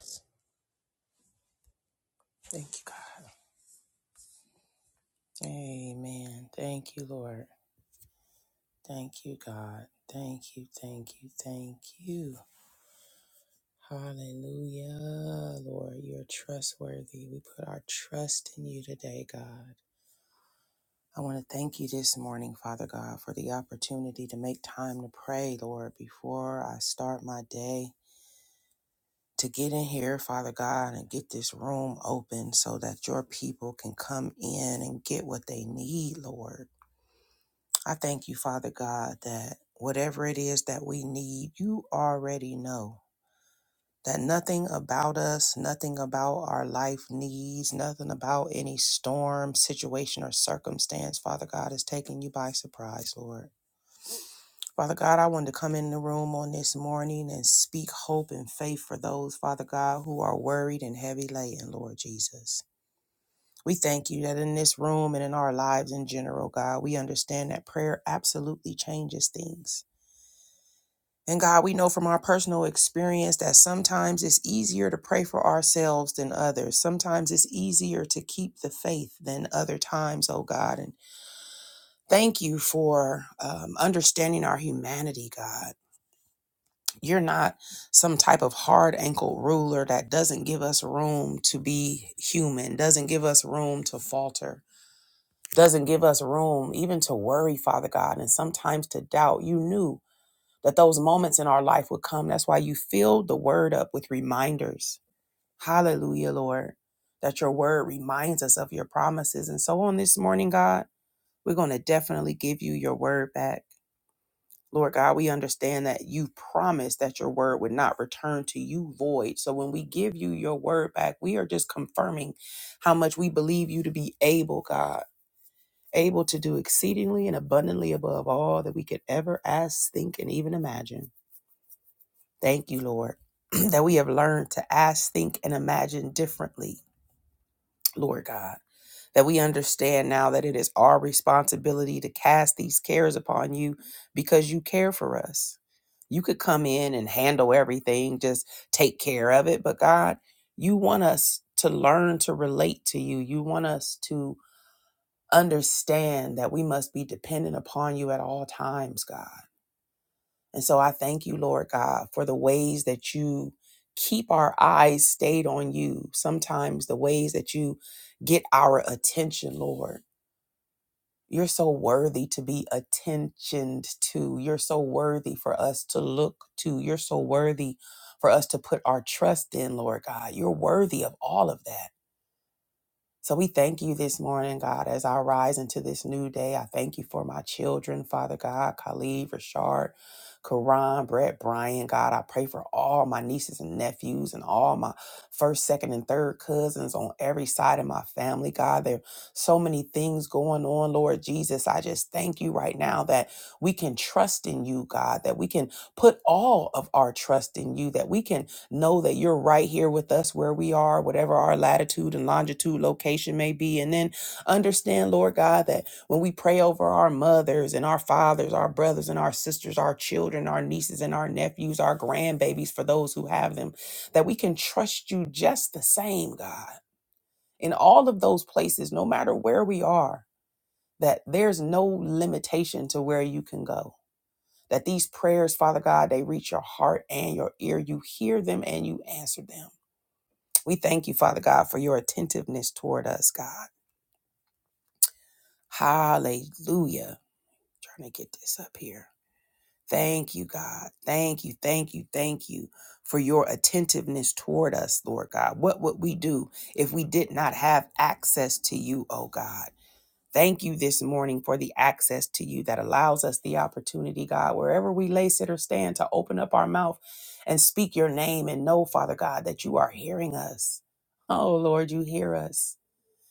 Thank you, God. Amen. Thank you, Lord. Thank you, God. Thank you, thank you, thank you. Hallelujah, Lord. You're trustworthy. We put our trust in you today, God. I want to thank you this morning, Father God, for the opportunity to make time to pray, Lord, before I start my day. To get in here, Father God, and get this room open so that your people can come in and get what they need, Lord. I thank you, Father God, that whatever it is that we need, you already know. That nothing about us, nothing about our life needs, nothing about any storm, situation, or circumstance, Father God, is taking you by surprise, Lord. Father God, I wanted to come in the room on this morning and speak hope and faith for those, Father God, who are worried and heavy laden, Lord Jesus. We thank you that in this room and in our lives in general, God, we understand that prayer absolutely changes things. And God, we know from our personal experience that sometimes it's easier to pray for ourselves than others. Sometimes it's easier to keep the faith than other times, oh God. And thank you for um, understanding our humanity, God. You're not some type of hard ankle ruler that doesn't give us room to be human, doesn't give us room to falter, doesn't give us room even to worry, Father God, and sometimes to doubt. You knew that those moments in our life would come. That's why you filled the word up with reminders. Hallelujah, Lord, that your word reminds us of your promises. And so on this morning, God, we're going to definitely give you your word back. Lord God, we understand that you promised that your word would not return to you void. So when we give you your word back, we are just confirming how much we believe you to be able, God, able to do exceedingly and abundantly above all that we could ever ask, think, and even imagine. Thank you, Lord, that we have learned to ask, think, and imagine differently, Lord God. That we understand now that it is our responsibility to cast these cares upon you because you care for us. You could come in and handle everything, just take care of it. But God, you want us to learn to relate to you. You want us to understand that we must be dependent upon you at all times, God and so I thank you, Lord God, for the ways that you keep our eyes stayed on you. Sometimes the ways that you get our attention, Lord. You're so worthy to be attentioned to. You're so worthy for us to look to. You're so worthy for us to put our trust in, Lord God. You're worthy of all of that. So we thank you this morning, God, as I rise into this new day. I thank you for my children, Father God, Khalid, Rashard, Karan, Brett, Brian, God. I pray for all my nieces and nephews and all my first, second, and third cousins on every side of my family, God. There are so many things going on, Lord Jesus. I just thank you right now that we can trust in you, God, that we can put all of our trust in you, that we can know that you're right here with us where we are, whatever our latitude and longitude location may be. And then understand, Lord God, that when we pray over our mothers and our fathers, our brothers and our sisters, our children, our nieces and our nephews, our grandbabies, for those who have them, that we can trust you just the same, God, in all of those places, no matter where we are, that there's no limitation to where you can go. That these prayers, Father God, they reach your heart and your ear. You hear them and you answer them. We thank you, Father God, for your attentiveness toward us, God. Hallelujah. Trying to get this up here. Thank you, God. Thank you, thank you, thank you for your attentiveness toward us, Lord God. What would we do if we did not have access to you, oh God? Thank you this morning for the access to you that allows us the opportunity, God, wherever we lay, sit, or stand, to open up our mouth and speak your name and know, Father God, that you are hearing us. Oh, Lord, you hear us.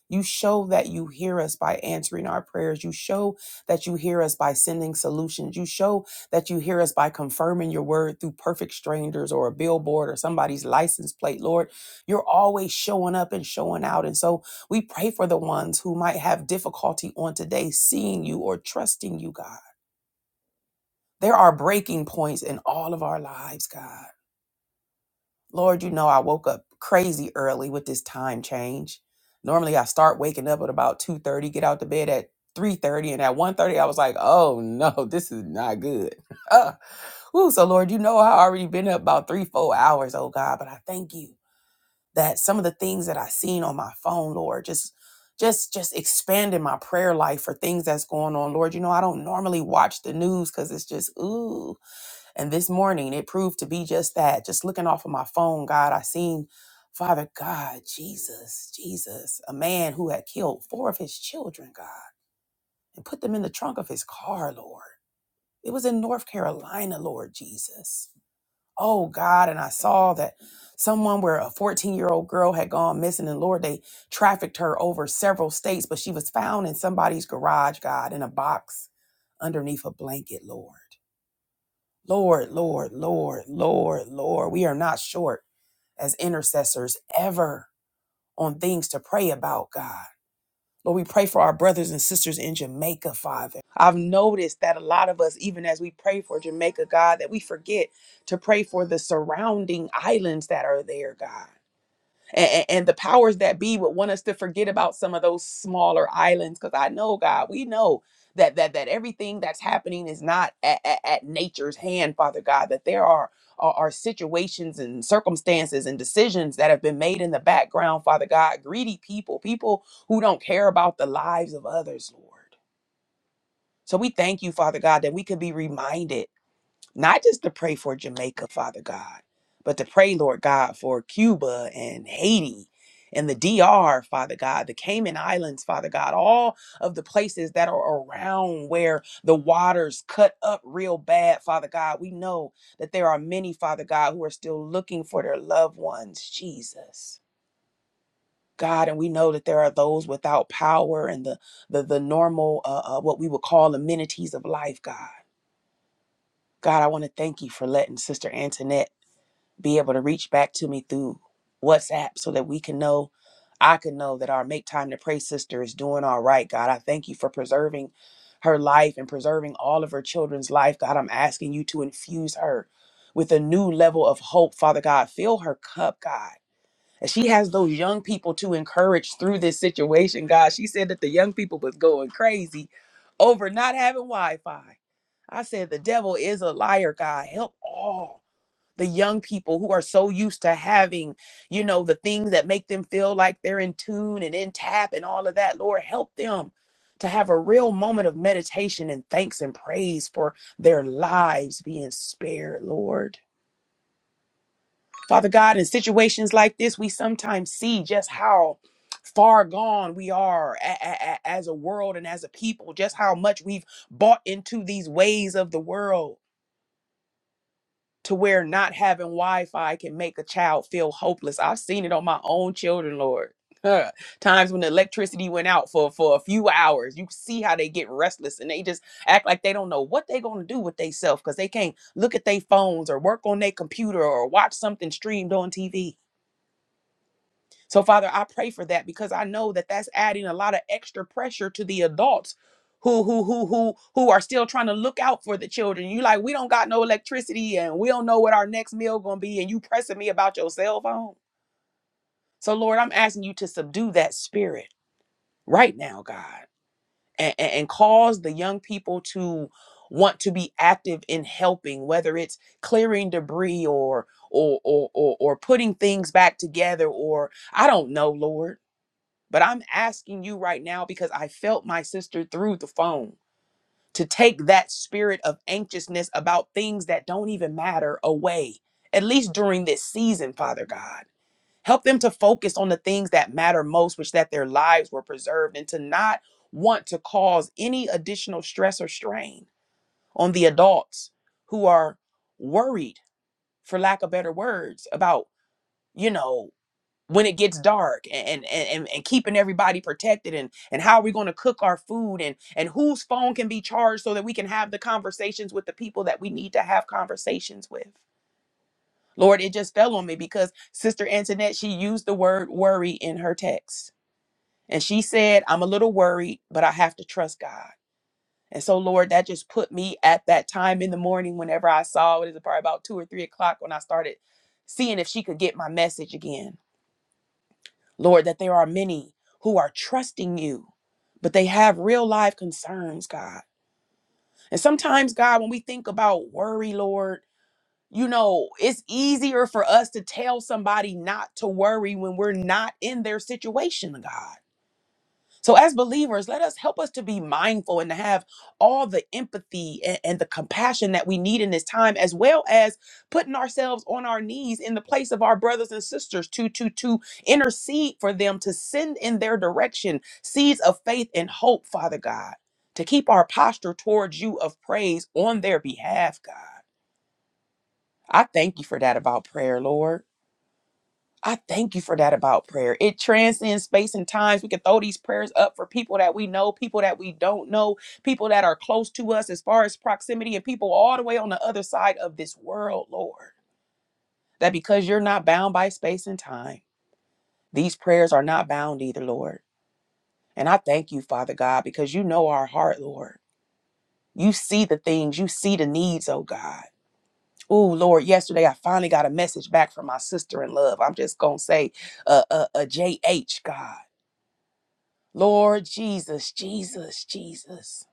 You show that you hear us by answering our prayers. You show that you hear us by sending solutions. You show that you hear us by confirming your word through perfect strangers or a billboard or somebody's license plate. Lord, you're always showing up and showing out. And so we pray for the ones who might have difficulty on today seeing you or trusting you, God. There are breaking points in all of our lives, God. Lord, you know, I woke up crazy early with this time change. Normally I start waking up at about 2:30, get out to bed at 3:30, and at one thirty, I was like, "Oh no, this is not good." Uh, ooh, so Lord, you know I already been up about 3-4 hours, oh God, but I thank you that some of the things that I seen on my phone, Lord, just just just expanding my prayer life for things that's going on. Lord, you know I don't normally watch the news cuz it's just ooh and this morning it proved to be just that. Just looking off of my phone, God, I seen Father God, Jesus, Jesus, a man who had killed four of his children, God, and put them in the trunk of his car, Lord. It was in North Carolina, Lord Jesus. Oh God, and I saw that someone where a 14-year-old girl had gone missing, and Lord, they trafficked her over several states, but she was found in somebody's garage, God, in a box underneath a blanket, Lord. Lord, Lord, Lord, Lord, Lord, we are not short as intercessors ever on things to pray about, God. Lord, we pray for our brothers and sisters in Jamaica, Father. I've noticed that a lot of us, even as we pray for Jamaica, God, that we forget to pray for the surrounding islands that are there, God and, and the powers that be would want us to forget about some of those smaller islands because i know god we know that that that everything that's happening is not at, at, at nature's hand father god that there are are are situations and circumstances and decisions that have been made in the background, Father God, greedy people, people who don't care about the lives of others, Lord. So we thank you, Father God, that we could be reminded not just to pray for Jamaica, Father God, but to pray, Lord God, for Cuba and Haiti and the D.R., Father God, the Cayman Islands, Father God, all of the places that are around where the waters cut up real bad, Father God. We know that there are many, Father God, who are still looking for their loved ones, Jesus. God, and we know that there are those without power and the the, the normal, uh, uh, what we would call amenities of life, God. God, I want to thank you for letting Sister Antoinette be able to reach back to me through WhatsApp so that we can know, I can know that our Make Time to Pray sister is doing all right, God. I thank you for preserving her life and preserving all of her children's life, God. I'm asking you to infuse her with a new level of hope, Father God. Fill her cup, God. And she has those young people to encourage through this situation, God. She said that the young people was going crazy over not having Wi Fi. I said, the devil is a liar, God. Help all the young people who are so used to having, you know, the things that make them feel like they're in tune and in tap and all of that. Lord, help them to have a real moment of meditation and thanks and praise for their lives being spared, Lord. Father God, in situations like this, we sometimes see just how far gone we are a- a- a- as a world and as a people, just how much we've bought into these ways of the world to where not having Wi-Fi can make a child feel hopeless. I've seen it on my own children, Lord. Huh. Times when the electricity went out for for a few hours, you see how they get restless and they just act like they don't know what they're gonna do with themselves because they can't look at their phones or work on their computer or watch something streamed on TV. So, Father, I pray for that because I know that that's adding a lot of extra pressure to the adults who who who who who are still trying to look out for the children. You like, we don't got no electricity and we don't know what our next meal gonna be, and you pressing me about your cell phone. So, Lord, I'm asking you to subdue that spirit right now, God, and, and, and cause the young people to want to be active in helping, whether it's clearing debris or or or or, or putting things back together, or I don't know, Lord but I'm asking you right now because I felt my sister through the phone to take that spirit of anxiousness about things that don't even matter away, at least during this season, Father God. Help them to focus on the things that matter most, which that their lives were preserved, and to not want to cause any additional stress or strain on the adults who are worried, for lack of better words, about, you know, when it gets dark and and, and, and keeping everybody protected and and how are we going to cook our food and and whose phone can be charged so that we can have the conversations with the people that we need to have conversations with lord it just fell on me because sister antoinette she used the word worry in her text and she said i'm a little worried but i have to trust god and so lord that just put me at that time in the morning whenever i saw it is probably about two or three o'clock when i started seeing if she could get my message again Lord, that there are many who are trusting you, but they have real life concerns, God. And sometimes, God, when we think about worry, Lord, you know, it's easier for us to tell somebody not to worry when we're not in their situation, God. So, as believers, let us help us to be mindful and to have all the empathy and, and the compassion that we need in this time, as well as putting ourselves on our knees in the place of our brothers and sisters to to to intercede for them, to send in their direction seeds of faith and hope, Father God, to keep our posture towards you of praise on their behalf, God. I thank you for that about prayer, Lord. I thank you for that about prayer. It transcends space and times. We can throw these prayers up for people that we know, people that we don't know, people that are close to us as far as proximity, and people all the way on the other side of this world, Lord. That because you're not bound by space and time, these prayers are not bound either, Lord. And I thank you, Father God, because you know our heart, Lord. You see the things, you see the needs, oh God. Oh Lord, yesterday I finally got a message back from my sister in love. I'm just gonna say, uh, uh, uh, JH, God. Lord Jesus, Jesus, Jesus.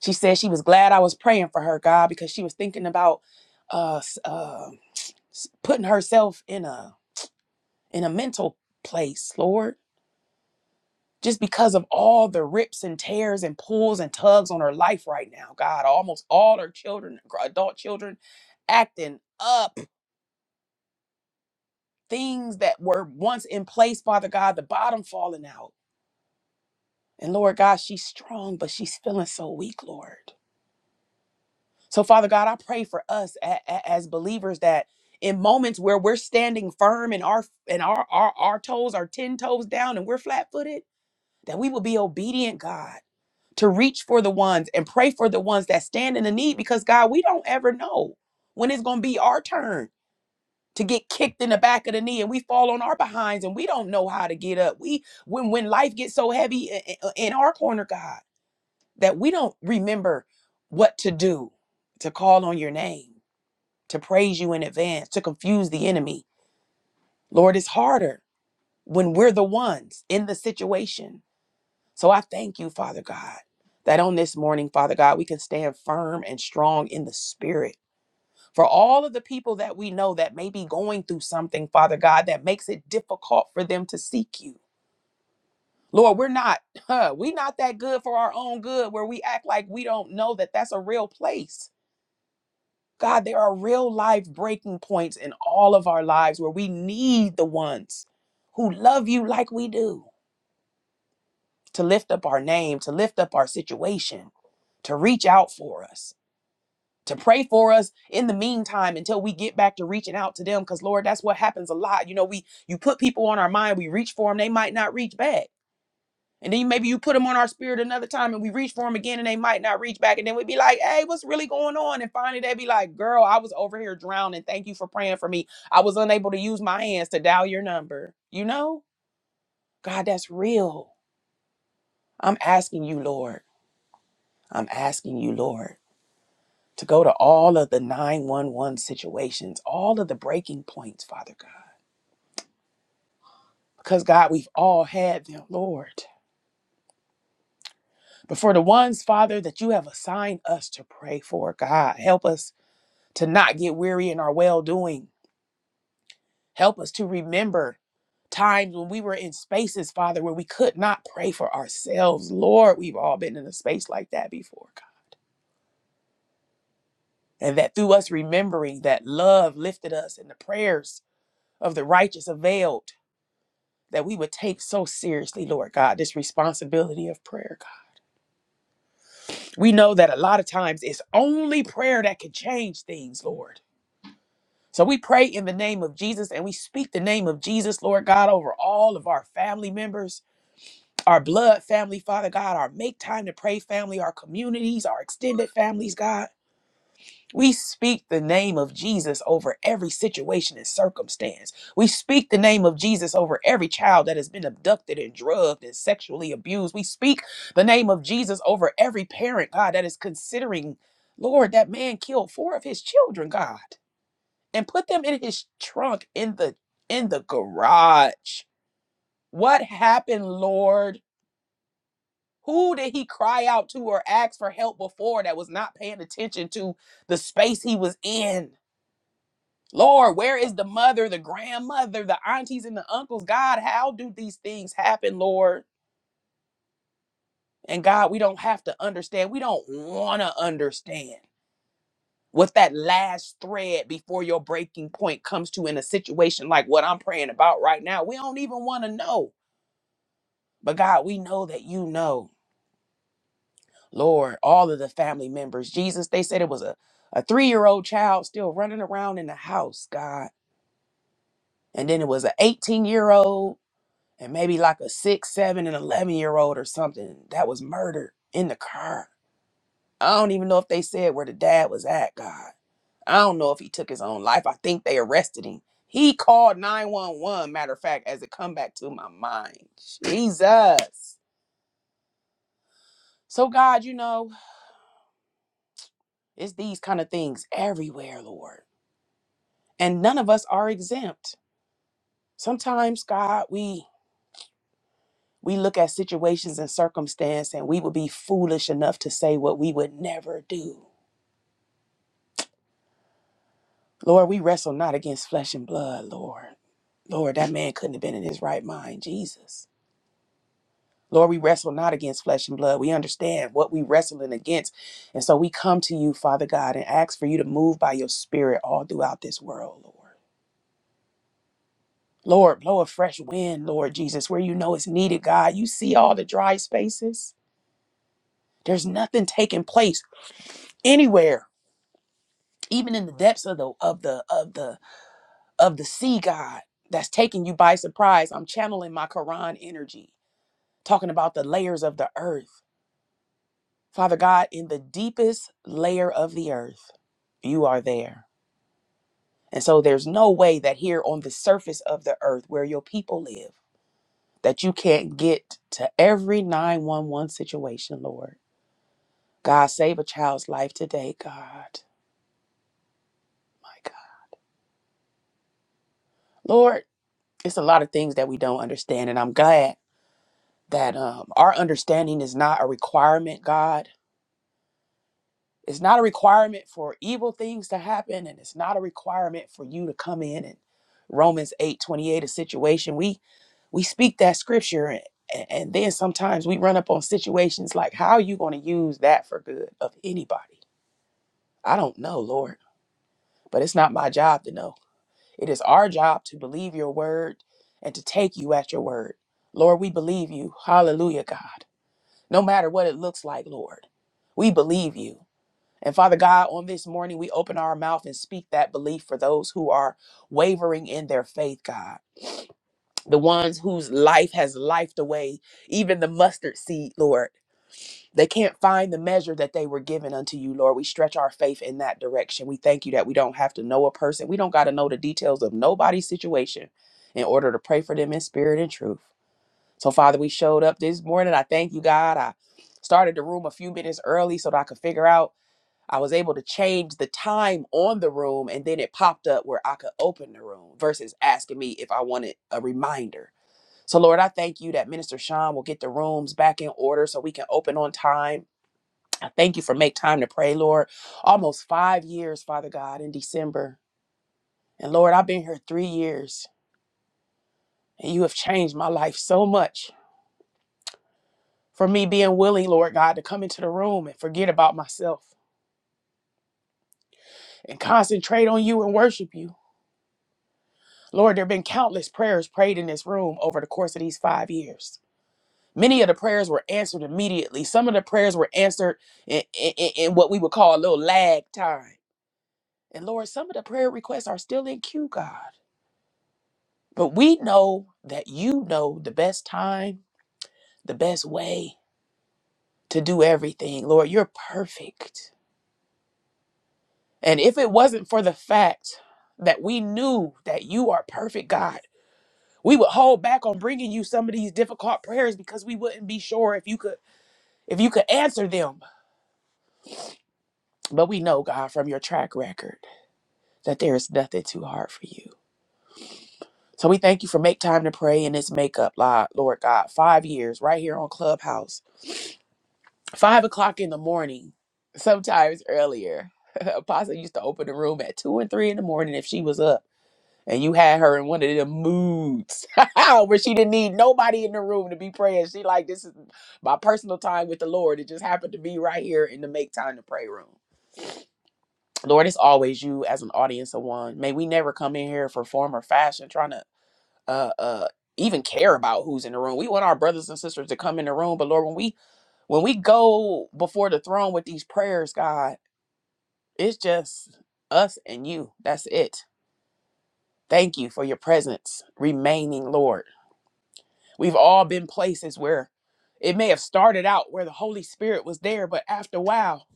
She said she was glad I was praying for her, God, because she was thinking about uh, s- uh, s- putting herself in a in a mental place, Lord, just because of all the rips and tears and pulls and tugs on her life right now, God. Almost all her children, gr- adult children, acting up, things that were once in place, Father God, the bottom falling out. And Lord God, she's strong, but she's feeling so weak, Lord. So, Father God, I pray for us a- a- as believers that in moments where we're standing firm and our and our, our our toes are ten toes down and we're flat footed, that we will be obedient, God, to reach for the ones and pray for the ones that stand in the need, because God, we don't ever know when it's going to be our turn to get kicked in the back of the knee and we fall on our behinds and we don't know how to get up. We when when life gets so heavy i- i- in our corner, God, that we don't remember what to do to call on your name to praise you in advance, to confuse the enemy. Lord, it's harder when we're the ones in the situation. So I thank you, Father God, that on this morning, Father God, we can stand firm and strong in the spirit. For all of the people that we know that may be going through something, Father God, that makes it difficult for them to seek you. Lord, we're not, huh, we're not that good for our own good where we act like we don't know that that's a real place. God, there are real life breaking points in all of our lives where we need the ones who love you like we do to lift up our name, to lift up our situation, to reach out for us, to pray for us in the meantime until we get back to reaching out to them. Because, Lord, that's what happens a lot. You know, we you put people on our mind, we reach for them, they might not reach back and then maybe you put them on our spirit another time and we reach for them again and they might not reach back. And then we'd be like, hey, what's really going on? And finally they'd be like, girl, I was over here drowning. Thank you for praying for me. I was unable to use my hands to dial your number. You know, God, that's real. I'm asking you, Lord. I'm asking you, Lord, to go to all of the 911 situations, all of the breaking points, Father God. Because, God, we've all had them, Lord. But for the ones, Father, that you have assigned us to pray for, God, help us to not get weary in our well doing. Help us to remember times when we were in spaces, Father, where we could not pray for ourselves. Lord, we've all been in a space like that before, God. And that through us remembering that love lifted us and the prayers of the righteous availed, that we would take so seriously, Lord God, this responsibility of prayer, God. We know that a lot of times it's only prayer that can change things, Lord. So we pray in the name of Jesus and we speak the name of Jesus, Lord God, over all of our family members, our blood family, Father God, our make time to pray family, our communities, our extended families, God. We speak the name of Jesus over every situation and circumstance. We speak the name of Jesus over every child that has been abducted and drugged and sexually abused. We speak the name of Jesus over every parent, God, that is considering, Lord, that man killed four of his children, God and put them in his trunk in the in the garage. What happened, Lord? Who did he cry out to or ask for help before that was not paying attention to the space he was in? Lord, where is the mother, the grandmother, the aunties, and the uncles? God, how do these things happen, Lord? And God, we don't have to understand. We don't want to understand what that last thread before your breaking point comes to in a situation like what I'm praying about right now. We don't even want to know. But God, we know that you know, Lord, all of the family members. Jesus, they said it was a, a three year old child still running around in the house, God. And then it was an 18 year old and maybe like a six, seven, and 11 year old or something that was murdered in the car. I don't even know if they said where the dad was at, God. I don't know if he took his own life. I think they arrested him. He called 911, matter of fact, as it come back to my mind. Jesus. So, God, you know. It's these kind of things everywhere, Lord. And none of us are exempt. Sometimes, God, we we look at situations and circumstance and we would be foolish enough to say what we would never do. Lord, we wrestle not against flesh and blood, Lord. Lord, that man couldn't have been in his right mind, Jesus. Lord, we wrestle not against flesh and blood. We understand what we wrestling against. And so we come to you, Father God, and ask for you to move by your spirit all throughout this world, Lord. Lord, blow a fresh wind, Lord Jesus, where you know it's needed, God. You see all the dry spaces. There's nothing taking place anywhere, even in the depths of the of the of the of the sea, God. That's taking you by surprise. I'm channeling my Quran energy, talking about the layers of the earth. Father God, in the deepest layer of the earth, you are there. And so there's no way that here on the surface of the earth where your people live that you can't get to every 911 situation, Lord. God, save a child's life today, God. My God. Lord, it's a lot of things that we don't understand, and I'm glad that um, our understanding is not a requirement, God. It's not a requirement for evil things to happen, and it's not a requirement for you to come in and Romans 8 28 a situation. We we speak that scripture and, and then sometimes we run up on situations like how are you going to use that for good of anybody I don't know, Lord, but it's not my job to know. It is our job to believe your word and to take you at your word. Lord, we believe you. Hallelujah, God. No matter what it looks like, Lord, we believe you. And Father God, on this morning, we open our mouth and speak that belief for those who are wavering in their faith, God. The ones whose life has lifed away, even the mustard seed, Lord. They can't find the measure that they were given unto you, Lord. We stretch our faith in that direction. We thank you that we don't have to know a person. We don't got to know the details of nobody's situation in order to pray for them in spirit and truth. So, Father, we showed up this morning. I thank you, God. I started the room a few minutes early so that I could figure out. I was able to change the time on the room and then it popped up where I could open the room versus asking me if I wanted a reminder. So, Lord, I thank you that Minister Sean will get the rooms back in order so we can open on time I thank you for make time to pray, Lord. Almost five years, Father God, in December. And Lord, I've been here three years, and you have changed my life so much for me being willing, Lord God, to come into the room and forget about myself and concentrate on you and worship you. Lord, there have been countless prayers prayed in this room over the course of these five years. Many of the prayers were answered immediately. Some of the prayers were answered in, in, in in what we would call a little lag time. And Lord, some of the prayer requests are still in queue, God. But we know that you know the best time, the best way to do everything. Lord, you're perfect. And if it wasn't for the fact that we knew that you are perfect, God, we would hold back on bringing you some of these difficult prayers because we wouldn't be sure if you could if you could answer them. But we know, God, from your track record that there is nothing too hard for you. So we thank you for make time to pray in this makeup, Lord God. Five years right here on Clubhouse five o'clock in the morning, sometimes earlier. Apostle used to open the room at two and three in the morning if she was up. And you had her in one of them moods where she didn't need nobody in the room to be praying. She like, this is my personal time with the Lord. It just happened to be right here in the make time to pray room. Lord, it's always you as an audience of one. May we never come in here for form or fashion trying to uh uh even care about who's in the room. We want our brothers and sisters to come in the room, but Lord, when we when we go before the throne with these prayers, God, it's just us and you. That's it. Thank you for your presence remaining, Lord. We've all been places where it may have started out where the Holy Spirit was there, but after a while,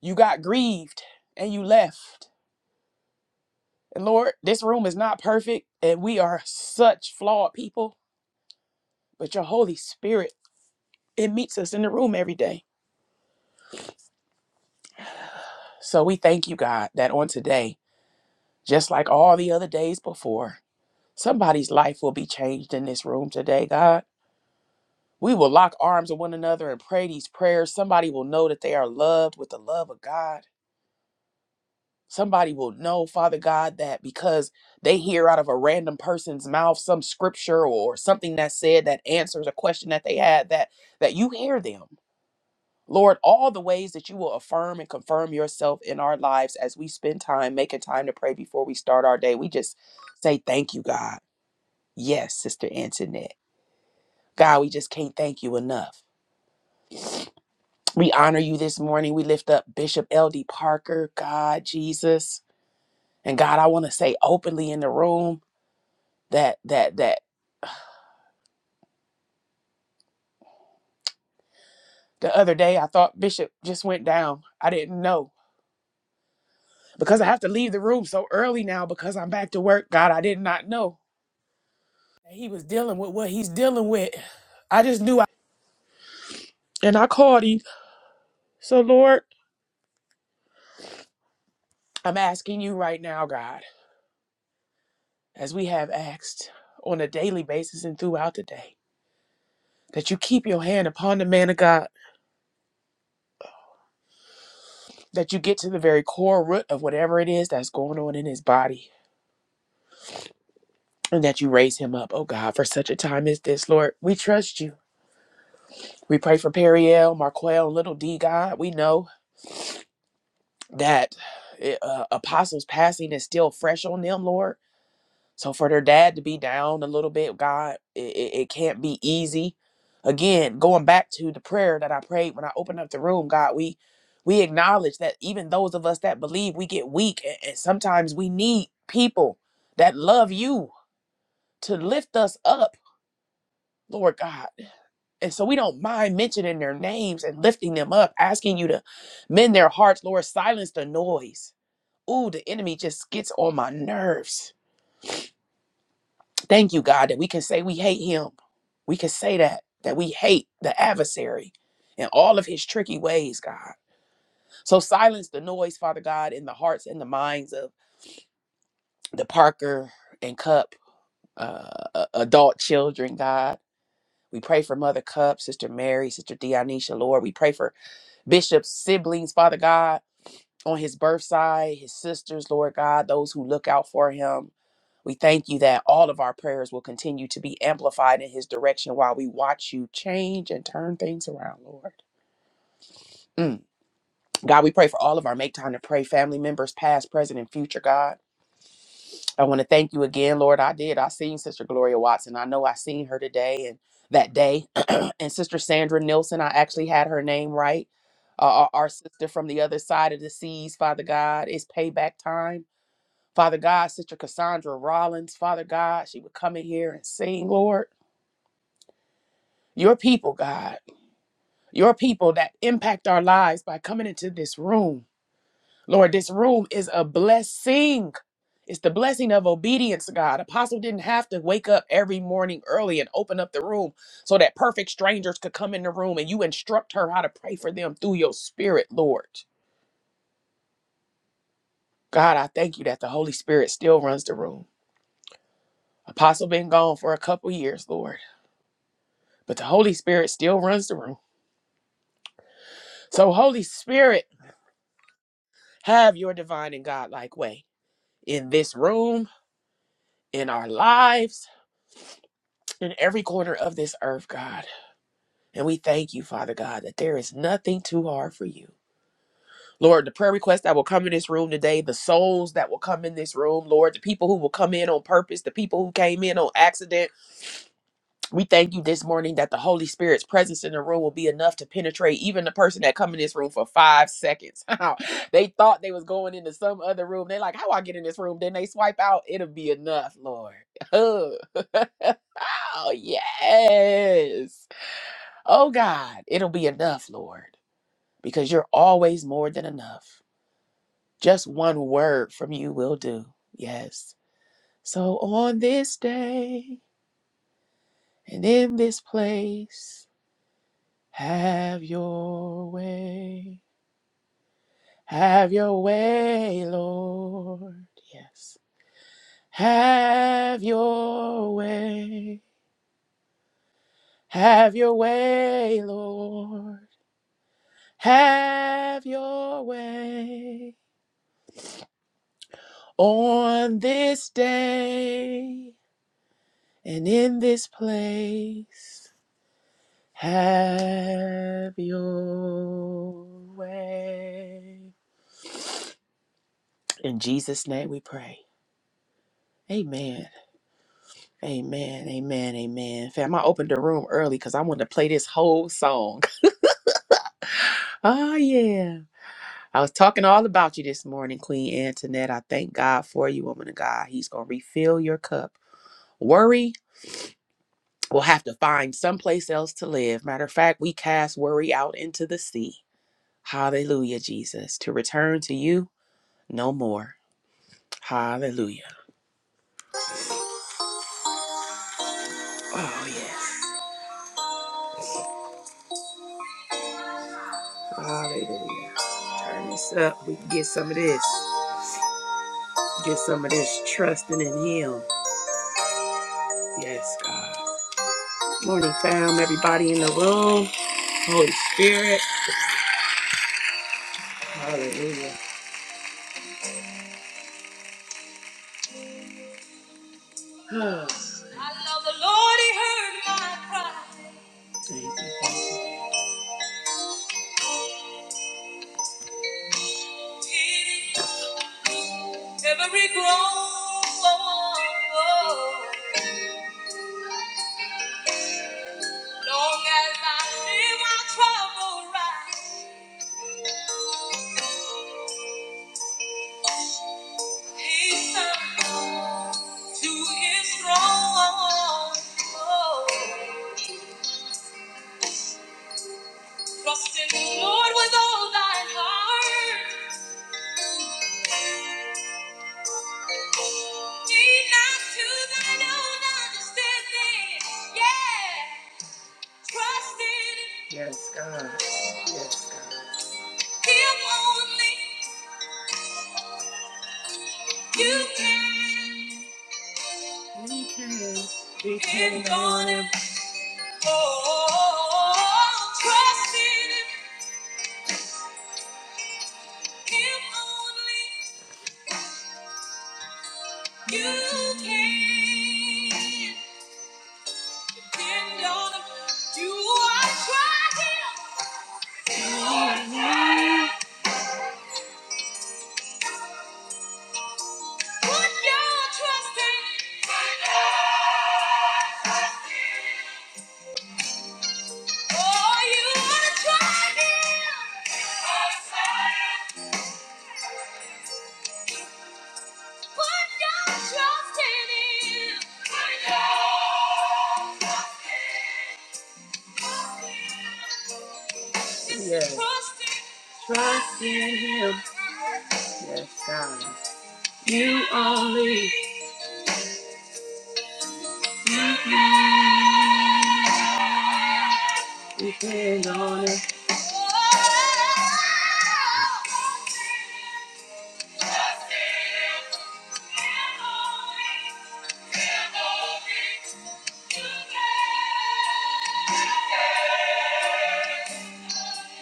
you got grieved and you left. And Lord, this room is not perfect, and we are such flawed people, but your Holy Spirit, it meets us in the room every day. So we thank you, God, that on today, just like all the other days before. Somebody's life will be changed in this room today, God. We will lock arms with one another and pray these prayers. Somebody will know that they are loved with the love of God. Somebody will know, Father God, that because they hear out of a random person's mouth some scripture or something that said that answers a question that they had, that that you hear them. Lord, all the ways that you will affirm and confirm yourself in our lives as we spend time making time to pray before we start our day. We just say thank you, God. Yes, Sister Antoinette. God, we just can't thank you enough. We honor you this morning. We lift up Bishop L.D. Parker, God, Jesus. And God, I want to say openly in the room that that that the other day I thought Bishop just went down. I didn't know. Because I have to leave the room so early now because I'm back to work. God, I did not know that he was dealing with what he's dealing with. I just knew I and I called him. So Lord, I'm asking you right now, God, as we have asked on a daily basis and throughout the day. that you keep your hand upon the man of God, that you get to the very core root of whatever it is that's going on in his body, and that you raise him up, oh God, for such a time as this, Lord. We trust you. We pray for Periel, Marquel, Little D, God. We know that eh, uh, apostles' passing is still fresh on them, Lord. So for their dad to be down a little bit, God, it, it, it can't be easy. Again, going back to the prayer that I prayed when I opened up the room, God, we we acknowledge that even those of us that believe, we get weak, and, and sometimes we need people that love you to lift us up, Lord God. And so we don't mind mentioning their names and lifting them up, asking you to mend their hearts, Lord. Silence the noise. Ooh, the enemy just gets on my nerves Thank you, God, that we can say we hate him. We can say that, that we hate the adversary and all of his tricky ways, God. So silence the noise, Father God, in the hearts and the minds of the Parker and Cup uh, uh, adult children, God. We pray for Mother Cup, Sister Mary, Sister Dionysia, Lord. We pray for Bishop's siblings, Father God, on his birth side, his sisters, Lord God, those who look out for him We thank you that all of our prayers will continue to be amplified in His direction while we watch you change and turn things around, Lord. Mm. God, we pray for all of our Make Time to Pray family members, past, present, and future, God. I want to thank you again, Lord. I did. I seen Sister Gloria Watson. I know I seen her today and that day. and Sister Sandra Nilsson, I actually had her name right. Uh, our our sister from the other side of the seas, Father God, it's payback time. Father God, Sister Cassandra Rollins, Father God, she would come in here and sing, Lord. your people, God, your people that impact our lives by coming into this room. Lord, this room is a blessing. It's the blessing of obedience, God. Apostle didn't have to wake up every morning early and open up the room so that perfect strangers could come in the room and you instruct her how to pray for them through your spirit, Lord. God, I thank you that the Holy Spirit still runs the room. Apostle been gone for a couple years, Lord, but the Holy Spirit still runs the room. So Holy Spirit, have your divine and godlike way. in this room, in our lives, in every corner of this earth, God. And we thank you, Father God, that there is nothing too hard for you. Lord, the prayer requests that will come in this room today, the souls that will come in this room, Lord, the people who will come in on purpose, the people who came in on accident. We thank you this morning that the Holy Spirit's presence in the room will be enough to penetrate even the person that come in this room for five seconds. they thought they was going into some other room. They like, how I get in this room? Then they swipe out. It'll be enough, Lord. Oh, yes. Oh, God, it'll be enough, Lord, because you're always more than enough. Just one word from you will do. Yes. So on this day and in this place, have your way. Have your way, Lord. Yes. Have your way. Have your way, Lord. Have your way. On this day and in this place, have your way. In Jesus' name we pray. Amen. Amen. Amen. Amen. Fam, I opened the room early because I wanted to play this whole song. Oh, yeah. I was talking all about you this morning, Queen Antoinette. I thank God for you, woman of God. He's going to refill your cup. Worry We'll have to find someplace else to live. Matter of fact, we cast worry out into the sea. Hallelujah, Jesus. To return to you no more. Hallelujah. Oh, yes. Hallelujah. Turn this up. We can get some of this. Get some of this trusting in Him. Yes, God. Morning, fam. Everybody in the room. Holy Spirit. Hallelujah. I love the Lord. He heard my cry. Thank you. Thank you. Every groan, long as I live, I travel right. He's turned to his throne. Trust in the Lord with all thine heart. Lean not to thine own understanding. Yeah. Trust in. Yes, God. Yes, God. Him only. You can. You can. Depend on him. Oh, trust in him. Him only. You can depend on him. You are trying. You are trying. Put your trust in him. Put your trust in him. Oh, you are trying. You are trying. Put your trust in him. Put your trust in him. Yes. Trust in Him. Yes, God. You only. Depend on it.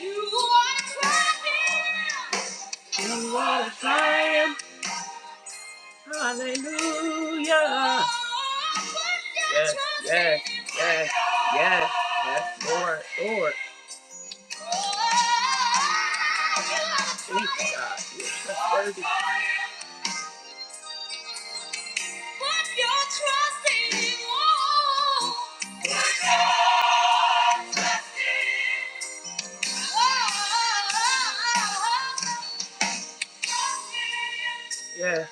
You are a a You are trying. Hallelujah. Yes, yes, yes, yes, yes, Lord, Lord. Thank you, God. That's worthy. Put your trust in Him. oh. Put your trust in Him. Oh. Yes.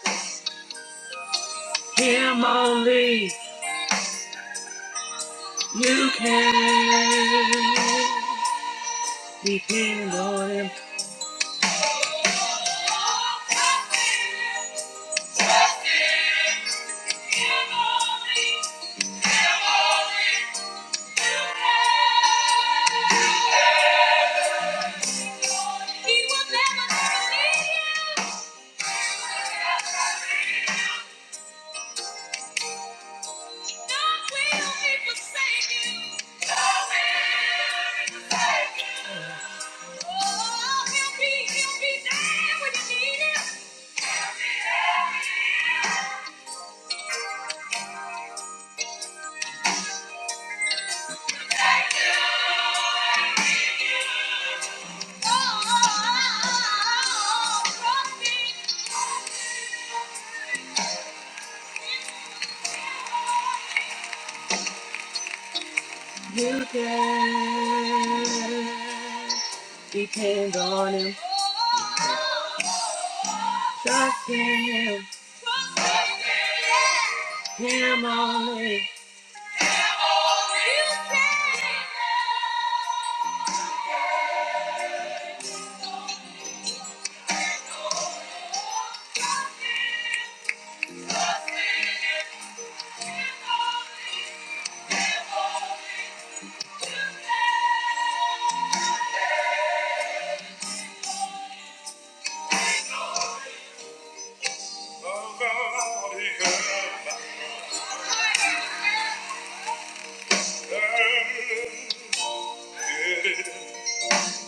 Him only. You can depend on him. He will never leave you. Thank you. You can depend on him. Trust in him. Him only.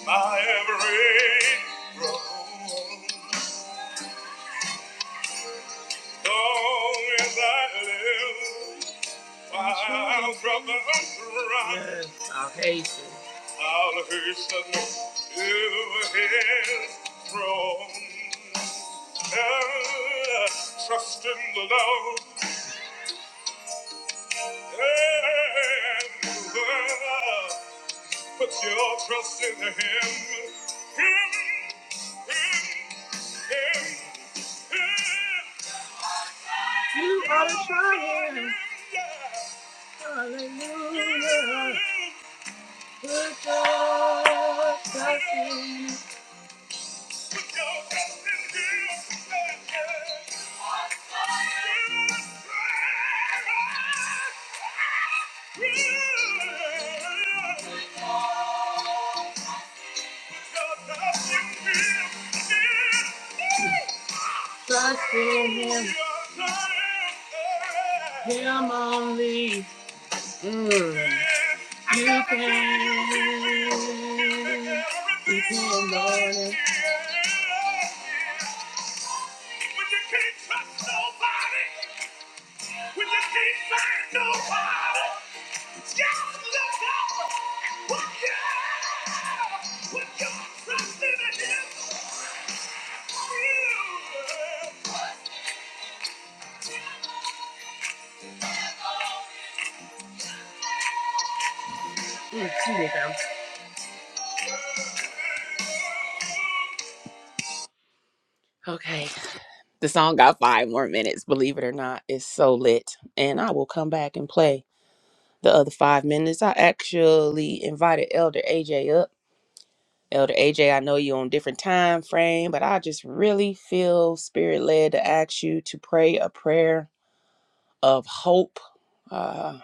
My every long as I live. While brothers run, Yes, I'll hasten. I'll hasten to his throne. And trust in the Lord. And well, put your trust in him. Him, him, him, him. You ought to try him. Hallelujah. Trust in him, him only. You can Before morning. When you can't trust nobody, when you can't find nobody, just look up and put your, put your trust in Him. You will. Hey, the song got five more minutes, believe it or not. It's so lit. And I will come back and play the other five minutes. I actually invited Elder AJ up. Elder AJ, I know you're on different time frame, but I just really feel spirit led to ask you to pray a prayer of hope. Uh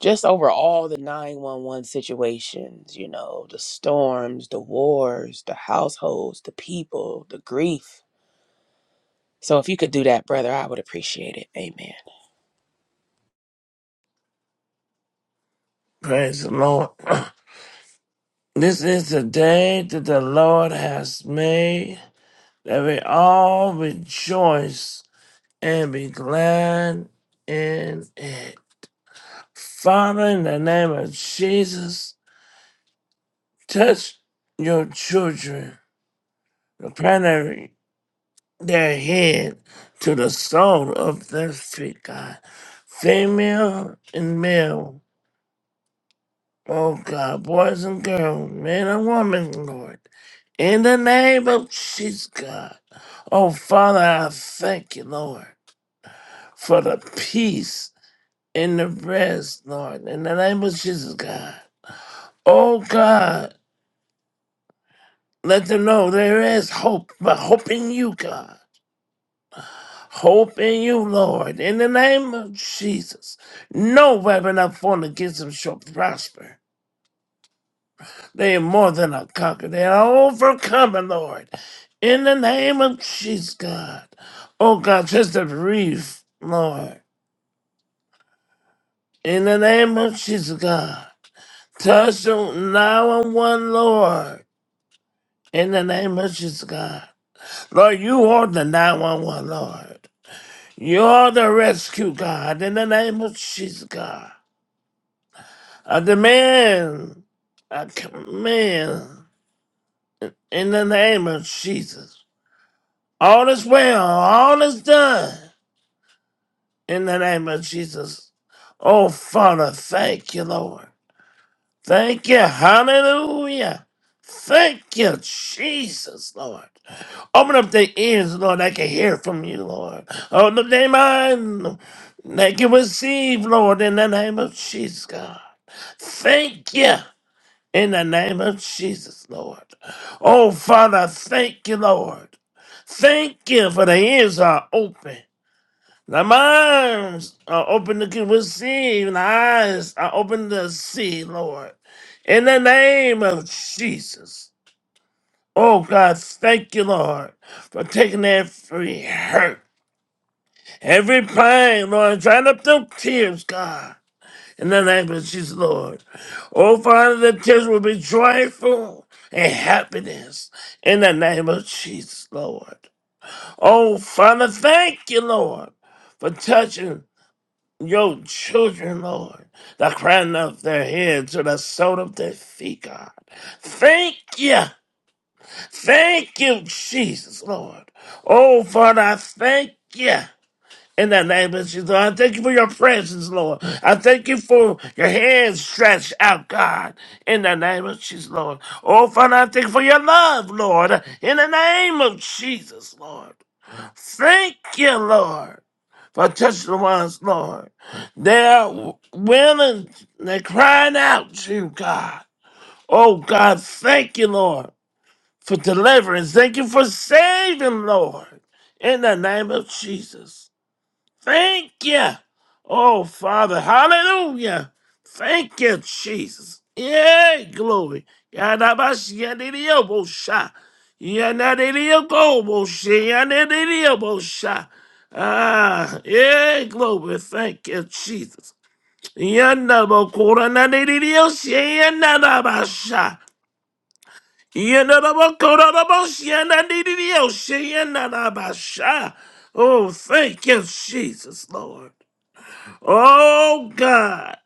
just over all the 911 situations, you know, the storms, the wars, the households, the people, the grief, So if you could do that, brother, I would appreciate it. Amen. Praise the Lord. This is the day that the Lord has made, that we all rejoice and be glad in it. Father, in the name of Jesus, touch your children, the primary, their head to the sole of their feet, God. Female and male Oh God, boys and girls, men and women, Lord. In the name of Jesus, God. Oh Father, I thank you, Lord, for the peace in the rest, Lord. In the name of Jesus, God. Oh God, let them know there is hope, but hope in you, God. Hope in you, Lord. In the name of Jesus. No weapon up formed against them shall prosper. They are more than a conqueror. They are overcoming, Lord. In the name of Jesus, God. Oh, God, just a brief, Lord. In the name of Jesus, God. Touch them now and one, Lord. In the name of Jesus, God. Lord, you are the 911, Lord. You are the rescue, God. In the name of Jesus, God. I demand, I command, in the name of Jesus. All is well, all is done in the name of Jesus. Oh, Father, thank you, Lord. Thank you, hallelujah. Thank you, Jesus, Lord. Open up their ears, Lord, I can hear from you, Lord. Open up their mind, they can receive, Lord, in the name of Jesus, God. Thank you in the name of Jesus, Lord. Oh, Father, thank you, Lord. Thank you for the ears are open. The minds are open to receive, and the eyes are open to see, Lord. In the name of Jesus. Oh God, thank you, Lord, for taking every hurt, every pain, Lord, drying up them tears, God. In the name of Jesus, Lord. Oh Father, the tears will be joyful and happiness. In the name of Jesus, Lord. Oh Father, thank you, Lord, for touching Your children, Lord, the crown of their heads to the sole of their feet, God. Thank you. Thank you, Jesus, Lord. Oh, Father, I thank you. In the name of Jesus, Lord, I thank you for your presence, Lord. I thank you for your hands stretched out, God. In the name of Jesus, Lord. Oh, Father, I thank you for your love, Lord. In the name of Jesus, Lord. Thank you, Lord, for touching the ones, Lord. They are willing, they're crying out to you, God. Oh, God, thank you, Lord, for deliverance. Thank you for saving, Lord, in the name of Jesus. Thank you. Oh, Father. Hallelujah. Thank you, Jesus. Yay, glory. Yadabash yadidiyobosha. Yanadidiyogobosha. Yanadidiyobosha. Ah, yay, glory. Thank you, Jesus. Yandabokura nadidiyosha. Yanadabasha. Yanadabokura nabosha. Yanadidiyosha. Yanadabasha. Oh, thank you, Jesus, Lord. Oh God.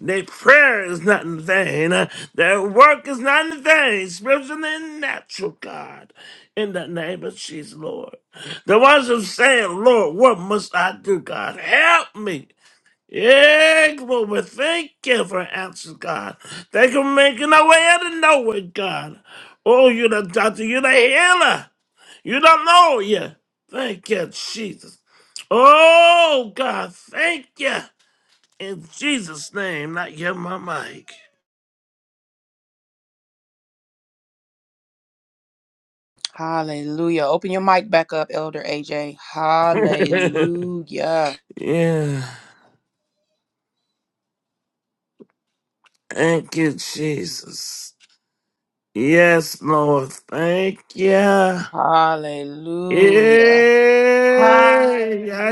Their prayer is not in vain. Uh, Their work is not in vain. Spiritual and natural, God. In the name of Jesus, Lord. The ones who say, Lord, what must I do, God? Help me. Yeah, glory. Thank you for answers, God. Thank you for making a way out of nowhere, God. Oh, you're the doctor. You're the healer. You don't know you. Thank you, Jesus. Oh, God. Thank you. In Jesus' name, not get my mic. Hallelujah. Open your mic back up, Elder AJ. Hallelujah. yeah. Thank you, Jesus. Yes, Lord. Thank you. Yeah. Yeah, Hallelujah.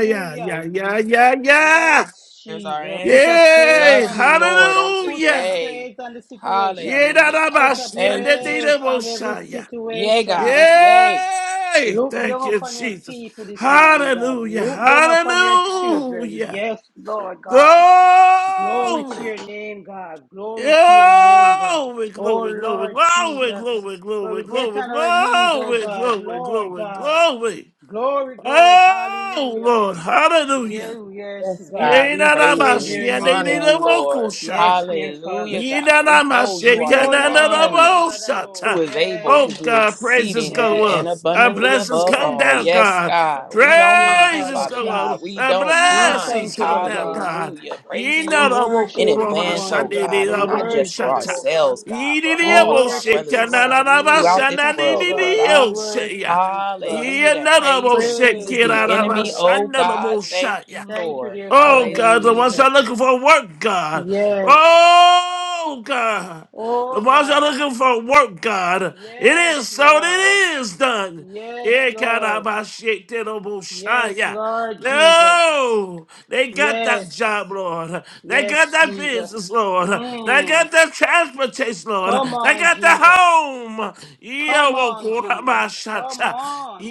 yeah, yeah, yeah, yeah, yeah. Yes, Here's our Jesus. Put answer. a praise Yay. Love on you, it. Lord, on Put a Hallelujah. today. praise on the situation. Yeah, da, Hallelujah, da, ba, Put God. a shi, ya, Thank da, you. di, Je- praise da, bo, on every sha, Yeah. Yay, situation God. this morning. Yay. Yay. Look down Thank you, upon your Jesus. people this morning, God. Hallelujah. Look down upon your children. Hallelujah. Yes, Lord God. Glory to Glory. your name, God. Glory to your name, God. Glory, glory, Oh, glory, glory, Lord glory, Jesus. glory, Where glory, we get on our knees, glory, oh God. glory, Lord glory, God. glory. Glory, glory. Oh Hallelujah. Lord, hallelujah. Yeah, yes, Yes, God. God. Yeah, We na We na praise you. praise mas, We your yeah, name, they honor did you, God. a vocal Lord. shine. Yes, dear Father. Hallelujah, Je- God. We know you We are the know you are God one. and God alone. who Yidanamashikananabosata. is able Oh to Yes, do God, praises go exceedingly yes, and up. Our abundantly blessings above come yes, all. down, Yes, God. God, we yes, don't dear mind, Praises Father Father go Jesus. up. God. We Our don't We mind. blessings thank you, come Lord down, God. God. Hallelujah. Praising We you in worship you this advance, morning, oh God. God, and We not just for worship you, Yinanabokorobashanidinabohosata. oh God. ourselves, God, for We all of our worship brothers you, and God. sisters We throughout worship this you, oh world, Lord God. We God. worship Yididiyaboshikananabashanadididiyosaya. you, God. Hallelujah. That praise Praise confuses you, the oh enemy, God. oh God. Thank Yinanaboshikirarabashanadabosaya. you, Thank you, Lord. dear Oh Father God, the ones Hallelujah. that Jesus. are looking for work, God. Yes. Oh God. Oh The ones that God. are looking for work, God. It Yes, is so, Lord. it is done. Yes, It cannot Lord. be shaken, it will shine, Yes, yeah. Lord Jesus. No, they got that Yes. job, Lord. They got Yes, that Jesus. business, Lord. They got Mm. that transportation, Lord. Come They on, got the Jesus. home. Yeah, Come well, on, Jesus. Come Kurabashata. on.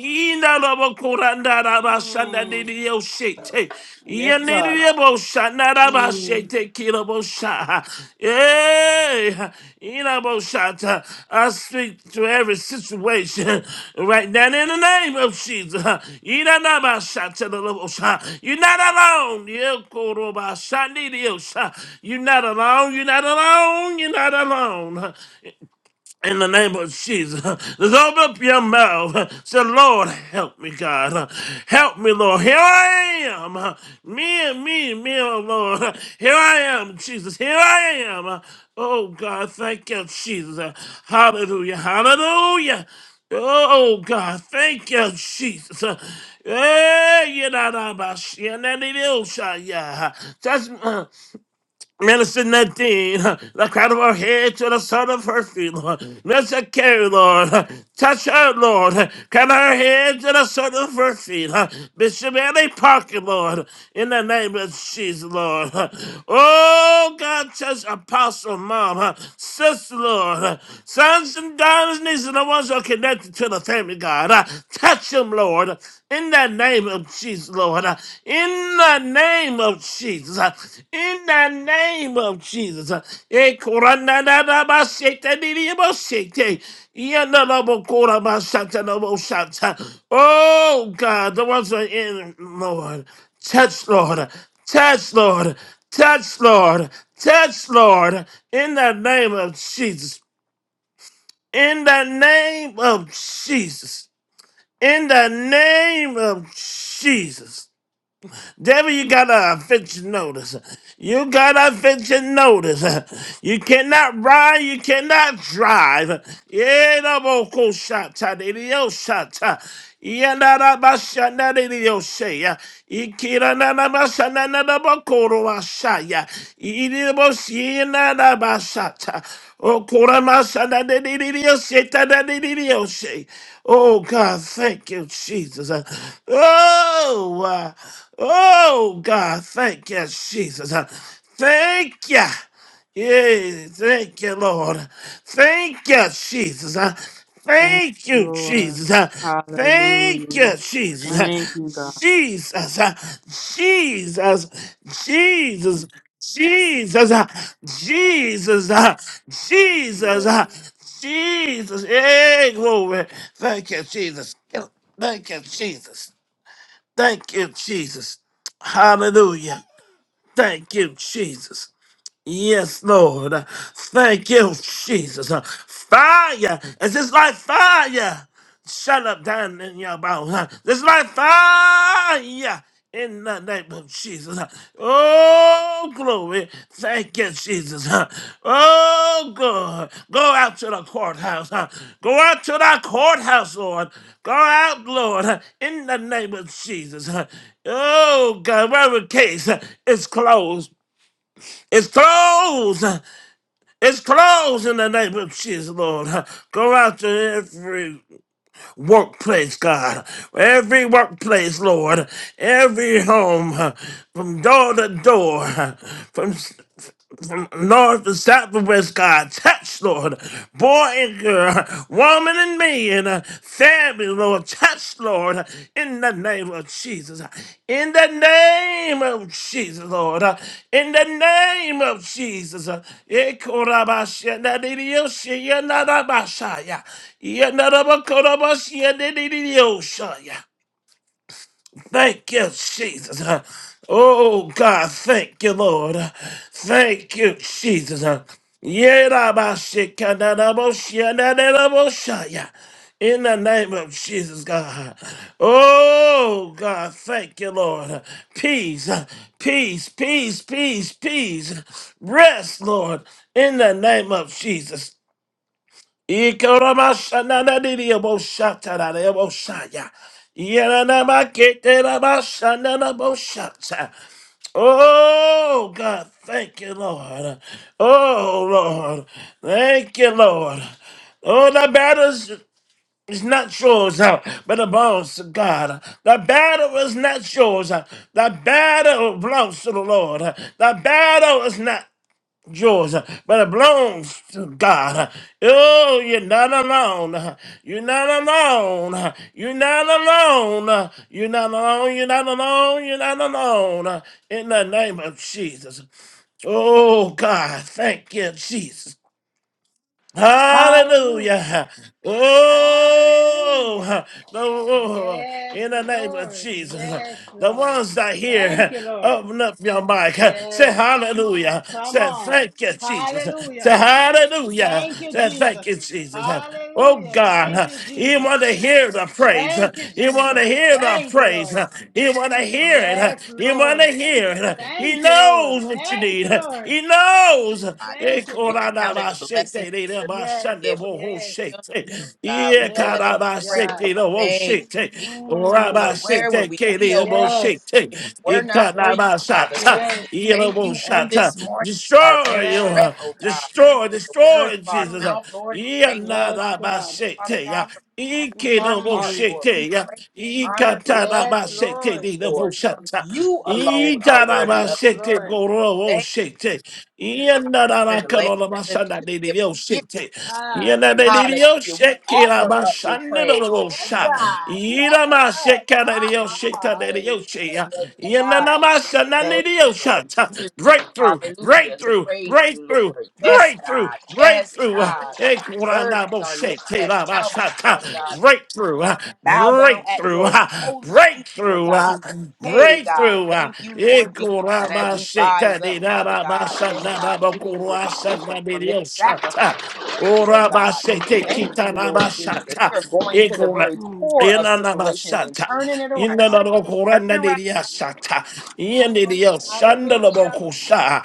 Yeah, Mm. Yandidio Shete. Yes, God. Yandidio Bosha. Naraba Mm. Shete Kira Bosha. Yeah. Ina Bosha. I speak to every situation right now in the name of Jesus. Ina Naba Shata Bosha. You're not alone. Yekoroba Shandidio Sha. You're not alone. You're not alone. You're not alone in the name of Jesus. Just open up your mouth. Say, Lord, help me, God. Help me, Lord. Here I am. Me and me, me, oh Lord. Here I am, Jesus. Here I am. Oh, God, thank you, Jesus. Hallelujah. Hallelujah. Oh God, thank you, Jesus. Eh, yeah, nah, nah, bah, shit, nah, nah, nah, nah, shah, yeah. Touch me. Minister Nadine, the crown of her head to the sole of her feet, Lord. Minister Carrie, Lord, touch her, Lord. Crown her head to the sole of her feet. huh? Bishop Annie Parker, Lord, in the name of Jesus, Lord. Oh, God, touch Apostle Mom, Sister, Lord. Sons and daughters, nieces, and the ones who are connected to the family, God. huh? Touch them, Lord. In the name of Jesus, Lord. uh, In the name of Jesus. uh, In the name of Jesus. uh, eh, koranadadabashete, didiyaboshete, yandalabokorabashatanaboshat. Oh God, the ones who are in, Lord. Touch, Lord. Touch, Lord. Touch, Lord. Touch, Lord. In the name of Jesus. In the name of Jesus. In the name of Jesus. Devil, you gotta fix your notice. You gotta fix your notice. You cannot ride, you cannot drive. Yeah, no more cool shot, ta, de, de, yo, shot, ta. Yeah, na, na, ba, sha, na, de, de, yo, she, yeah. Ikira, na, na, ba, sha, na, na, na, ba, koro, wa, sha, yeah. Iri, de, de, bo, si, na, na, ba, sha, ta. Oh, kora, ma, sha, na, de, de, de, de, yo, she, ta, da, de, de, de, yo, she. Oh, God, thank you, Jesus. Oh, wow. Oh, God, thank you, Jesus. Uh, Thank you. Yeah, thank you, Lord. Thank you, Jesus. Uh, Thank Thank you, you, Lord. Jesus. Uh, Thank Hallelujah. you, Jesus. Uh, Thank you, God. Jesus. Uh, Jesus. Jesus. Jesus. Uh, Jesus. Uh, Jesus. Uh, Jesus. Hey, glory. Thank you, Jesus. Thank you, Jesus. Thank you, Jesus. Hallelujah. Thank you, Jesus. Yes, Lord. Thank you, Jesus. Fire. Is this like fire? Shut up down in your mouth. This like fire. In the name of Jesus. Oh, glory. Thank you, Jesus. Oh, God. Go out to the courthouse. Go out to the courthouse, Lord. Go out, Lord, in the name of Jesus. Oh, God, whatever case is closed. It's closed. It's closed in the name of Jesus, Lord. Go out to every workplace, God. Every workplace, Lord. Every home, from door to door, from from north to south to west, God. Touch, Lord. Boy and girl, woman and man, family, Lord. Touch, Lord, in the name of Jesus. In the name of Jesus, Lord. In the name of Jesus. Ekorabashenadidioshiyanatabashaya. Yenadabakorabashenadidioshaya. Thank you, Jesus. Oh, God, thank you, Lord. Thank you, Jesus. Yerabashikanadaboshyanadadaboshaya. In the name of Jesus, God. Oh, God, thank you, Lord. Peace, peace, peace, peace, peace. Rest, Lord, in the name of Jesus. Ikaramashananadidiyaboshatarayabosaya. Yananamaketeramashananabosata. Oh God, thank you, Lord. Oh Lord, thank you, Lord. Oh, the battle's is not yours, uh, but the belongs to God. The battle is not yours. uh, The battle belongs to the Lord. The battle is not yours, uh, but it belongs to God. Uh, Oh, you're not alone. Uh, You're not alone. Uh, You're not alone. Uh, You're not alone. You're not alone. You're not alone. Uh, In the name of Jesus. Oh, God. Thank you, Hallelujah. Hallelujah. Hallelujah. Oh, the Lord, Yes, in the name of Lord. Jesus. Yes, The Lord. ones that Thank hear, you, Lord. open up your mic. Say Yes. hallelujah. Come Say on. thank you, Jesus. Say Hallelujah. hallelujah. Thank you, Say thank Jesus. you, Jesus. Oh Hallelujah. Thank God, you, He Jesus. want to hear the praise. Thank you, He want to Jesus. hear the Thank you, praise. Lord. He want to hear Yes, it. He want to Lord. hear it. He Thank you, Lord. knows what you Thank need. you, Lord. He knows. God. Thank you, We Lord. count it a blessing Yes, to be able to mention yes, your name, oh God. We know that it's yes, praise. God. Thank you, Jesus, Mm, Lord. Where would we be, oh God, yes, if it were not for you, Father? So we yes, just thank you on this morning with our Destroy very yes. you. breath, oh God, Destroy, with the words destroy, of our Jesus. Mm, mouth, Lord, and the Yeah, raising nah, yes, of nah, bah, God. our shit, Father God yeah. from the depth Ike of our no mo heart, Mm, Lord. We shete ya. praise, Ika honor, and ta na yes, worship ma shete you, Lord. ni no mo Lord. shata. You alone are Ika na ma worthy Yes, of shete praise. Lord. goro mo Thank shete. you, God, Iena that na we're na in the land kano na of the living to masana ni be ni able to yo give. shete. Ah. Iena ni ni Hallelujah. yo We sheke na offer up this masana no praise. mo Yes, sha. Mm, God. We Ira offer ma it sheka na ni yo up. sheta na ni Hallelujah. yo she ya. Yes, Iena na God. masana ni Thank ni yo you, Lord. It's a shata. Breakthrough, privilege. Hallelujah. To breakthrough, praise you, breakthrough. Lord. Yes, Breakthrough, God. Yes, breakthrough. God. Eh, Burdens kurandabo are lifted shake, te at la ba Calvary, sha ta. Father God Breakthrough, ah, bow down at breakthrough, your ah, holy feet, Lord breakthrough, ah, God. Hey, God, breakthrough. ah. thank you, Eh, Lord Jesus, that as kurama we shake, ta rise di up, da Father ba ba God, sha yes, na ba God, ba that things will kurwa be sha na different bi from di this o sha sacrifice ta. of praise, oh Ora ba God. shake, te ki Thank you, ta na ba Lord sha Jesus. ta. You're going Eh, to the kura- very mm. core eh, of na na ba situations sha and ta. turning it In na na around. ro kuranda di di ya sha ta. In di di ya shanda la bo Hallelujah. ku sha.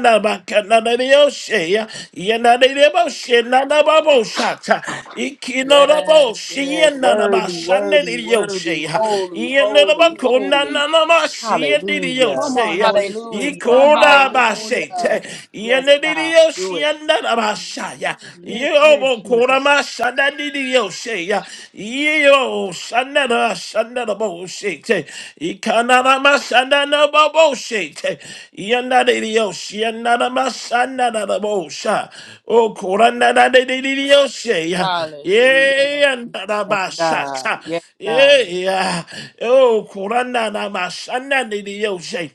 na ba ka na na di o she. Yena de debo she na na ba bo shata. Ikino da bo Yes, she yes, yena na ba worthy, shane di worthy, yo worthy, she. holy, Yena da ba holy, na holy. na ma she di di Come Hallelujah. on, Holy Spirit. Hallelujah. Come Yikona on, Holy Spirit. bashete. Hallelujah. Yes, God. Yenedidio Do it. shianda da bashaya. Yes, dear Yobo kona Jesus. mashanda didio sheya. Yo shanda da shanda da bo shete. Ikana da mashanda da bo bo shete. Yenda didio shianda da mashanda da da bo sha. O koranda da didio sheya. Hallelujah. Yenda da Yes, God. bashata. Yes, God. Yeah. Oh, koranda da mashanda didio sheya.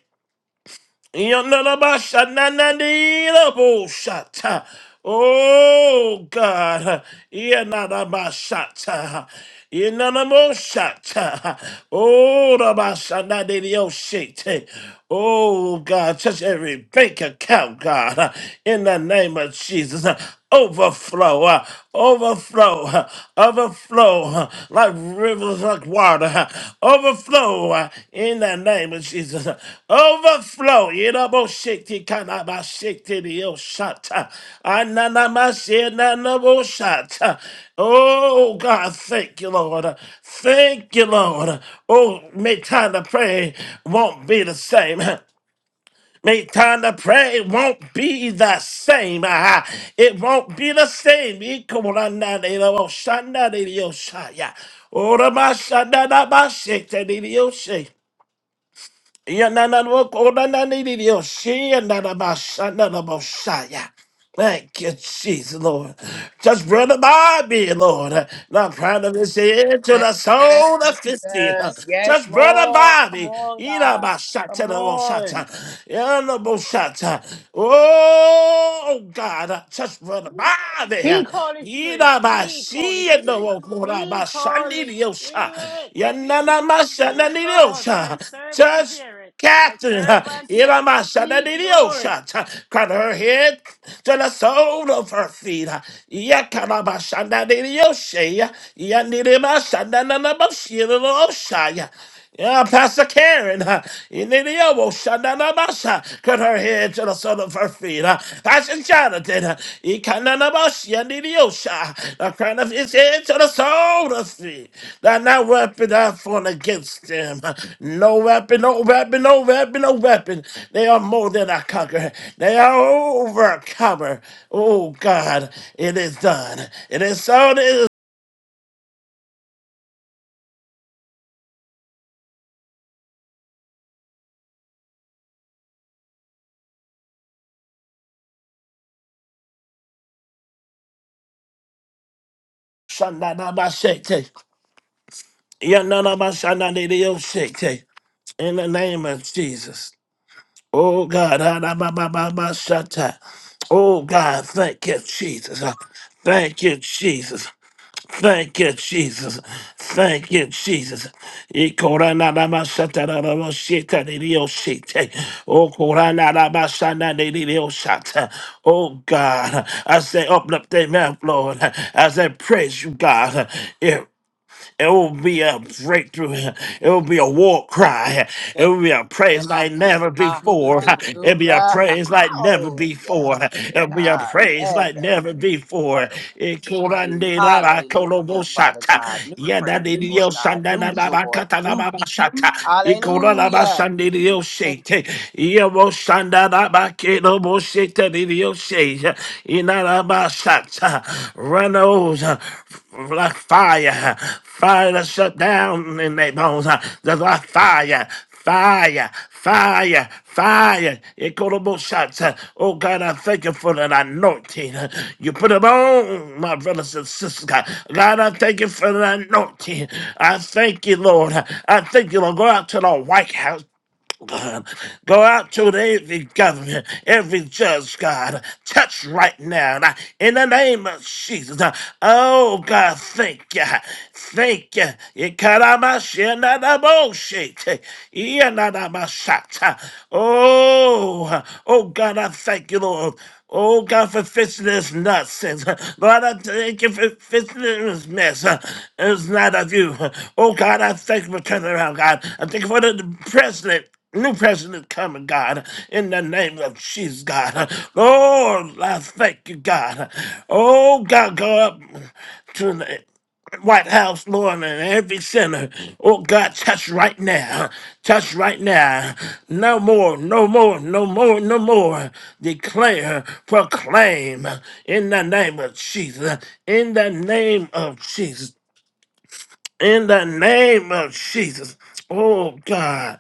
Yonadabashananadilabosata. Oh God, Yanadabashata. Yanadamoshata. Oh Rabashanadilioshete. Oh God, touch every bank account, God, in the name of Jesus overflow, uh, overflow, uh, overflow uh, like rivers like water, uh, overflow uh, in the name of Jesus, uh, overflow. Yidabosiki kanabashiki diyoshata, ananamashinaboshata. Oh God, thank you, Lord. Uh, Thank you, Lord. Uh, Oh, make time to pray won't be the same. Make time to pray. It won't be the same. Ah, It won't be the same. Ikumranadeyoshanadeyosha. Oramashanadabashetadeyoshe. Ya na na wo ko na na ni ni yo shi ya na na ba sha na na ba sha ya. Thank you, Jesus, Lord. Just run by me, Lord. Not proud of this head to the Yes, soul of his feet. Jesus. Yes, Just run Lord. by Come me. on, Ina God. ba sha ta Come na bo sha ta. on. Ya na bo sha ta. Oh God, just run by Speak, Holy me. Spirit. Speak, Holy Rabashi no Spirit. Speak, Holy Rabashanidiosa. Spirit. Yanana Speak, Lord. Thy Masananidiosa. servant Touch heareth. Thy Catherine. uh, servant heareth. Speak, Lord. Iramasananidiosa. Touch- Cut her head to the sole of her feet. Yakanabashanadiosa. Yanidimasananabashiriosa. Yeah, Pastor Karen, uh, in the elbow, Shandanabasha, cut her head to the sole of her feet. uh, Pastor Jonathan, uh, Ikananabashi, and in the Osha, the crown of his head to the sole of his feet. That not weapon that formed against them. uh, No weapon, no weapon, no weapon, no weapon. They are more than a conqueror. They are overcomer. Oh God, it is done. It is so. It is. Shandanabashete. Yananabashananidiyoshete. in the name of Jesus. Oh God, ah, da, ba, ba, ba, ba, shatta. oh God, thank you, Jesus. Thank you, Jesus. Thank you, Jesus. Thank you, Jesus. E korana da ba shatta da da ba shita di di o shite. Oh korana da ba shana di di di o shata. Oh God, I say open up their mouth, Lord, as I praise you, God. It will be a breakthrough. It will be a war cry. It will be a Yes, praise like never before. It'll be a hallelujah. praise like never Oh, yes, before. It'll be a God. praise Yes, like that never reaches your before. heart, oh It could I need a la colobo Hallelujah, Father shata. God. New Yeah, that praise, did Lord yo God. shanda na New na ba joy, kata na new ba ba peace. shata. It could I la ba Hallelujah. shandi yo Thank shake. Yeah, mo shanda na ba kilo mo shake that yo shake. Inarabasata. Run those uh, like fire. uh, Fire to shut down in their bones. uh, Just like fire. Fire, fire, fire. Equitable shots. uh, Oh God, I thank you for that anointing. uh, You put them on, my brothers and sisters. God, God I thank you for that anointing. I thank you, Lord. I thank you, Lord. Go out to the White House. God. Go out to every government, every judge, God. Touch right now God, in the name of Jesus. Oh, God, thank you. Thank you. Ikaramashenadaboshete, iyanadabashata. Oh, oh, God, I thank you, Lord. Oh God, for fixing this nonsense. Lord, I thank you for fixing this mess. It's not of you. Oh God, I thank you for turning around, God. I thank you for the president. New president coming, God, in the name of Jesus, God. Lord, I thank you, God. Oh, God, go up to the White House, Lord, and every center. Oh, God, touch right now. Touch right now. No more, no more, no more, no more. Declare, proclaim in the name of Jesus. In the name of Jesus. In the name of Jesus. Oh, God.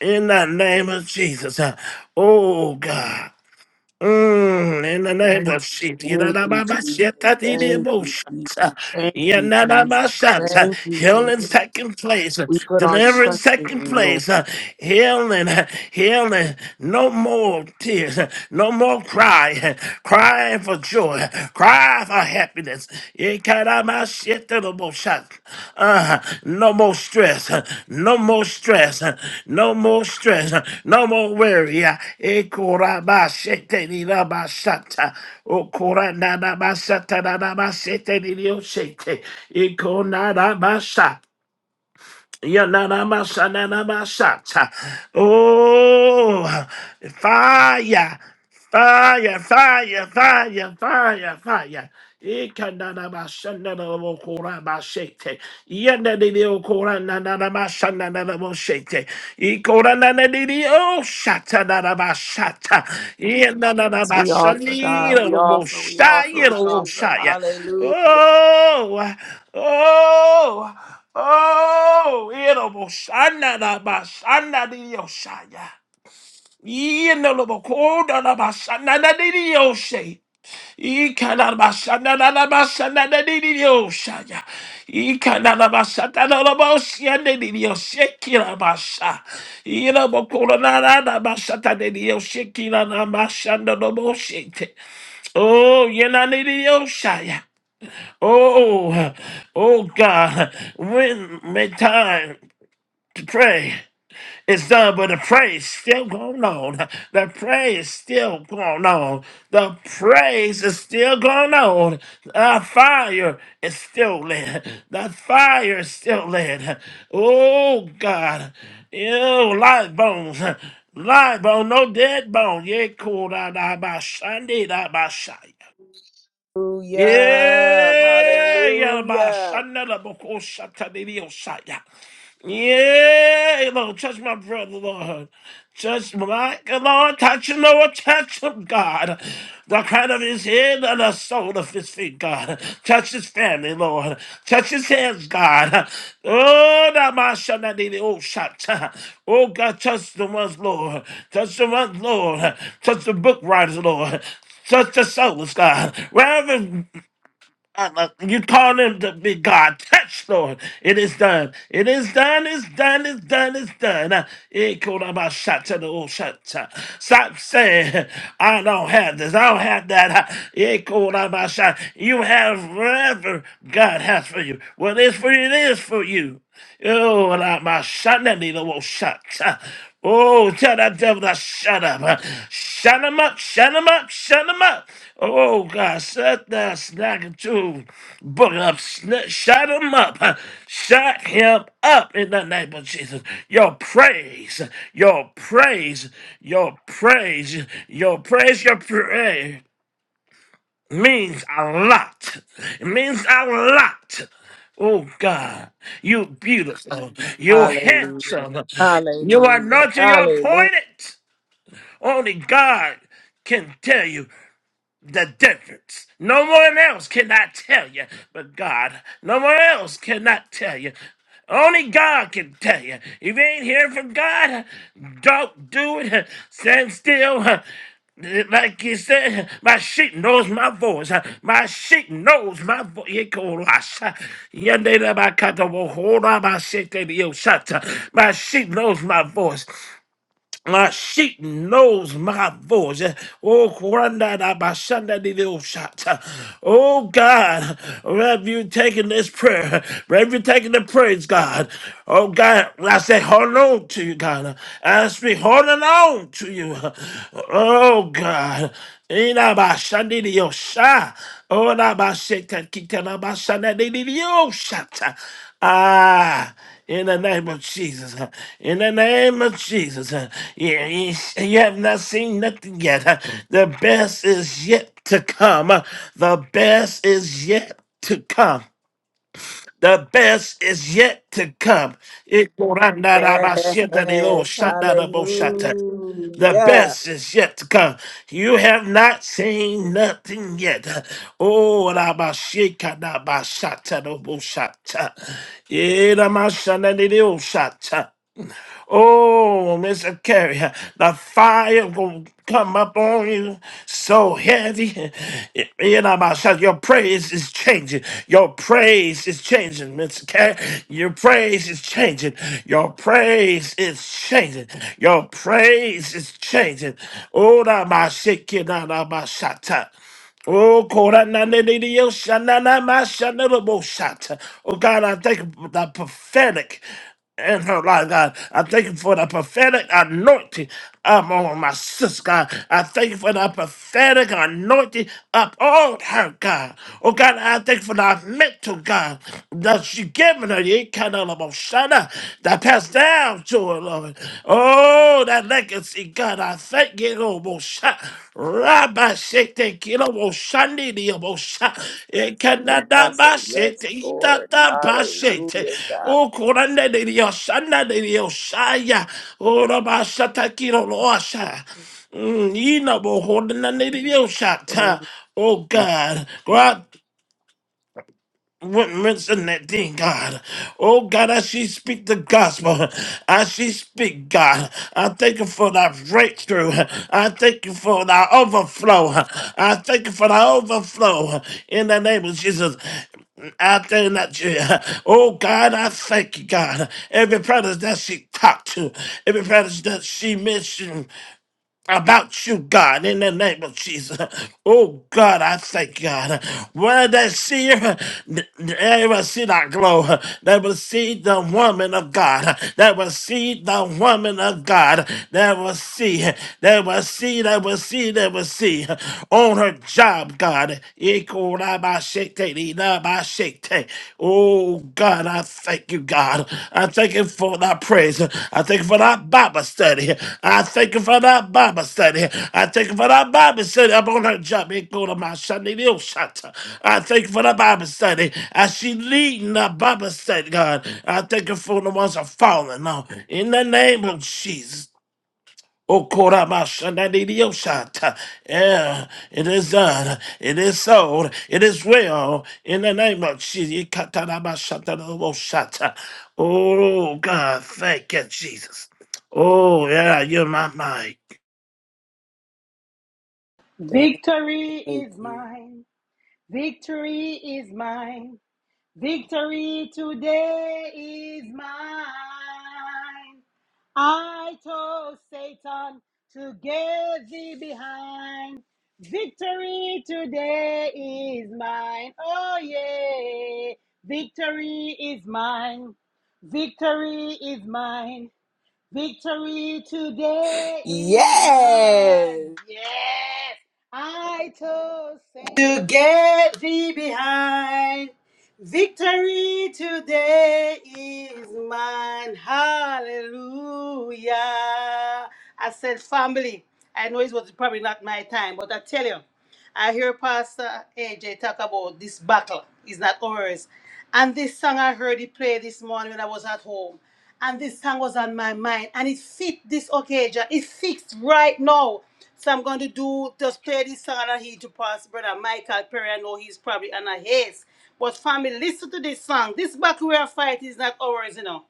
In the name of Jesus. uh, Oh God. Mm, in the name of Jesus. thank you, Jesus. Thank you, Jesus. Yadadababashetadidiboshat, Thank you, Jesus. yadadabashat, uh, Thank you, Healing Jesus. taking place. uh, We put our Deliverance trust in taking you, Lord. place. uh, Healing. uh, Healing. No more tears. uh, No more cry. uh, Crying for joy. uh, Cry for happiness. Yekadabashetadiboshat. Uh, no more stress. No more stress. No more stress. No more worry. Ekorabashetenirabashata. Okorananabashatananabashetenirioshete. Ikonanabasha. Yananamashananamashat. Oh, fire, fire, fire, fire, fire, fire. Ikananamashananamokorabashete. Yanadidiokorananamashananamoshete. Ikorananadidiosatanamashata. We offer, God. We offer, we offer, we offer. Yananamashaninamoshayanamoshaya. Hallelujah. Oh, oh. Oh, erobo shana da ba di yo shaya. Yeno lobo koda da ba shana da di di yo she. Ika da ba shana da da ba di di yo Ika da da ba shana da lobo di di yo sheki da ba sha. Erobo koda da da di di yo sheki da Bashana da ba Oh, yena di di yo Oh, oh God, when may time to pray. It's done, but the praise still going on. The praise still going on. The praise is still going on. The fire is still lit. The fire is still lit. Oh God, you light bones, light bone, no dead bone. Yeah, cool. Da da ba shandi da ba shai. Hallelujah. Yeah, yeah, ba Hallelujah. shanda da boko shata di di osaya. Yeah, Lord, touch my brother, Lord. Touch my Lord, touch him, Lord, touch him, God. The crown of his head and the sole of his feet, God. Touch his family, Lord. Touch his hands, God. Oh, that my son, I need it. Oh, shut. Oh, God, touch the ones, Lord. Touch the ones, Lord. Touch the book writers, Lord. Touch the souls, God. Wherever uh, uh, You call him to be God. Touch, Lord. It is done. It is done. It's done. It's done. It's done. Uh, it could have to the old shot. uh, Stop saying, I don't have this. I don't have that. Uh, It could have You have whatever God has for you. What is for you, it is for you. Oh, and I, my shot, that need a little Uh, Oh, tell that devil to shut up. Uh, Shut him up. Shut him up. Shut him up. Oh God, shut that snacker too! book up, sn- shut him up, huh? shut him up in the name of Jesus. Your praise, your praise, your praise, your praise, your praise means a lot. It means a lot. Oh God, you beautiful, you Hallelujah. handsome, you Hallelujah. anointed, you're Hallelujah. appointed. Only God can tell you the difference. No one else cannot tell you but God. No one else cannot tell you. Only God can tell you. If you ain't hearing from God, don't do it. Stand still. Like you said, my sheep knows my voice. My sheep knows my voice. My sheep knows my voice. My sheep knows my voice. Oh, Kwanda da Bashanda di do shata. Oh, God, have you taken this prayer? Have you taken the praise, God? Oh, God, I say, hold on to you, God. I speak, holding on to you. Oh, God. Ina Bashandi di Osha. Oh, na Basheta Kitana Bashanda di di di Oshata. Ah. In the name of Jesus. huh. In the name of Jesus. huh. Yeah, You you have not seen nothing yet. huh. The best is yet to come. huh. The best is yet to come. The best is yet to come. It- Yes, the hallelujah. best is yet to come. You have not seen nothing yet. Oh, Rabashika, Rabashata, Roboshata. Yeramashana, Shata. Oh, Mr. Carey, the fire will come up on you so heavy. You know, my son, your praise is changing. Your praise is changing, Mr. Carey. Your praise is changing. Your praise is changing. Your praise is changing. Oh, my shit, my shata. Oh, Korananidio Shananama Shanelabo Oh, God, I thank you for the prophetic in her life, God. I thank you for the prophetic anointing up on my sister, God. I thank you for the prophetic anointing up on her, God. Oh, God, I thank you for the mental, God, that you given her, the kind of shana that passed down to Lord, Lord. Oh, that legacy, God, I thank you, Lord. Mosha. Rabba shete kilo moshandi diyo mosha. I Ekanada say ba yes, shete, Lord, idada ba shete. hallelujah, God. Oh, korande diyo shanda diyo shaya. Oh, rabba shata kilo loasha. Mm, you know, but holding on to the lady you shot. huh? Thank Oh you, God, would mention that thing, God. Oh, God, as she speak the gospel, as she speak, God, I thank you for that breakthrough. I thank you for that overflow. I thank you for the overflow in the name of Jesus. I thank that you, oh God, I thank you, God. Every prayer that she talked to, every prayer that she mentioned, about you, God, in the name of Jesus. Oh, God, I thank God. Where they see her, they will see that glow. They will see the woman of God. They will see the woman of God. They will see, they will see, they will see, they will see on her job, God shete. Oh God, I thank you, God. I thank you for that praise. I thank you for that Bible study. I thank you for that Bible study. I thank you for that Bible study. I'm on her job. It go to my Sunday little shot. I thank you for that Bible study. As she leading that Bible study, God, I thank you for the ones that are falling now. In the name of Jesus. Okoramashanadidioshata. Yeah, it is done. It is sold. It is well. In the name of Jesus. Ikatarabashatadoroboshata. Oh, God. Thank you, Jesus. Oh, yeah. You're my mind. thank you. Victory thank is you. mine. Victory is mine. Victory today is mine. I told Satan to get thee behind. Victory today is mine. Oh, yeah. Victory is mine. Victory is mine. Victory today is mine. Yes. Yes, I told Satan to get thee behind. Victory today is mine. Hallelujah. I said, family, I know it was probably not my time, but I tell you. I hear Pastor AJ talk about this battle is not ours. And this song I heard he play this morning when I was at home. And this song was on my mind. And it fit this occasion. It fits right now. So I'm going to do just play this song and I heed to Pastor Brother Michael Perry. I know he's probably on a haze. But family, listen to this song. This battle we are fighting is not ours, you know.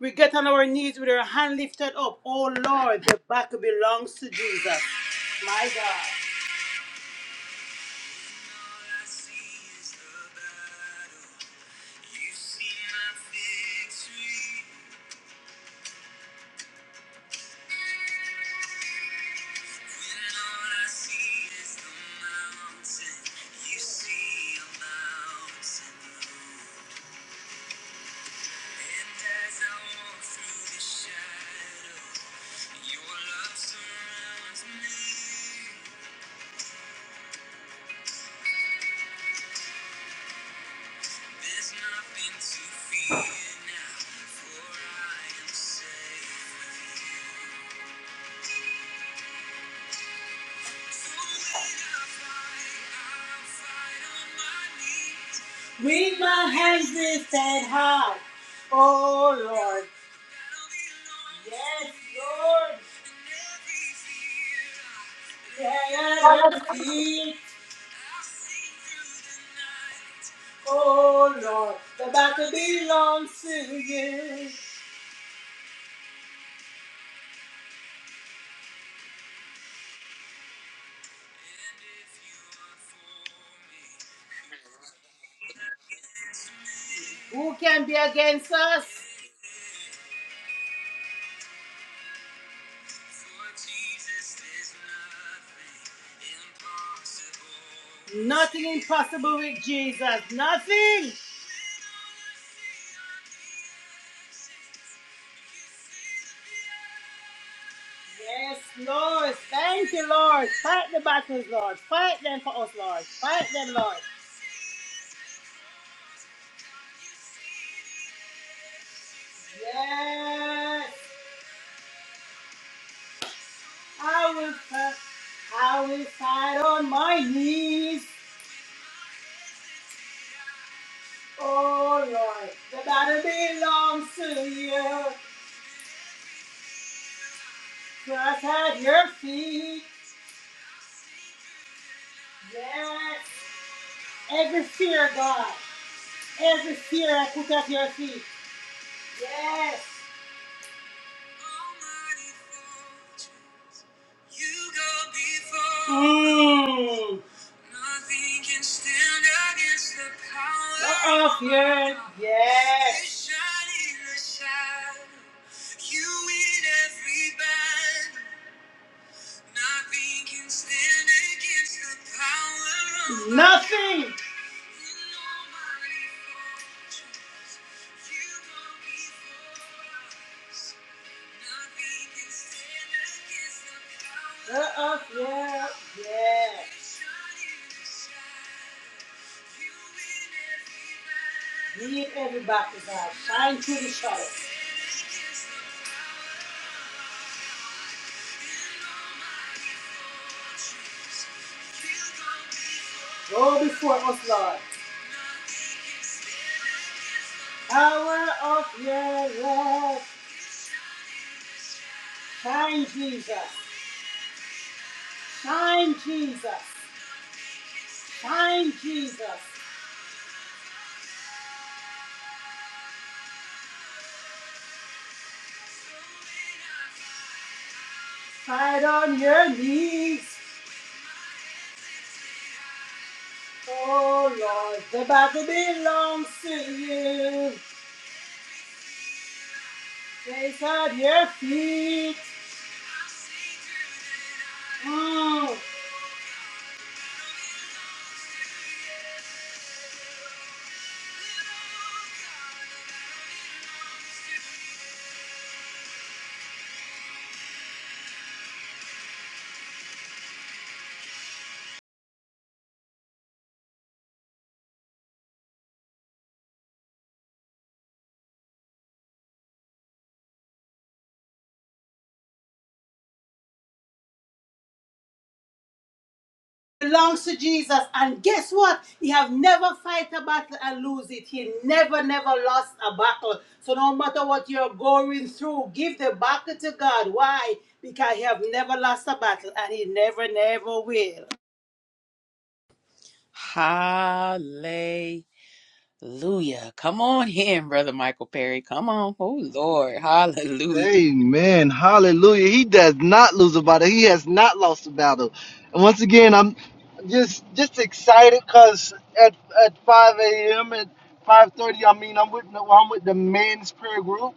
We get on our knees with our hand lifted up. Oh Lord, the battle belongs to Jesus. My God. With my hands lifted high, oh Lord. Yes, Lord. Yeah, your feel. oh Lord. The battle belongs to you. Who can be against us? Nothing impossible with Jesus. Nothing. Yes, Lord. Thank you, Lord. Fight the battles, Lord. Fight them for us, Lord. Fight them, Lord. Yes, I will, fi- I will fight on my knees. All right, the battle belongs to you. Cross at your feet. Yes, every fear, God, every fear I put at your feet. Yes. You go before. Mm. Nothing can stand against the power. of your- Yes. You shine in the shadow. Nothing can stand against the power of Nothing. God. Nothing can stand against the power of God. Uh-uh, yeah, yeah. Lead everybody, God. Shine through the shadow. Go before us, Lord. Power of your love. Shine, Jesus. Shine, Jesus. Shine, Jesus. Fight on your knees. Oh Lord, the battle belongs to you. Place at your feet. Mm. Belongs to Jesus. And guess what? He have never fight a battle and lose it. He never, never lost a battle. So no matter what you're going through, give the battle to God. Why? Because he have never lost a battle and he never, never will. Hallelujah. Come on in, Brother Michael Perry. Come on. Oh, Lord. Hallelujah. Amen. Hallelujah. He does not lose a battle. He has not lost a battle. And once again, I'm just just excited because at at 5 a.m. at 5:30, I mean, I'm with the- I'm with the men's prayer group,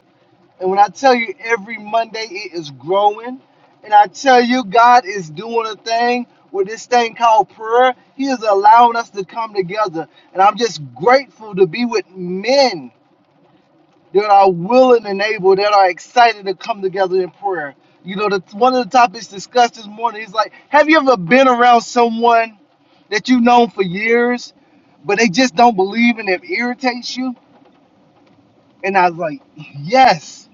and when I tell you every Monday it is growing, and I tell you God is doing a thing with this thing called prayer. He is allowing us to come together, and I'm just grateful to be with men that are willing and able, that are excited to come together in prayer. You know, the, one of the topics discussed this morning is like, have you ever been around someone that you've known for years, but they just don't believe and it irritates you? And I was like, yes.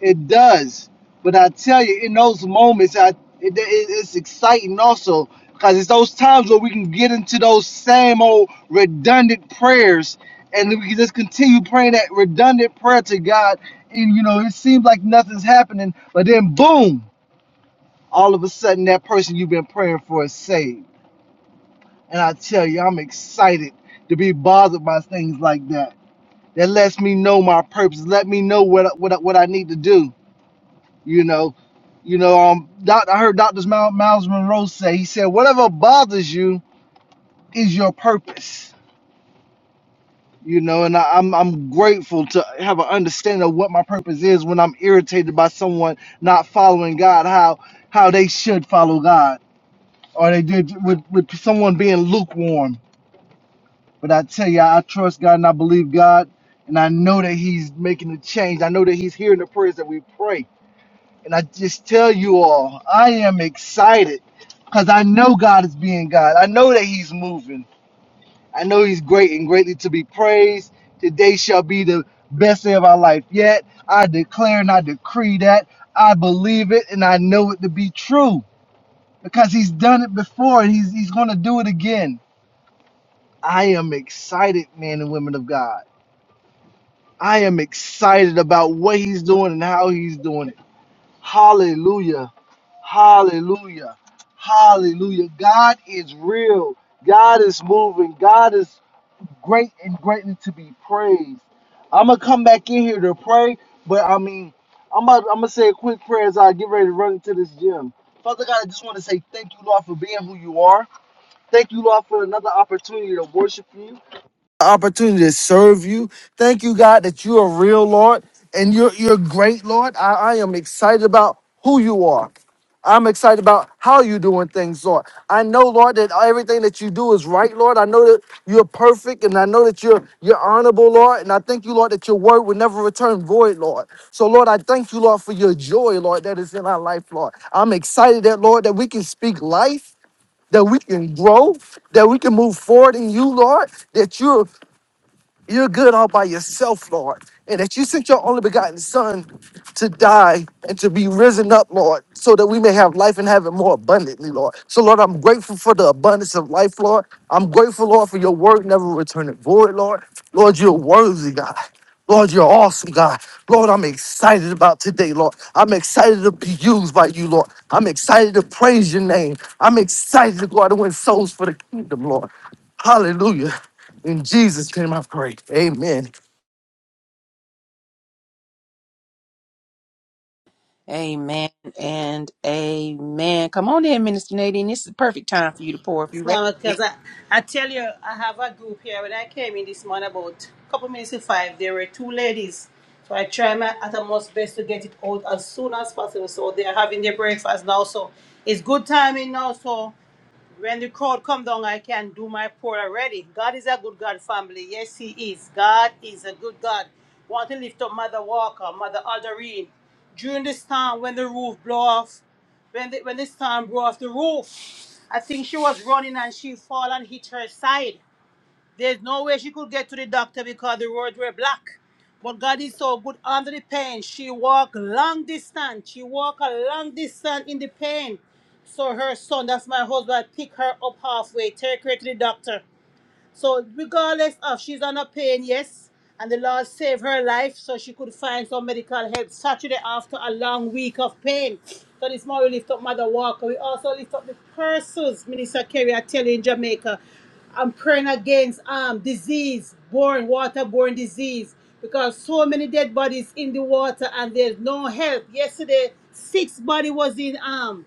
It does, but I tell you, in those moments, I it, it, it's exciting also because it's those times where we can get into those same old redundant prayers, and we can just continue praying that redundant prayer to God, and you know it seems like nothing's happening, but then boom, all of a sudden that person you've been praying for is saved, and I tell you, I'm excited to be bothered by things like that. That lets me know my purpose. Let me know what what what I need to do you know, you know, um, doc, I heard Dr. Miles, Miles Monroe say, he said, whatever bothers you is your purpose. You know, and I, I'm I'm grateful to have an understanding of what my purpose is when I'm irritated by someone not following God, how how they should follow God, or they did with with someone being lukewarm. But I tell you, I trust God and I believe God, and I know that He's making a change. I know that He's hearing the prayers that we pray And I just tell you all, I am excited because I know God is being God. I know that He's moving. I know He's great and greatly to be praised. Today shall be the best day of our life yet. I declare and I decree that. I believe it and I know it to be true because He's done it before and He's, he's going to do it again. I am excited, men and women of God. I am excited about what He's doing and how He's doing it. Hallelujah. Hallelujah. Hallelujah. God is real. God is moving. God is great and greatly to be praised. I'm going to come back in here to pray, but I mean, I'm about, I'm going to say a quick prayer as I get ready to run into this gym. Father God, I just want to say thank you, Lord, for being who you are. Thank you, Lord, for another opportunity to worship you the opportunity to serve you. Thank you, God, that you are real, Lord, and you're you're great, Lord. I, I am excited about who you are. I'm excited about how you're doing things, Lord. I know, Lord, that everything that you do is right, Lord. I know that you're perfect, and I know that you're you're honorable, Lord. And I thank you, Lord, that your word will never return void, Lord. So, Lord, I thank you, Lord, for your joy, Lord, that is in our life, Lord. I'm excited that, Lord, that we can speak life that we can grow, that we can move forward in you, Lord, that you're you're good all by yourself, Lord. And that you sent your only begotten Son to die and to be risen up, Lord, so that we may have life and have it more abundantly, Lord. So, Lord, I'm grateful for the abundance of life, Lord. I'm grateful, Lord, for your word never returning void, Lord. Lord, you're worthy, God. Lord, you're awesome, God. Lord, I'm excited about today, Lord. I'm excited to be used by you, Lord. I'm excited to praise your name. I'm excited Lord, to go out and win souls for the kingdom, Lord. Hallelujah. In Jesus' name I pray. Amen. Amen and amen. Come on in, Minister Nadine. This is the perfect time for you to pour if you're ready. No, Because I, I tell you, I have a group here. When I came in this morning, about a couple minutes to five, there were two ladies. So I try my utmost best to get it out as soon as possible. So they are having their breakfast now. So it's good timing now. So when the crowd come down, I can do my pour already. God is a good God, family. Yes, He is. God is a good God. Want to lift up Mother Walker, Mother Alderine. During this time, when the roof blow off, when the, when the storm blow off the roof, I think she was running and she fall and hit her side. There's no way she could get to the doctor because the roads were black. But God is so good under the pain. She walked long distance. She walked a long distance in the pain. So her son, that's my husband, pick her up halfway, take her to the doctor. So regardless of she's on a pain, yes, and the Lord saved her life so she could find some medical help Saturday after a long week of pain. So this morning we lift up Mother Walker. We also lift up the persons Minister Kerry are telling in Jamaica. I'm praying against um disease, born waterborne disease, because so many dead bodies in the water and there's no help. Yesterday, six body was in um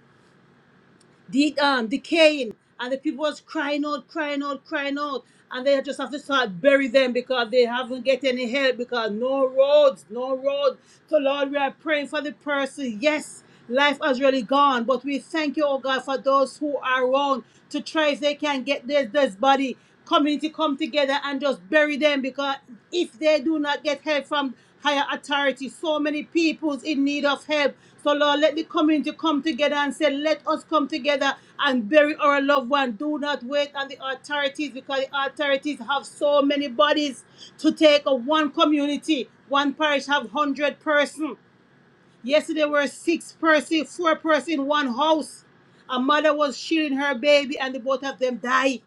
de- um, decaying and the people was crying out, crying out, crying out. And they just have to start bury them because they haven't get any help because no roads, no roads. So Lord, we are praying for the person. Yes, life has really gone, but we thank you, oh God, for those who are around to try if they can get this this body community come together and just bury them because if they do not get help from higher authority, so many people's in need of help. So Lord, let the community come together and say, let us come together and bury our loved one. Do not wait on the authorities because the authorities have so many bodies to take of one community. One parish have one hundred person. Yesterday were six person, four person in one house. A mother was shielding her baby and the both of them died.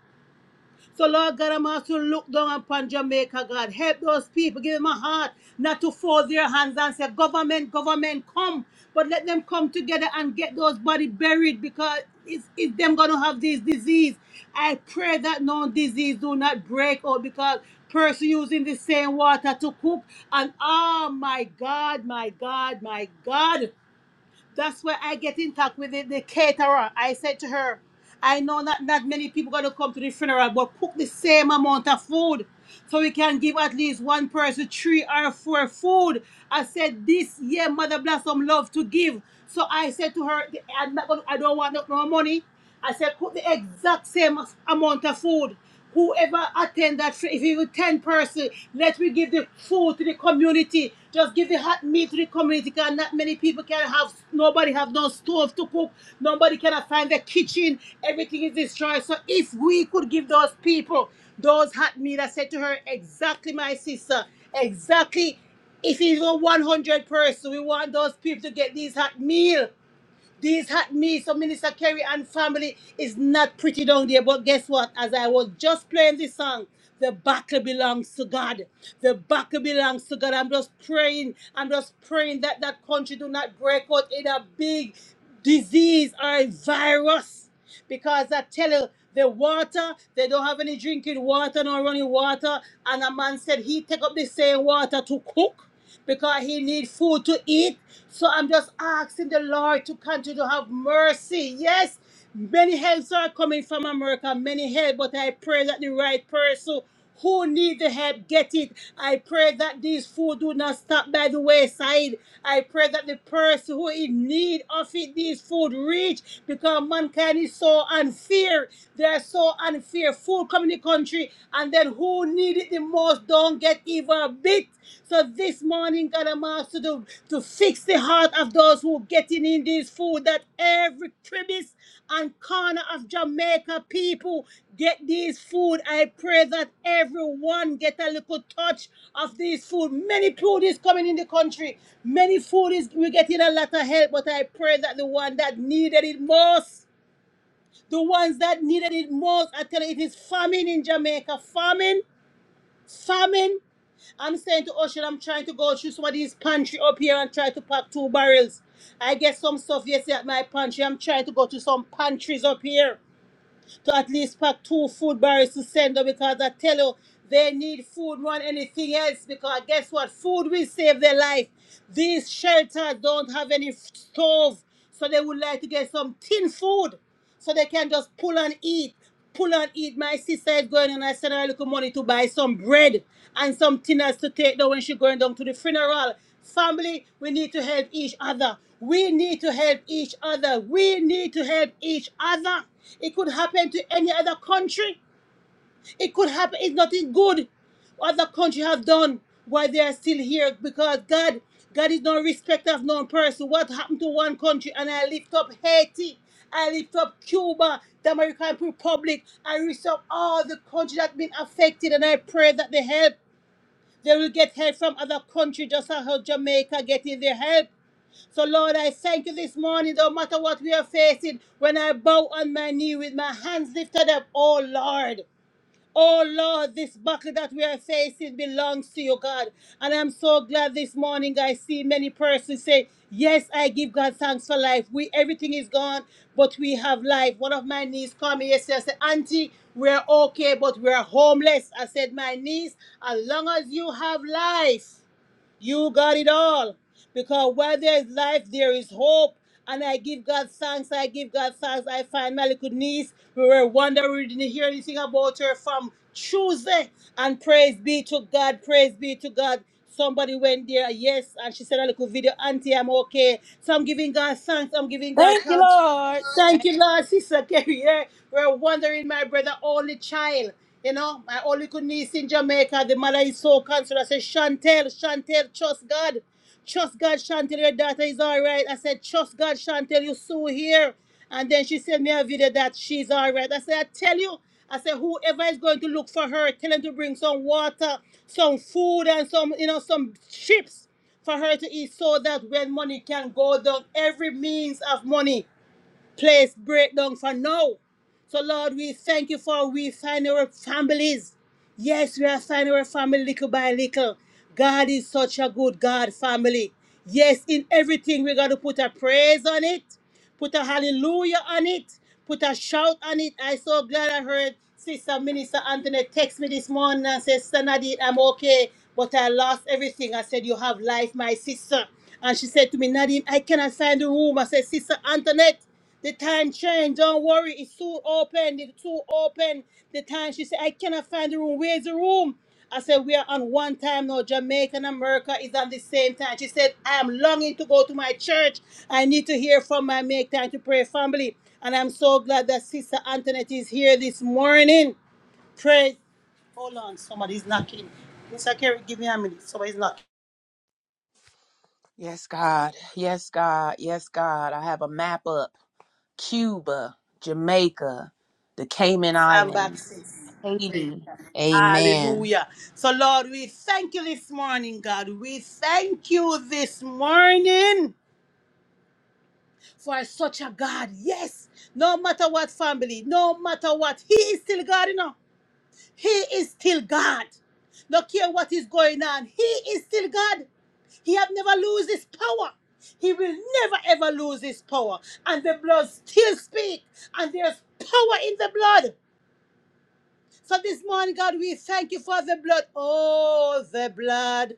So Lord God, I'm asking you to look down upon Jamaica, God. Help those people, give them a heart, not to fold their hands and say, government, government, come. But let them come together and get those body buried because it's, it's them going to have this disease. I pray that no disease do not break out because person using the same water to cook. And oh my God, my God, my God. That's where I get in touch with the, the caterer. I said to her, I know that not many people gonna come to the funeral, but cook the same amount of food. So we can give at least one person three or four food. I said this year Mother Blossom love to give. So I said to her, I'm not gonna, I don't want no no money. I said cook the exact same amount of food. Whoever attend that, fra- if even 10 person, let me give the food to the community. Just give the hot meat to the community because not many people can have, nobody have no stove to cook. Nobody cannot find the kitchen. Everything is destroyed. So if we could give those people those hot meat, I said to her, exactly my sister, exactly if it's even 100 person, we want those people to get these hot meal these hot meals so Minister Kerry and family is not pretty down there. But guess what? As I was just playing this song, the battle belongs to God. The battle belongs to God. I'm just praying. I'm just praying that that country do not break out in a big disease or a virus. Because I tell you, the water, they don't have any drinking water, no running water. And a man said he take up the same water to cook because he need food to eat. So I'm just asking the Lord to continue to have mercy. Yes, many helps are coming from America, many help, but I pray that the right person who need the help get it. I pray that these food do not stop by the wayside. I pray that the person who in need of it, these food reach because mankind is so unfair. They are so unfair. Food come in the country and then who need it the most don't get even a bit. So this morning, God, I'm asked to, do, to fix the heart of those who getting in this food that every crevice and corner of Jamaica people get these food. I pray that everyone get a little touch of these food. Many food is coming in the country. Many food is we're getting a lot of help, but I pray that the one that needed it most, the ones that needed it most, I tell you, it is famine in Jamaica. Famine, famine. I'm saying to Ocean, I'm trying to go through some of these pantry up here and try to pack two barrels. I get some stuff yesterday at my pantry. I'm trying to go to some pantries up here to at least pack two food barrels to send them because I tell you, they need food more than anything else because guess what? Food will save their life. These shelters don't have any f- stove, so they would like to get some tin food so they can just pull and eat pull and eat. My sister is going and I send her a little money to buy some bread and some tinners to take down when she going down to the funeral. Family, we need to help each other. We need to help each other. We need to help each other. It could happen to any other country. It could happen. It's nothing good what the country have done why they are still here because God, God is no respect of no person. What happened to one country? And I lift up Haiti. I lift up Cuba, the American Republic. I lift up all the countries that been affected, and I pray that they help. They will get help from other countries, just like how Jamaica getting their help. So, Lord, I thank you this morning, no matter what we are facing, when I bow on my knee with my hands lifted up, oh Lord. Oh Lord, this battle that we are facing belongs to you, God. And I'm so glad this morning I see many persons say, Yes, I give God thanks for life. We everything is gone, but we have life. One of my niece called me yesterday. I said, Auntie, we're okay, but we're homeless. I said, My niece, as long as you have life. You got it all. Because while there is life, there is hope. And I give God thanks. I give God thanks. I finally could niece. We were wondering, we didn't hear anything about her from Tuesday. And praise be to God. Praise be to God. Somebody went there, yes, and she said a little video, Auntie, I'm okay. So I'm giving God thanks. I'm giving God Thank you, thanks. Lord. Thank you, Lord, Sister Carrie. Yeah, yeah." we're wondering, my brother, only child. You know, my only good niece in Jamaica. The mother is so concerned. I said, Chantel, Chantel, trust God. Trust God, Chantel, your daughter is all right. I said, trust God, Chantel, you so here. And then she sent me a video that she's all right. I said, I tell you, I said, whoever is going to look for her, tell them to bring some water, some food, and some, you know, some chips for her to eat so that when money can go down, every means of money place breakdown for now. So, Lord, we thank you for we find our families. Yes, we are finding our family little by little. God is such a good God family. Yes, in everything we got to put a praise on it, put a hallelujah on it, put a shout on it. I so glad I heard Sister Minister Anthony text me this morning and said, Sister Nadine, I'm okay, but I lost everything. I said, You have life, my sister. And she said to me, Nadine, I cannot find the room. I said, Sister Antoinette. The time change. Don't worry. It's soon open. It's soon open. The time. She said, I cannot find the room. Where's the room? I said, we are on one time now. Jamaica and America is on the same time. She said, I am longing to go to my church. I need to hear from my Make Time to Pray family. And I'm so glad that Sister Antoinette is here this morning. Praise. Hold on. Somebody's knocking. Mr. Kerry, give me a minute. Somebody's knocking. Yes, God. Yes, God. Yes, God. I have a map up. Cuba, Jamaica, the Cayman I'm back, Islands, sis. Praise Haiti. God. Amen. Hallelujah. So, Lord, we thank you this morning, God. We thank you this morning for such a God. Yes, no matter what family, no matter what, He is still God, you know. He is still God. No care what is going on, He is still God. He have never lose His power. He will never ever lose His power. And the blood still speak. And there's power in the blood. So this morning, God, we thank you for the blood. Oh, the blood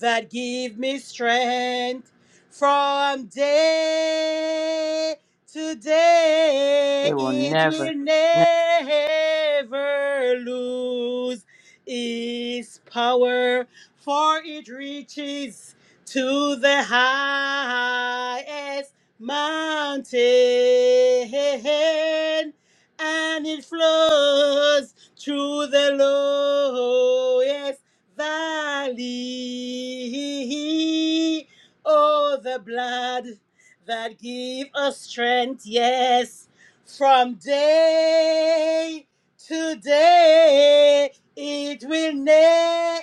that give me strength from day to It day. will It never, will never. never lose its power, for it reaches to the highest mountain and it flows through the lowest valley. Oh, the blood that give us strength, yes, from day to day, it will never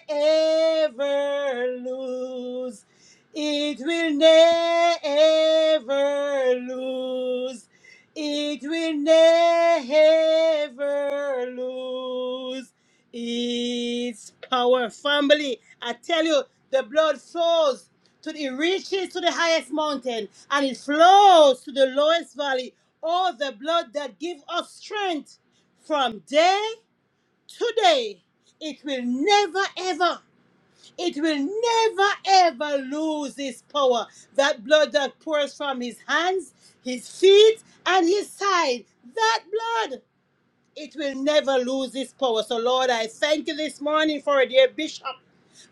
lose. It will never lose it will never lose its power. Family, I tell you, the blood flows to the, it reaches to the highest mountain and it flows to the lowest valley. All the blood that gives us strength from day to day, it will never ever it will never ever lose its power. That blood that pours from his hands, his feet, and his side, that blood, it will never lose its power. So, Lord, I thank you this morning for our dear bishop.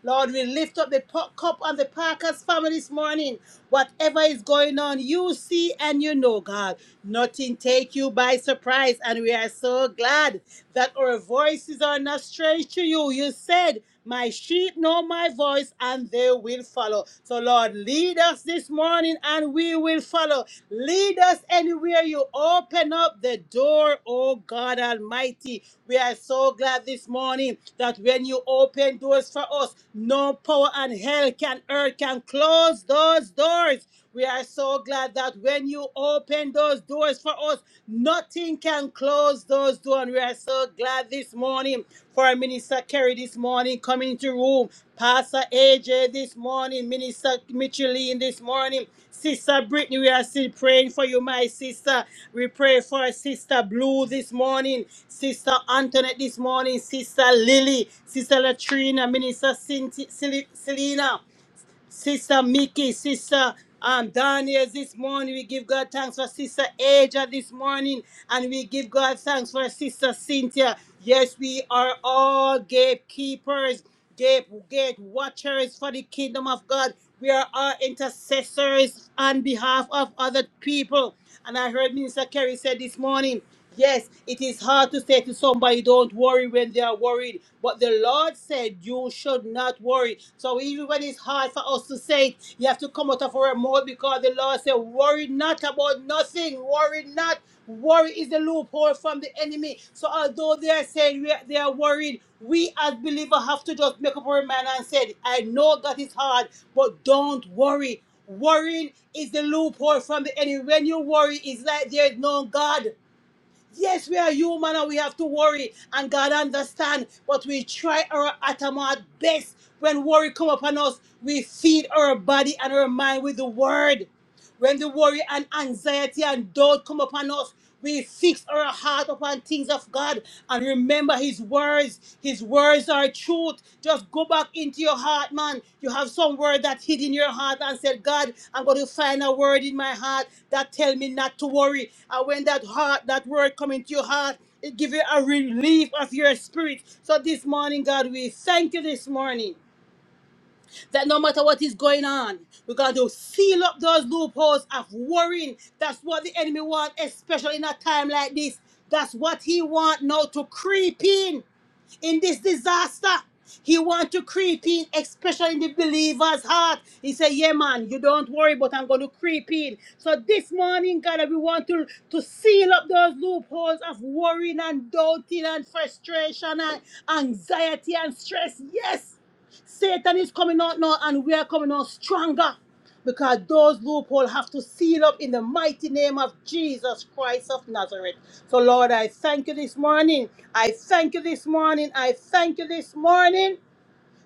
Lord, we lift up the po- cup on the Parker's family this morning. Whatever is going on, you see and you know, God. Nothing take you by surprise. And we are so glad that our voices are not strange to you. You said my sheep know my voice and they will follow. So, Lord, lead us this morning and we will follow. Lead us anywhere you open up the door, oh God Almighty. We are so glad this morning that when you open doors for us, no power and hell can earth can close those doors. We are so glad that when you open those doors for us, nothing can close those doors. And we are so glad this morning for our Minister Kerry this morning coming into room, Pastor AJ this morning, Minister Micheline this morning, Sister Brittany. We are still praying for you, my sister. We pray for Sister Blue this morning, Sister Antoinette this morning, Sister Lily, Sister Latrina, Minister Cynthia- Cel- Selena. Sister Mickey, Sister um, Daniel this morning. We give God thanks for Sister Aja this morning. And we give God thanks for Sister Cynthia. Yes, we are all gatekeepers, gate, gate watchers for the kingdom of God. We are all intercessors on behalf of other people. And I heard Minister Kerry said this morning Yes, it is hard to say to somebody, don't worry when they are worried. But the Lord said, you should not worry. So even when it's hard for us to say it, you have to come out of our mouth because the Lord said, worry not about nothing. Worry not. Worry is the loophole from the enemy. So although they are saying we are- they are worried, we as believers have to just make up our mind and say, I know that is hard, but don't worry. Worrying is the loophole from the enemy. When you worry, it's like there's no God. Yes, we are human and we have to worry, and God understand. But we try our uttermost best. When worry come upon us, we feed our body and our mind with the word. When the worry and anxiety and doubt come upon us, we fix our heart upon things of God and remember His words. His words are truth. Just go back into your heart, man. You have some word that hid in your heart and said, God, I'm going to find a word in my heart that tell me not to worry. And when that heart, that word come into your heart, it give you a relief of your spirit. So this morning, God, we thank you this morning that no matter what is going on, we're going to seal up those loopholes of worrying. That's what the enemy wants, especially in a time like this. That's what he wants now to creep in in this disaster. He want to creep in, especially in the believer's heart. He said, Yeah, man, you don't worry, but I'm going to creep in. So this morning, God, we want to, to seal up those loopholes of worrying and doubting and frustration and anxiety and stress. Yes. Satan is coming out now and we are coming out stronger because those loopholes have to seal up in the mighty name of Jesus Christ of Nazareth. So, Lord, I thank you this morning. I thank you this morning. I thank you this morning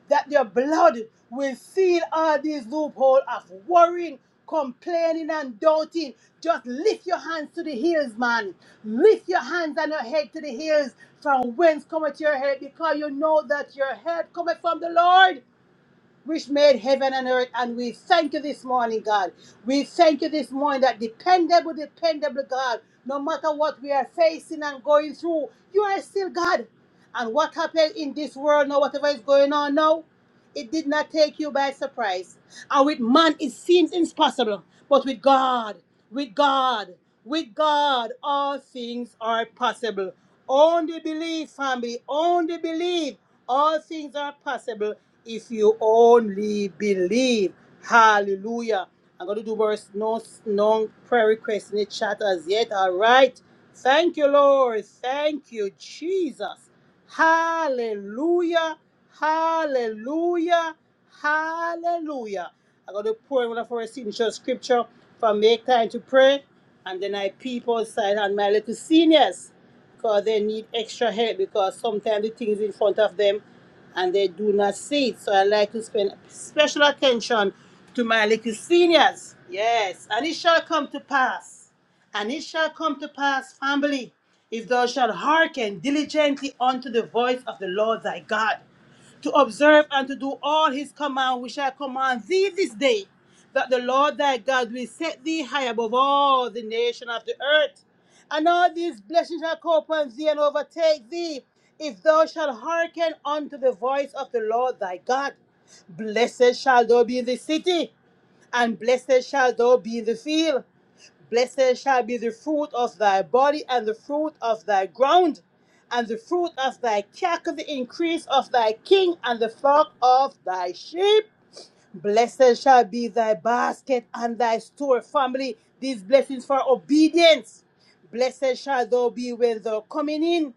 that your blood will seal all these loopholes of worrying, complaining, and doubting. Just lift your hands to the hills, man. Lift your hands and your head to the hills. From whence cometh your help? Because you know that your help cometh from the Lord which made heaven and earth. And we thank you this morning, God. We thank you this morning that dependable, dependable God, no matter what we are facing and going through, you are still God. And what happened in this world now, whatever is going on now, it did not take you by surprise. And with man, it seems impossible. But with God, with God, with God, all things are possible. Only believe, family. Only believe. All things are possible if you only believe. Hallelujah. I'm going to do verse no, no prayer request in the chat as yet. All right. Thank you, Lord. Thank you, Jesus. Hallelujah. Hallelujah. Hallelujah. I'm going to pour in one of our signature scripture from Make Time to Pray. And then I people side on my little seniors because they need extra help because sometimes the things in front of them and they do not see it. So I like to spend special attention to my little seniors. Yes. And it shall come to pass. And it shall come to pass, family, if thou shalt hearken diligently unto the voice of the Lord thy God, to observe and to do all his command, which I command thee this day, that the Lord thy God will set thee high above all the nation of the earth. And all these blessings shall come upon thee and overtake thee, if thou shalt hearken unto the voice of the Lord thy God. Blessed shall thou be in the city, and blessed shall thou be in the field. Blessed shall be the fruit of thy body, and the fruit of thy ground, and the fruit of thy cattle, the increase of thy king, and the flock of thy sheep. Blessed shall be thy basket and thy store, family. These blessings for obedience. Blessed shall thou be when thou coming in,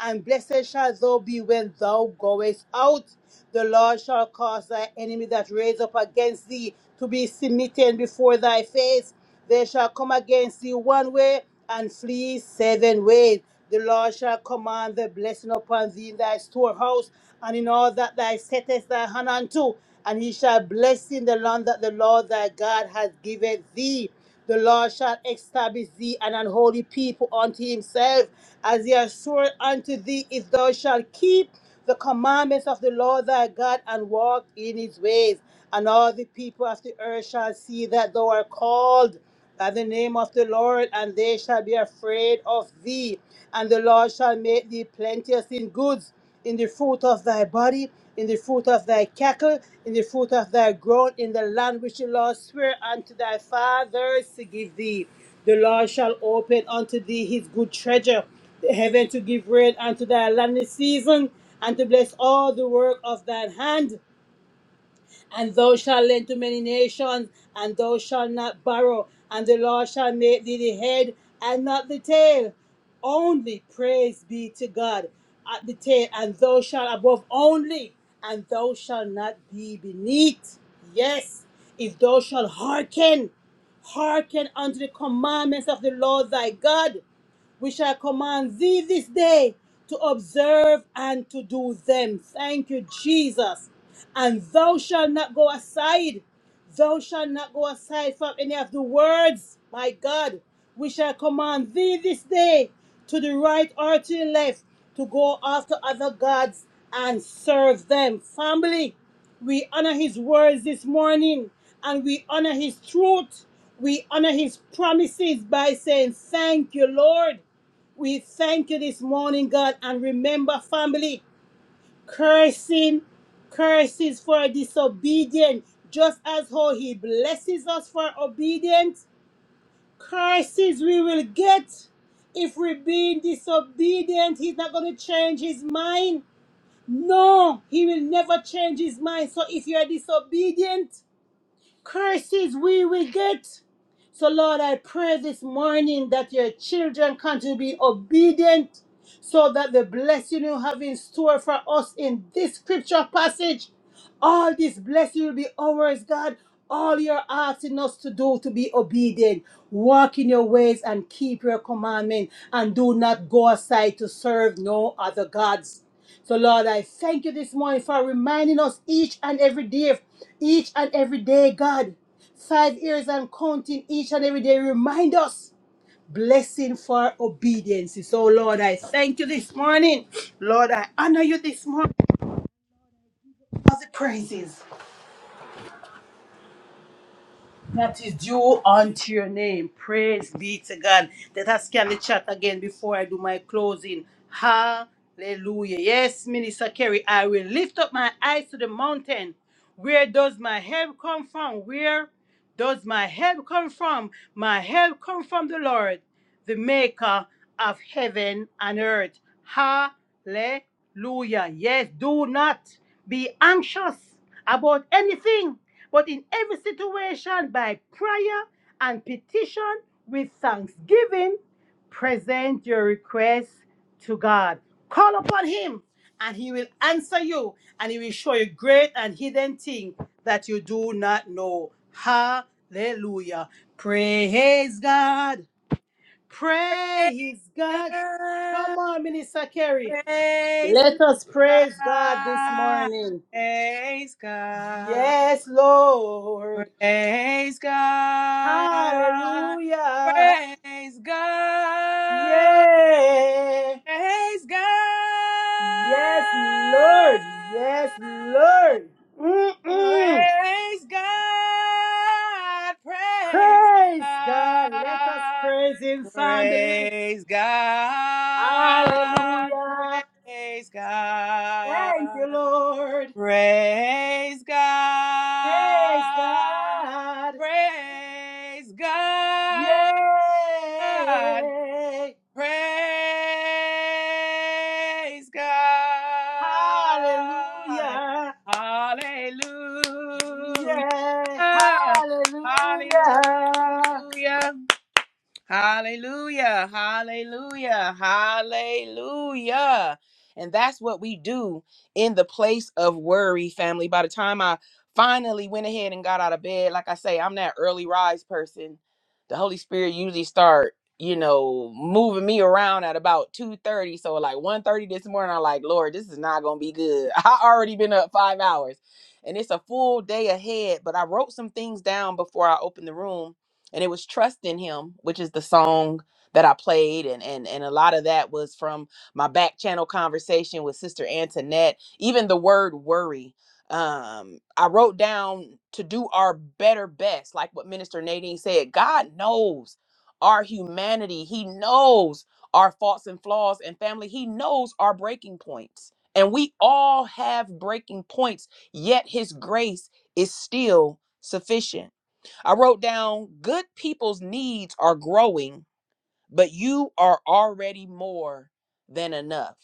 and blessed shall thou be when thou goest out. The Lord shall cause thy enemy that raise up against thee to be smitten before thy face. They shall come against thee one way and flee seven ways. The Lord shall command the blessing upon thee in thy storehouse and in all that thou settest thy hand unto, and he shall bless in the land that the Lord thy God hath given thee. The Lord shall establish thee an unholy people unto himself, as he has sworn unto thee, if thou shalt keep the commandments of the Lord thy God and walk in his ways. And all the people of the earth shall see that thou art called by the name of the Lord, and they shall be afraid of thee. And the Lord shall make thee plenteous in goods, in the fruit of thy body, in the fruit of thy cattle, in the fruit of thy ground, in the land which the Lord sware unto thy fathers to give thee. The Lord shall open unto thee his good treasure, the heaven to give rain unto thy land in season, and to bless all the work of thine hand. And thou shalt lend to many nations, and thou shalt not borrow, and the Lord shall make thee the head and not the tail. Only praise be to God at the tail, and thou shalt above only, and thou shalt not be beneath. Yes, if thou shalt hearken, hearken unto the commandments of the Lord thy God we shall command thee this day to observe and to do them. Thank you, Jesus. And thou shalt not go aside. Thou shalt not go aside from any of the words, my God. We shall command thee this day to the right or to the left to go after other gods and serve them. Family, we honor his words this morning and we honor his truth. We honor his promises by saying, Thank you, Lord. We thank you this morning, God. And remember, family, cursing, curses for disobedience, just as how he blesses us for obedience, curses we will get. If we're being disobedient, he's not going to change his mind. No, he will never change his mind. So if you're disobedient, curses we will get. So, Lord, I pray this morning that your children continue to be obedient so that the blessing you have in store for us in this scripture passage, all this blessing will be ours, God. All you're asking us to do to be obedient, walk in your ways and keep your commandment, and do not go aside to serve no other gods. So, Lord, I thank you this morning for reminding us each and every day, each and every day, God, five years and counting each and every day. Remind us blessing for obedience. So, Lord, I thank you this morning. Lord, I honor you this morning for the praises. that is due unto your name. Praise be to God. Let us scan the chat again before I do my closing. Hallelujah. Yes, Minister Kerry, I will lift up my eyes to the mountain. Where does my help come from? Where does my help come from? My help come from the Lord, the maker of heaven and earth. Hallelujah. Yes, do not be anxious about anything but in every situation, by prayer and petition with thanksgiving, present your request to God. Call upon Him, and He will answer you, and He will show you great and hidden things that you do not know. Hallelujah. Praise God. Praise God. Come on, Minister Kerry. Praise Let us praise God this God. morning. Praise God. Yes, Lord. Praise God. Hallelujah. Praise God. Praise God. Yeah. Praise God. Yes, Lord. Yes, Lord. Mm-mm. Praise God. Praise Praise God. Let us God. praise Him, family. Praise God. Hallelujah. Praise Thank you, God. Lord. Praise Praise God. God. Praise God. Yay! Praise God. Hallelujah! Hallelujah. Yay! Hallelujah! Hallelujah. Hallelujah, hallelujah, hallelujah. And that's what we do in the place of worry, family. By the time I finally went ahead and got out of bed, like I say, I'm that early rise person. The Holy Spirit usually start, you know, moving me around at about 2:30. So like one thirty this morning, I'm like, Lord, this is not gonna be good. I already been up five hours. And it's a full day ahead, but I wrote some things down before I opened the room and it was trust in him which is the song that i played and and and a lot of that was from my back channel conversation with sister antoinette even the word worry um i wrote down to do our better best like what minister nadine said god knows our humanity he knows our faults and flaws and family he knows our breaking points and we all have breaking points yet his grace is still sufficient I wrote down good people's needs are growing, but you are already more than enough.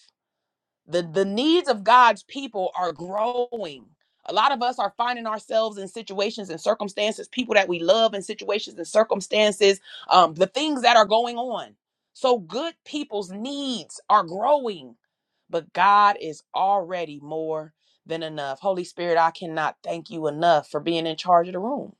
The the needs of God's people are growing. A lot of us are finding ourselves in situations and circumstances, people that we love in situations and circumstances, um, the things that are going on. So good people's needs are growing, but God is already more than enough. Holy Spirit, I cannot thank you enough for being in charge of the room.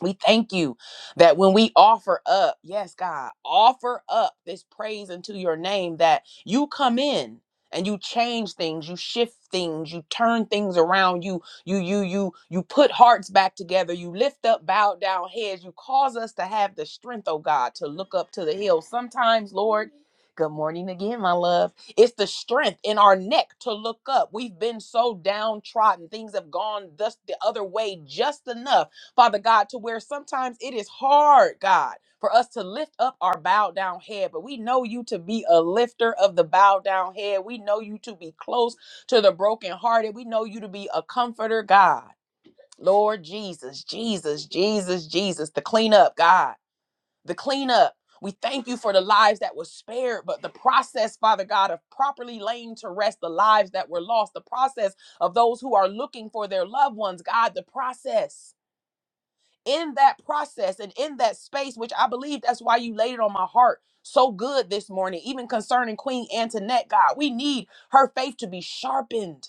We thank you that when we offer up, yes, God, offer up this praise unto your name, that you come in and you change things, you shift things, you turn things around, you you you you you put hearts back together, you lift up bowed down heads, you cause us to have the strength, oh God, to look up to the hill. Sometimes, Lord, good morning again, my love. It's the strength in our neck to look up. We've been so downtrodden. Things have gone thus the other way just enough Father God, to where sometimes it is hard, God, for us to lift up our bowed down head, but we know you to be a lifter of the bowed down head. We know you to be close to the brokenhearted. We know you to be a comforter, God. Lord Jesus, Jesus, Jesus, Jesus, the cleanup, God, the cleanup. We thank you for the lives that were spared, but the process, Father God, of properly laying to rest the lives that were lost, the process of those who are looking for their loved ones, God, the process in that process and in that space, which I believe that's why you laid it on my heart so good this morning, even concerning Queen Antoinette, God, we need her faith to be sharpened.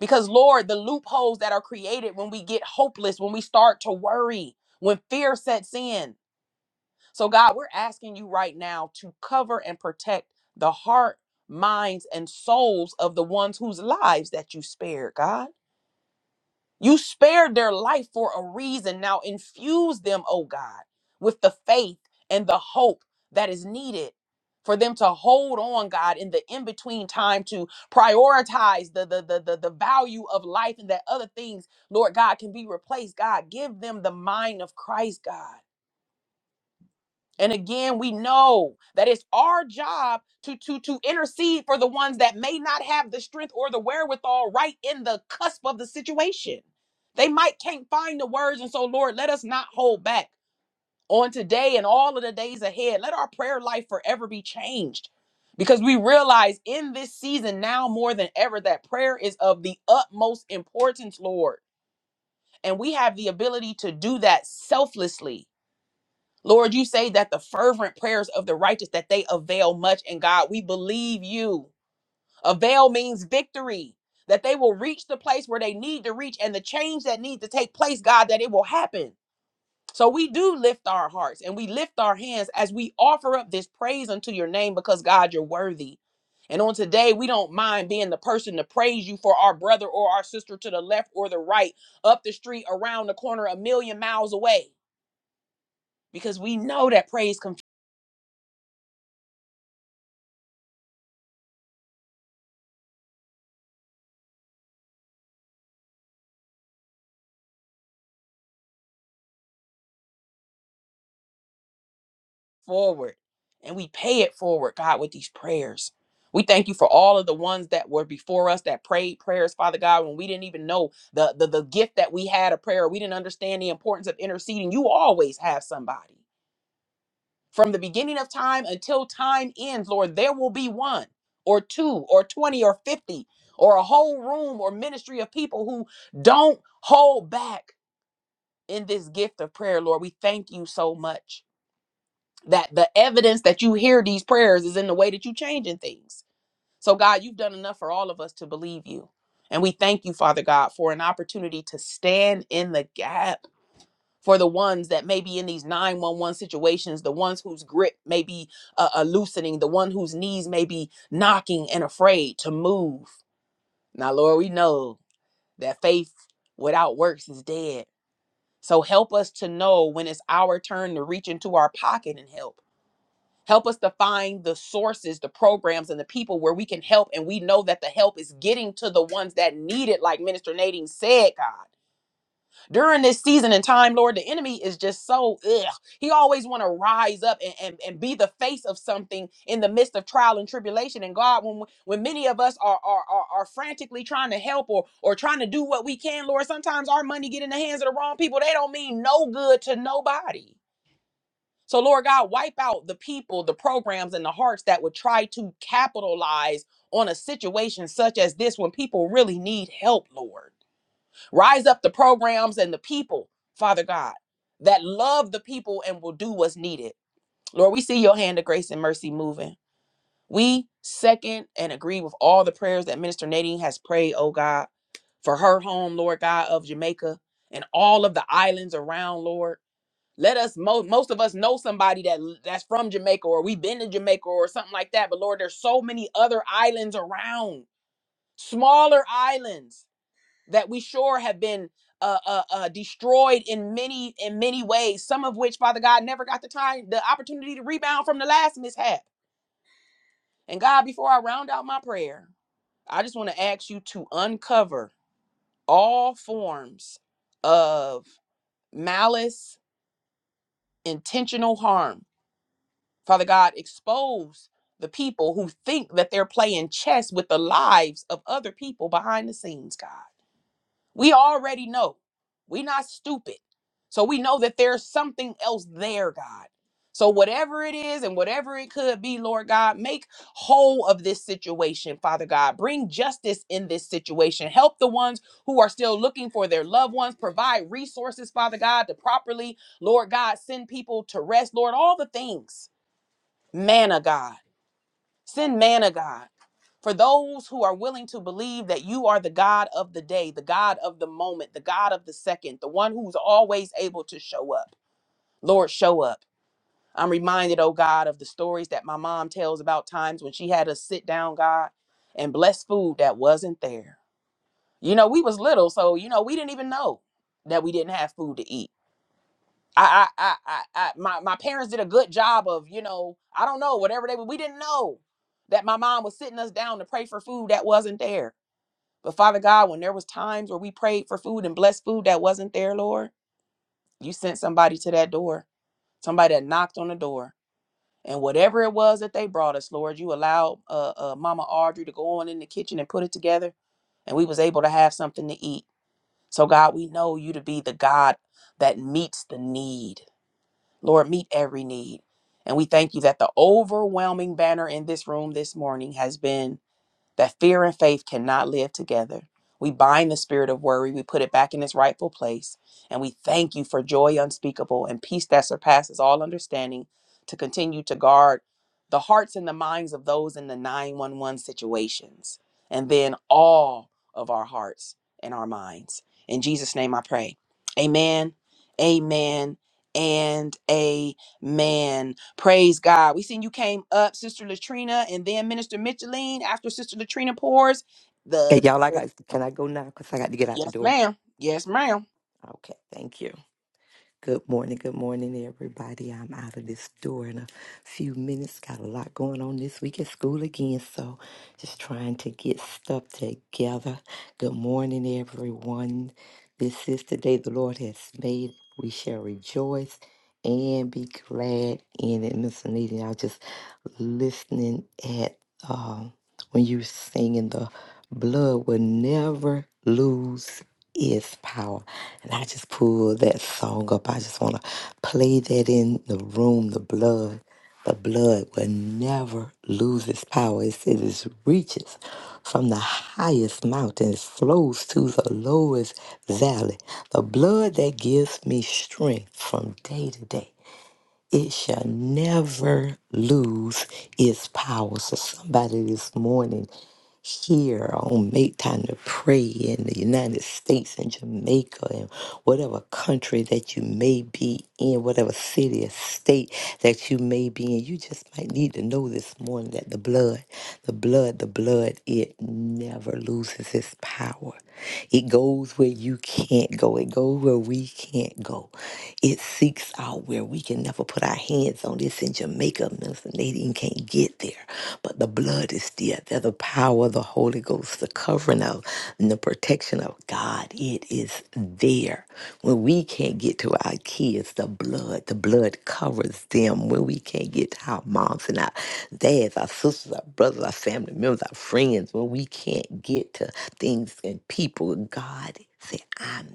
Because, Lord, the loopholes that are created when we get hopeless, when we start to worry, when fear sets in. So, God, we're asking you right now to cover and protect the heart, minds, and souls of the ones whose lives that you spared, God. You spared their life for a reason. Now infuse them, oh God, with the faith and the hope that is needed for them to hold on, God, in the in-between time to prioritize the the the the, the value of life and that other things, Lord God, can be replaced. God, give them the mind of Christ, God. And again, we know that it's our job to, to, to intercede for the ones that may not have the strength or the wherewithal right in the cusp of the situation. They might can't find the words. And so, Lord, let us not hold back on today and all of the days ahead. Let our prayer life forever be changed because we realize in this season now more than ever that prayer is of the utmost importance, Lord. And we have the ability to do that selflessly Lord, you say that the fervent prayers of the righteous that they avail much and God, we believe you. Avail means victory. That they will reach the place where they need to reach and the change that needs to take place, God, that it will happen. So we do lift our hearts and we lift our hands as we offer up this praise unto your name because God, you're worthy. And on today, we don't mind being the person to praise you for our brother or our sister to the left or the right, up the street, around the corner, a million miles away, because we know that praise confuses. forward and we pay it forward, God, with these prayers. We thank you for all of the ones that were before us that prayed prayers, Father God, when we didn't even know the, the, the gift that we had of prayer. We didn't understand the importance of interceding. You always have somebody. From the beginning of time until time ends, Lord, there will be one or two or 20 or 50 or a whole room or ministry of people who don't hold back in this gift of prayer, Lord. We thank you so much that the evidence that you hear these prayers is in the way that you're changing things. So, God, you've done enough for all of us to believe you. And we thank you, Father God, for an opportunity to stand in the gap for the ones that may be in these 911 situations, the ones whose grip may be uh, uh, loosening, the one whose knees may be knocking and afraid to move. Now, Lord, we know that faith without works is dead. So help us to know when it's our turn to reach into our pocket and help Help us to find the sources, the programs, and the people where we can help. And we know that the help is getting to the ones that need it, like Minister Nadine said, God. During this season and time, Lord, the enemy is just so ugh. He always want to rise up and, and, and be the face of something in the midst of trial and tribulation. And God, when when many of us are are, are, are frantically trying to help or or trying to do what we can, Lord, sometimes our money get in the hands of the wrong people. They don't mean no good to nobody. So, Lord God, wipe out the people, the programs, and the hearts that would try to capitalize on a situation such as this when people really need help, Lord. Rise up the programs and the people, Father God, that love the people and will do what's needed. Lord, we see your hand of grace and mercy moving. We second and agree with all the prayers that Minister Nadine has prayed, oh God, for her home, Lord God, of Jamaica and all of the islands around, Lord let us most most of us know somebody that that's from Jamaica or we've been to Jamaica or something like that. But Lord, there's so many other islands around, smaller islands that we sure have been uh, uh, uh, destroyed in many in many ways. Some of which, Father God, never got the time, the opportunity to rebound from the last mishap. And God, before I round out my prayer, I just want to ask you to uncover all forms of malice, intentional harm Father God, expose the people who think that they're playing chess with the lives of other people behind the scenes, God. We already know. We're not stupid. So we know that there's something else there, God. So whatever it is and whatever it could be, Lord God, make whole of this situation, Father God. Bring justice in this situation. Help the ones who are still looking for their loved ones. Provide resources, Father God, to properly, Lord God, send people to rest, Lord, all the things man God. Send man God for those who are willing to believe that you are the God of the day, the God of the moment, the God of the second, the one who's always able to show up. Lord, show up. I'm reminded, oh God, of the stories that my mom tells about times when she had us sit down, God, and bless food that wasn't there. You know, we was little, so you know, we didn't even know that we didn't have food to eat I, I, I, I, I my, my parents did a good job of, you know, I don't know, whatever they were. We didn't know that my mom was sitting us down to pray for food that wasn't there. But Father God, when there was times where we prayed for food and blessed food that wasn't there, Lord, you sent somebody to that door, somebody that knocked on the door. And whatever it was that they brought us, Lord, you allowed uh, uh, Mama Audrey to go on in the kitchen and put it together. And we was able to have something to eat. So God, we know you to be the God that meets the need. Lord, meet every need. And we thank you that the overwhelming banner in this room this morning has been that fear and faith cannot live together. We bind the spirit of worry, we put it back in its rightful place, and we thank you for joy unspeakable and peace that surpasses all understanding to continue to guard the hearts and the minds of those in the 911 situations, and then all of our hearts and our minds. In Jesus' name I pray. Amen, amen, and amen. Praise God. We seen you came up, Sister Latrina, and then Minister Micheline. After Sister Latrina pours, Okay, the, y'all, I the got, can I go now? Because I got to get out the yes, door. ma'am. Yes, ma'am. Okay, thank you. Good morning, good morning, everybody. I'm out of this door in a few minutes. Got a lot going on this week at school again, so just trying to get stuff together. Good morning, everyone. This is the day the Lord has made. We shall rejoice and be glad in it. Miss Anita, I was just listening at um, when you were singing, the blood will never lose is power. And I just pulled that song up. I just want to play that in the room, the blood. The blood will never lose its power. It says it reaches from the highest mountain, it flows to the lowest valley. The blood that gives me strength from day to day it shall never lose its power. So somebody this morning here on Make Time to Pray in the United States and Jamaica and whatever country that you may be in, whatever city or state that you may be in, you just might need to know this morning that the blood, the blood, the blood, it never loses its power. It goes where you can't go. It goes where we can't go. It seeks out where we can never put our hands on. It's in Jamaica. Minister Nadine can't get there. But the blood is there. There's the power of the Holy Ghost, the covering of and the protection of God. It is there. When we can't get to our kids, the blood, the blood covers them. When we can't get to our moms and our dads, our sisters, our brothers, our family members, our friends, when we can't get to things and people, God said, I'm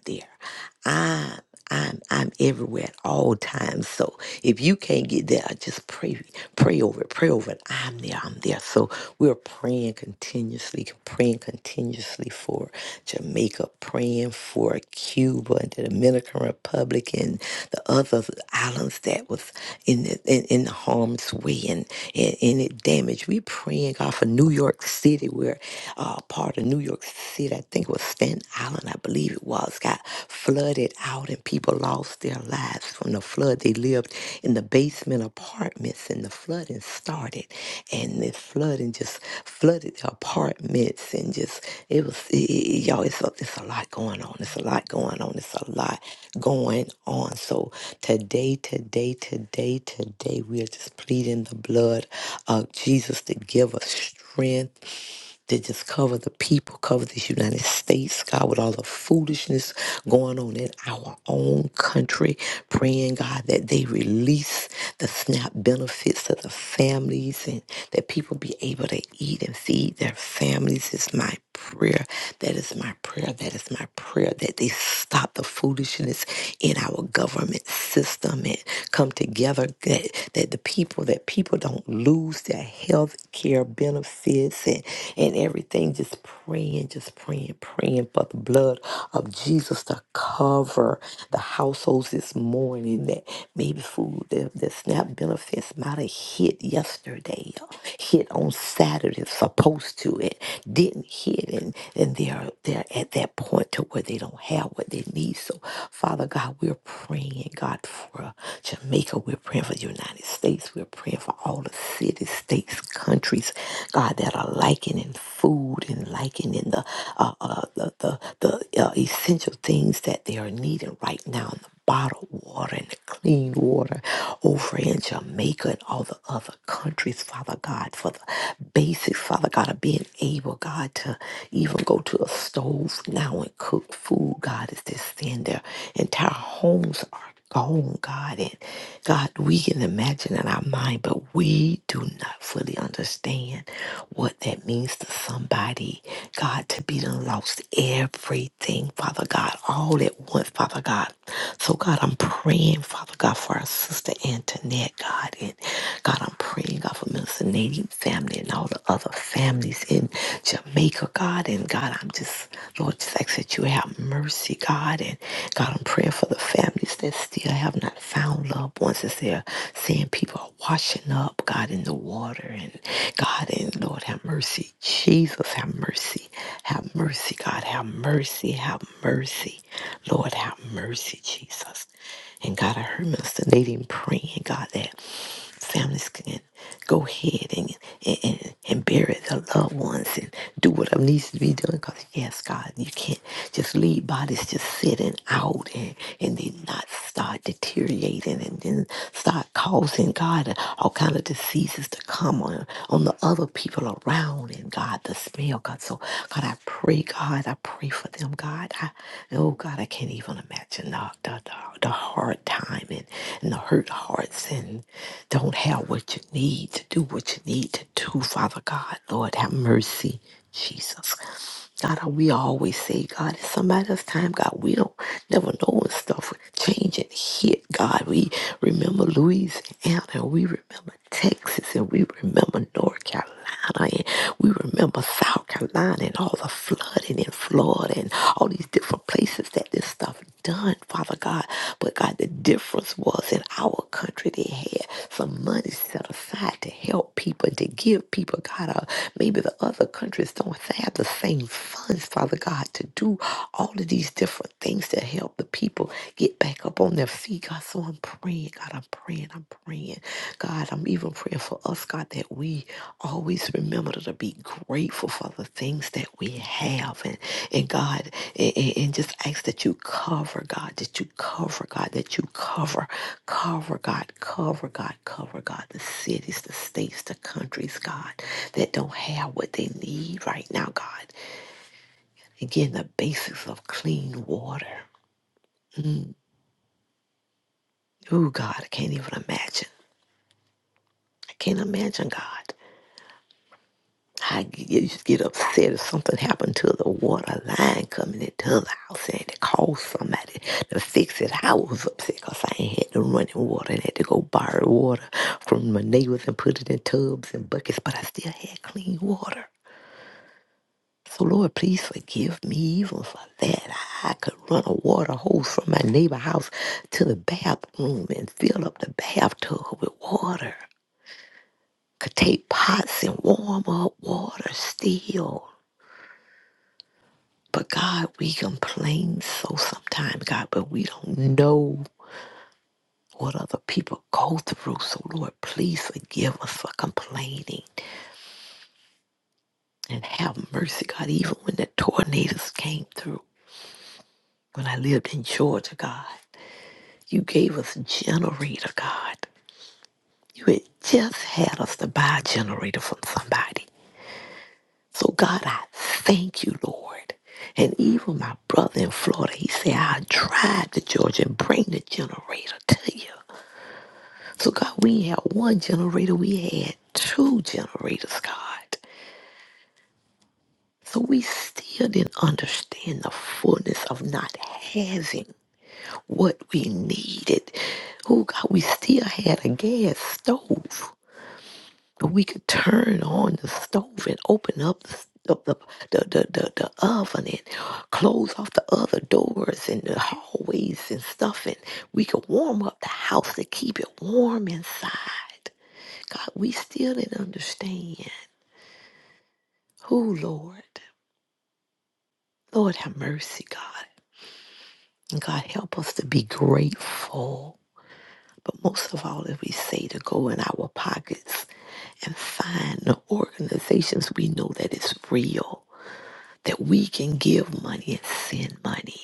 there. I'm I'm everywhere at all times. So if you can't get there, just pray, pray over it, pray over it. I'm there, I'm there. So we're praying continuously, praying continuously for Jamaica, praying for Cuba and the Dominican Republic and the other islands that was in the, in, in the harm's way and, and, and it damaged. We praying God for New York City, where uh, part of New York City, I think it was Staten Island, I believe it was, got flooded out and people lost their lives from the flood. They lived in the basement apartments and the flooding started and the flooding just flooded the apartments and just, it was, it, it- y'all, it's a, it's a lot going on. It's a lot going on. It's a lot going on. So today, today, today, today, we are just pleading the blood of Jesus to give us strength to just cover the people, cover this United States, God, with all the foolishness going on in our own country. Praying, God, that they release the SNAP benefits to the families and that people be able to eat and feed their families is my prayer. That is my prayer. That is my prayer that they stop the foolishness in our government system and come together that, that the people that people don't lose their health care benefits and, and everything. Just praying, just praying, praying for the blood of Jesus to cover the households this morning that maybe food the, the SNAP benefits might have hit yesterday, hit on on Saturday, supposed to, and didn't hit, and, and they're they're at that point to where they don't have what they need. So, Father God, we're praying, God, for uh, Jamaica. We're praying for the United States. We're praying for all the cities, states, countries, God, that are lacking in food and lacking in the uh, uh, the the, the uh, essential things that they are needing right now. the bottled water and the clean water over in Jamaica. Jamaica and all the other countries, Father God, for the basics, Father God, of being able, God, to even go to a stove now and cook food, God, is just stand there. Entire homes are gone, God. And God, we can imagine in our mind, but we do not fully understand what that means to somebody, God, to be done lost everything, Father God, all at once, Father God. So, God, I'm praying praying, Father God, for our sister Antoinette, God. And God, I'm praying, God, for Minister Nadine family and all the other families in Jamaica, God. And God, I'm just, Lord, just ask that you have mercy, God. And God, I'm praying for the families that still have not found loved ones as they're seeing people are washing up, God, in the water. And God, and Lord, have mercy. Jesus, have mercy. Have mercy, God. Have mercy. Have mercy mercy. Lord, have mercy, Jesus. And God, I heard Minister Nadine praying, God, that families can go ahead and, and, and, and bury their loved ones and do what needs to be done. Because, yes, God, you can't just leave bodies just sitting out and, and they not start deteriorating and then start causing, God, all kind of diseases to come on, on the other people around and, God, the smell, God. So God, I pray, God, I pray for them, God. I, oh, God, I can't even imagine the, the, the, the hard time and, and the hurt hearts and don't have what you need to do what you need to do, Father God. Lord, have mercy, Jesus. God, uh, we always say, God, it's somebody else's time. God, we don't never know when stuff would change and hit. God, we remember Louisiana, and we remember Texas, and we remember North Carolina, and we remember South Carolina, and all the flooding in Florida, and all these different places that this stuff done like, Father God. But God, the difference was in our country, they had some money set aside to help people and to give people, God. Uh, maybe the other countries don't have the same funds, Father God, to do all of these different things to help the people get back up on their feet, God. So I'm praying, God, I'm praying, I'm praying. God, I'm even praying for us, God, that we always remember to be grateful for the things that we have. And, and God, and, and- and just ask that you cover God, that you cover God, that you cover, cover God, cover God, cover God, the cities, the states, the countries, God, that don't have what they need right now, God. Again, the basics of clean water. Mm. Oh, God, I can't even imagine. I can't imagine, God. I get, you just get upset if something happened to the water line coming into the house and it called somebody to fix it. I was upset because I ain't had no running water and had to go borrow water from my neighbors and put it in tubs and buckets, but I still had clean water. So Lord, please forgive me even for that. I could run a water hose from my neighbor house to the bathroom and fill up the bathtub with water. Could take pots and warm up water still. But God, we complain so sometimes, God, but we don't know what other people go through. So, Lord, please forgive us for complaining and have mercy, God, even when the tornadoes came through. When I lived in Georgia, God, you gave us a generator, God. You had just had us to buy a generator from somebody. So, God, I thank you, Lord. And even my brother in Florida, he said, I'll drive to Georgia and bring the generator to you. So, God, we had one generator, we had two generators, God. So, we still didn't understand the fullness of not having what we needed. Oh, God, we still had a gas stove but we could turn on the stove and open up the the, the, the, the, the the oven and close off the other doors and the hallways and stuff and we could warm up the house to keep it warm inside God, we still didn't understand who, Lord. Lord, have mercy, God. And God, help us to be grateful. But most of all, if we say to go in our pockets and find the organizations we know that is real, that we can give money and send money.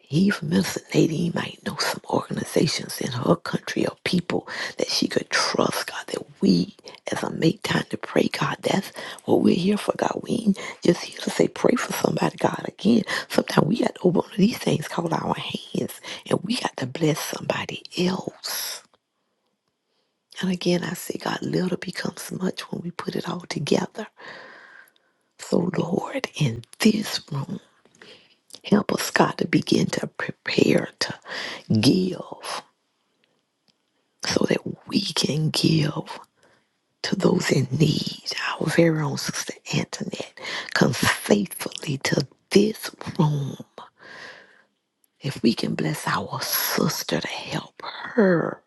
He from Minister Nadine might know some organizations in her country or people that she could trust, God, that we as I make time to pray, God, that's what we're here for, God. We ain't just here to say pray for somebody, God. Again, sometimes we got to open one of these things called our hands and we got to bless somebody else. And again, I say, God, little becomes much when we put it all together. So, Lord, in this room, help us, God, to begin to prepare to give. so that we can give to those in need. Our very own Sister Antoinette comes faithfully to this room. If we can bless our sister to help her.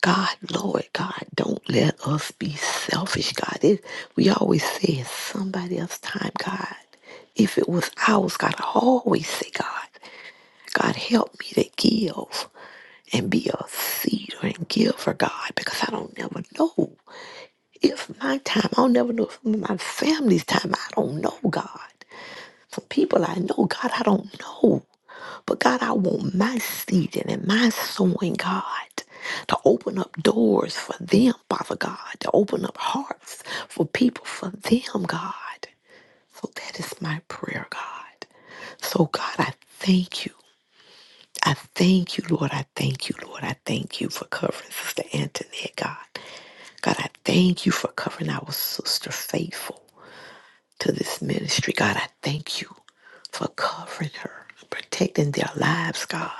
God, Lord, God, don't let us be selfish, God. It, we always say it's somebody else's time, God. If it was ours, God, I always say, God, God, help me to give and be a seeder and giver, God, because I don't never know. If my time, I'll never know if my family's time, I don't know, God. From people I know, God, I don't know. But God, I want my seeding and my sowing, God, to open up doors for them, Father God, to open up hearts for people, for them, God. So that is my prayer, God. So, God, I thank you. I thank you, Lord. I thank you, Lord. I thank you for covering Sister Antoinette, God. God, I thank you for covering our sister faithful. to this ministry. God, I thank you for covering her, protecting their lives, God.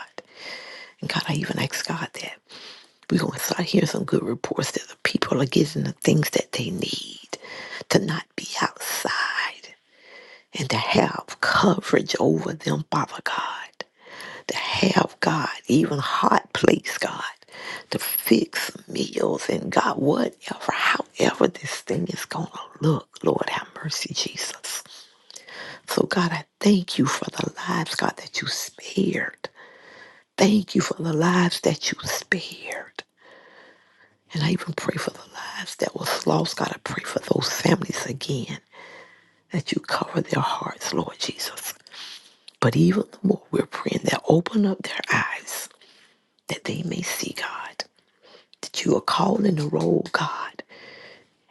And God, I even ask God that we're going to start hearing some good reports that the people are getting the things that they need to not be outside and to have coverage over them, Father God. To have God, even hot place, God, to fix meals and God, whatever, however this thing is going to look, Lord, have mercy, Jesus. So, God, I thank you for the lives, God, that you spared. Thank you for the lives that you spared. And I even pray for the lives that was lost. God, I pray for those families again, that you cover their hearts, Lord Jesus. But even the more we're praying that open up their eyes, that they may see, God, that you are calling the roll, God,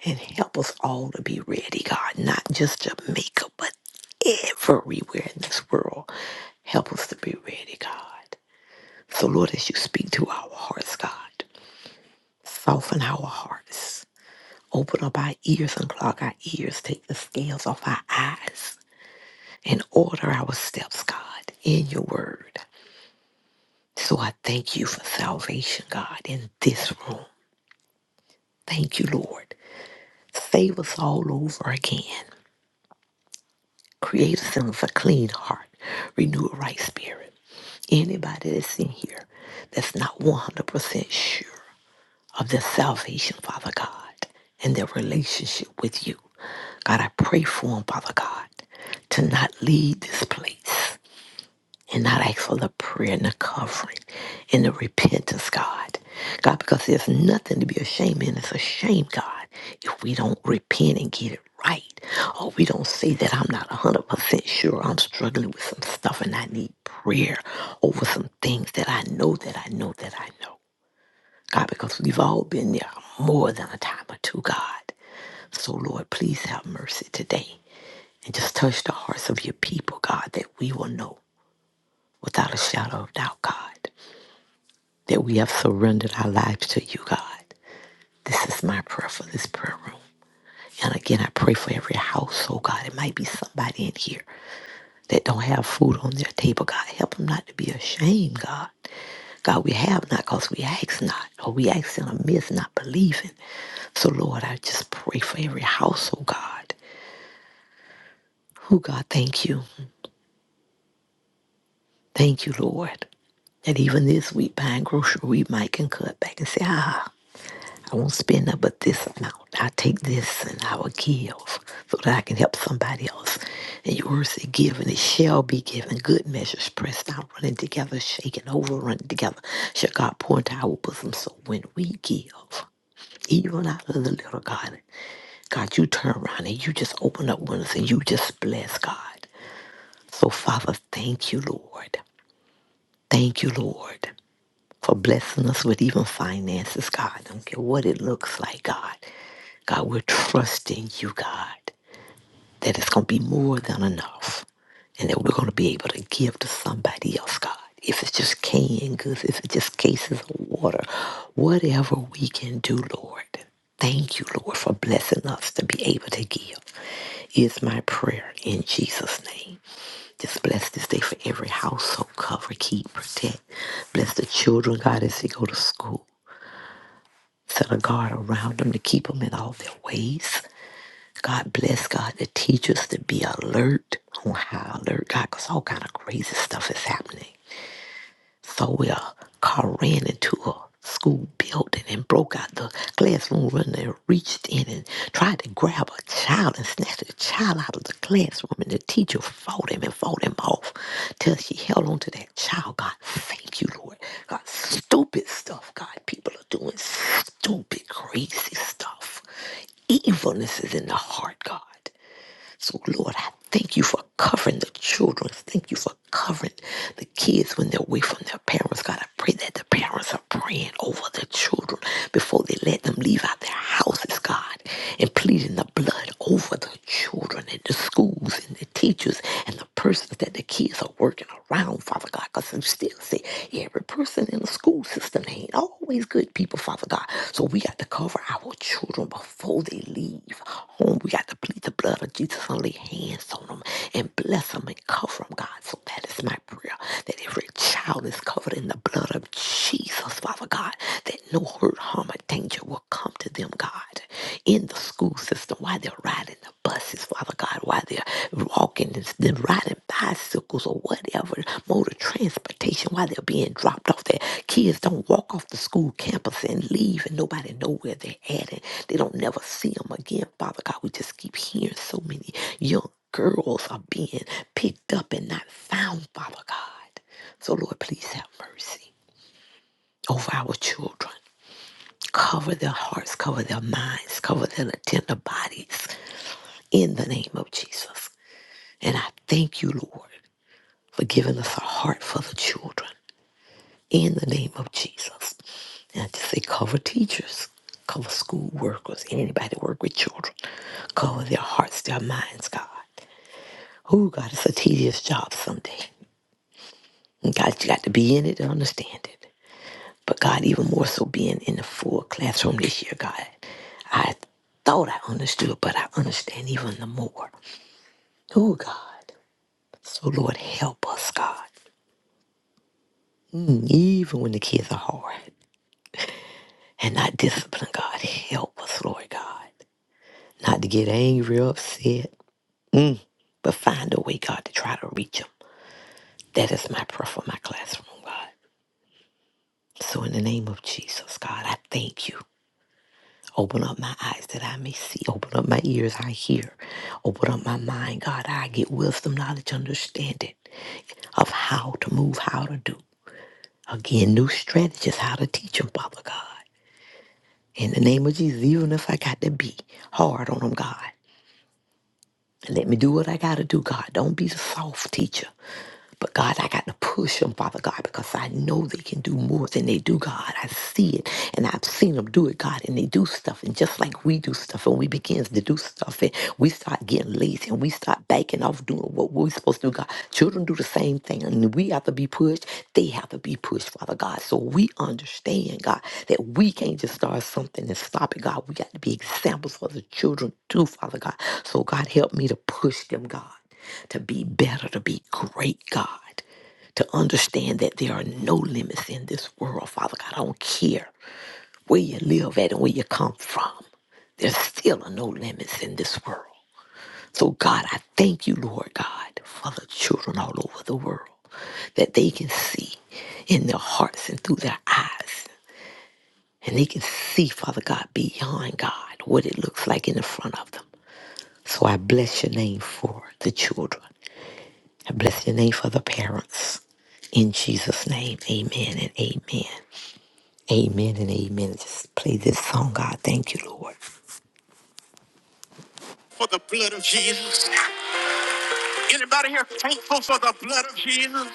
and help us all to be ready, God, not just Jamaica, but everywhere in this world. Help us to be ready, God. So, Lord, as you speak to our hearts, God, soften our hearts. Open up our ears unclog our ears. Take the scales off our eyes and order our steps, God, in your word. So I thank you for salvation, God, in this room. Thank you, Lord. Save us all over again. Create us in us a clean heart. Renew a right spirit. Anybody that's in here that's not 100% sure of their salvation, Father God, and their relationship with you. God, I pray for them, Father God, to not leave this place and not ask for the prayer and the covering and the repentance, God. God, because there's nothing to be ashamed in. It's a shame, God, if we don't repent and get it right. Or we don't say that I'm not 100% sure I'm struggling with some stuff and I need prayer over some things that I know that I know that I know. God, because we've all been there more than a time or two, God. So, Lord, please have mercy today and just touch the hearts of your people, God, that we will know without a shadow of doubt, God, that we have surrendered our lives to you, God. This is my prayer for this prayer room. And again, I pray for every household, God. It might be somebody in here that don't have food on their table. God, help them not to be ashamed, God. God, we have not because we ask not, or we ask in a midst not believing. So, Lord, I just pray for every household, God. Oh, God, thank you. Thank you, Lord. And even this week, buying grocery, we might can cut back and say, ah. won't spend up, but this amount. I take this and I will give so that I can help somebody else. And your word said, give and it shall be given. Good measures pressed down, running together, shaken over, running together. Shall God pour into our bosom? So when we give, even out of the little God, God, you turn around and you just open up windows and you just bless God. So Father, thank you, Lord. Thank you, Lord for blessing us with even finances, God. I don't care what it looks like, God. God, we're trusting you, God, that it's going to be more than enough and that we're going to be able to give to somebody else, God. If it's just canned goods, if it's just cases of water, whatever we can do, Lord. Thank you, Lord, for blessing us to be able to give is my prayer in Jesus' name. Just bless this day for every household. Cover, keep, protect. Bless the children, God, as they go to school. Set a guard around them to keep them in all their ways. God bless God the teachers to be alert on high alert, God, because all kind of crazy stuff is happening. So we uh, car ran into a school building and broke out the classroom window and reached in and tried to grab a child and snatch the child out of the classroom. And the teacher fought him and fought him off till she held on to that child. God, thank you, Lord. God, stupid stuff. God, people are doing stupid, crazy stuff. Evilness is in the heart, God. So, Lord, I thank you for covering the children. Thank you for covering the kids when they're away from their parents. God, I pray that the parents are praying over the children before they let them leave out their houses, God, and pleading the blood over the children and the schools and the teachers and the persons that the kids are working around, Father God, because you still say every person in the school school system. They ain't always good people, Father God. So we got to cover our children before they leave home. We got to plead the blood of Jesus and lay hands on them and bless them and cover them, God. So that is my prayer that every child is covered in the blood of Jesus, Father God, that no hurt, harm, or danger will come to them, God, in the school system while they're riding the bus Says Father God, while they're walking and then riding bicycles or whatever mode of transportation, while they're being dropped off, their kids don't walk off the school campus and leave, and nobody know where they're at, and they don't never see them again. Father God, we just keep hearing so many young girls are being picked up and not found, Father God. So Lord, please have mercy over our children. Cover their hearts, cover their minds, cover their tender bodies in the name of Jesus. And I thank you, Lord, for giving us a heart for the children in the name of Jesus. And I just say, cover teachers, cover school workers, anybody that work with children. Cover their hearts, their minds, God. Oh, God, it's a tedious job someday. And God, you got to be in it to understand it. But God, even more so being in the full classroom this year, God, I thought I understood, but I understand even the more. Oh, God. So, Lord, help us, God. Even when the kids are hard. and not discipline, God. Help us, Lord God, not to get angry or upset, but find a way, God, to try to reach them. That is my prayer for my classroom, God. So in the name of Jesus, God, I thank you. Open up my eyes that I may see. Open up my ears, I hear. Open up my mind, God, I get wisdom, knowledge, understanding of how to move, how to do. Again, new strategies, how to teach them, Father God. In the name of Jesus, even if I got to be hard on them, God, Let me do what I got to do, God. Don't be soft, teacher. But God, I got to push them, Father God, because I know they can do more than they do, God. I see it and I've seen them do it, God, and they do stuff. And just like we do stuff and we begin to do stuff and we start getting lazy and we start backing off doing what we're supposed to do, God. Children do the same thing and we have to be pushed. They have to be pushed, Father God. So we understand, God, that we can't just start something and stop it, God. We got to be examples for the children too, Father God. So God, help me to push them, God to be better, to be great, God, to understand that there are no limits in this world, Father God. I don't care where you live at and where you come from, there still are no limits in this world. So, God, I thank you, Lord God, for the children all over the world that they can see in their hearts and through their eyes. And they can see, Father God, beyond God, what it looks like in the front of them. So I bless your name for the children. Bless your name for the parents. In Jesus' name, amen and amen. Amen and amen. Just play this song, God. Thank you, Lord. For the blood of Jesus. Anybody here thankful for the blood of Jesus?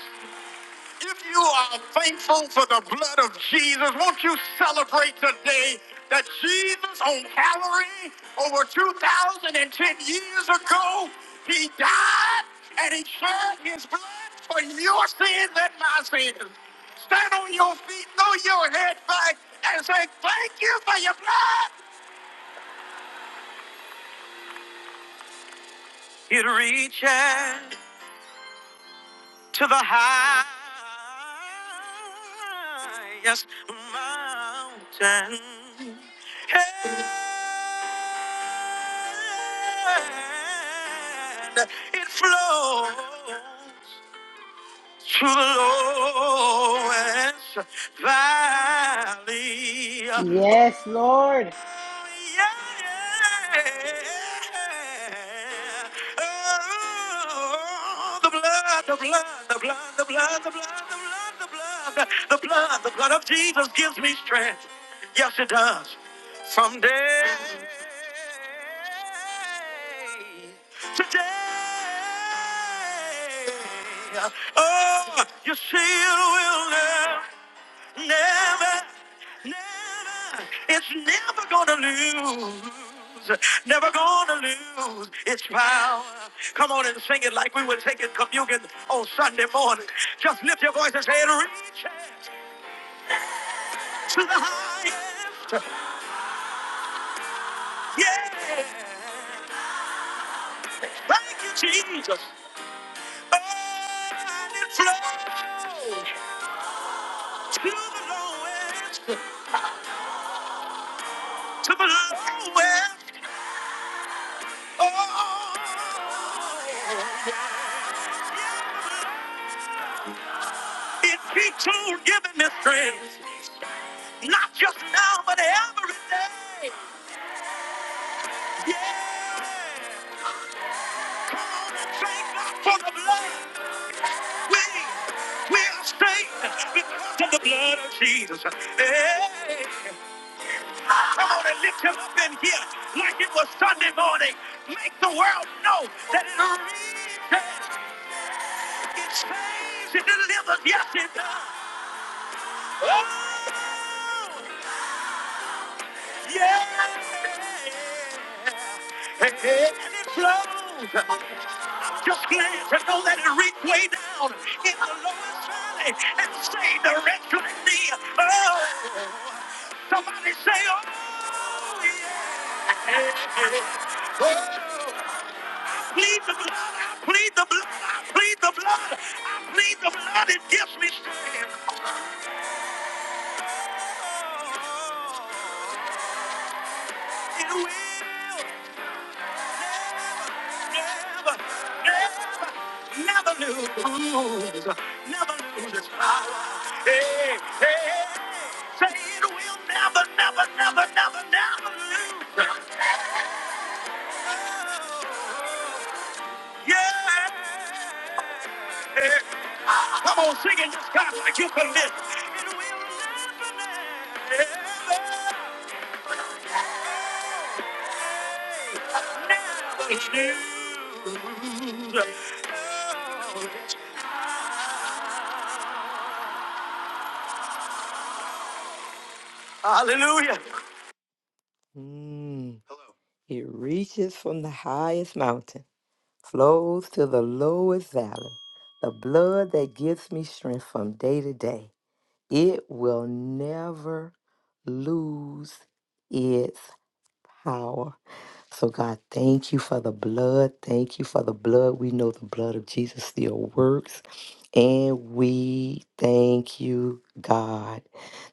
If you are thankful for the blood of Jesus, won't you celebrate today that Jesus on Calvary over 2,010 years ago, he died and he shed his blood for your sins and my sins. Stand on your feet, throw your head back, and say, thank you for your blood. It reaches. to the highest mountain. And it flows to the lowest valley. Oh, Yes, Lord, yeah. yeah. Oh, the blood, the blood, the blood, the blood, the blood, the blood, the blood, the blood, the blood of Jesus gives me strength. Yes, it does. From Someday today. Oh, you see, it will never, never, never. It's never gonna lose. Never gonna lose its power. Come on and sing it like we were taking communion on Sunday morning. Just lift your voice and say it. Reach to the highest. Yeah. Thank you, Jesus. To the lowest, oh, it keeps on giving me strength, not just now, but every day. Yeah, come on and thank God for the blood. We, we are saved because of the blood of Jesus. Hey. Come on and lift him up in here like it was Sunday morning. Make the world know that it reaches, it saves, it delivers. Yes, it does. Oh, yeah. And it flows. I'm just glad to know that it reached way down in the lowest valley and saved the wretch like me. Oh, somebody say, oh, yeah. Oh, plead the blood. I plead the blood. I plead the blood. I plead the blood. It gives me strength. Oh, it will never, never, never lose, never lose its power. Hey, hey. hey. Say it will never, never, never, never, never lose. Yeah. Hey, Come on, sing it just kind of like you commit. It will never, never. It's new. Hallelujah. Mm. Hello. It reaches from the highest mountain, flows to the lowest valley. The blood that gives me strength from day to day. It will never lose its power. So, God, thank you for the blood. Thank you for the blood. We know the blood of Jesus still works. And we thank you, God.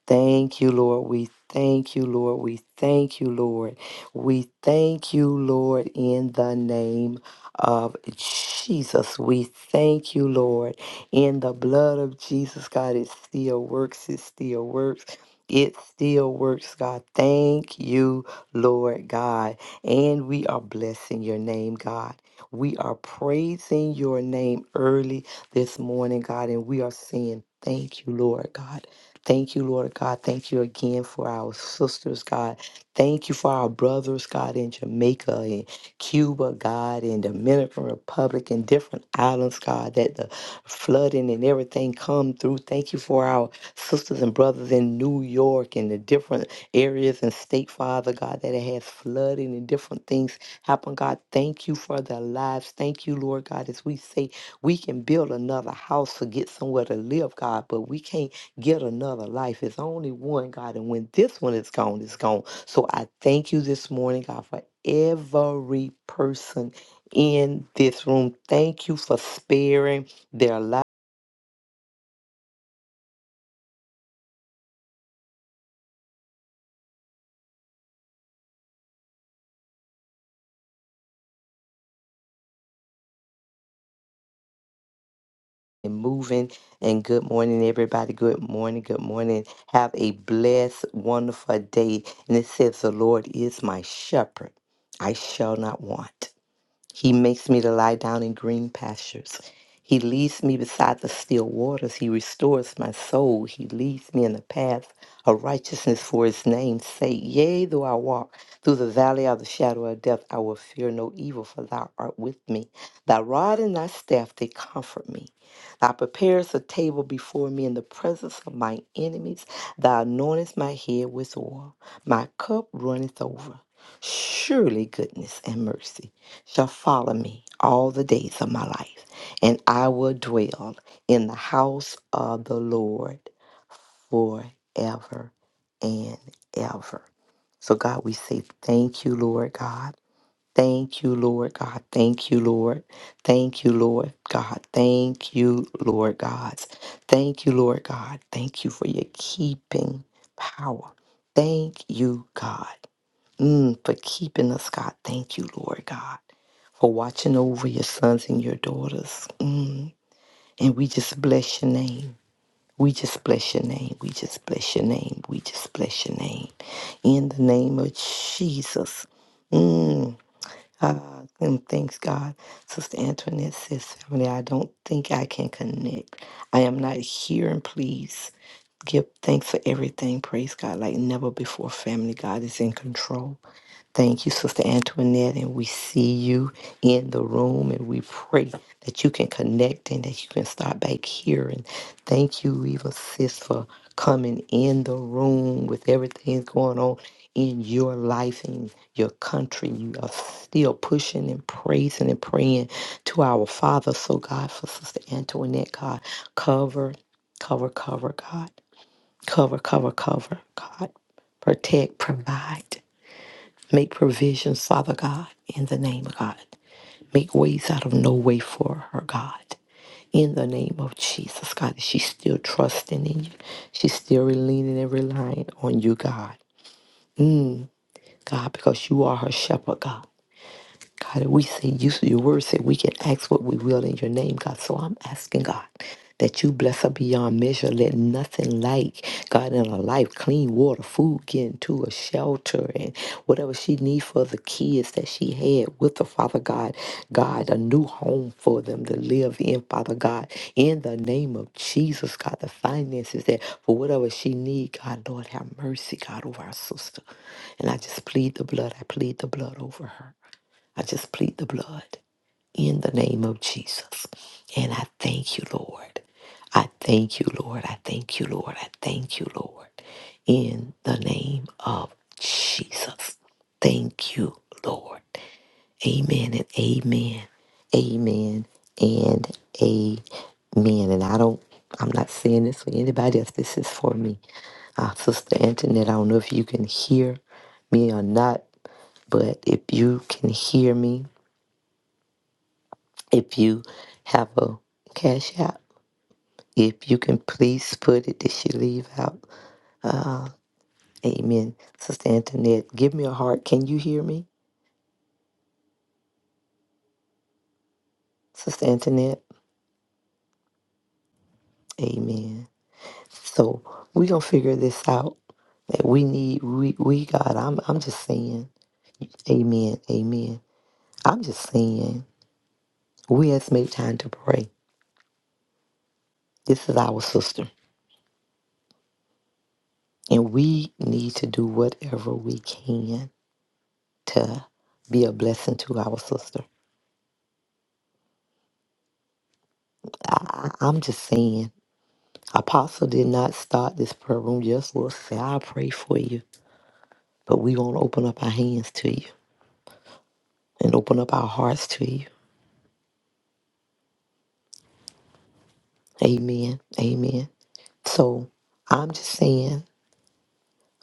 Thank you, Lord. We thank you, Lord. We thank you, Lord. We thank you, Lord, in the name of Jesus. We thank you, Lord. In the blood of Jesus, God, it still works. It still works. It still works, God. Thank you, Lord God. And we are blessing your name, God. We are praising your name early this morning, God, and we are saying, Thank you, Lord God. Thank you, Lord God. Thank you again for our sisters, God. Thank you for our brothers, God, in Jamaica Cuba, God, and Dominican Republic and different islands, God, that the flooding and everything come through. Thank you for our sisters and brothers in New York and the different areas and state, Father God, that it has flooding and different things happen. God, thank you for their lives. Thank you, Lord God, as we say we can build another house to get somewhere to live, God, but we can't get another life. It's only one, God. And when this one is gone, it's gone. So I thank you this morning, God, for every person in this room. Thank you for sparing their life and moving. And good morning, everybody. Good morning. Good morning. Have a blessed, wonderful day. And it says, The Lord is my shepherd. I shall not want. He makes me to lie down in green pastures. He leads me beside the still waters. He restores my soul. He leads me in the path of righteousness for his name's sake. Yea, though I walk through the valley of the shadow of death, I will fear no evil, for thou art with me. Thy rod and thy staff, they comfort me. Thou preparest a table before me in the presence of my enemies. Thou anointest my head with oil. My cup runneth over. Surely goodness and mercy shall follow me all the days of my life, and I will dwell in the house of the Lord forever and ever. So, God, we say thank you, Lord God. Thank you, Lord God. Thank you, Lord. Thank you, Lord God. Thank you, Lord God. Thank you, Lord God. Thank you for your keeping power. Thank you, God, mm, for keeping us, God. Thank you, Lord God for watching over your sons and your daughters. Mm. And we just bless your name. We just bless your name. We just bless your name. We just bless your name. In the name of Jesus. Mm. Ah, and thanks God. Sister Antoinette says, family, I don't think I can connect. I am not here and please give thanks for everything. Praise God like never before. Family, God is in control. Thank you, Sister Antoinette, and we see you in the room, and we pray that you can connect and that you can start back here. And thank you, Leva Sis, for coming in the room with everything that's going on in your life and your country. You are still pushing and praising and praying to our Father. So, God, for Sister Antoinette, God, cover, cover, cover, God, cover, cover, cover, God, protect, provide. Make provisions, Father God, in the name of God. Make ways out of no way for her, God. In the name of Jesus, God, that she's still trusting in you. She's still leaning and relying on you, God. God, because you are her shepherd, God. God, we say you, your word said we can ask what we will in your name, God. So I'm asking God that you bless her beyond measure. Let nothing like God in her life, clean water, food getting to a shelter and whatever she needs for the kids that she had with the Father God, God, a new home for them to live in, Father God, in the name of Jesus, God, the finances that for whatever she need, God, Lord, have mercy, God, over our sister. And I just plead the blood. I plead the blood over her. I just plead the blood in the name of Jesus. And I thank you, Lord. I thank you, Lord. I thank you, Lord. I thank you, Lord. In the name of Jesus. Thank you, Lord. Amen and amen. Amen and amen. And I don't, I'm not saying this for anybody else. This is for me. Uh, Sister Antoinette, I don't know if you can hear me or not, but if you can hear me, if you have a cash app, if you can please put it, did she leave out? Uh, amen. Sister Antoinette, give me a heart. Can you hear me? Sister Antoinette, amen. So we going to figure this out. That we need, we, we God, I'm, I'm just saying, amen, amen. I'm just saying, we has made time to pray. This is our sister. And we need to do whatever we can to be a blessing to our sister. I, I- I'm just saying, Apostle did not start this prayer room. Yes, Lord said, I'll pray for you. But we going to open up our hands to you and open up our hearts to you. Amen. Amen. So I'm just saying,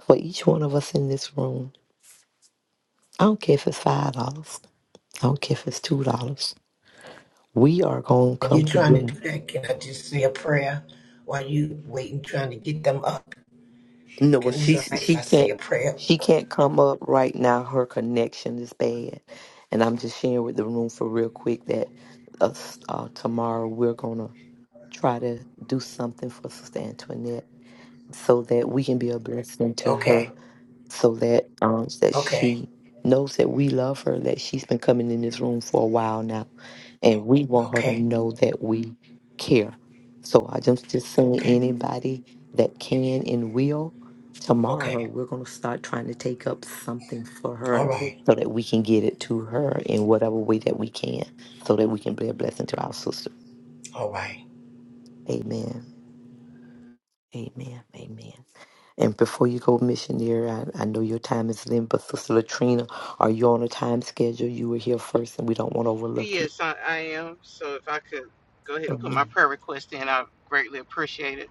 for each one of us in this room, I don't care if it's $5, I don't care if it's $2, we are going to While come you're trying to to do that, can I just say a prayer while you waiting, trying to get them up? No, well, Can it's she all right if she I say can't a prayer? she can't come up right now. Her connection is bad, and I'm just sharing with the room for real quick that uh, s- uh, tomorrow we're gonna try to do something for Sister Antoinette so that we can be a blessing to Okay, her so that um that okay, she knows that we love her that she's been coming in this room for a while now and we want her to okay, know that we care so i just just saying okay, anybody that can and will tomorrow okay. we're going to start trying to take up something for All her so right, that we can get it to her in whatever way that we can so that we can be a blessing to our sister all right. amen amen amen And before you go, missionary, I, I know your time is limited, but Sister Latrina, are you on a time schedule? You were here first, and we don't want to overlook you. Yes, I, I am. So if I could go ahead and put my Amen. prayer request in, I greatly appreciate it.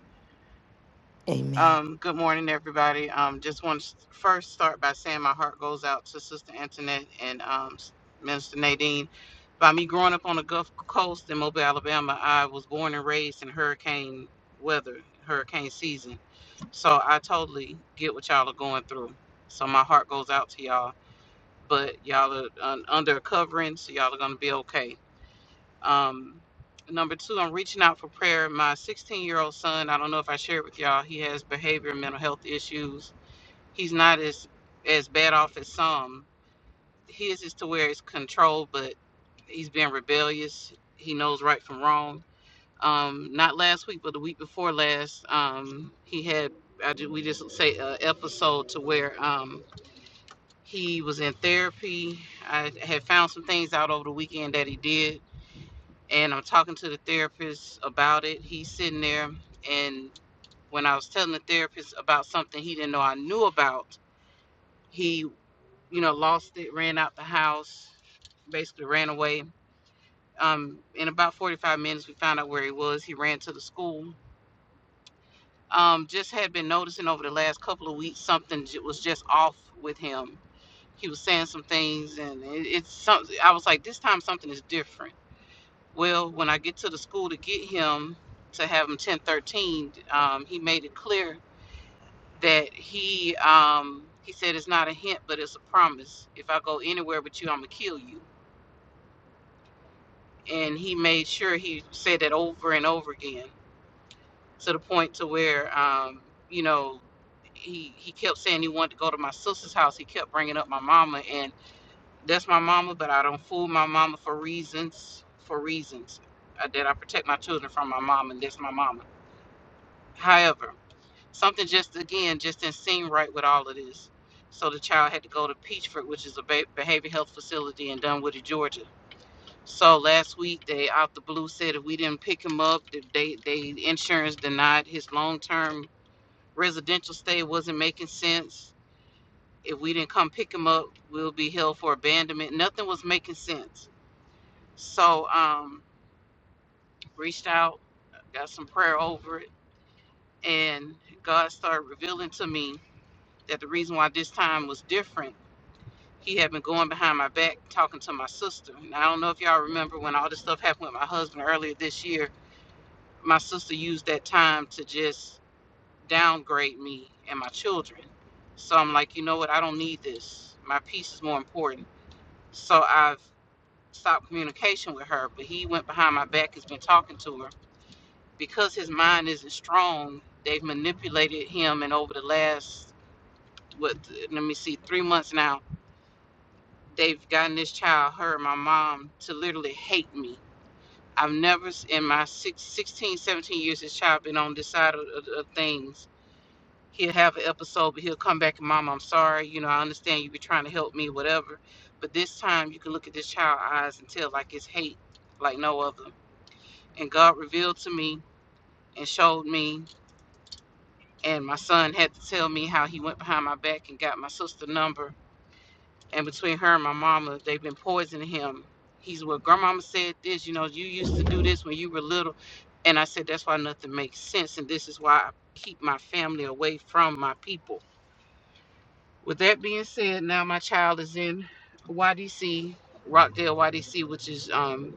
Amen. Um, good morning, everybody. Um, just want to first start by saying my heart goes out to Sister Antoinette and um, Minister Nadine. By me growing up on the Gulf Coast in Mobile, Alabama, I was born and raised in hurricane weather, hurricane season. So I totally get what y'all are going through. So my heart goes out to y'all. But y'all are un- under a covering, so y'all are gonna be okay um, number two, I'm reaching out for prayer. My 16 year old son, I don't know if I shared with y'all, he has behavior and mental health issues. He's not as as bad off as some. His is to where it's controlled, but he's being rebellious. He knows right from wrong. Um, not last week, but the week before last, um, he had I ju- we just say a episode to where um, he was in therapy. I had found some things out over the weekend that he did and I'm talking to the therapist about it. He's sitting there, and when I was telling the therapist about something he didn't know I knew about, he, you know, lost it, ran out the house, basically ran away. Um, in about 45 minutes, we found out where he was. He ran to the school. Um, just had been noticing over the last couple of weeks something j- was just off with him. He was saying some things, and it, it's something. I was like, this time something is different Well, when I get to the school to get him to have him 1013, um, he made it clear that he um, he said it's not a hint, but it's a promise. If I go anywhere with you, I'm gonna kill you. And he made sure he said that over and over again to the point to where um, you know he he kept saying he wanted to go to my sister's house. He kept bringing up my mama, and that's my mama, but I don't fool my mama for reasons for reasons uh, that I protect my children from my mom, and that's my mama However, something just again just didn't seem right with all of this. So the child had to go to Peachford, which is a ba- behavior health facility in Dunwoody, Georgia. So last week they out the blue said if we didn't pick him up, they they insurance denied his long term residential stay wasn't making sense. If we didn't come pick him up, we'll be held for abandonment. Nothing was making sense. So um reached out, got some prayer over it, and God started revealing to me that the reason why this time was different, he had been going behind my back talking to my sister. And I don't know if y'all remember when all this stuff happened with my husband earlier this year, my sister used that time to just downgrade me and my children. So I'm like, you know what? I don't need this. My peace is more important. So I've stopped communication with her, but he went behind my back, has been talking to her. Because his mind isn't strong, they've manipulated him. And over the last, what, let me see, three months now, they've gotten this child, her, and my mom, to literally hate me. I've never, in my six, sixteen, seventeen years, this child been on this side of, of, of things. He'll have an episode, but he'll come back and, Mom, I'm sorry. You know, I understand you be trying to help me, whatever. But this time, you can look at this child's eyes and tell, like, it's hate, like no other. And God revealed to me and showed me. And my son had to tell me how he went behind my back and got my sister's number and between her and my mama, they've been poisoning him. He's what grandmama said this, you know, you used to do this when you were little. And I said, that's why nothing makes sense. And this is why I keep my family away from my people. With that being said, now my child is in YDC, Rockdale YDC, which is um,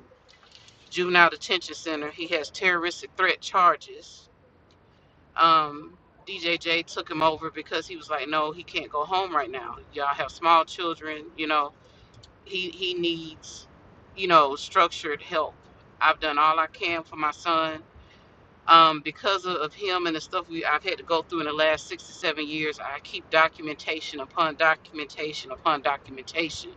Juvenile Detention Center. He has terroristic threat charges. Um, DJJ took him over because he was like, no, he can't go home right now. Y'all have small children, you know he he needs you know structured help i've done all i can for my son um, because of, of him and the stuff we i've had to go through in the last six to seven years i keep documentation upon documentation upon documentation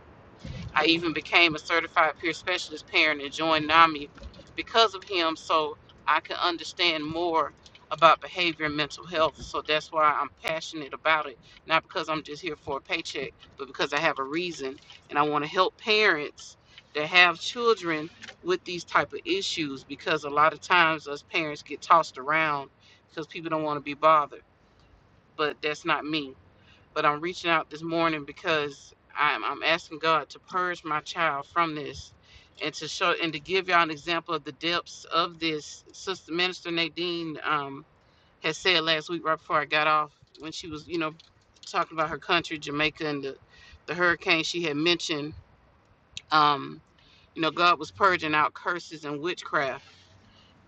I even became a certified peer specialist parent and joined NAMI because of him so I could understand more about behavior and mental health. So that's why I'm passionate about it. Not because I'm just here for a paycheck, but because I have a reason and I want to help parents that have children with these type of issues because a lot of times us parents get tossed around because people don't want to be bothered. But that's not me but I'm reaching out this morning because I'm, I'm asking God to purge my child from this and to show and to give y'all an example of the depths of this. Sister Minister Nadine um, had said last week, right before I got off, when she was, you know, talking about her country, Jamaica, and the, the hurricane, she had mentioned, um, you know, God was purging out curses and witchcraft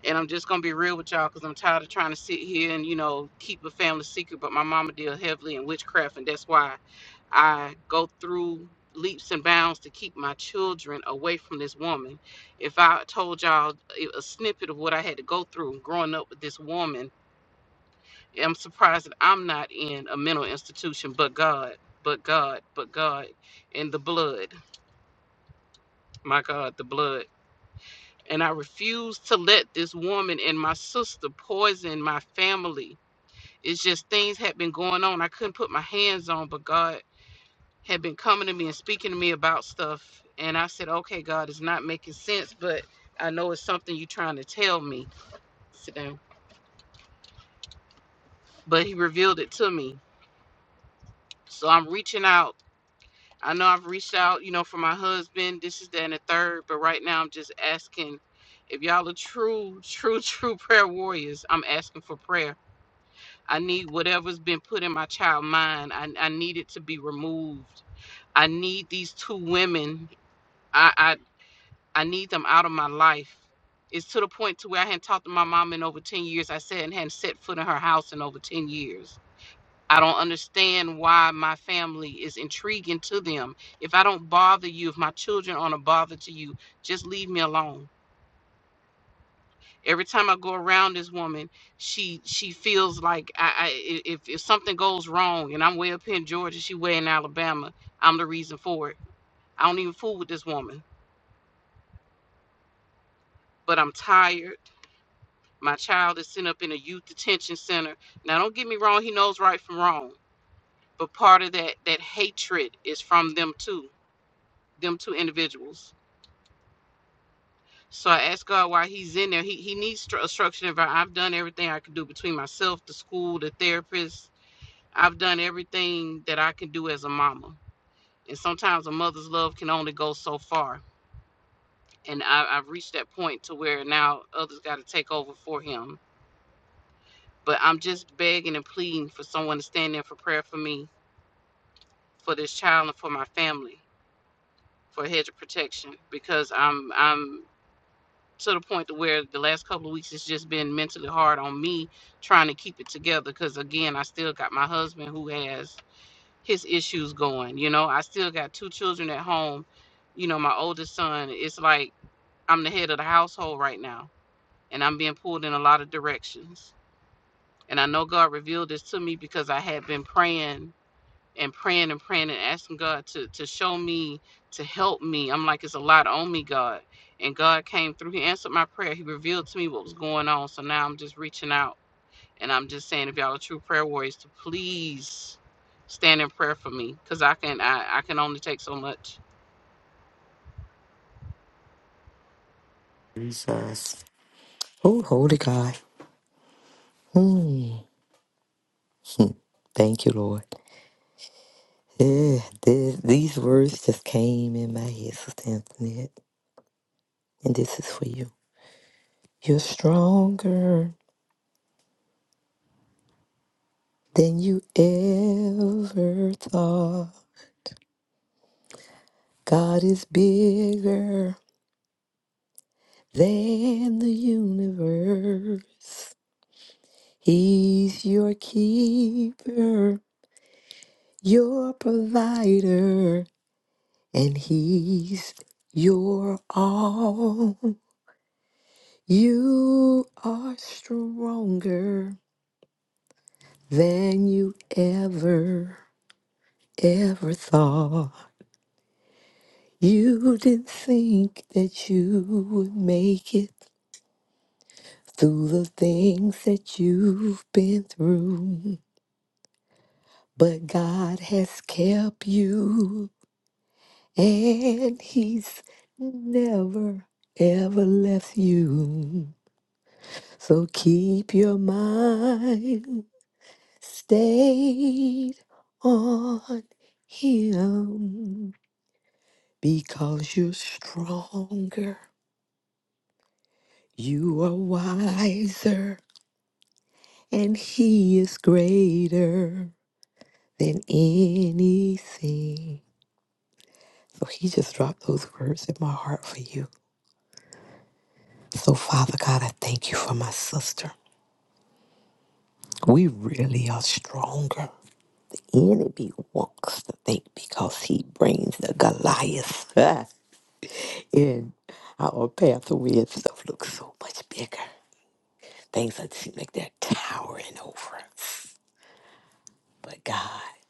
and I'm just gonna be real with y'all because I'm tired of trying to sit here and you know keep a family secret. But my mama dealt heavily in witchcraft, and that's why I go through leaps and bounds to keep my children away from this woman. If I told y'all a a snippet of what I had to go through growing up with this woman, I'm surprised that I'm not in a mental institution. But God, but God, but God, and the blood, my God, the blood. And I refuse to let this woman and my sister poison my family It's just things had been going on I couldn't put my hands on, but God had been coming to me and speaking to me about stuff. And I said, okay, God, it's not making sense, but I know it's something you're trying to tell me. Sit down. But He revealed it to me. So I'm reaching out. I know I've reached out, you know, for my husband. This is that and the third, but right now I'm just asking if y'all are true, true, true prayer warriors. I'm asking for prayer. I need whatever's been put in my child mind. I, I need it to be removed I need these two women. I, I I need them out of my life. It's to the point to where I hadn't talked to my mom in over ten years. I said and hadn't set foot in her house in over ten years. I don't understand why my family is intriguing to them. If I don't bother you, if my children aren't a bother to you, just leave me alone. Every time I go around this woman, she she feels like I, I if if something goes wrong and I'm way up here in Georgia, she way in Alabama, I'm the reason for it. I don't even fool with this woman. but I'm tired. My child is sent up in a youth detention center. Now, don't get me wrong, he knows right from wrong. But part of that that hatred is from them two, them two individuals. So I asked God why he's in there. He he needs stru- a structured environment. I've done everything I could do between myself, the school, the therapist. I've done everything that I can do as a mama. And sometimes a mother's love can only go so far. And I, I've reached that point to where now others got to take over for him But I'm just begging and pleading for someone to stand in for prayer for me, for this child, and for my family, for a hedge of protection, because I'm I'm to the point to where the last couple of weeks it's just been mentally hard on me trying to keep it together. Because again, I still got my husband who has his issues going. You know, I still got two children at home. You know, my oldest son. It's like I'm the head of the household right now, and I'm being pulled in a lot of directions. And I know God revealed this to me because I had been praying and praying and praying and asking God to to show me, to help me. I'm like, it's a lot on me, God. And God came through. He answered my prayer. He revealed to me what was going on. So now I'm just reaching out and I'm just saying, if y'all are true prayer warriors, to please stand in prayer for me, cause I can I, I can only take so much. Jesus. Oh, holy God. Hmm. Hmm. Thank you, Lord. Yeah, this, these words just came in my head, Sister Antoinette, and this is for you. You're stronger than you ever thought. God is bigger than the universe. He's your keeper, your provider, and he's your all. You are stronger than you ever, ever thought. You didn't think that you would make it through the things that you've been through. But God has kept you and He's never ever left you. So keep your mind stayed on Him because you're stronger, you are wiser, and He is greater than anything. So He just dropped those words in my heart for you So, Father God, I thank you for my sister. We really are stronger. Enemy wants to think because he brings the Goliath in our pathway and stuff looks so much bigger. Things that seem like they're towering over us. But God,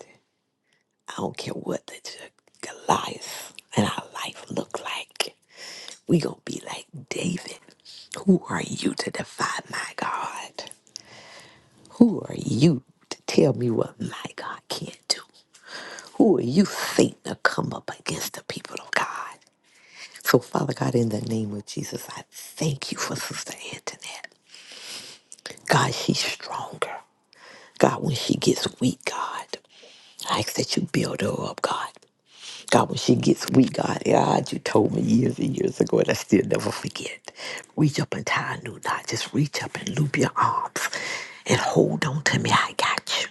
I don't care what the G- Goliath in our life look like. We gonna be like David. Who are you to defy my God? Who are you to tell me what my God can't do? Who are you, Satan, to come up against the people of God? So, Father God, in the name of Jesus, I thank you for Sister Antoinette. God, she's stronger. God, when she gets weak, God, I ask that you build her up, God. God, when she gets weak, God, God, you told me years and years ago, and I still never forget. Reach up and tie a new knot. Just reach up and loop your arms and hold on to me. I got you.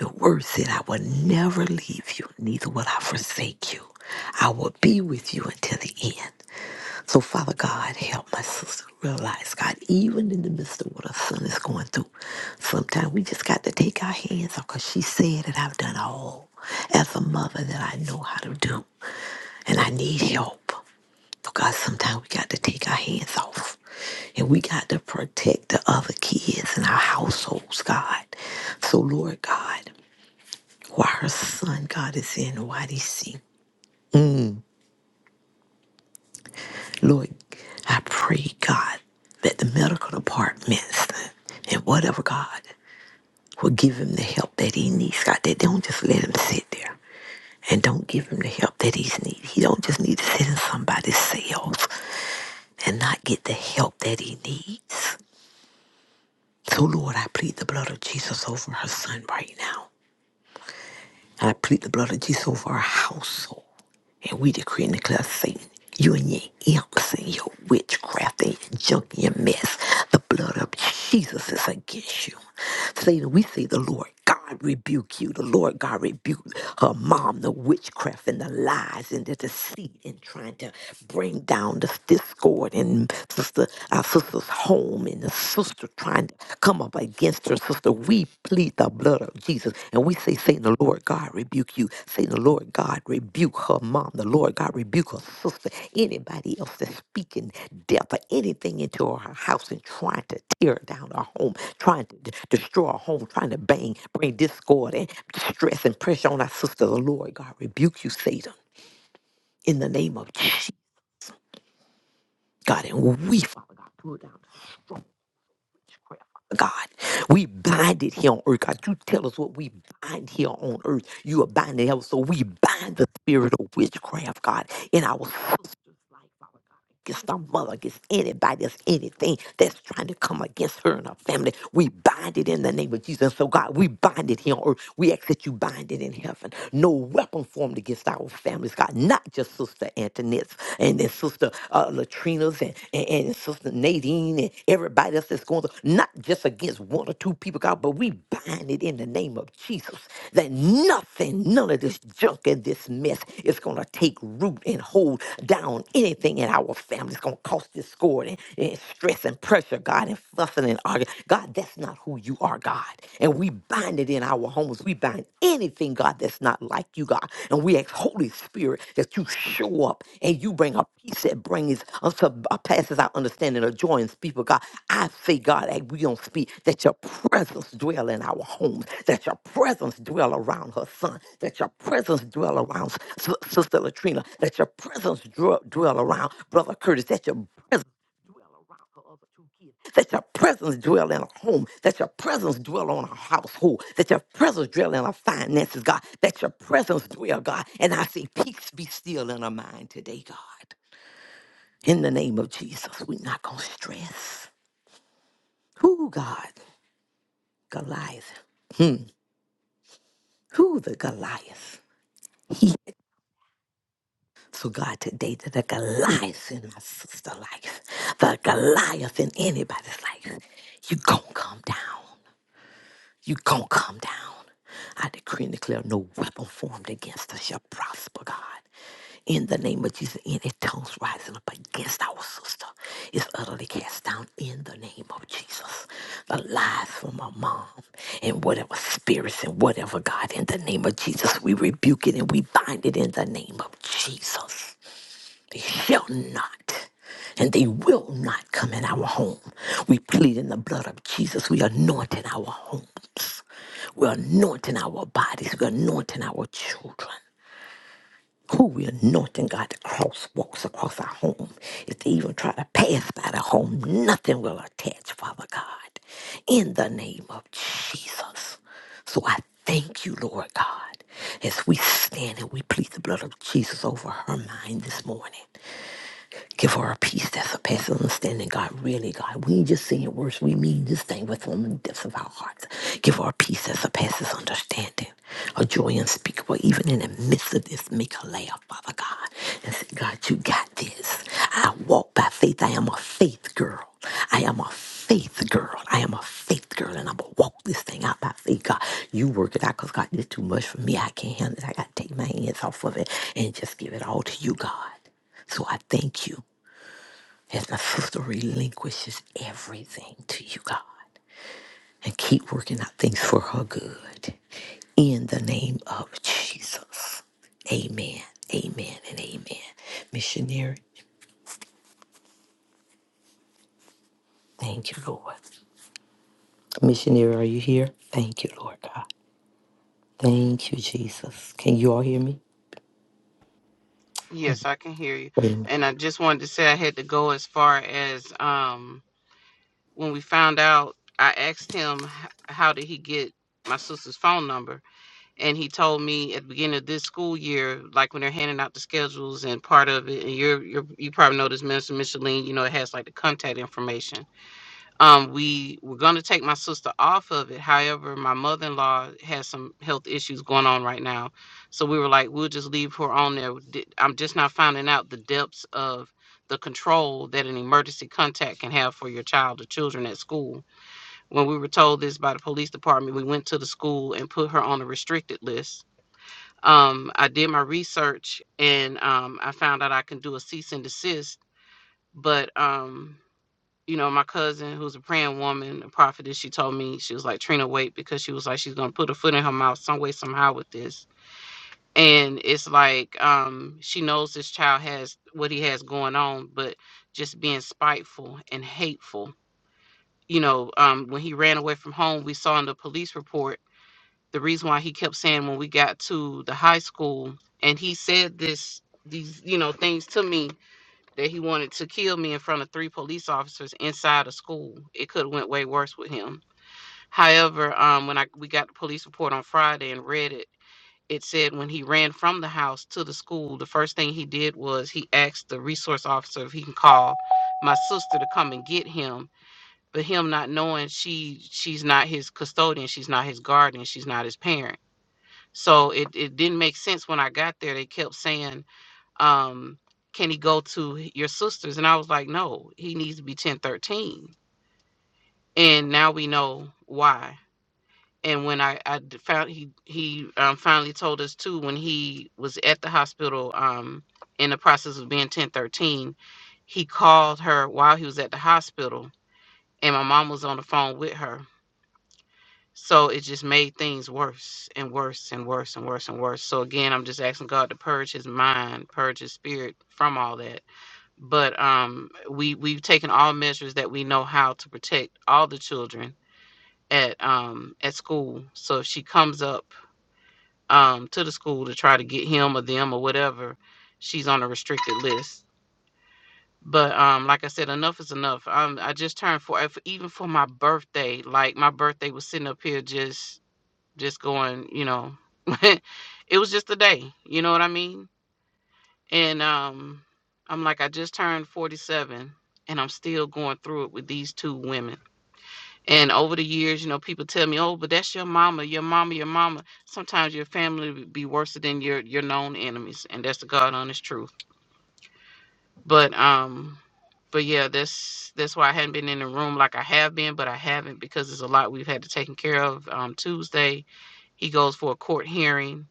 Your word said, I will never leave you, neither will I forsake you. I will be with you until the end. So, Father God, help my sister realize, God, even in the midst of what her son is going through, sometimes we just got to take our hands off because she said that I've done all as a mother that I know how to do, and I need help. So, God, sometimes we got to take our hands off and we got to protect the other kids in our households, God. So, Lord God, why her son, God, is in YDC. Lord, I pray, God, that the medical departments and whatever, God, will give him the help that he needs. God, that they don't just let him sit there and don't give him the help that he needs. He don't just need to sit in somebody's cells and not get the help that he needs. So, Lord, I plead the blood of Jesus over her son right now. And I plead the blood of Jesus over her household. And we decree and declare Satan, you and your imps and your witchcraft and your junk and your mess, the blood of Jesus is against you. Satan, we say the Lord God rebuke you. The Lord God rebuke her mom, the witchcraft and the lies and the deceit and trying to bring down the discord and sister our sister's home and the sister trying to come up against her sister. We plead the blood of Jesus. And we say, Satan, the Lord God rebuke you. Satan, the Lord God rebuke her mom. The Lord God rebuke her sister. Anybody else that's speaking death or anything into her house and trying to tear down her home, trying to d- destroy her home, trying to bang, bring discord and distress and pressure on our sister. The Lord God rebuke you, Satan, in the name of Jesus. God, and we, Father God, pull down strongholds God. We bind it here on earth. God, you tell us what we bind here on earth. You are binding hell. So we bind the spirit of witchcraft, God, in our sisters' life against our mother, against anybody, against anything that's trying to come against her and her family. We bind it in the name of Jesus. So, God, we bind it here on earth. We ask that you bind it in heaven. No weapon formed against our families, God, not just Sister Antoinette's and then Sister uh, Latrina's and, and, and Sister Nadine and everybody else that's going through, not just against one or two two people, God, but we bind it in the name of Jesus that nothing, none of this junk and this mess is going to take root and hold down anything in our family. It's going to cause discord and, and stress and pressure, God, and fussing and arguing. God, that's not who you are, God. And we bind it in our homes. We bind anything, God, that's not like you, God. And we ask, Holy Spirit, that you show up and you bring a peace that brings us to, uh, passes our understanding of joy and speak of God. I say, God, that we don't speak, that your presence dwell in our homes, that your presence dwell around her son, that your presence dwell around S- Sister Latrina, that your presence dwell, dwell around Brother Curtis, that your presence dwell around her other two kids that your presence dwell in a home. That your presence dwell on a household. That your presence dwell in our finances, God. That your presence dwell, God. And I say, peace be still in our mind today, God. In the name of Jesus, we're not going to stress. Who, God? Goliath. Hmm. Who the Goliath? He. So God, today the the Goliath in my sister life, the Goliath in anybody's life, you gonna come down. You gonna come down. I decree and declare no weapon formed against us shall prosper, God. In the name of Jesus, any tongues rising up against our sister is utterly cast down in the name of Jesus. The lies from our mom and whatever spirits and whatever, God, in the name of Jesus, we rebuke it and we bind it in the name of Jesus. They shall not and they will not come in our home. We plead in the blood of Jesus. We anoint in our homes. We're anointing our bodies. We're anointing our children. Who we anointing God to crosswalks across our home. If they even try to pass by the home, nothing will attach, Father God. In the name of Jesus. So I thank you, Lord God, as we stand and we plead the blood of Jesus over her mind this morning. Give her a peace that surpasses understanding, God. Really, God. We ain't just saying words. We mean this thing with from the depths of our hearts. Give her a peace that surpasses understanding. A joy unspeakable, even in the midst of this. Make her laugh, Father God. And say, God, you got this. I walk by faith. I am a faith girl. I am a faith girl. I am a faith girl, and I'm gonna walk this thing out by faith. God, you work it out, cause God, this is too much for me. I can't handle it. I gotta take my hands off of it and just give it all to you, God. So I thank you as my sister relinquishes everything to you, God, and keep working out things for her good. In the name of Jesus. Amen. Amen and amen. Missionary, thank you, Lord. Missionary, are you here? Thank you, Lord God. Thank you, Jesus. Can you all hear me? Yes, I can hear you. Amen. And I just wanted to say I had to go as far as um when we found out. I asked him h- how did he get my sister's phone number, and he told me at the beginning of this school year, like when they're handing out the schedules and part of it, and you're, you're you probably know this, Minister Micheline, you know, it has like the contact information. Um, we were going to take my sister off of it. However, my mother in law has some health issues going on right now, so we were like, we'll just leave her on there. Di- I'm just not finding out the depths of the control that an emergency contact can have for your child or children at school. When we were told this by the police department, we went to the school and put her on a restricted list um, I did my research and um, I found out I can do a cease and desist. But um, you know, my cousin, who's a praying woman, a prophetess, she told me she was like Trina, wait, because she was like she's gonna put her foot in her mouth some way somehow with this. And it's like um, she knows this child has what he has going on, but just being spiteful and hateful. You know, um, when he ran away from home, we saw in the police report the reason why he kept saying when we got to the high school and he said this these you know things to me that he wanted to kill me in front of three police officers inside of school it could have went way worse with him however um when i we got the police report on friday and read it it said when he ran from the house to the school the first thing he did was he asked the resource officer if he can call my sister to come and get him but him not knowing she she's not his custodian she's not his guardian she's not his parent so it, it didn't make sense when I got there. They kept saying, um, can he go to your sister's? And I was like, no, he needs to be 1013. And now we know why. And when I, I d- found he, he um, finally told us too, when he was at the hospital um, in the process of being 1013, he called her while he was at the hospital. And my mom was on the phone with her So it just made things worse and worse and worse and worse and worse. So again, I'm just asking God to purge his mind, purge his spirit from all that. But um we we've taken all measures that we know how to protect all the children at um at school. So if she comes up um to the school to try to get him or them or whatever, she's on a restricted list. But um like I said, enough is enough. Um I just turned for even for my birthday, like my birthday was sitting up here just just going, you know, it was just a day, you know what I mean? And um I'm like I just turned 47 and I'm still going through it with these two women. And over the years, you know, people tell me, "Oh, but that's your mama, your mama, your mama." Sometimes your family would be worse than your your known enemies, and that's the God honest truth. But um but yeah, that's that's why I hadn't been in the room like I have been, but I haven't because there's a lot we've had to take care of. Um, Tuesday, he goes for a court hearing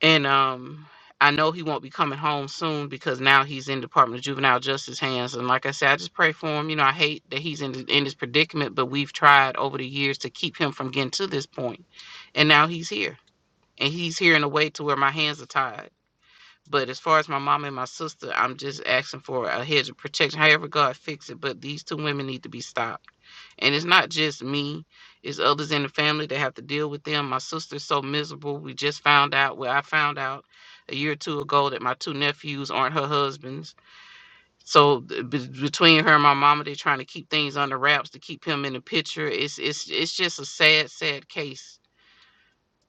and um I know he won't be coming home soon because now he's in Department of Juvenile Justice hands. And like I said, I just pray for him. You know, I hate that he's in in this predicament, but we've tried over the years to keep him from getting to this point, and now he's here, and he's here in a way to where my hands are tied. But as far as my mom and my sister, I'm just asking for a hedge of protection. However, God fix it. But these two women need to be stopped and it's not just me, it's others in the family that have to deal with them. My sister's so miserable. We just found out, well, I found out a year or two ago that my two nephews aren't her husbands. So th- be- between her and my mama, they're trying to keep things under wraps to keep him in the picture. It's it's it's just a sad, sad case.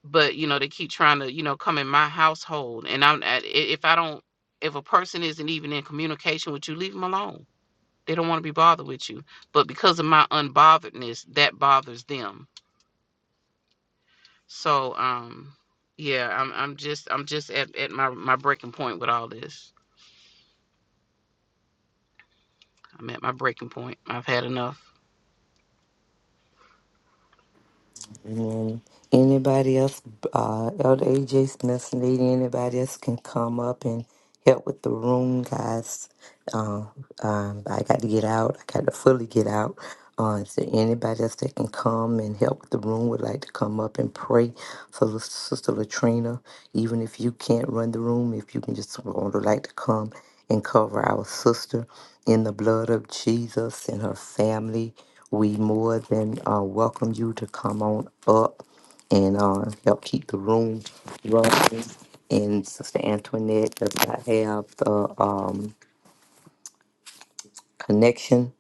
But you know, they keep trying to you know come in my household, and I'm I- i- if I don't, if a person isn't even in communication with you, leave them alone they don't want to be bothered with you. But because of my unbotheredness, that bothers them. So um yeah, I'm I'm just I'm just at, at my, my breaking point with all this. I'm at my breaking point. I've had enough. Amen. Anybody else, uh, Elder AJ Smith, need anybody else can come up and help with the room, guys. Uh, um, I got to get out. I got to fully get out. Uh, is there anybody else that can come and help with the room? Would like to come up and pray for Lis- Sister Latrina. Even if you can't run the room, if you can just would like to come and cover our sister in the blood of Jesus and her family. We more than uh, welcome you to come on up and uh, help keep the room running. And Sister Antoinette does not have the um, connection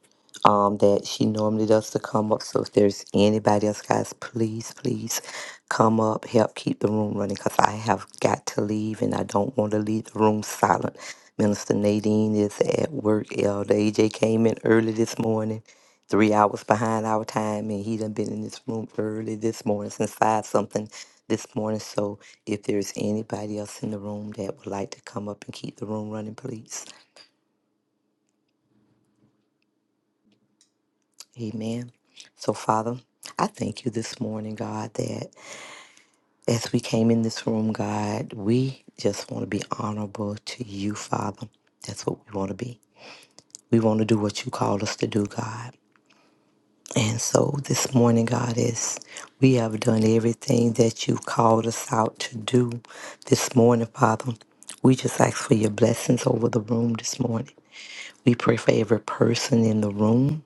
um, that she normally does to come up. So if there's anybody else, guys, please, please come up, help keep the room running because I have got to leave and I don't want to leave the room silent. Minister Nadine is at work. Elder AJ came in early this morning, three hours behind our time, and he done been in this room early this morning since five something this morning. So if there's anybody else in the room that would like to come up and keep the room running, please. Amen. So, Father, I thank you this morning, God, that as we came in this room, God, we just want to be honorable to you, Father. That's what we want to be. We want to do what you called us to do, God. And so this morning, God, is we have done everything that you called us out to do this morning, Father. We just ask for your blessings over the room this morning. We pray for every person in the room.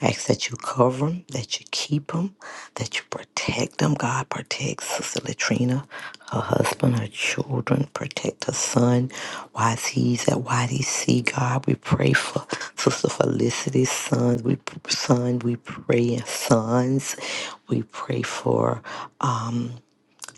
ask that you cover them, that you keep them, that you protect them. God protect Sister Latrina, her husband, her children, protect her son while he's at YDC. God, we pray for Sister Felicity's sons. We son, we pray sons. We pray for.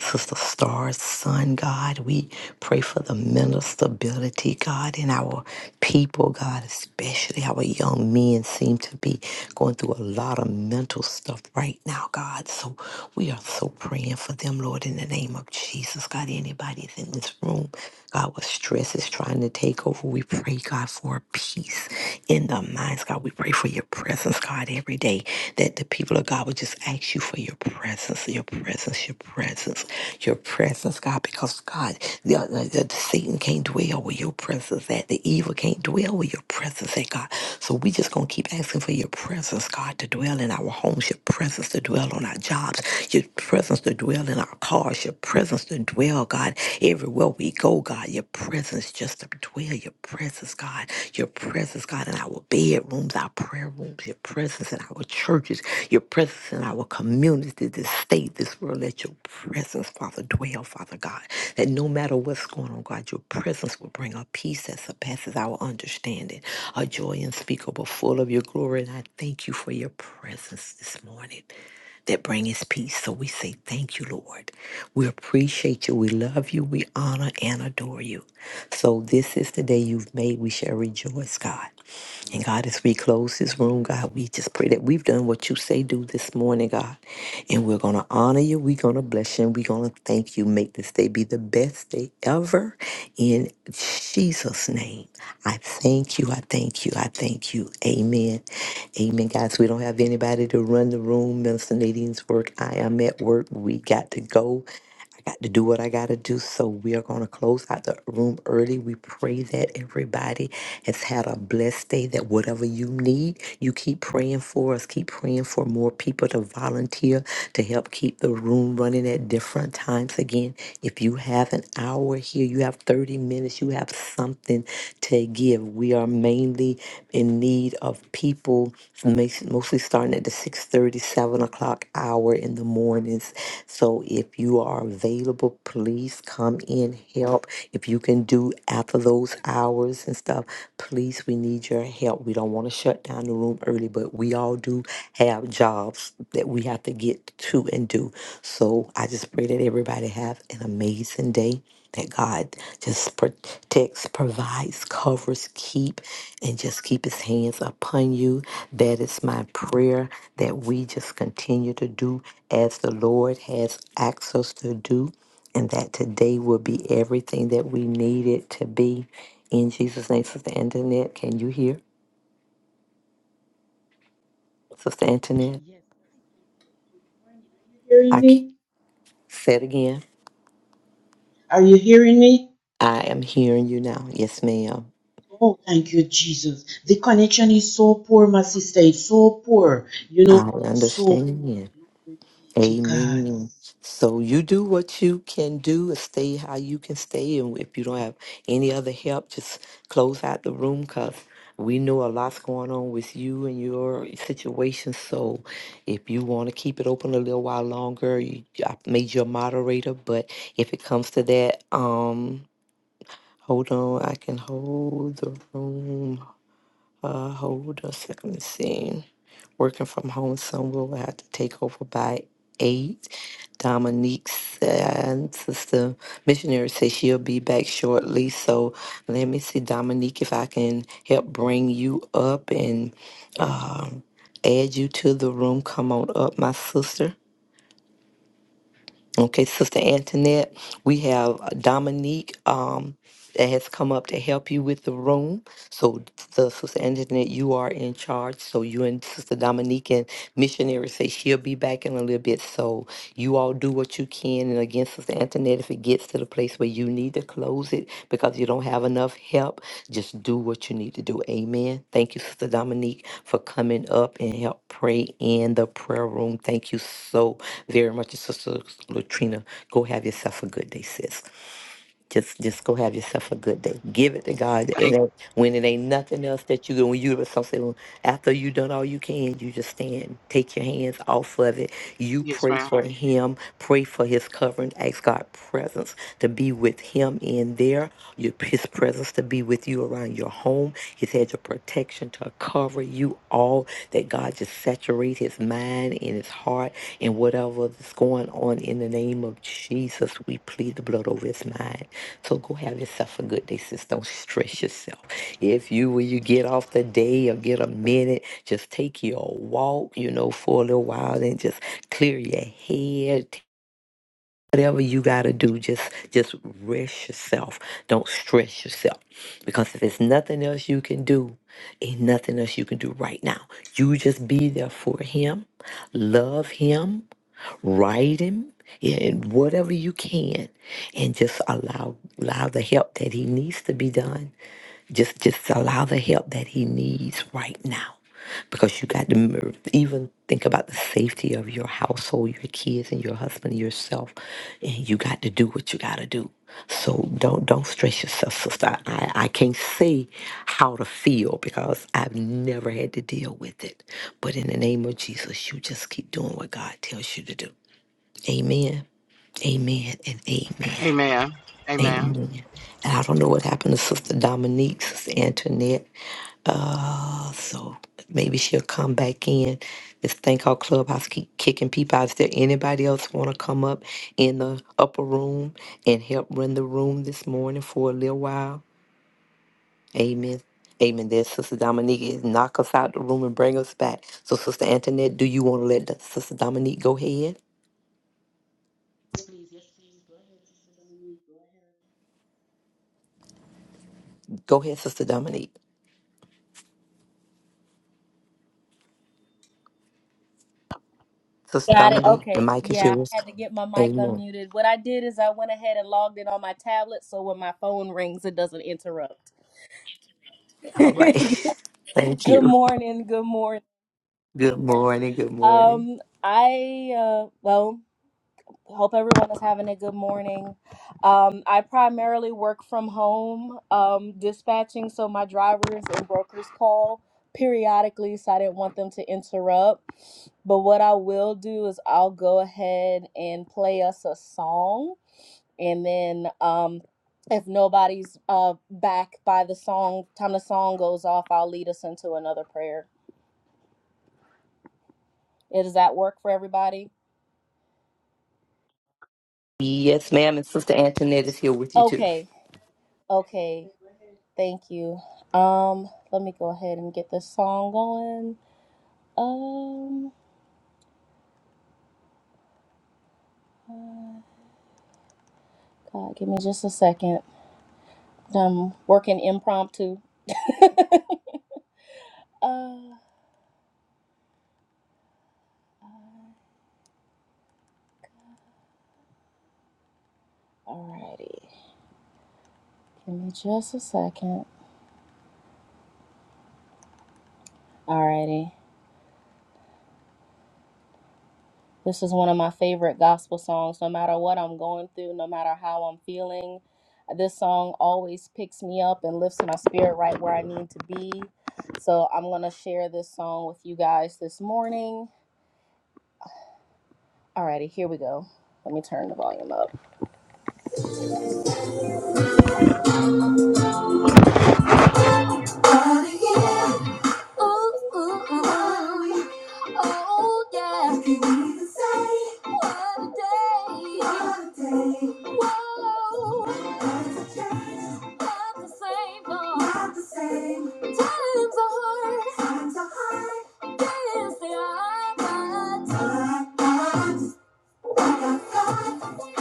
Sister Star's son, God. We pray for the mental stability, God, in our people, God, especially our young men seem to be going through a lot of mental stuff right now, God. So we are so praying for them, Lord, in the name of Jesus, God. Anybody that's in this room, God, with stress is trying to take over, we pray, God, for peace in the minds, God. We pray for your your presence, God, every day. That the people of God would just ask you for your presence, your presence, your presence, your presence, God, because God, the, the, the Satan can't dwell with your presence, that the evil can't dwell with your presence, that God. So we just gonna keep asking for your presence, God, to dwell in our homes, your presence to dwell on our jobs, your presence to dwell in our cars, your presence to dwell, God, everywhere we go go, God. Your presence just to dwell, your presence, God. Your presence, God, in our bedrooms, our prayer rooms, your presence in our churches, your presence in our community, this state, this world. Let your presence, Father, dwell, Father God. That no matter what's going on, God, your presence will bring a peace that surpasses our understanding, a joy unspeakable, full of your glory. And I thank you for your presence this morning that bring peace. So we say thank you, Lord. We appreciate you. We love you. We honor and adore you. So this is the day you've made. We shall rejoice, God. And God, as we close this room, God, we just pray that we've done what you say do this morning, God. And we're going to honor you. We're going to bless you. And we're going to thank you. Make this day be the best day ever. In Jesus' name, I thank you. I thank you. I thank you. Amen. Amen, guys. We don't have anybody to run the room. Minister Nadine's work. I am at work. We got to go. I got to do what I got to do. So we are going to close out the room early. We pray that everybody has had a blessed day, that whatever you need, you keep praying for us. Keep praying for more people to volunteer to help keep the room running at different times. Again, if you have an hour here, you have 30 minutes, you have something to give. We are mainly in need of people, mas- mostly starting at the six thirty seven o'clock hour in the mornings. So if you are available, please come in, help. If you can do after those hours and stuff, please, we need your help. We don't want to shut down the room early, but we all do have jobs that we have to get to and do. So I just pray that everybody have an amazing day that God just protects, provides, covers, keep, and just keep his hands upon you. That is my prayer that we just continue to do as the Lord has asked us to do, and that today will be everything that we need it to be. In Jesus' name, Sister Antoinette, can you hear? Sister Antoinette, Yes, I can hear. Good morning. Are you hearing I c- me? said again, Are you hearing me? I am hearing you now. Yes, ma'am. Oh, thank you, Jesus. The connection is so poor, my sister. It's so poor. You I know, it is so poor. understand. Glory be to God. Amen. So you do what you can do and stay how you can stay. And if you don't have any other help, just close out the room because we know a lot's going on with you and your situation. So if you want to keep it open a little while longer, you, I made you a moderator. But if it comes to that, um, hold on, I can hold the room. Uh, hold us. Let me see. Working from home, some will have to take over by eight. Dominique said, Sister Missionary says she'll be back shortly. So let me see, Dominique, if I can help bring you up and add you to the room. Come on up, my sister. Okay, Sister Antoinette, we have Dominique um, that has come up to help you with the room. So, the Sister Antoinette, you are in charge. So, you and Sister Dominique and Missionary say she'll be back in a little bit. So, you all do what you can. And again, Sister Antoinette, if it gets to the place where you need to close it because you don't have enough help, just do what you need to do. Amen. Thank you, Sister Dominique, for coming up and help pray in the prayer room. Thank you so very much, Sister Latrina. Go have yourself a good day, sis. Just just go have yourself a good day. Give it to God. And Thank it- when it ain't nothing else that you do, when you some say, well, after you done all you can, you just stand. Take your hands off of it. You yes, pray ma'am. for him. Pray for his covering. Ask God presence to be with him in there. Your his presence to be with you around your home. His hedge of protection to cover you all. That God just saturate his mind and his heart and whatever is going on in the name of Jesus. We plead the blood over his mind. So go have yourself a good day, sis. Don't stress yourself. If you when you get off the day or get a minute, just take your walk, you know, for a little while and just clear your head whatever you got to do just just rest yourself don't stress yourself because if there's nothing else you can do ain't nothing else you can do right now you just be there for him love him write him yeah, and whatever you can and just allow allow the help that he needs to be done just just allow the help that he needs right now because you got to m- even think about the safety of your household, your kids, and your husband, yourself, and you got to do what you got to do. So don't don't stress yourself, sister. I, I can't say how to feel because I've never had to deal with it. But in the name of Jesus, you just keep doing what God tells you to do. Amen. Amen and amen. Amen. Amen. Amen. And I don't know what happened to Sister Dominique, Sister Antoinette. Uh, so maybe she'll come back in. This thing called Clubhouse keep kicking people out. Is there anybody else want to come up in the upper room and help run the room this morning for a little while? Amen. Amen. There, Sister Dominique is knock us out the room and bring us back. So, Sister Antoinette, do you want to let the- Sister Dominique go ahead? Yes, please. Yes, please. Go ahead, Sister Dominique. Go ahead. Go ahead, Sister Dominique. Sister Got it. Dominique, the Okay. mic is Yeah, yours. I had to get my mic Amen. unmuted. What I did is I went ahead and logged in on my tablet so when my phone rings, it doesn't interrupt. All right. good Thank you. morning. Good morning. Good morning. Good morning. Um, I, uh, well, hope everyone is having a good morning. Um, I primarily work from home, um, dispatching, so my drivers and brokers call periodically, so I didn't want them to interrupt. But what I will do is I'll go ahead and play us a song and then um if nobody's uh back by the song time the song goes off i'll lead us into another prayer Eh, does that work for everybody Yes, ma'am. And Sister Antoinette Yes, is here yes, with you, too. okay yes, okay go ahead. thank you um let me go ahead and get this song going um uh, god give me just a second i'm working impromptu uh alrighty give me just a second alrighty This is one of my favorite gospel songs. No matter what I'm going through, no matter how I'm feeling, this song always picks me up and lifts my spirit right where I need to be. So I'm going to share this song with you guys this morning. Alrighty, here we go. Let me turn the volume up. Ooh, ooh, ooh, Oh, yeah. Can even say what a day? What a day. Whoa. Times have changed. Not the same, no. Not the same. Times are hard. Times are hard. Yes, they are. But times, times, what a God.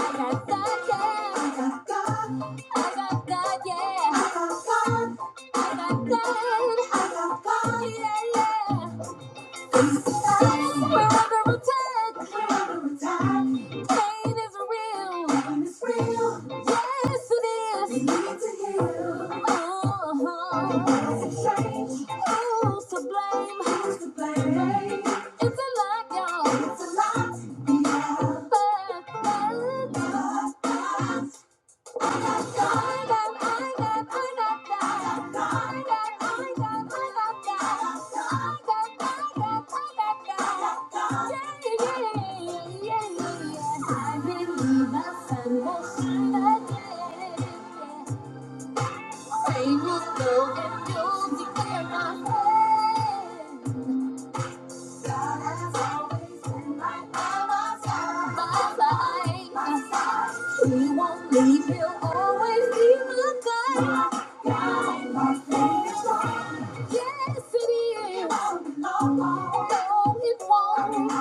I got God, yeah. I got God, I got yeah. I got God. Yeah, yeah. We're under attack. We're under attack. Pain is real. Pain is real. Yes, it is. We need to heal. Uh-huh. It's a change. Who's to blame? Who's to blame? It's a lot, y'all. It's a lot. Yeah. But, but, but, Say will go and you'll declare my head. He won't leave, he'll always be my guide. Yes, it is. No, it won't.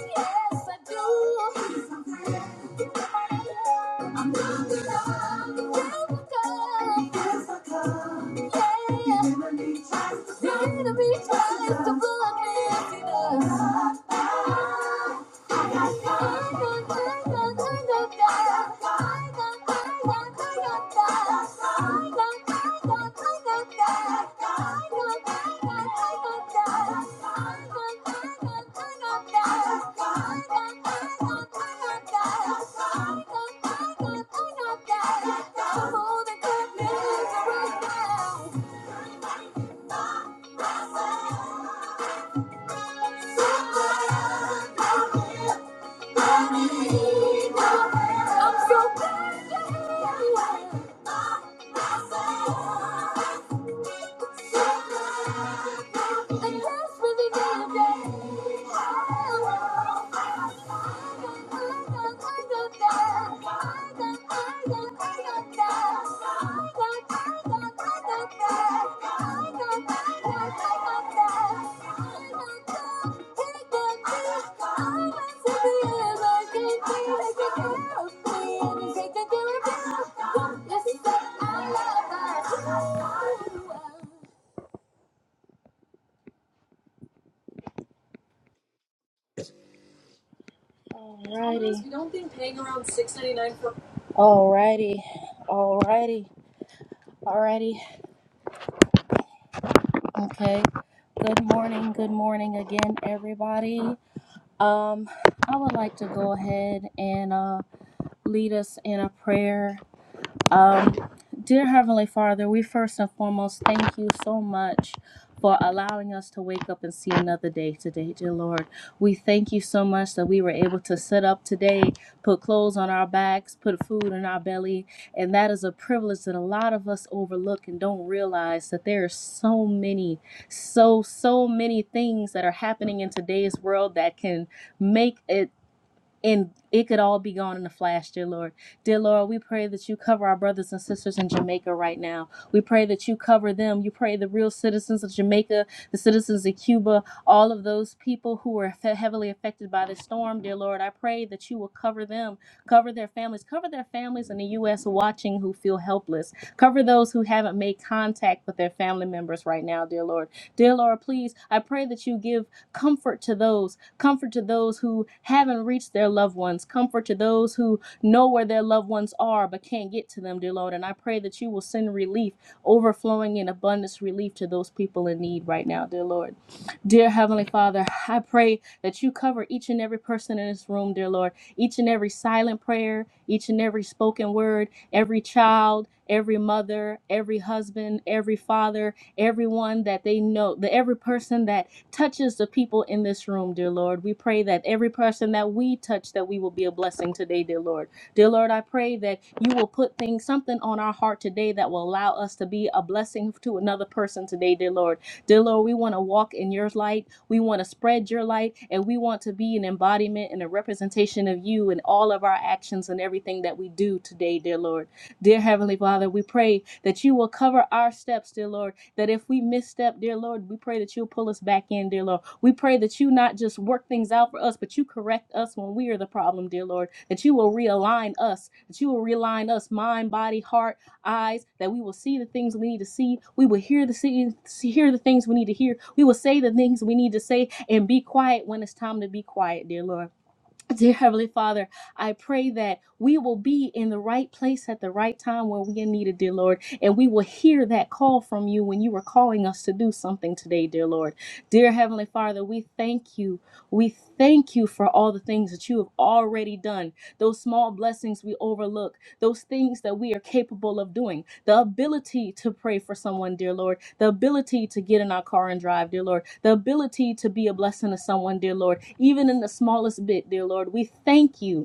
Yes, I do. I'm looking up. Yes, I come. Yeah. The enemy tries to blood me. Right now. I'm so glad to hear you. And that's really good, yeah. Alrighty, alrighty, alrighty, alrighty. Okay. Good morning, good morning again, everybody. Um, I would like to go ahead and uh, lead us in a prayer. Um, dear Heavenly Father, we first and foremost thank you so much for allowing us to wake up and see another day today, dear Lord. We thank you so much that we were able to sit up today, put clothes on our backs, put food in our belly, and that is a privilege that a lot of us overlook and don't realize that there are so many, so, so many things that are happening in today's world that can make it and it could all be gone in a flash, dear Lord. Dear Lord, we pray that you cover our brothers and sisters in Jamaica right now. We pray that you cover them. You pray the real citizens of Jamaica, the citizens of Cuba, all of those people who were heavily affected by this storm, dear Lord. I pray that you will cover them, cover their families, cover their families in the U.S. watching who feel helpless, cover those who haven't made contact with their family members right now, dear Lord. Dear Lord, please, I pray that you give comfort to those comfort to those who haven't reached their loved ones, comfort to those who know where their loved ones are but can't get to them, dear Lord. And I pray that you will send relief, overflowing in abundance relief to those people in need right now, dear Lord. Dear Heavenly Father, I pray that you cover each and every person in this room, dear Lord, each and every silent prayer, each and every spoken word, every child. Every mother, every husband, every father, everyone that they know, the every person that touches the people in this room, dear Lord. We pray that every person that we touch, that we will be a blessing today, dear Lord. Dear Lord, I pray that you will put things, something on our heart today that will allow us to be a blessing to another person today, dear Lord. Dear Lord, we want to walk in your light. We want to spread your light, and we want to be an embodiment and a representation of you in all of our actions and everything that we do today, dear Lord. Dear Heavenly Father, we pray that you will cover our steps, dear Lord that if we misstep, dear Lord, we pray that you'll pull us back in, dear Lord. We pray that you not just work things out for us, but you correct us when we are the problem, dear Lord. That you will realign us, that you will realign us, mind, body, heart, eyes, that we will see the things we need to see. We will hear the see, see- hear the things we need to hear. We will say the things we need to say and be quiet when it's time to be quiet, dear Lord. Dear Heavenly Father, I pray that we will be in the right place at the right time when we are needed, dear Lord, and we will hear that call from you when you were calling us to do something today, dear Lord. Dear Heavenly Father, we thank you. We thank you for all the things that you have already done, those small blessings we overlook, those things that we are capable of doing, the ability to pray for someone, dear Lord, the ability to get in our car and drive, dear Lord, the ability to be a blessing to someone, dear Lord, even in the smallest bit, dear Lord. We thank you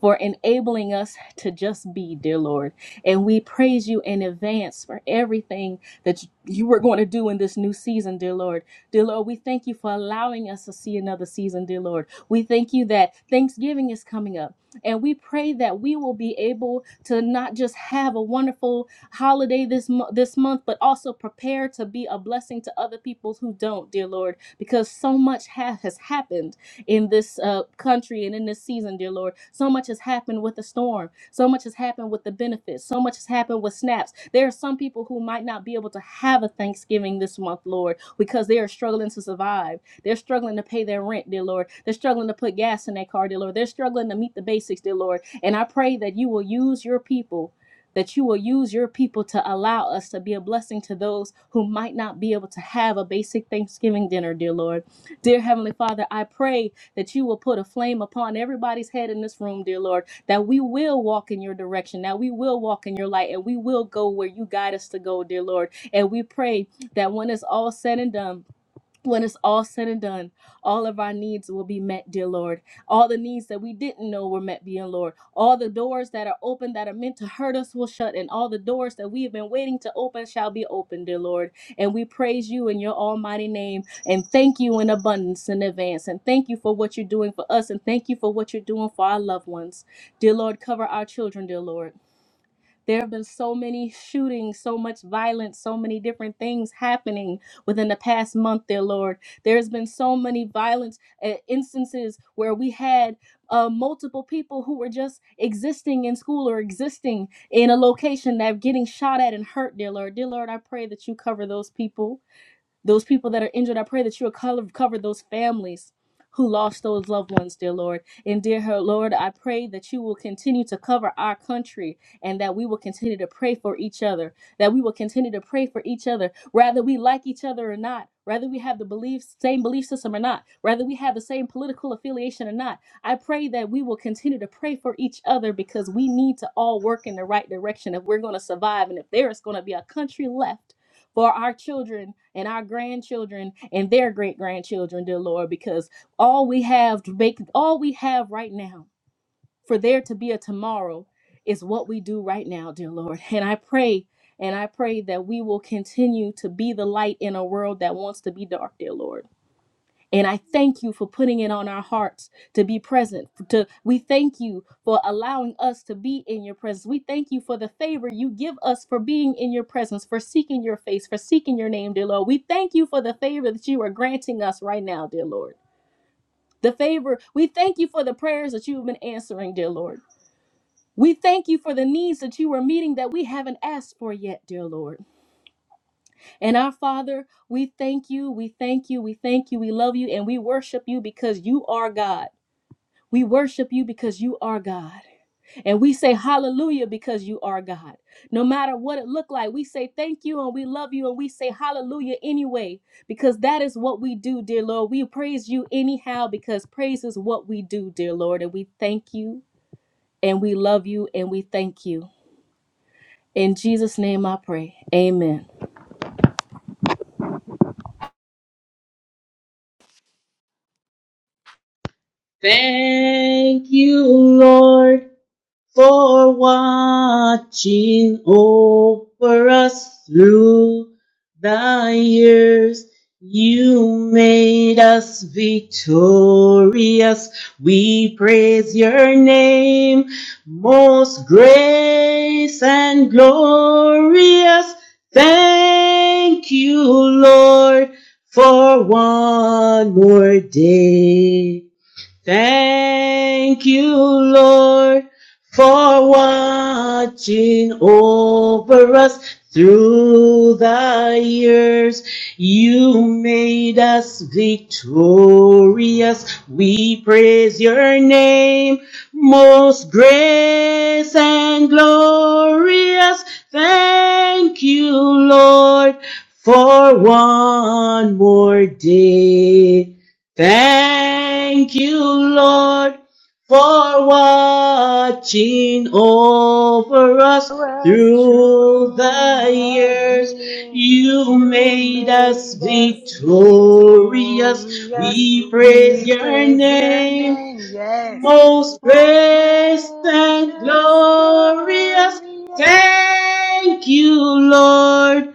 for enabling us to just be, dear Lord. And we praise you in advance for everything that you were going to do in this new season, dear Lord. Dear Lord, we thank you for allowing us to see another season, dear Lord. We thank you that Thanksgiving is coming up. And we pray that we will be able to not just have a wonderful holiday this mo- this month, but also prepare to be a blessing to other people who don't, dear Lord, because so much ha- has happened in this uh, country and in this season, dear Lord. So much has happened with the storm. So much has happened with the benefits. So much has happened with snaps. There are some people who might not be able to have a Thanksgiving this month, Lord, because they are struggling to survive. They're struggling to pay their rent, dear Lord. They're struggling to put gas in their car, dear Lord. They're struggling to meet the basics, dear Lord. And I pray that you will use your people that you will use your people to allow us to be a blessing to those who might not be able to have a basic Thanksgiving dinner, dear Lord. Dear Heavenly Father, I pray that you will put a flame upon everybody's head in this room, dear Lord, that we will walk in your direction, that we will walk in your light, and we will go where you guide us to go, dear Lord. And we pray that when it's all said and done, when it's all said and done, all of our needs will be met, dear Lord. All the needs that we didn't know were met, dear Lord. All the doors that are open that are meant to hurt us will shut, and all the doors that we have been waiting to open shall be opened, dear Lord. And we praise you in your almighty name and thank you in abundance in advance. And thank you for what you're doing for us, and thank you for what you're doing for our loved ones. Dear Lord, cover our children, dear Lord. There have been so many shootings, so much violence, so many different things happening within the past month, dear Lord. There's been so many violence uh, instances where we had uh, multiple people who were just existing in school or existing in a location that are getting shot at and hurt, dear Lord. Dear Lord, I pray that you cover those people. Those people that are injured, I pray that you will cover, cover those families who lost those loved ones, dear Lord. And dear her Lord, I pray that you will continue to cover our country and that we will continue to pray for each other, that we will continue to pray for each other, whether we like each other or not. Whether we have the belief same belief system or not, whether we have the same political affiliation or not, I pray that we will continue to pray for each other because we need to all work in the right direction if we're going to survive and if there is going to be a country left for our children and our grandchildren and their great grandchildren, dear Lord, because all we have to make, all we have right now for there to be a tomorrow is what we do right now, dear Lord. And I pray, and I pray that we will continue to be the light in a world that wants to be dark, dear Lord. And I thank you for putting it on our hearts to be present. To we thank you for allowing us to be in your presence. We thank you for the favor you give us for being in your presence, for seeking your face, for seeking your name, dear Lord. We thank you for the favor that you are granting us right now, dear Lord. The favor, we thank you for the prayers that you've been answering, dear Lord. We thank you for the needs that you are meeting that we haven't asked for yet, dear Lord. And our Father, we thank you, we thank you, we thank you, we love you, and we worship you because you are God. We worship you because you are God. And we say hallelujah because you are God. No matter what it looked like, we say thank you and we love you and we say hallelujah anyway because that is what we do, dear Lord. We praise you anyhow because praise is what we do, dear Lord. And we thank you and we love you and we thank you. In Jesus' name I pray. Amen. Thank you, Lord. for watching over us through the years. You made us victorious. We praise your name, most gracious and glorious. Thank you, Lord, for one more day. Thank you, Lord, for watching over us through the years. You made us victorious. We praise your name, most grace and glorious. Thank you, Lord, for one more day. Thank you, Lord, for watching over us hear us through true, the my years. dear. You You made us made us victorious. victorious. We praise We your praise your name, name, yes. most Most blessed gracious, and glorious. glorious. Thank you, Lord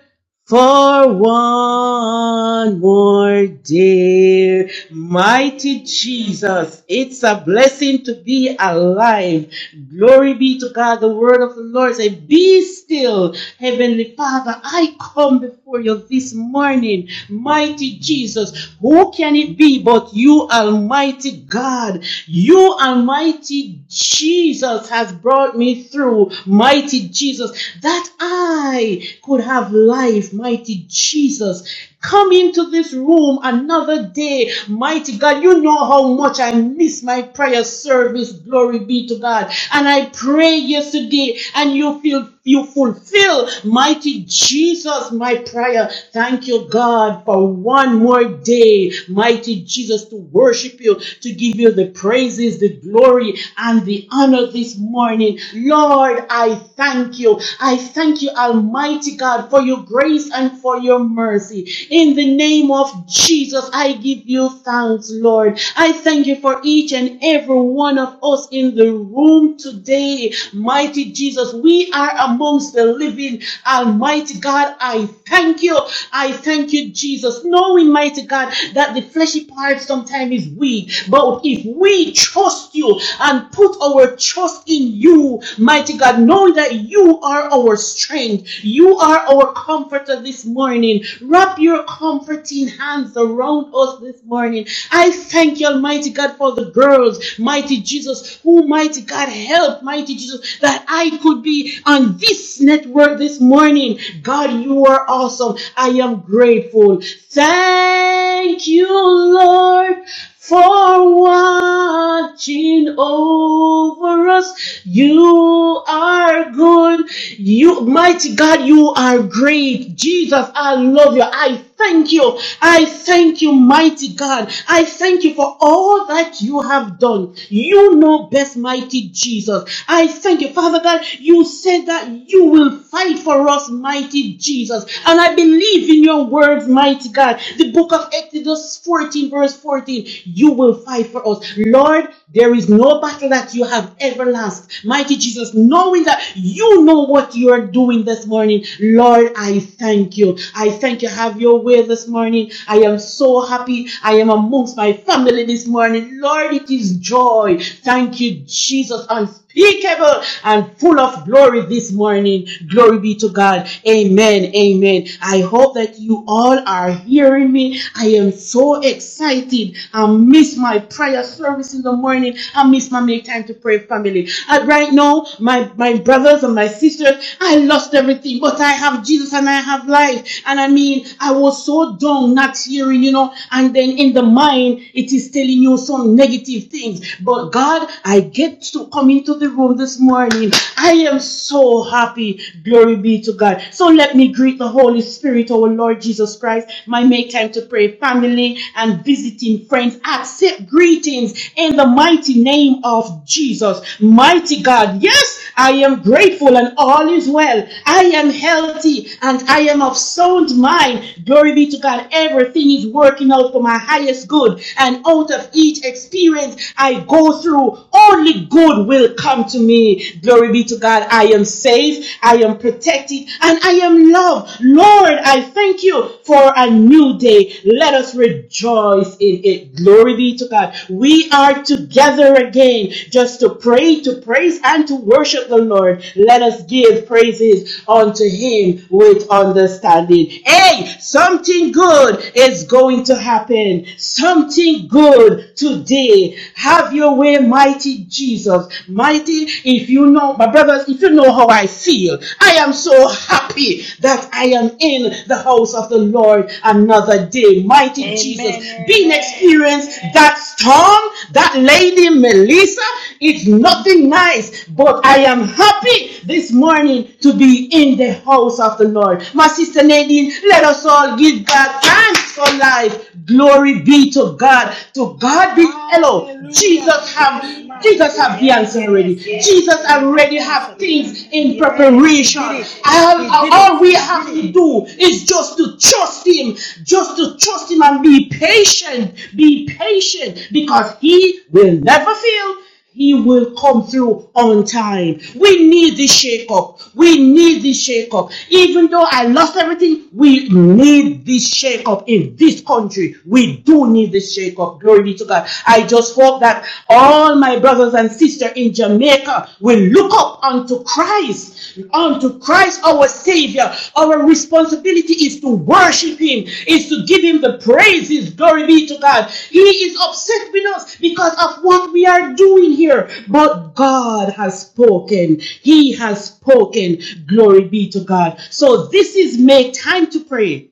for one more day. Mighty Jesus, it's a blessing to be alive. Glory be to God. The word of the Lord says, Be still, Heavenly Father. I come before you this morning. Mighty Jesus, who can it be but you, Almighty God? You, Almighty Jesus, has brought me through. Mighty Jesus, That that I could have life, mighty Jesus. Come into this room another day, mighty God. You know how much I miss my prayer service. Glory be to God. And I pray yesterday, and you feel you fulfill, mighty Jesus, my prayer. Thank you, God, for one more day, mighty Jesus, to worship you, to give you the praises, the glory, and the honor this morning. Lord, I thank you. I thank you, Almighty God, for your grace and for your mercy. In the name of Jesus, I give you thanks, Lord. I thank you for each and every one of us in the room today, mighty Jesus. We are amongst the living, Almighty God. I thank you. I thank you, Jesus, knowing, mighty God, that the fleshy part sometimes is weak. But if we trust you, you and put our trust in you, mighty God, knowing that you are our strength. You are our comforter this morning. Wrap your comforting hands around us this morning. I thank you, Almighty God, for the girls, mighty Jesus, who, mighty God, help, mighty Jesus, that I could be on this network this morning. God, you are awesome. I am grateful. Thank you, Lord for watching over us. You are good. You, mighty God, you are great. Jesus, I love you. I thank you. I thank you, mighty God. I thank you for all that you have done. You know best, mighty Jesus. I thank you, Father God. You said that you will fight for us, mighty Jesus. And I believe in your words, mighty God. The book book of Exodus 14, verse 14, you will fight for us. Lord, there is no battle that you have ever lost. Mighty Jesus, knowing that you know what you are doing this morning, Lord, I thank you. I thank you. Have your way this morning. I am so happy. I am amongst my family this morning. Lord, it is joy. Thank you, Jesus on unspeakable and full of glory this morning. Glory be to God. Amen. Amen. I hope that you all are hearing me. I am so excited. I miss my prayer service in the morning. I miss my make time to pray family. And right now, my, my brothers and my sisters, I lost everything, but I have Jesus and I have life. And I mean, I was so dumb not hearing, you know, and then in the mind, it is telling you some negative things. But God I get to come into the room this morning. I am so happy. Glory be to God. So let me greet the Holy Spirit, our Lord Jesus Christ, my make time to pray family and visiting friends. Accept greetings in the mighty name of Jesus. Mighty God. Yes, I am grateful and all is well. I am healthy and I am of sound mind. Glory be to God. Everything is working out for my highest good and out of each experience trials I go through, only good will come to me. Glory be to God. I am safe, I am protected, and I am loved. Lord, I thank you for a new day. Let us rejoice in it. Glory be to God. We are together again just to pray, to praise, and to worship the Lord. Let us give praises unto Him with understanding. Hey, something good is going to happen. Something good good today. Have your way, mighty Jesus. Mighty, if you know, my brothers, if you know how I feel, I am so happy that I am in the house of the Lord another day. Mighty Amen, Jesus, being amen. experienced that storm, that lady Melissa, it's nothing nice, but I am happy this morning to be in the house of the Lord. My sister Nadine, let us all give God thanks for life. glory. Glory be to God. To God be hello. Hallelujah. Jesus have Yes, ma'am. Jesus have the Yes, answer already. yes. Jesus He have already have answer. things in Yes, he preparation. did it. All, He did it. all we He did have it. to do is just to trust Him, just to trust Him and be patient. Be patient because He will never fail. He will come through on time. We need this shake up. We need this shake up. Even though I lost everything, we need this shake up in this country. We do need this shake up. Glory be to God. I just hope that all my brothers and sisters in Jamaica will look up unto Christ is unto Christ our Savior. Our responsibility is to worship Him, is to give Him the praises. Glory be to God. He is upset with us because of what we are doing here. But God has spoken. He has spoken. Glory be to God. So this is make time to pray.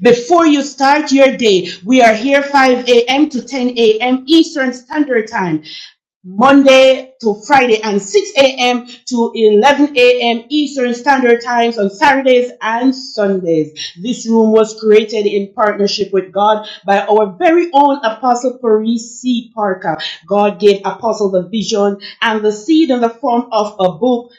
Before you start your day, we are here 5 a.m. to 10 a.m. Eastern Standard Time. Monday to Friday and 6 a.m. to 11 a.m. Eastern Standard Times on Saturdays and Sundays. This room was created in partnership with God by our very own Apostle Paris C. Parker. God gave Apostle the vision and the seed in the form of a book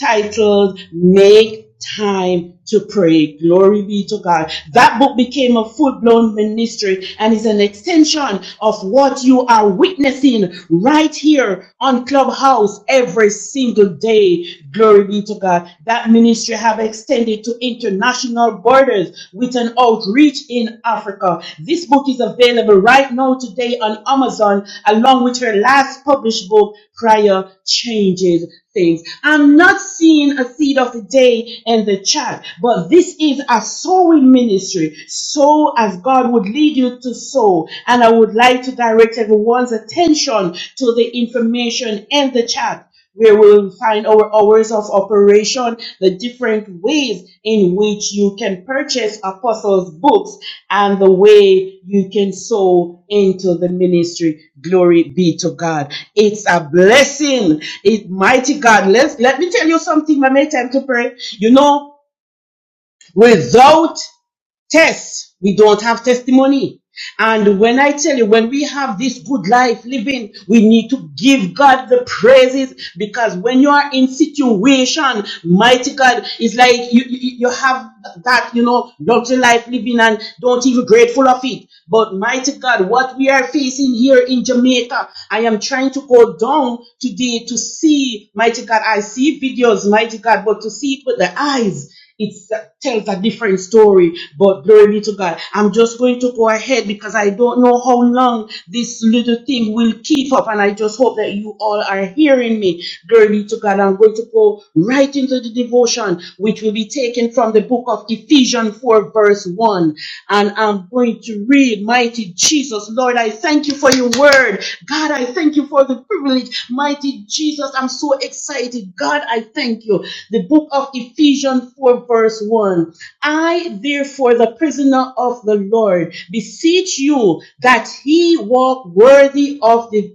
titled Make Time to Pray. Glory be to God. That book became a full blown ministry and is an extension of what you are witnessing right here on Clubhouse every single day. Glory be to God. That ministry have extended to international borders with an outreach in in Africa. This book is available right now today on Amazon, along with her last published book, Prayer Changes Things. I'm not seeing a seed of the day in the chat, but this is a sowing ministry. Sow as God would lead you to sow. And I would like to direct everyone's attention to the information in the chat where we'll find our hours of operation, the different ways in which you can purchase apostles' books, and the way you can sow into the ministry. Glory be to God. It's a blessing. It mighty God. Let's let me tell you something, my mate. Time to pray. You know, without Tests. We don't have testimony. And when I tell you, when we have this good life living, we need to give God the praises because when you are in situation, mighty God, it's like you, you, you have that, you know, luxury life living and don't even grateful of it. But mighty God, what we are facing here in Jamaica, I am trying to go down today to see, mighty God, I see videos, mighty God, but to see it with the eyes. It tells a different story, but glory be to God. I'm just going to go ahead because I don't know how long this little thing will keep up, and I just hope that you all are hearing me. Glory be to God. I'm going to go right into the devotion, which will be taken from the book of Ephesians 4, verse 1. And I'm going to read, Mighty Jesus. Jesus. Lord, I thank you for your word. God, I thank you for the privilege. Mighty Jesus, I'm so excited. God, I thank you. The book of Ephesians 4, verse 1. I, therefore, the prisoner of the Lord, beseech you that he walk worthy of the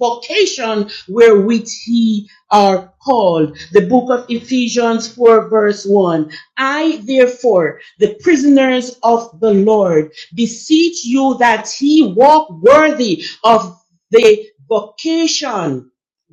vocation wherewith he are called. The book of Ephesians 4, verse 1. I, therefore, the prisoners of the Lord, beseech you that he walk worthy of the vocation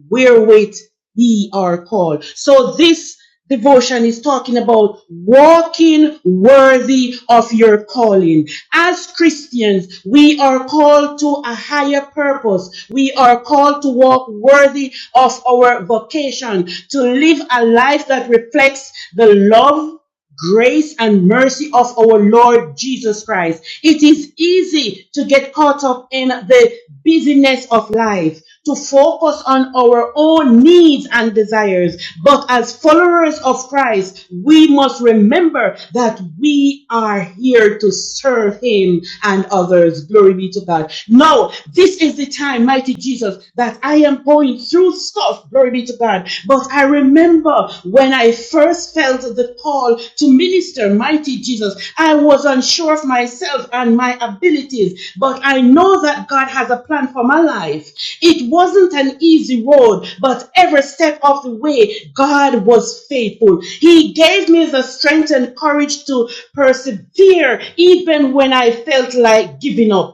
wherewith ye are called. So this devotion is talking about walking worthy of your calling. As Christians, we are called to a higher purpose. We are called to walk worthy of our vocation, to live a life that reflects the love grace and mercy of our Lord Jesus Christ. It is easy to get caught up in the busyness of life, to focus on our own needs and desires. But as followers of Christ, we must remember that we are here to serve Him and others. Glory be to God. Now, this is the time, mighty Jesus, that I am going through so tough, glory be to God. But I remember when I first felt the call to minister, mighty Jesus, I was unsure of myself and my abilities, but I know that God has a plan for my life. It wasn't an easy road, but every step of the way, God was faithful. He gave me the strength and courage to persevere even when I felt like giving up.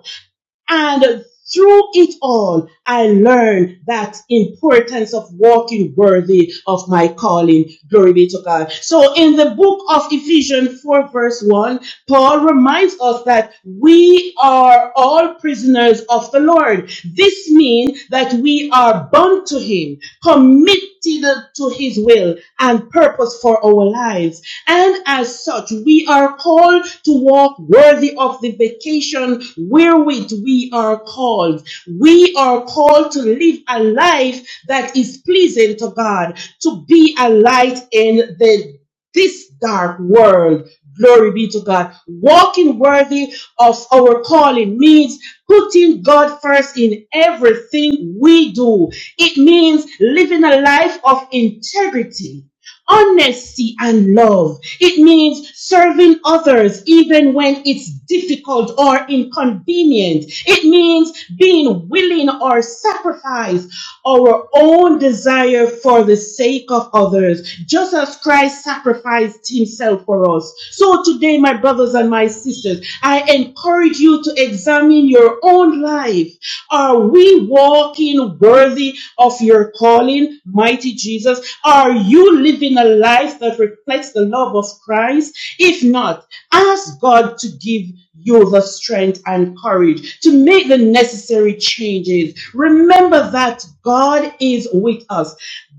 And through it all, I learned that importance of walking worthy of my calling. Glory be to God. So in the book of Ephesians 4 verse 1, Paul reminds us that we are all prisoners of the Lord. This means that we are bound to Him, committed to His will and purpose for our lives. And as such, we are called called to walk worthy of the vacation wherewith we are called. We are called to live a life that is pleasing to God, to be a light in the this dark world. Glory be to God. Walking worthy of our calling means putting God first in everything we do. It means living a life of integrity Honesty and love. It means serving others even when it's difficult or inconvenient. It means being willing or sacrifice our own desire for the sake of others, just as Christ sacrificed himself for us. So today, my brothers and my sisters, I encourage you to examine examine your own life. Are we walking worthy of your calling, mighty Jesus? Are you living a life that reflects the love of Christ? If not, ask God to give you the strength and courage to make the necessary changes. Remember that God is with us.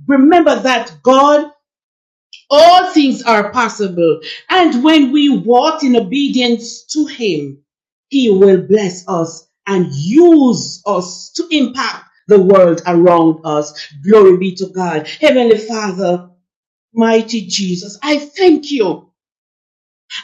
Remember that God all things are possible. And when we walk in obedience to Him, He will bless us and use us to impact the world around us. Glory be to God. Heavenly Father, mighty Jesus, I thank you.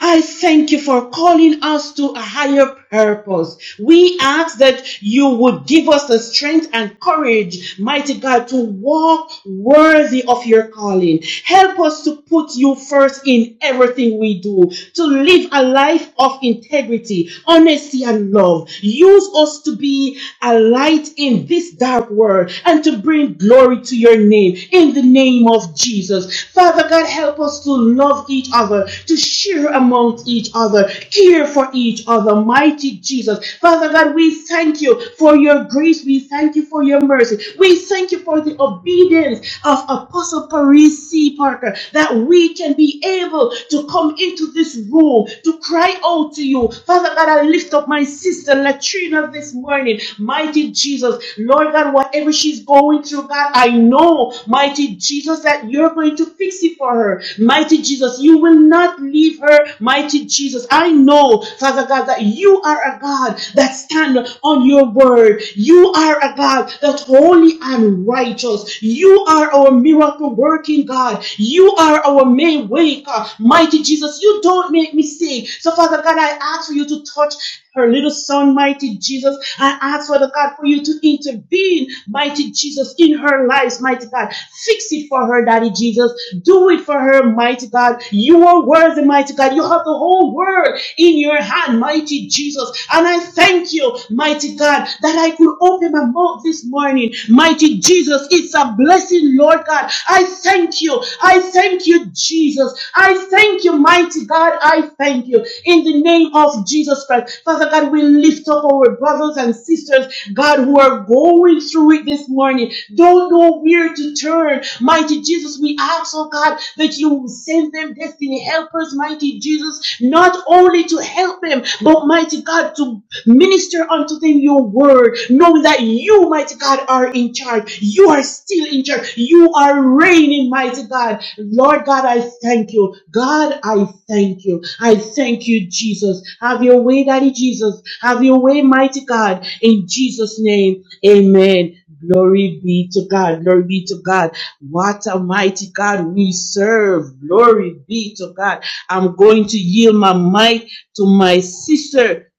I thank you for calling us to a higher purpose. We ask that you would give us the strength and courage, mighty God, to walk worthy of your calling. Help us to put you first in everything we do, to live a life of integrity, honesty, and love. Use us to be a light in this dark world and to bring glory to your name in the name of Jesus. Father God, help us to love love each other, to share amongst each other, care for each other. Mighty Jesus. Father God, we thank you for your grace. We thank you for your mercy. We thank you for the obedience of Apostle Paris C. Parker that we can be able to come into this room to cry out to you. Father God, I lift up my sister Latrina this morning. Mighty Jesus, Lord God, whatever she's going through, God, I know, mighty Jesus, that you're going to to fix it for her. Mighty Jesus, you will not leave her. Mighty Jesus, I know, Father God, that you are a God that stand on your word. You are a God that holy and righteous. You are our miracle working God. You are our main waker. Mighty Jesus, you don't make mistake. So Father God, I ask for you to touch her little son, mighty Jesus. I ask, Father God, for you to intervene, mighty Jesus, in her life, mighty God. Fix it for her, Daddy Jesus. Do it for her, mighty God. You are worthy, mighty God. You have the whole world in your hand, mighty Jesus. And I thank you, mighty God, that I could open my mouth this morning. Mighty Jesus, it's a are blessing, Lord God. I thank you. I thank you, Jesus. I thank you, mighty God. I thank you in the name of Jesus Christ. Father God, we lift up our brothers and sisters, God, who are going through it this morning. Don't know where to turn. Mighty Jesus, we ask, oh God, that you send them destiny helpers, mighty Jesus used not only to help them, but mighty God, to minister unto them your word, knowing that you, mighty God, are in charge. You are still in charge. You are reigning, mighty God. Lord God, I thank you. God, I thank you. I thank you, Jesus. Have your way, Daddy Jesus. Have your way, mighty God. In Jesus' name, amen. Glory be to God. Glory be to God. What a mighty God we serve. Glory be to God. I'm going to yield my mic to my sister,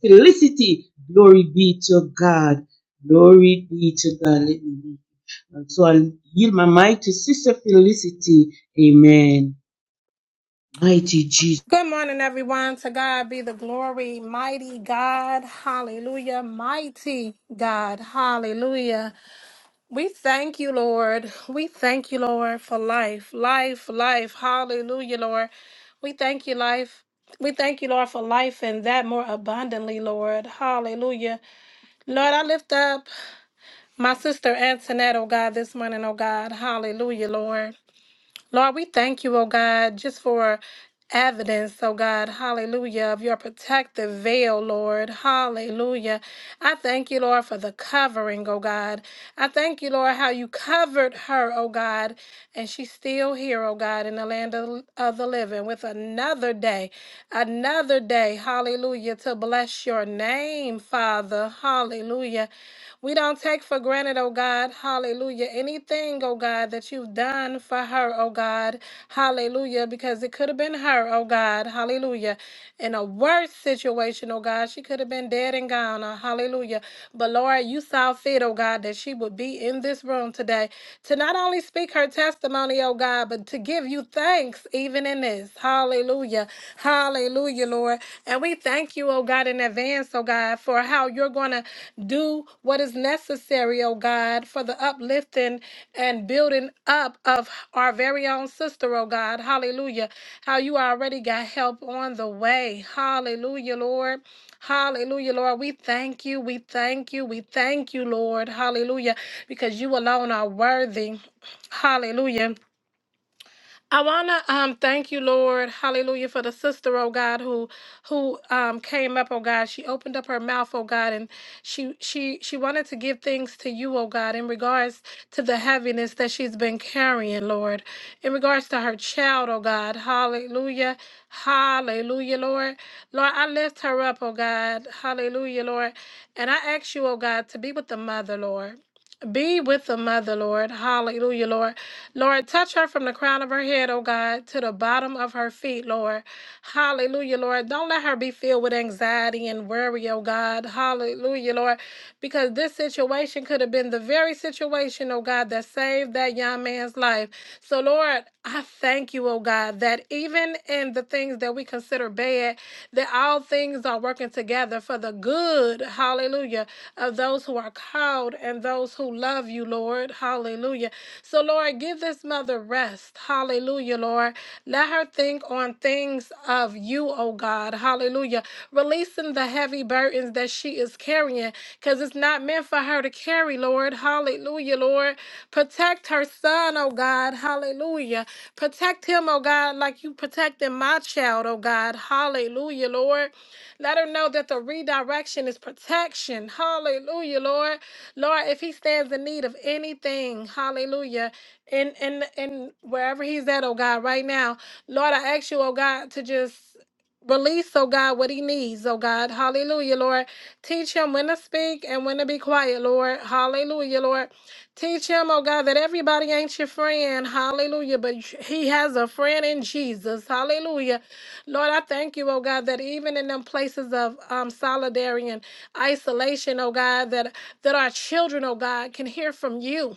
Felicity. Glory be to God. Glory be to God. Let me- So I'll yield my mic to Sister Felicity. Amen. Mighty Jesus. Good morning, everyone. To God be the glory. Mighty God. Hallelujah. Mighty God. Hallelujah. We thank you, Lord. We thank you, Lord, for life. Life, life. Hallelujah, Lord. We thank you, life. We thank you, Lord, for life and that more abundantly, Lord. Hallelujah. Lord, I lift up my sister Antoinette, oh God, this morning, oh God. Hallelujah, Lord. Lord, we thank you, oh God, just for evidence, oh God, hallelujah, of your protective veil, Lord, hallelujah. I thank you, Lord, for the covering, oh God. I thank you, Lord, how you covered her, oh God, and she's still here, oh God, in the land of, of the living with another day, another day, hallelujah, to bless your name, Father, hallelujah. We don't take for granted, oh God, hallelujah, anything, oh God, that you've done for her, oh God, hallelujah, because it could have been her, oh God, hallelujah, in a worse situation, oh God. She could have been dead and gone, oh, hallelujah. But Lord, you saw fit, oh God, that she would be in this room today to not only speak her testimony, oh God, but to give you thanks even in this, hallelujah, hallelujah. Hallelujah, Lord. And we thank you, oh God, in advance, oh God, for how you're going to do what is necessary, oh God, for the uplifting and building up of our very own sister, oh God. Hallelujah. How you already got help on the way. Hallelujah, Lord. Hallelujah, Lord. We thank you. We thank you. We thank you, Lord. Hallelujah. Because you alone are worthy. Hallelujah. I wanna um thank you, Lord, Hallelujah, for the sister, oh God, who who um came up, oh God. She opened up her mouth, oh God, and she she she wanted to give things to you, oh God, in regards to the heaviness that she's been carrying, Lord, in regards to her child, oh God, Hallelujah, Hallelujah, Lord, Lord, I lift her up, oh God, Hallelujah, Lord, and I ask you, oh God, to be with the mother, Lord. Be with the mother, Lord. Hallelujah, Lord. Lord, touch her from the crown of her head, oh God, to the bottom of her feet, Lord. Hallelujah, Lord. Don't let her be filled with anxiety and worry, oh God. Hallelujah, Lord. Because this situation could have been the very situation, oh God, that saved that young man's life. So, Lord, I thank you, oh God, that even in the things that we consider bad, that all things are working together for the good, hallelujah, of those who are called and those who love you, Lord, hallelujah. So, Lord, give this mother rest, hallelujah, Lord. Let her think on things of you, oh God, hallelujah, releasing the heavy burdens that she is carrying because it's not meant for her to carry, Lord, hallelujah, Lord. Protect her son, oh God. Hallelujah. Protect him, oh God, like you protected my child, oh God. Hallelujah, Lord. Let her know that the redirection is protection. Hallelujah, Lord. Lord, if he stands in need of anything, hallelujah. In in in wherever he's at, oh God, right now. Lord, I ask you, oh God, to just release, oh God, what he needs, oh God. Hallelujah, Lord. Teach him when to speak and when to be quiet, Lord. Hallelujah, Lord. Teach him, oh God, that everybody ain't your friend. Hallelujah. But he has a friend in Jesus. Hallelujah. Lord, I thank you, oh God, that even in them places of um, solidarity and isolation, oh God, that, that our children, oh God, can hear from you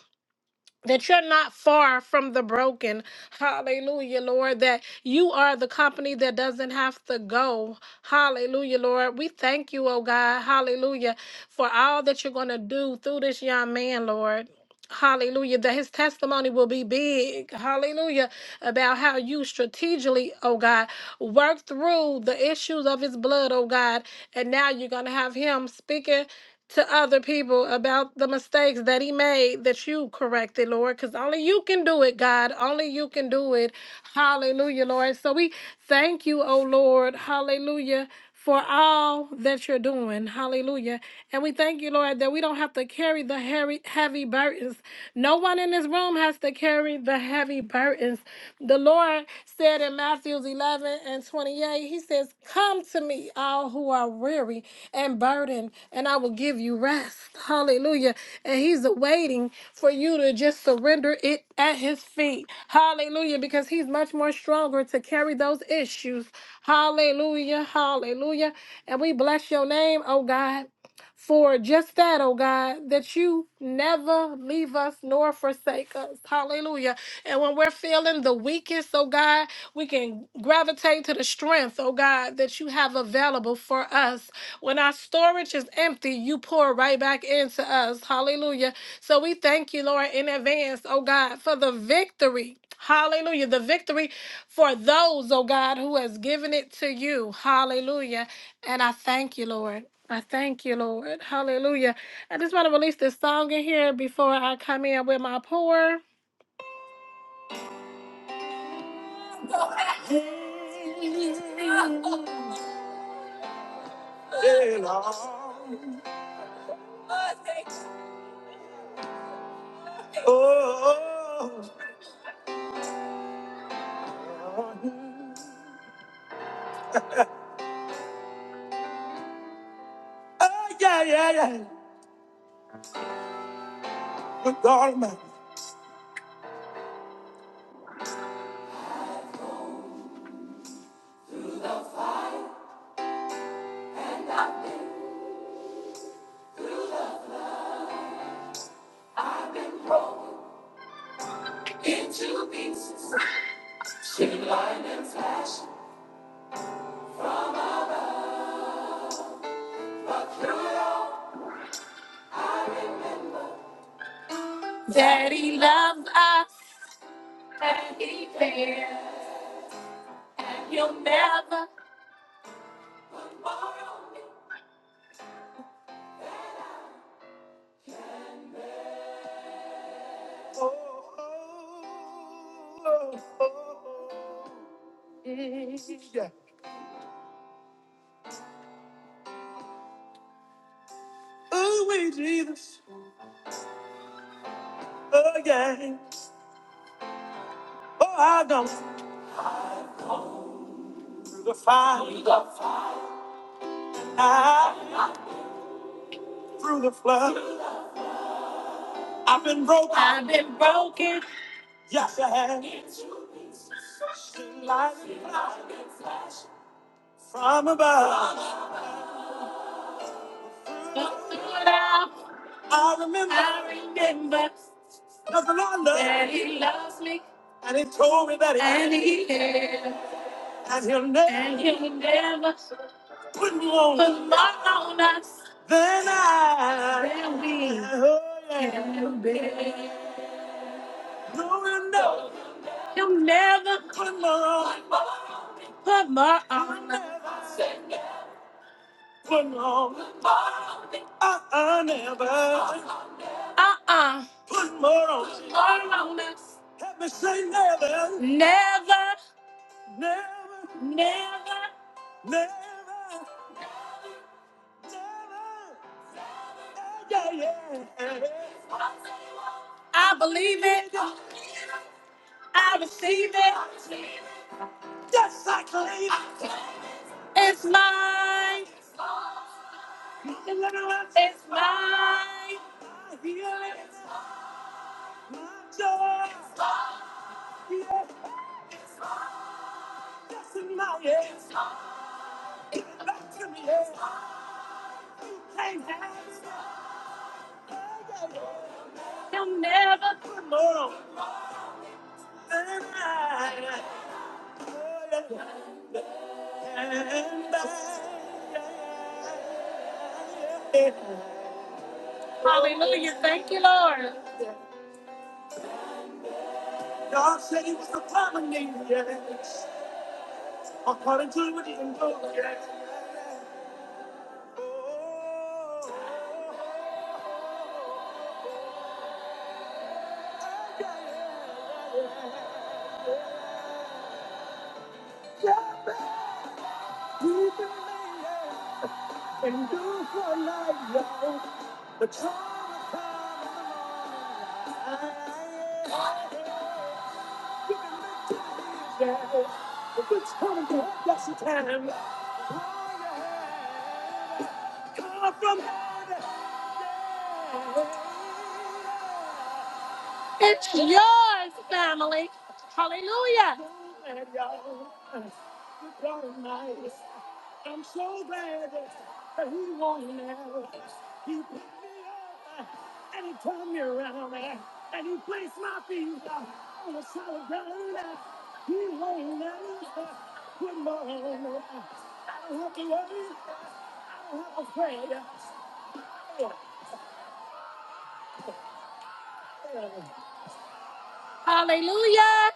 that you're not far from the broken. Hallelujah, Lord, that you are the company that doesn't have to go. Hallelujah, Lord. We thank you, oh God. Hallelujah, for all that you're going to do through this young man, Lord. Hallelujah, that his testimony will be big. Hallelujah, about how you strategically, oh God, work through the issues of his blood, oh God. And now you're going to have him speaking to other people about the mistakes that he made that you corrected, Lord, because only you can do it, God. Only you can do it. Hallelujah, Lord. So we thank you, oh Lord. Hallelujah. For all that you're doing. Hallelujah. And we thank you, Lord, that we don't have to carry the heavy heavy burdens. No one in this room has to to carry the heavy burdens. The Lord said in Matthew 11 and 28, He says, Come to me, all who are weary and burdened, and I will give you rest. Hallelujah. And He's waiting for you to just surrender it at His feet. Hallelujah. Because He's much more stronger to carry those issues. Hallelujah. Hallelujah. And we bless your name, oh God for just that, oh God, that you never leave us nor forsake us. Hallelujah. And when we're feeling the weakest, oh God, we can gravitate to the strength, oh God, that you have available for us. When our storage is empty, you pour right back into us. Hallelujah. So we thank you, Lord, in advance, oh God, for the victory. Hallelujah. The victory for those, oh God, who has given it to you. Hallelujah. And I thank you, Lord. I thank you, Lord. Hallelujah. I just want to release this song in here before I come in with my pour. Oh, oh, yeah, yeah, yeah. With all my daddy loves us, daddy care, he'll never. Oh, oh, oh, oh, yeah. Oh, we Jesus, oh, yeah. Oh, I done through the fire, through the, fire. I, through the flood. I've been broken, I've been broken. Yes, I have. from above. I remember, I remember that the Lord loved that He loves me, and He told me that He and He cares, and He'll never, and He'll never put me on, put more on us than I, than we, oh, yeah. can bear. No, no, no, He'll never put more on, put more on us, put more on, uh, uh, never. Uh-uh. Put more on. Help me say never. Never. Never. Never. Never. Yeah, yeah, yeah. I believe it. I receive it. Yes, I claim. it. It's mine. It's mine. My healing. My joy. Yeah. That's in my hands. Give it back to me. Yeah. Can't Yeah, yeah, yeah. Put more on. Hallelujah. Thank you, Lord. God said he was the common name, yes. According to what he can do, yes. Yeah, man. He believed. and do for life, yo. The time will come in the morning light. You can look to the future, but it's coming to help us in time. Hold your head, come from God. Yeah. It's yours, family. Hallelujah. I'm so glad that he will now. He picked me up and he turned me around and he placed my feet on the solid ground. He will now. Good morning. I don't have to worry. I don't have to pray. Hallelujah.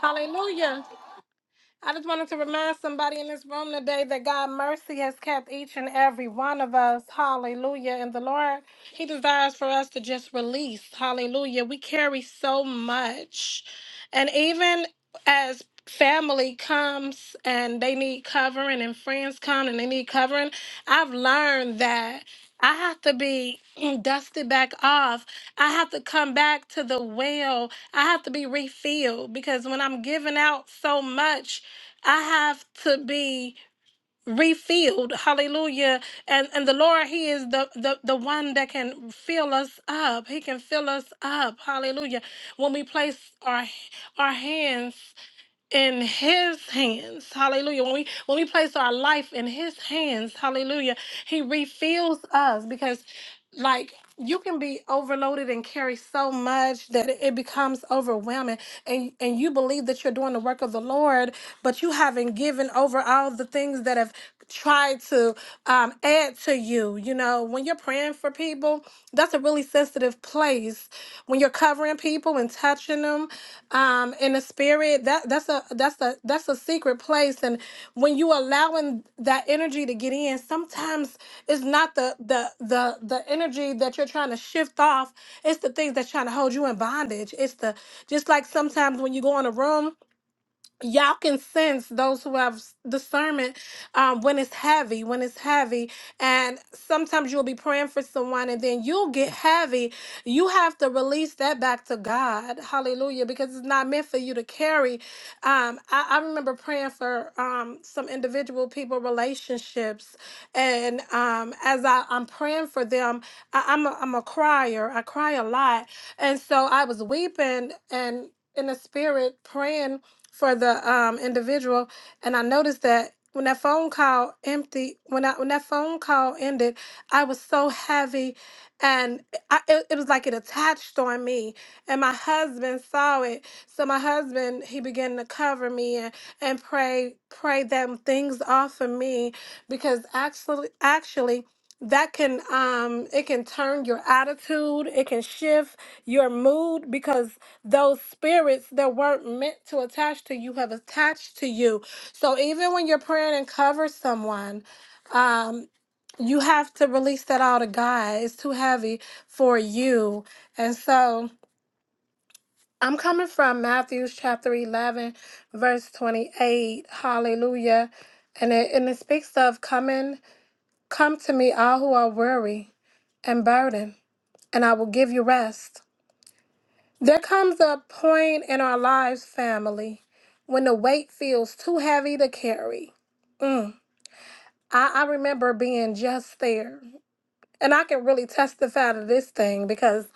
Hallelujah. I just wanted to remind somebody in this room today that God mercy has kept each and every one of us. Hallelujah. And the Lord, He desires for us to just release. Hallelujah. We carry so much. And even as family comes and they need covering and friends come and they need covering, I've learned that. I have to be dusted back off. I have to come back to the well. I have to be refilled because when I'm giving out so much, I have to be refilled. Hallelujah. And and the Lord, He is the, the, the one that can fill us up. He can fill us up. Hallelujah. When we place our our hands in his hands hallelujah when we when we place our life in his hands hallelujah he refills us because like you can be overloaded and carry so much that it becomes overwhelming and and you believe that you're doing the work of the lord but you haven't given over all the things that have tried to um, add to you you know when you're praying for people, that's a really sensitive place. When you're covering people and touching them um, in the spirit, that that's a that's a that's a secret place. And when you allowing that energy to get in, sometimes it's not the the the the energy that you're trying to shift off. It's the things that's trying to hold you in bondage. It's the just like sometimes when you go in a room y'all can sense those who have s- discernment um, when it's heavy when it's heavy and sometimes you'll be praying for someone and then you'll get heavy you have to release that back to god hallelujah because it's not meant for you to carry um, I, I remember praying for um, some individual people relationships and um, as I, i'm praying for them I, I'm, a, I'm a crier i cry a lot and so i was weeping and in the spirit praying for the um individual and I noticed that when that phone call empty when I when that phone call ended, I was so heavy and I, it, it was like it attached on me and my husband saw it so my husband he began to cover me and, and pray pray them things off of me because actually actually that can um it can turn your attitude it can shift your mood because those spirits that weren't meant to attach to you have attached to you so even when you're praying and cover someone um you have to release that all to god it's too heavy for you and so i'm coming from matthews chapter 11 verse 28 hallelujah and it and it speaks of coming come to me all who are weary and burden, and I will give you rest. There comes a point in our lives, family, when the weight feels too heavy to carry. Mm. I, I remember being just there, and I can really testify to this thing because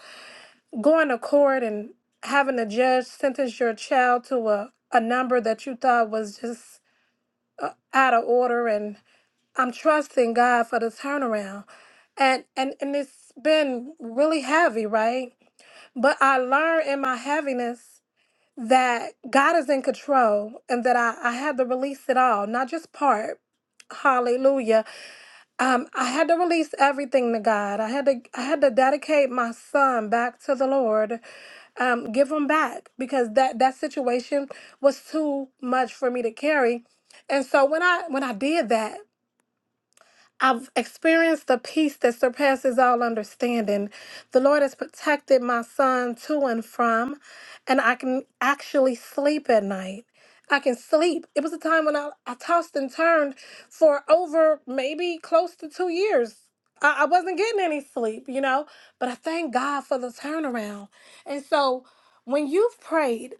going to court and having a judge sentence your child to a, a number that you thought was just out of order and I'm trusting God for the turnaround. And and and it's been really heavy, right? But I learned in my heaviness that God is in control and that I, I had to release it all, not just part. Hallelujah. Um, I had to release everything to God. I had to I had to dedicate my son back to the Lord. Um, give him back because that that situation was too much for me to carry. And so when I when I did that, I've experienced the peace that surpasses all understanding. The Lord has protected my son to and from, and I can actually sleep at night. I can sleep. It was a time when I, I tossed and turned for over maybe close to two years. I, I wasn't getting any sleep, you know, but I thank God for the turnaround. And so when you've prayed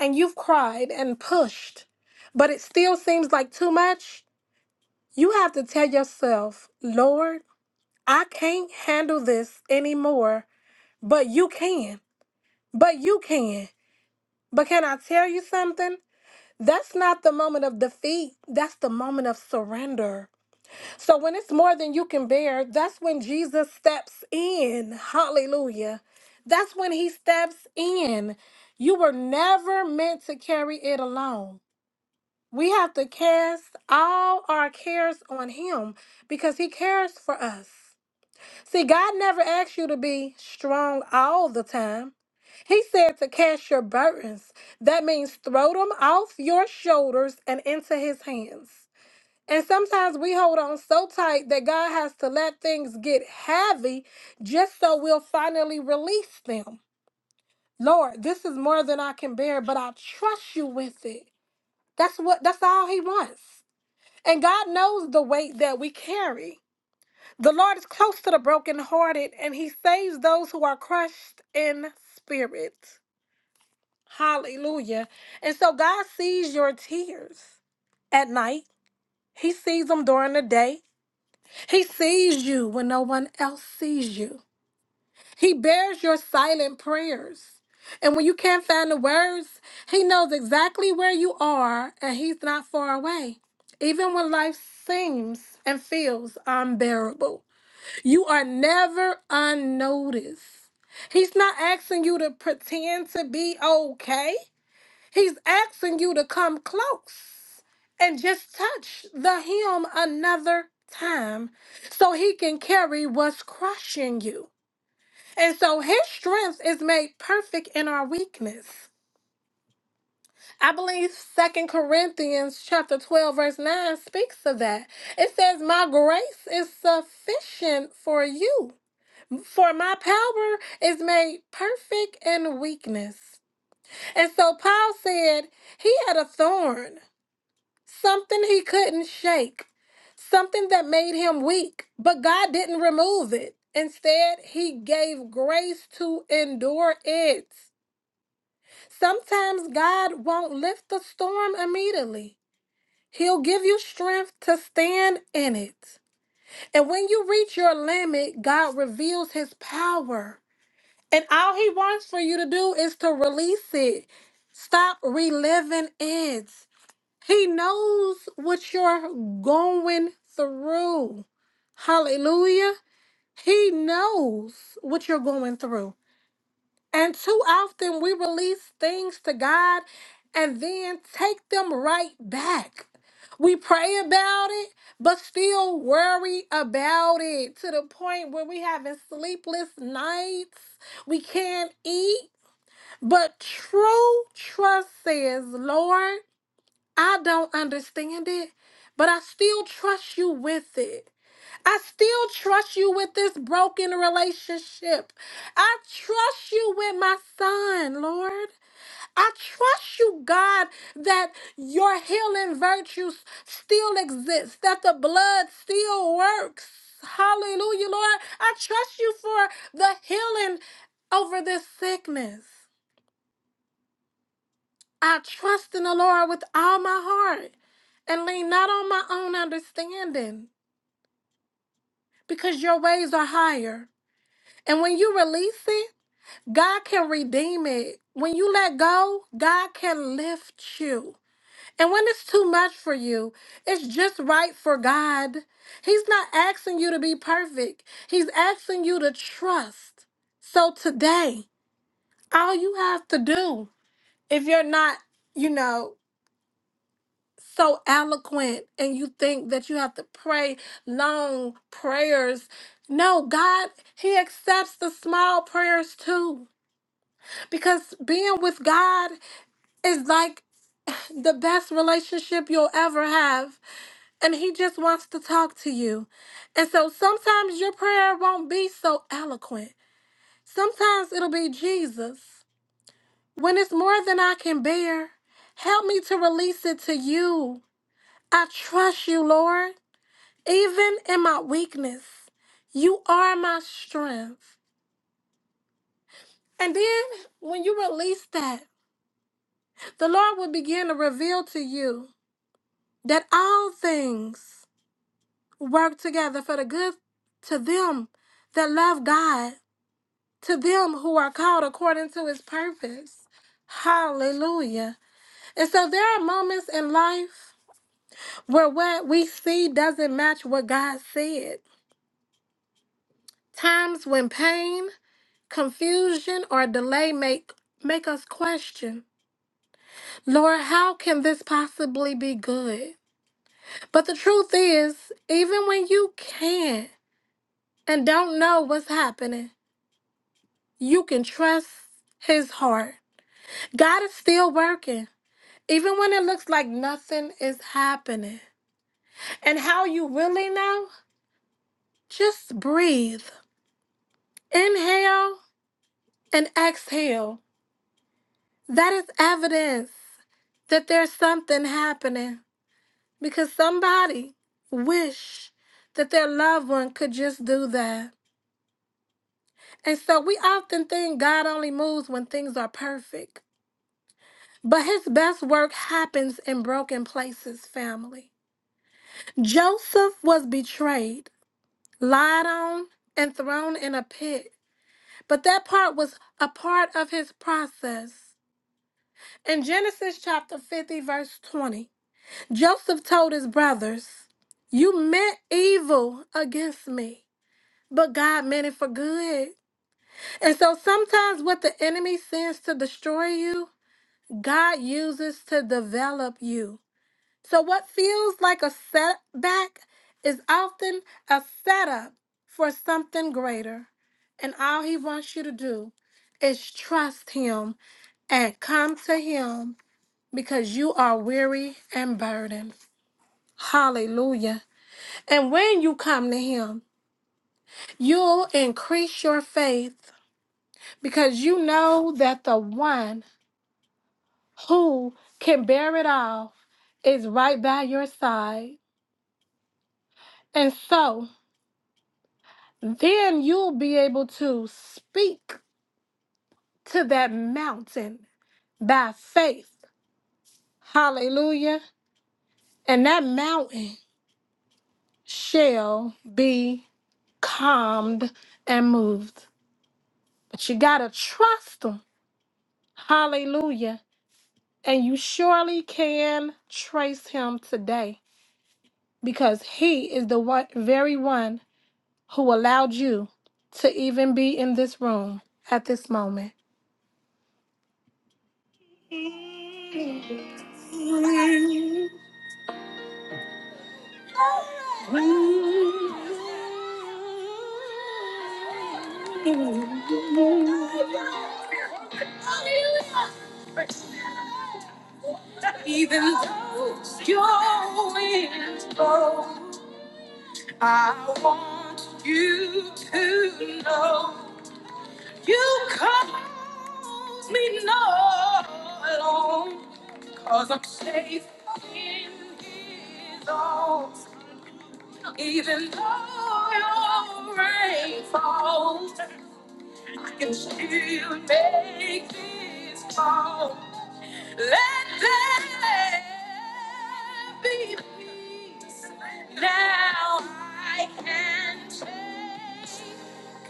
and you've cried and pushed, but it still seems like too much, you have to tell yourself, Lord, I can't handle this anymore, but you can. But you can. But can I tell you something? That's not the moment of defeat. That's the moment of surrender. So when it's more than you can bear, that's when Jesus steps in. Hallelujah. That's when he steps in. You were never meant to carry it alone. We have to cast all our cares on him because he cares for us. See, God never asked you to be strong all the time. He said to cast your burdens. That means throw them off your shoulders and into his hands. And sometimes we hold on so tight that God has to let things get heavy just so we'll finally release them. Lord, this is more than I can bear, but I trust you with it. That's what that's all he wants. And God knows the weight that we carry. The Lord is close to the brokenhearted, and he saves those who are crushed in spirit. Hallelujah. And so God sees your tears at night. He sees them during the day. He sees you when no one else sees you. He bears your silent prayers. And when you can't find the words, he knows exactly where you are and he's not far away. Even when life seems and feels unbearable. You are never unnoticed. He's not asking you to pretend to be okay. He's asking you to come close and just touch the hem another time so he can carry what's crushing you. And so his strength is made perfect in our weakness. I believe Second Corinthians chapter 12 verse 9 speaks of that. It says, "My grace is sufficient for you." For my power is made perfect in weakness. And so Paul said he had a thorn, something he couldn't shake, something that made him weak, but God didn't remove it. Instead, he gave grace to endure it. Sometimes God won't lift the storm immediately. He'll give you strength to stand in it. And when you reach your limit, God reveals his power. And all he wants for you to do is to release it. Stop reliving it. He knows what you're going through. Hallelujah. He knows what you're going through. And too often we release things to God and then take them right back. We pray about it, but still worry about it to the point where we having sleepless nights. We can't eat but true trust says, Lord, I don't understand it, but I still trust you with it. I still trust you with this broken relationship. I trust you with my son, Lord. I trust you, God, that your healing virtues still exist, that the blood still works. Hallelujah, Lord. I trust you for the healing over this sickness. I trust in the Lord with all my heart and lean not on my own understanding because your ways are higher. And when you release it, God can redeem it. When you let go, God can lift you. And when it's too much for you, it's just right for God. He's not asking you to be perfect, He's asking you to trust. So today, all you have to do, if you're not, you know, so eloquent and you think that you have to pray long prayers. No, God, He accepts the small prayers too. Because being with God is like the best relationship you'll ever have. And He just wants to talk to you. And so sometimes your prayer won't be so eloquent, sometimes it'll be Jesus. When it's more than I can bear, help me to release it to you. I trust you, Lord. Even in my weakness, you are my strength. And then when you release that, the Lord will begin to reveal to you that all things work together for the good to them that love God, to them who are called according to his purpose. Hallelujah. And so there are moments in life where what we see doesn't match what God said. Times when pain Confusion or delay make make us question, Lord, how can this possibly be good? But the truth is, even when you can't and don't know what's happening, you can trust his heart. God is still working, even when it looks like nothing is happening. And how you really know? Just breathe. Inhale and exhale. That is evidence that there's something happening. because somebody wish that their loved one could just do that. And so we often think God only moves when things are perfect. But his best work happens in broken places, family. Joseph was betrayed, lied on, and thrown in a pit. But that part was a part of his process. In Genesis chapter 50, verse 20, Joseph told his brothers, You meant evil against me but God meant it for good. And so sometimes what the enemy sends to destroy you, God uses to develop you. So what feels like a setback is often a setup for something greater. And all he wants you to do is trust him and come to him because you are weary and burdened. Hallelujah. And when you come to him, you'll increase your faith because you know that the one who can bear it all is right by your side. And so then you'll be able to speak to that mountain by faith. Hallelujah. And that mountain shall be calmed and moved. But you got to trust him. Hallelujah. And you surely can trace him today. because he is the one, very one who allowed you to even be in this room at this moment. Even though I want you to know you cause me no alone, cause I'm safe in his arms. Even though your rain falls, can still make this call. Let there be peace. Now I can take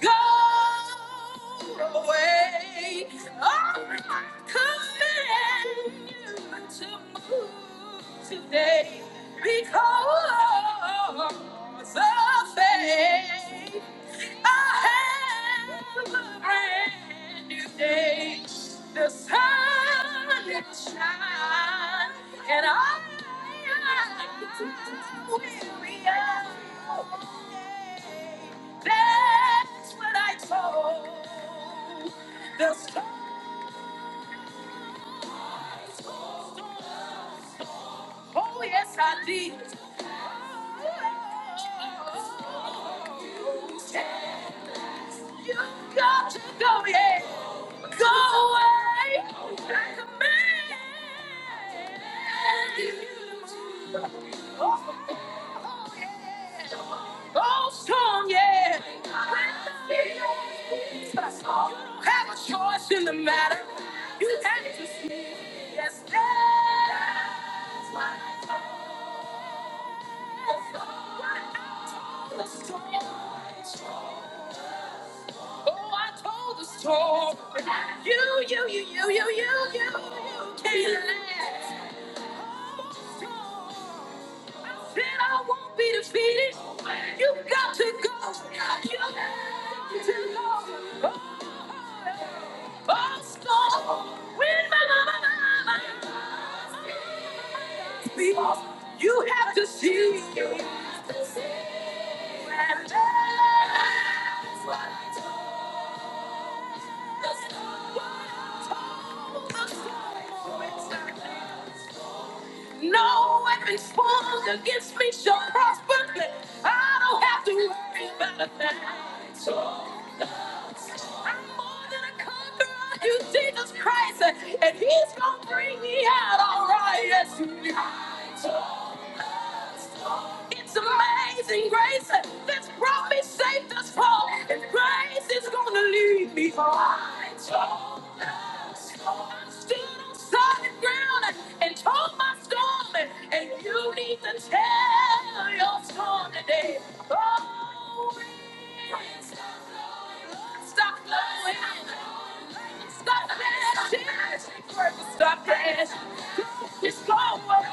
go away. Oh, I command you to move today because of faith. I have a brand new day. The sun will shine, and I will be okay. That's what I told the storm. Oh yes, I did. Oh, You got to go, yeah. Go away. I command you to move. Oh, yeah. Oh, strong, yeah. You don't have a choice in the matter. You have to see. Yes, that's what I Oh, I told the storm. You, you, you, you, you, you, you, you can last. Then I won't be defeated. You have got to go. You have got to go. Oh, oh, oh, storm. When my mama, people, you have to see. You have to see. And that's what I told the storm. Told the storm. Oh, it's not there. No weapons formed against me shall prosper. I don't have to worry about a thing. I'm more than a conqueror through Jesus Christ, and He's gonna bring me out all right. Yes, He will. So, It's amazing grace that's brought me safe thus far, and grace is gonna lead me on. So, I'm still on solid solid ground and told my storm. And, and you need to tell your storm today. Oh, wind, stop blowing. Stop blowing. Stop crashing. Stop crashing. It's blowing.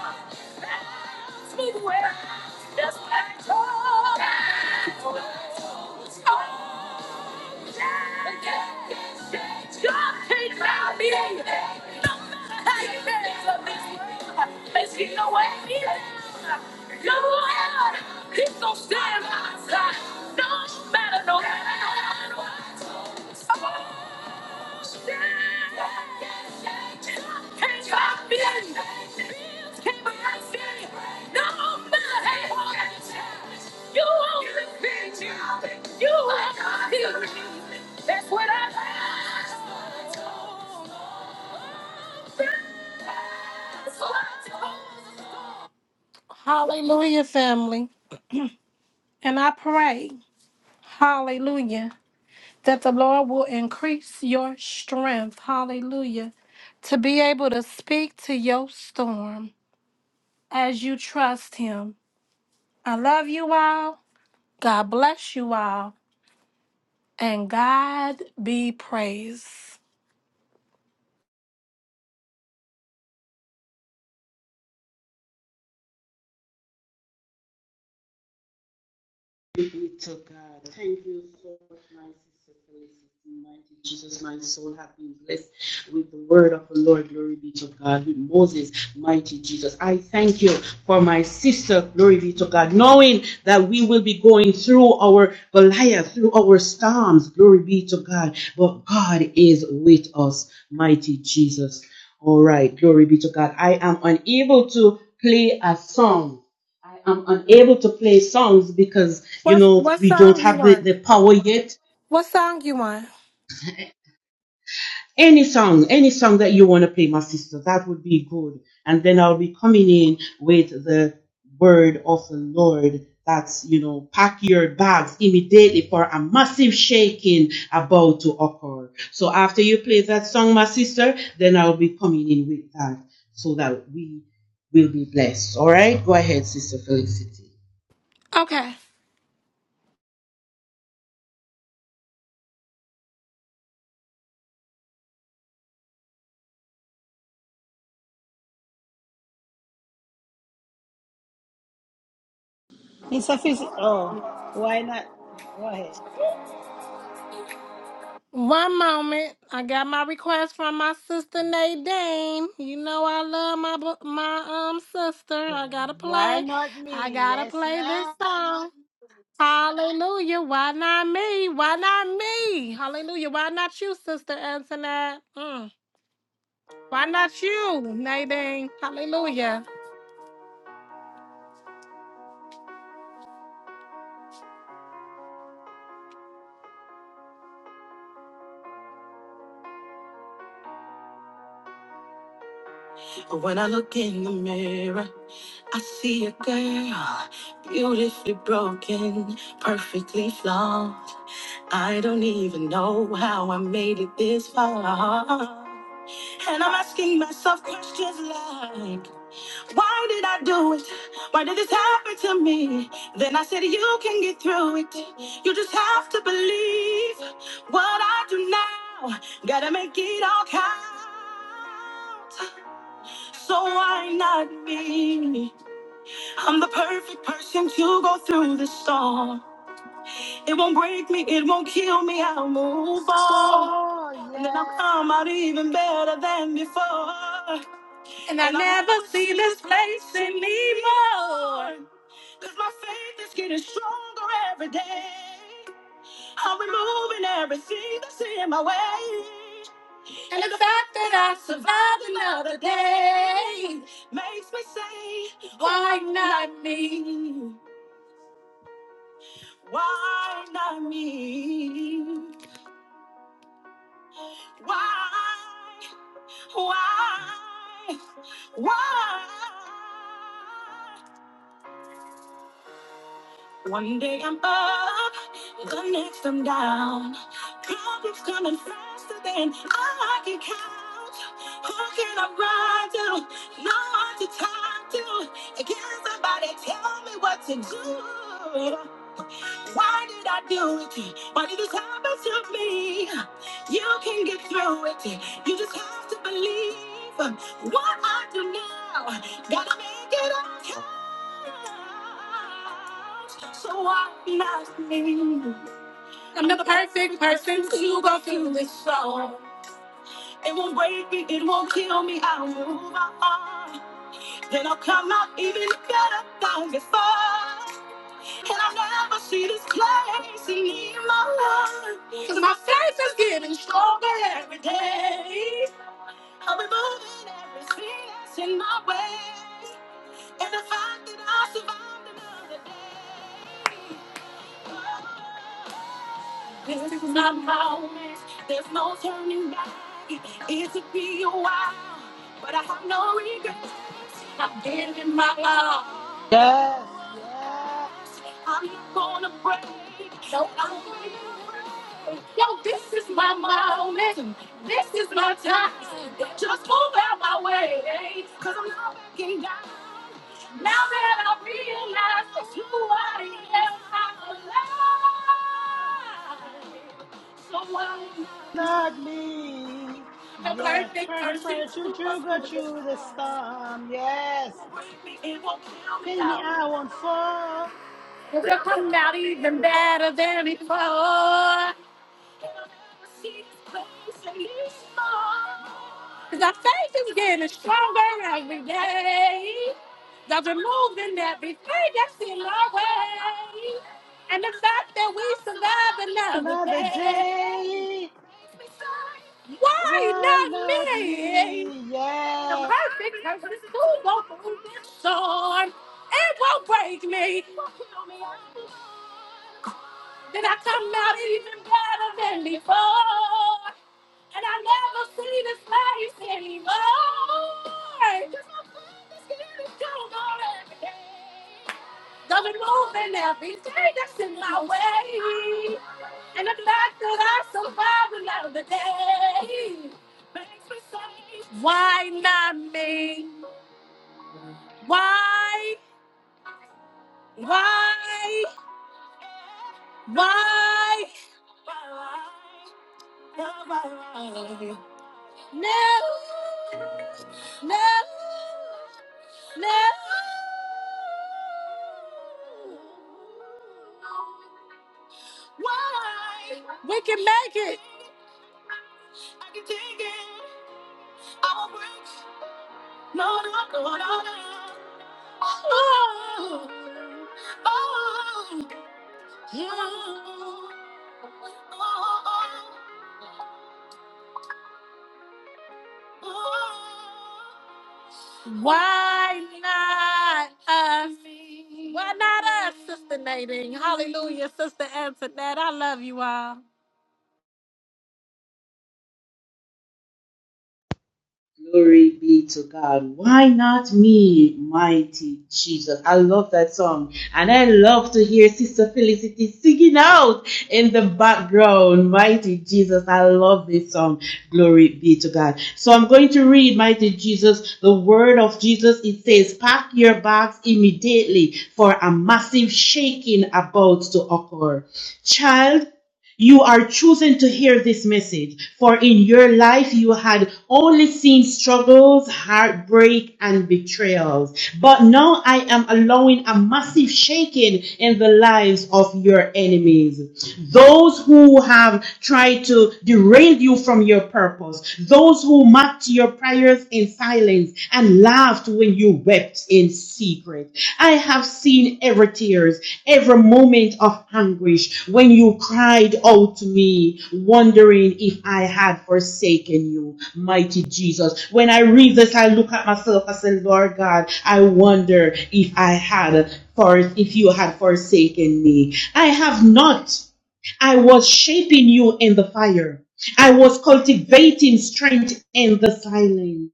Bounce me away. That's what I told. Oh, God can't find me. No matter how you dance on this world, there's no way me down. God, He's gonna stand by my side. No matter, no matter, no matter what. That's what I Hallelujah, family. And I pray, hallelujah. that the Lord will increase your strength. Hallelujah. To be able to speak to your storm as you trust Him. I love you all. God bless you all. And God be praised. Glory be to God. Thank you so much, my sister Felicity. Mighty Jesus, my soul has been blessed with the word of the Lord. Glory be to God. With Moses, mighty Jesus. I thank you for my sister. Glory be to God. Knowing that we will be going through our Goliath, through our storms. Glory be to God. But God is with us, mighty Jesus. All right. Glory be to God. I am unable to play a song I am unable to play songs because you What, know what we don't song you have the, want? the power yet. What song you want? Any song, any song that you want to play, my sister, that would be good. And then I'll be coming in with the word of the Lord. That's you know, pack your bags immediately for a massive shaking about to occur. So after you play that song, my sister, then I'll be coming in with that so that we will be blessed. All right, go ahead, sister Felicity. Okay. It's a Oh, why not? Go ahead. One moment. I got my request from my sister Nadine. You know I love my bu- my um sister. I gotta Why play. not I me? gotta Yes, play this ma'am. song. Hallelujah. Why not me? Why not me? Hallelujah. Why not you, Sister Antoinette? Mm. Why not you, Nadine? Hallelujah. But When I look in the mirror, I see a girl beautifully broken, perfectly flawed. I don't even know how I made it this far. And I'm asking myself questions like, why did I do it? Why did this happen to me? Then I said, you can get through it. You just have to believe what I do now. Gotta make it all count. So why not me? I'm the perfect person to go through the storm. It won't break me, it won't kill me. I'll move on. So, And then I'll yes. come out even better than before. I never see this place anymore. Cause my faith is getting stronger every day. I'm removing everything that's in my way. I survived another day. Makes me say, why not me? Why not me? Why? Why? Why? One day I'm up, the next I'm down. Problems coming faster than I can count. Who can I run to? No one to talk to. Can somebody tell me what to do? Why did I do it? Why did this happen to me? You can get through it. You just have to believe what I do now. Gotta make it up. So I'm not me. I'm not a perfect person to go through this song. It won't break me, it won't kill me, I'll move on. Then I'll come out even better than before. And I'll never see this place anymore. Cause my faith is getting stronger every day. I'll be moving everything that's in my way. And the fact that I survived another day. This is my moment. There's no turning back. It took me a while, but I have no regrets. I've given my all. Yes, yes. I'm gonna break. No, I'm gonna break. Yo, this is my moment. This is my time. Just move out my way, cause I'm not backing down. Now that I realize that you are the air I'm alive. So why Not me. not be a Yes. perfect Pray for person prayer. True, to us? true. Go Who through the storm. Yes. will break me It won't kill me Fill me. out? I won't fall. Cause will come out even better than before. Cause our faith is getting stronger every day. God's removing everything that's in our way. And the fact that we survive another Another day. day. Why Why not not me? me? the Yes. perfect person who won't move this storm. It won't break me. Then I come out even better than before. And I never see this place anymore. 'Cause my father's getting stronger every day. Don't be moving every day that's in my way. And the fact that I survived another day makes me say, Why not me? Why? Why? Why? Why? No, no, no. Why? We can make it. I can take it. Our breaks. No, no, no, no, no. Oh, oh, oh, oh, oh. Why not us? Why not us, Sister Nadine? Hallelujah, Sister Antoinette. I love you all. Glory be to God. Why not me, mighty Jesus? I love that song. And I love to hear Sister Felicity singing out in the background. Mighty Jesus, I love this song. Glory be to God. So I'm going to read, mighty Jesus, the word of Jesus. It says, pack your bags immediately for a massive shaking about to occur. Child, you are choosing to hear this message, for in your life you had only seen struggles, heartbreak, and betrayals. But now I am allowing a massive shaking in the lives of your enemies. Those who have tried to derail you from your purpose, those who mocked your prayers in silence and lied laughed when you wept in secret. I have seen every tears, every moment of anguish when you cried out to me, wondering if I had forsaken you, mighty Jesus. When I read this, I look at myself, I say, Lord God, I wonder if I had, for if you had forsaken me. I have not. I was shaping you in the fire. I was cultivating strength in the silence.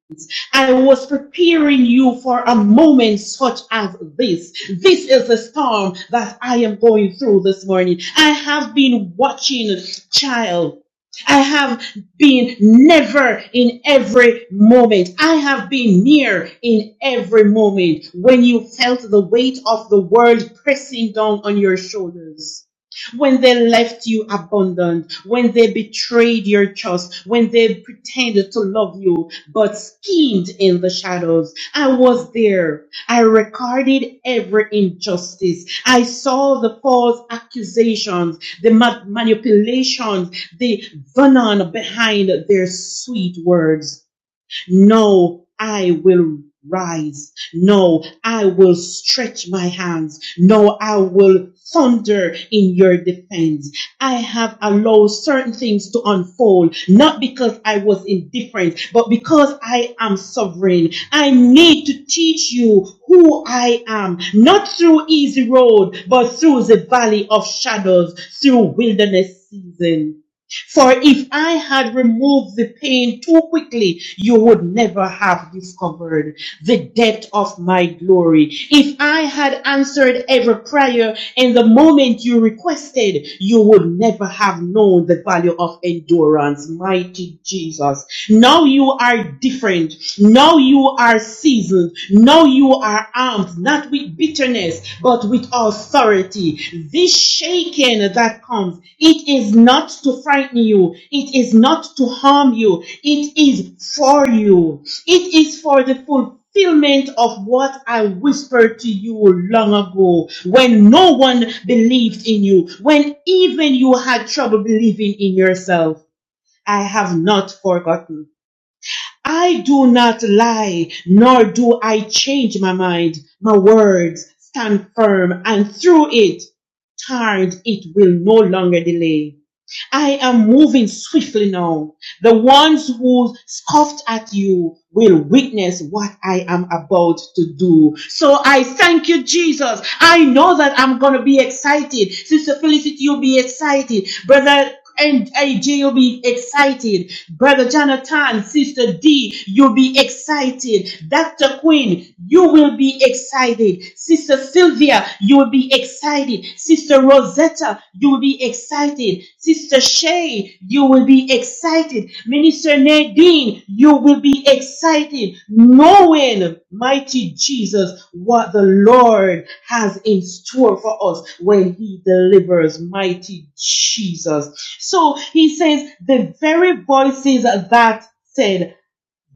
I was preparing you for a moment such as this. This is the storm that I am going through this morning. I have been watching, child. I have been never in every moment. I have been near in every moment when you felt the weight of the world pressing down on your shoulders when they left you abandoned, when they betrayed your trust, when they pretended to love you but schemed in the shadows. I was there. I recorded every injustice. I saw the false accusations, the ma- manipulations, the venom behind their sweet words. No, I will rise. No, I will stretch my hands. No, I will thunder in your defense. I have allowed certain things to unfold, not because I was indifferent, but because I am sovereign. I need to teach you who I am, not through easy road, but through the valley of shadows, through wilderness season. For if I had removed the pain too quickly, you would never have discovered the depth of my glory. If I had answered every prayer in the moment you requested, you would never have known the value of endurance. Mighty Jesus. Now you are different. Now you are seasoned. Now you are armed, not with bitterness, but with authority. This shaking that comes, it is not to frighten you. It is not to harm you. It is for you. It is for the full fulfillment of what I whispered to you long ago when no one believed in you, when even you had trouble believing in yourself. I have not forgotten. I do not lie, nor do I change my mind. My words stand firm, and through it, tired, it will no longer delay. I am moving swiftly now. The ones who scoffed at you will witness what I am about to do. So I thank you, Jesus. I know that I'm going to be excited. Sister Felicity, you'll be excited. Brother and AJ, you'll be excited. Brother Jonathan, Sister D, you'll be excited. Dr. Queen, you will be excited excited. Sister Sylvia, you will be excited. Sister Rosetta, you will be excited. Sister Shay, you will be excited. Minister Nadine, you will be excited knowing, mighty Jesus, what the Lord has in store for us when He delivers, mighty Jesus. So He says, the very voices that said,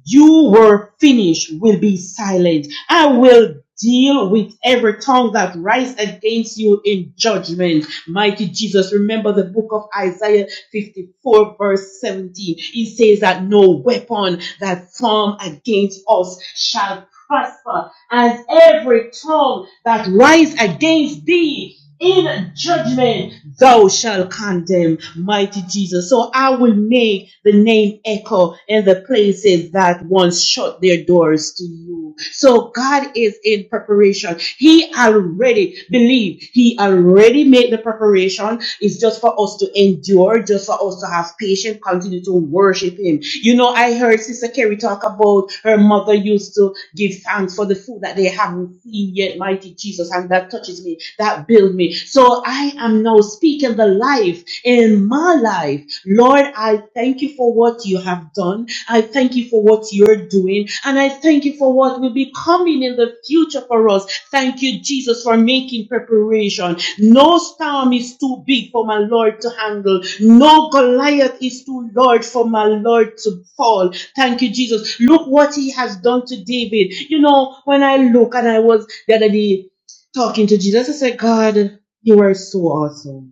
you were finished will be silent. I will deal with every tongue that rises against you in judgment. Mighty Jesus, remember the book of Isaiah 54 verse 17. It says that no weapon that form against us shall prosper, and every tongue that rise against thee in judgment thou shalt condemn, mighty Jesus. So I will make the name echo in the places that once shut their doors to you. So God is in preparation. He already believed. He already made the preparation preparation is just for us to endure, just for us to have patience, continue to worship Him. You know, I heard Sister Carrie talk about her mother used to give thanks for the food that they haven't seen yet, mighty Jesus, and that touches me, that builds me. So I am now speaking the life in my life. Lord, I thank you for what you have done. I thank you for what you're doing. And I thank you for what will be coming in the future for us. Thank you, Jesus, for making preparation. No storm is too big for my Lord to handle. No Goliath is too large for my Lord to fall. Thank you, Jesus. Look what he has done to David. You know, when I look and I was the other day talking to Jesus, I said, God, you are so awesome.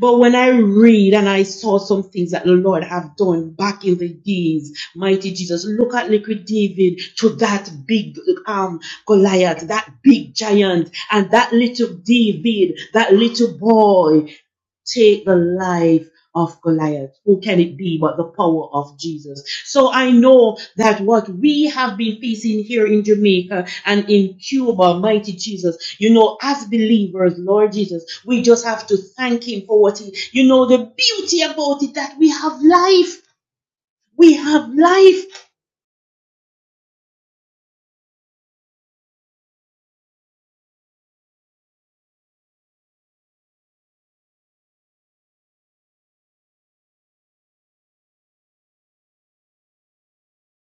But when I read and I saw some things that the Lord have done back in the days, mighty Jesus, look at little David to that big um Goliath, that big giant, and that little David, that little boy take the life of Goliath. Who can it be but the power of Jesus? So I know that what we have been facing here in Jamaica and in Cuba, mighty Jesus, you know, as believers, Lord Jesus, we just have to thank Him for what He, you know, the beauty about it that we have life. We have life.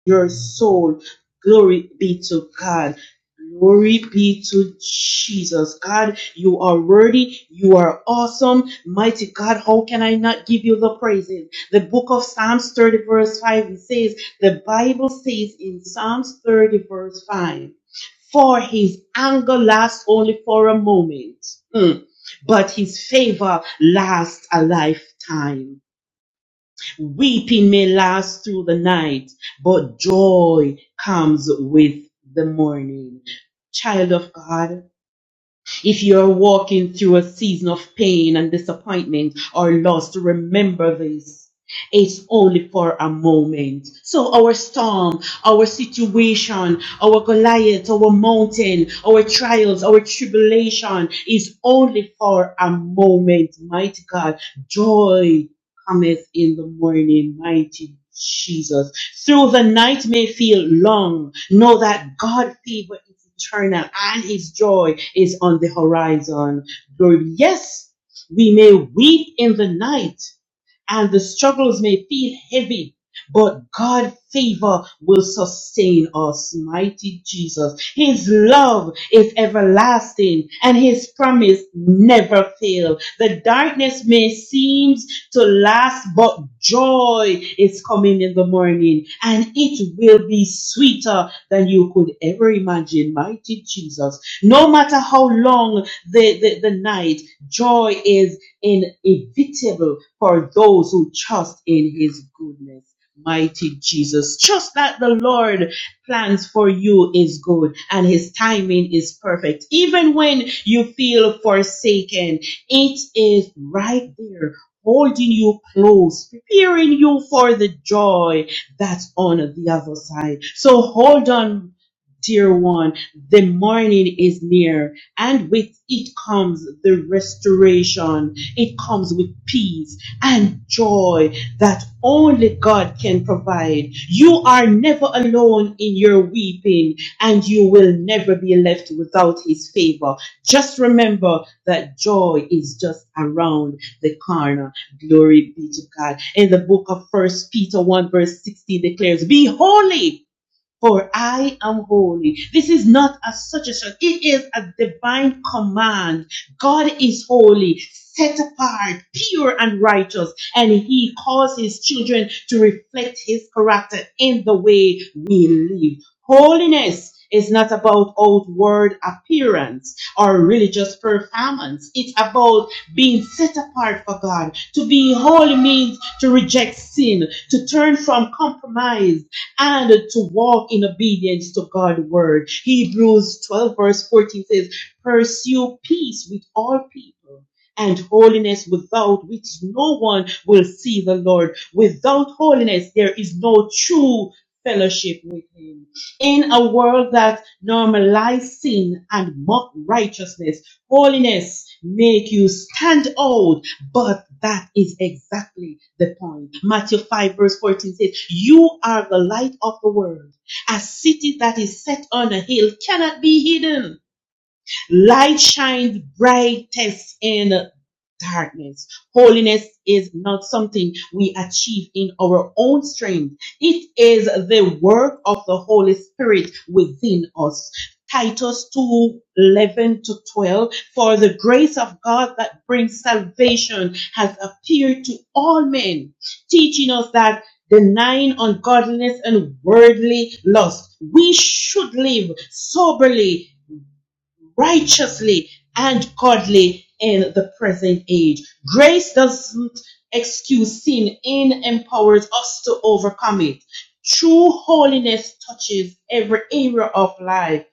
your soul. Glory be to God. Glory be to Jesus. God, you are worthy. You are awesome. Mighty God, how can I not give you the praises? The book of Psalms 30 verse 5 it says, the Bible says in Psalms 30 verse 5, for his anger lasts only for a moment, Mm. but his favor lasts a lifetime. Weeping may last through the night, but joy comes with the morning. Child of God, if you're walking through a season of pain and disappointment or loss, remember this. It's only for a moment. So our storm, our situation, our Goliath, our mountain, our trials, our tribulation is only for a moment. Mighty God, joy cometh in the morning, mighty Jesus. Through the night may feel long, know that God's favor is eternal and his joy is on the horizon. Though Yes, we may weep in the night, and the struggles may feel heavy, but God's favor will sustain us, mighty Jesus. His love is everlasting and his promise never fails. The darkness may seem to last, but joy is coming in the morning and it will be sweeter than you could ever imagine, mighty Jesus. No matter how long the, the, the night, joy is inevitable for those who trust in his goodness. Mighty Jesus, trust that the Lord plans for you is good and his timing is perfect. Even when you feel forsaken, it is right there holding you close, preparing you for the joy that's on the other side. So hold on, dear one. The morning is near and with it comes the restoration it comes with peace and joy that only God can provide. You are never alone in your weeping and you will never be left without his favor. Just remember that joy is just around the corner. Glory be to God. In the book of First Peter 1 verse 16 declares, be holy for I am holy. This is not a suggestion. It is a divine command. God is holy, set apart, pure and righteous, and he calls his children to reflect his character in the way we live. Holiness is not about outward appearance or religious performance. It's about being set apart for God. To be holy means to reject sin, to turn from compromise, and to walk in obedience to God's word. Hebrews 12 verse 14 says, pursue peace with all people and holiness without which no one will see the Lord. Without holiness, there is no true fellowship with him. In a world that normalizes sin and mock righteousness, Holiness make you stand out, but that is exactly the point. Matthew 5 verse 14 says, you are the light of the world. A city that is set on a hill cannot be hidden. Light shines brightest in darkness. Holiness is not something we achieve in our own strength. It is the work of the Holy Spirit within us. Titus 2 11 to 12, for the grace of God that brings salvation has appeared to all men, teaching us that denying ungodliness and worldly lust, we should live soberly righteously and godly in the present age. Grace doesn't excuse sin, it empowers us to overcome it. True holiness touches every area of life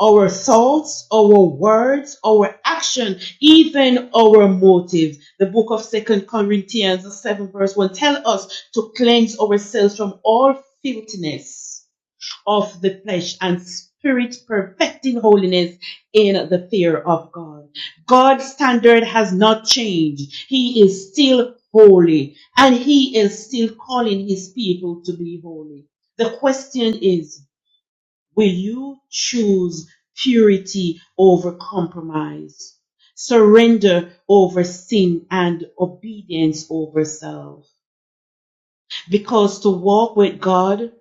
our thoughts, our words, our action, even our motives. The book of Second Corinthians, the 7 verse 1, tells us to cleanse ourselves from all filthiness of the flesh and spirit, perfecting holiness in the fear of God. God's standard has not changed. He is still holy and he is still calling his people to be holy. The question is, will you choose purity over compromise? Surrender over sin and obedience over self. Because to walk with God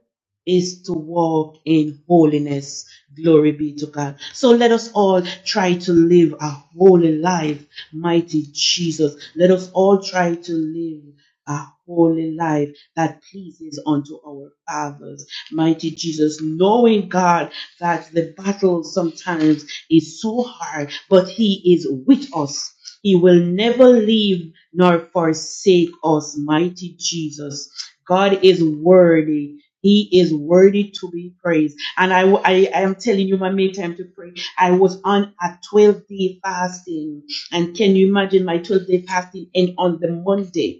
is to walk in holiness. Glory be to God. So let us all try to live a holy life, mighty Jesus. Let us all try to live a holy life that pleases unto our fathers. Mighty Jesus, knowing God that the battle sometimes is so hard, but He is with us. He will never leave nor forsake us, mighty Jesus. God is worthy. He is worthy to be praised. And I, I, I am telling you, my make time to pray. I was on a 12 day fasting. And can you imagine my 12 day fasting And on the Monday?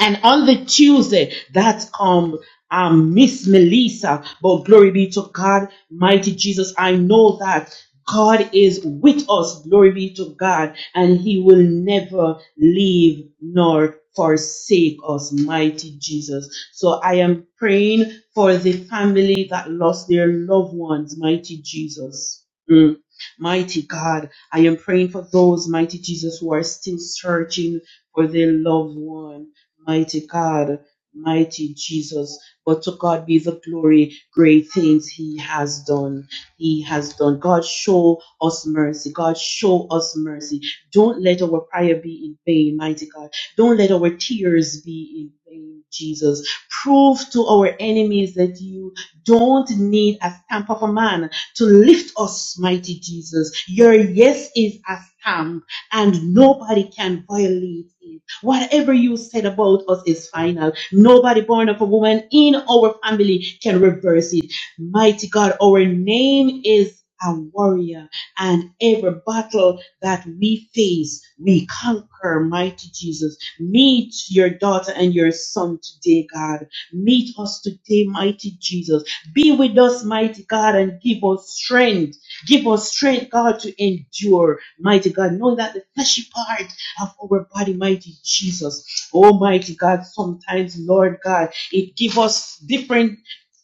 And on the Tuesday, that's um, um, Miss Melissa. But glory be to God, mighty Jesus. I know that God is with us. Glory be to God. And he will never leave nor forsake us, mighty Jesus. So I am praying for the family that lost their loved ones, mighty Jesus. Mm. Mighty God, I am praying for those, mighty Jesus, who are still searching for their loved one. Mighty God, mighty Jesus. But to God be the glory, great things He has done. He has done. God, show us mercy. God, show us mercy. Don't let our prayer be in vain, mighty God. Don't let our tears be in vain, Jesus. Prove to our enemies that you don't need a stamp of a man to lift us, mighty Jesus. Your yes is a stamp and nobody can violate it. Whatever you said about us is final. Nobody born of a woman in our family can reverse it. Mighty God, our name is a warrior, and every battle that we face, we conquer. Mighty Jesus, meet your daughter and your son today, God. Meet us today, mighty Jesus. Be with us, mighty God, and give us strength Give us strength, God, to endure, mighty God, knowing that the fleshy part of our body, mighty Jesus, almighty God, sometimes, Lord God, it gives us different,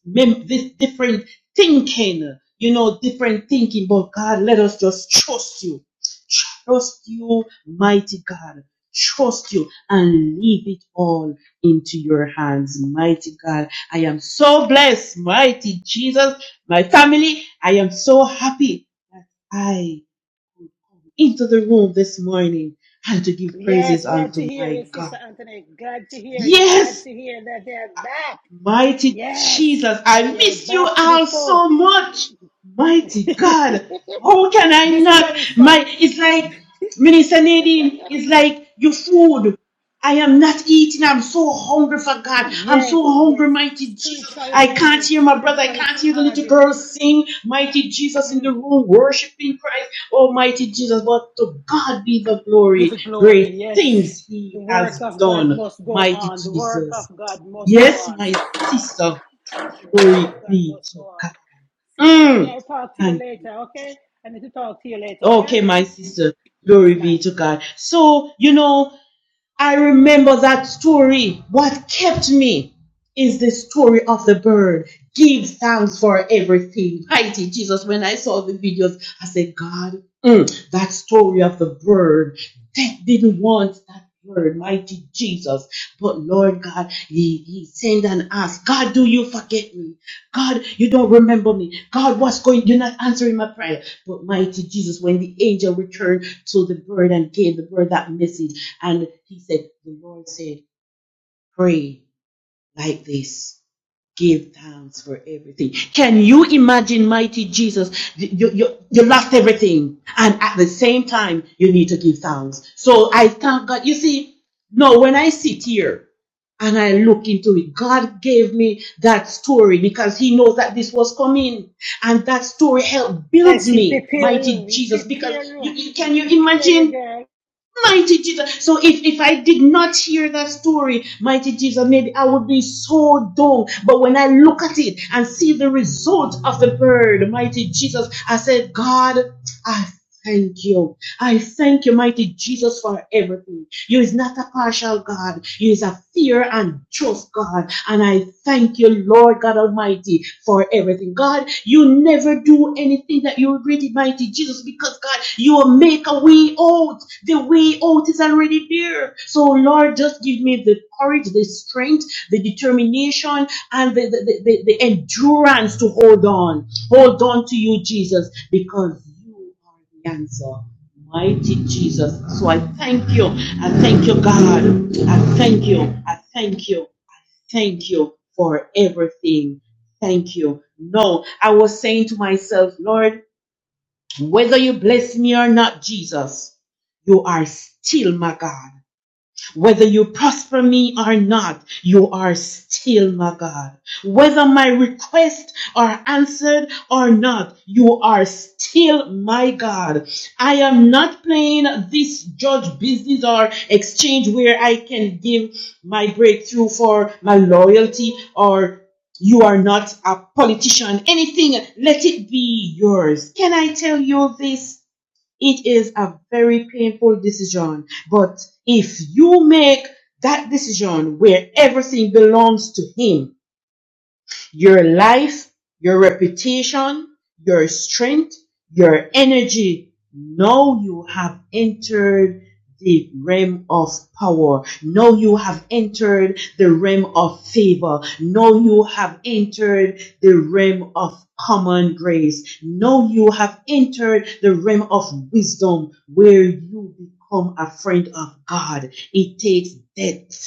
mem- this different thinking, you know, different thinking, but God, let us just trust you. Trust you, mighty God. Trust you and leave it all into your hands, mighty God. I am so blessed, mighty Jesus, my family. I am so happy that I am into the room this morning and to give Yes. praises Glad to unto hear my you, Sister God. Anthony. Glad to hear you. Glad Yes, to hear that they're back. Mighty Yes. Jesus, I Yeah, miss you back to the all four. so much. Mighty God, this how can I not? Melissa. My, it's like, Minister Nadine, it's like your food. I am not eating. I'm so hungry for God. I'm Yes, so yes. hungry, mighty Jesus. Spiritually I can't hungry, hear my brother. I spiritually can't hear the little starving. girl sing, mighty Jesus in the room, worshiping Christ, almighty Jesus. But to God be the Be glory. the glory. Great Yes. things The he work has of God done, must go mighty on. The work of Jesus. God must go Yes, on. my sister. The work Glory of God be must to go God. on. Sister Auntie, Mm, I'll talk to you thank you. later, okay? I need to talk to you later, all Okay, right? my sister. Yes, Glory be ma'am. to God. So, you know, I remember that story. What kept me is the story of the bird. Give thanks for everything. Mighty Jesus, when I saw the videos, I said, God, mm, that story of the bird, death didn't want that bird, mighty Jesus. But Lord God, he, he sent and asked, God, do you forget me? God, you don't remember me. God, what's going? You're not answering my prayer. But mighty Jesus, when the angel returned to the bird and gave the bird that message, and he said, the Lord said, pray like this give thanks for everything. Can you imagine, mighty Jesus? You, you, you lost everything, and at the same time, you need to give thanks. So I thank God. You see, no, when I sit here and I look into it, God gave me that story because He knows that this was coming, and that story helped builds Yes, he me, prepare mighty you. He Jesus. prepare Because you, you. you He can you prepare you, imagine? girl. Mighty Jesus. So if, if I did not hear that story, mighty Jesus, maybe I would be so dull. But when I look at it and see the result of the bird, mighty Jesus, I said, God. I thank you. I thank you, mighty Jesus, for everything. You is not a partial God. You is a fair and just God. And I thank you, Lord God Almighty, for everything. God, you never do anything that you regret, mighty Jesus, because God, you will make a way out. The way out is already there. So, Lord, just give me the courage, the strength, the determination, and the, the, the, the the endurance to hold on Hold on to you, Jesus, because you are the answer. Mighty Jesus. So I thank you. I thank you, God. I thank you. I thank you. Thank you for everything. Thank you. No, I was saying to myself, Lord, whether you bless me or not, Jesus, you are still my God. Whether you prosper me or not, you are still my God. Whether my requests are answered or not, you are still my God. I am not playing this judge business or exchange where I can give my breakthrough for my loyalty or you are not a politician. Anything, let it be yours. Can I tell you this? It is a very painful decision. But if you make that decision where everything belongs to Him, your life, your reputation, your strength, your energy. Now you have entered the realm of power. Now you have entered the realm of favor. Now you have entered the realm of common grace. Now you have entered the realm of wisdom where you become a friend of God. It takes depth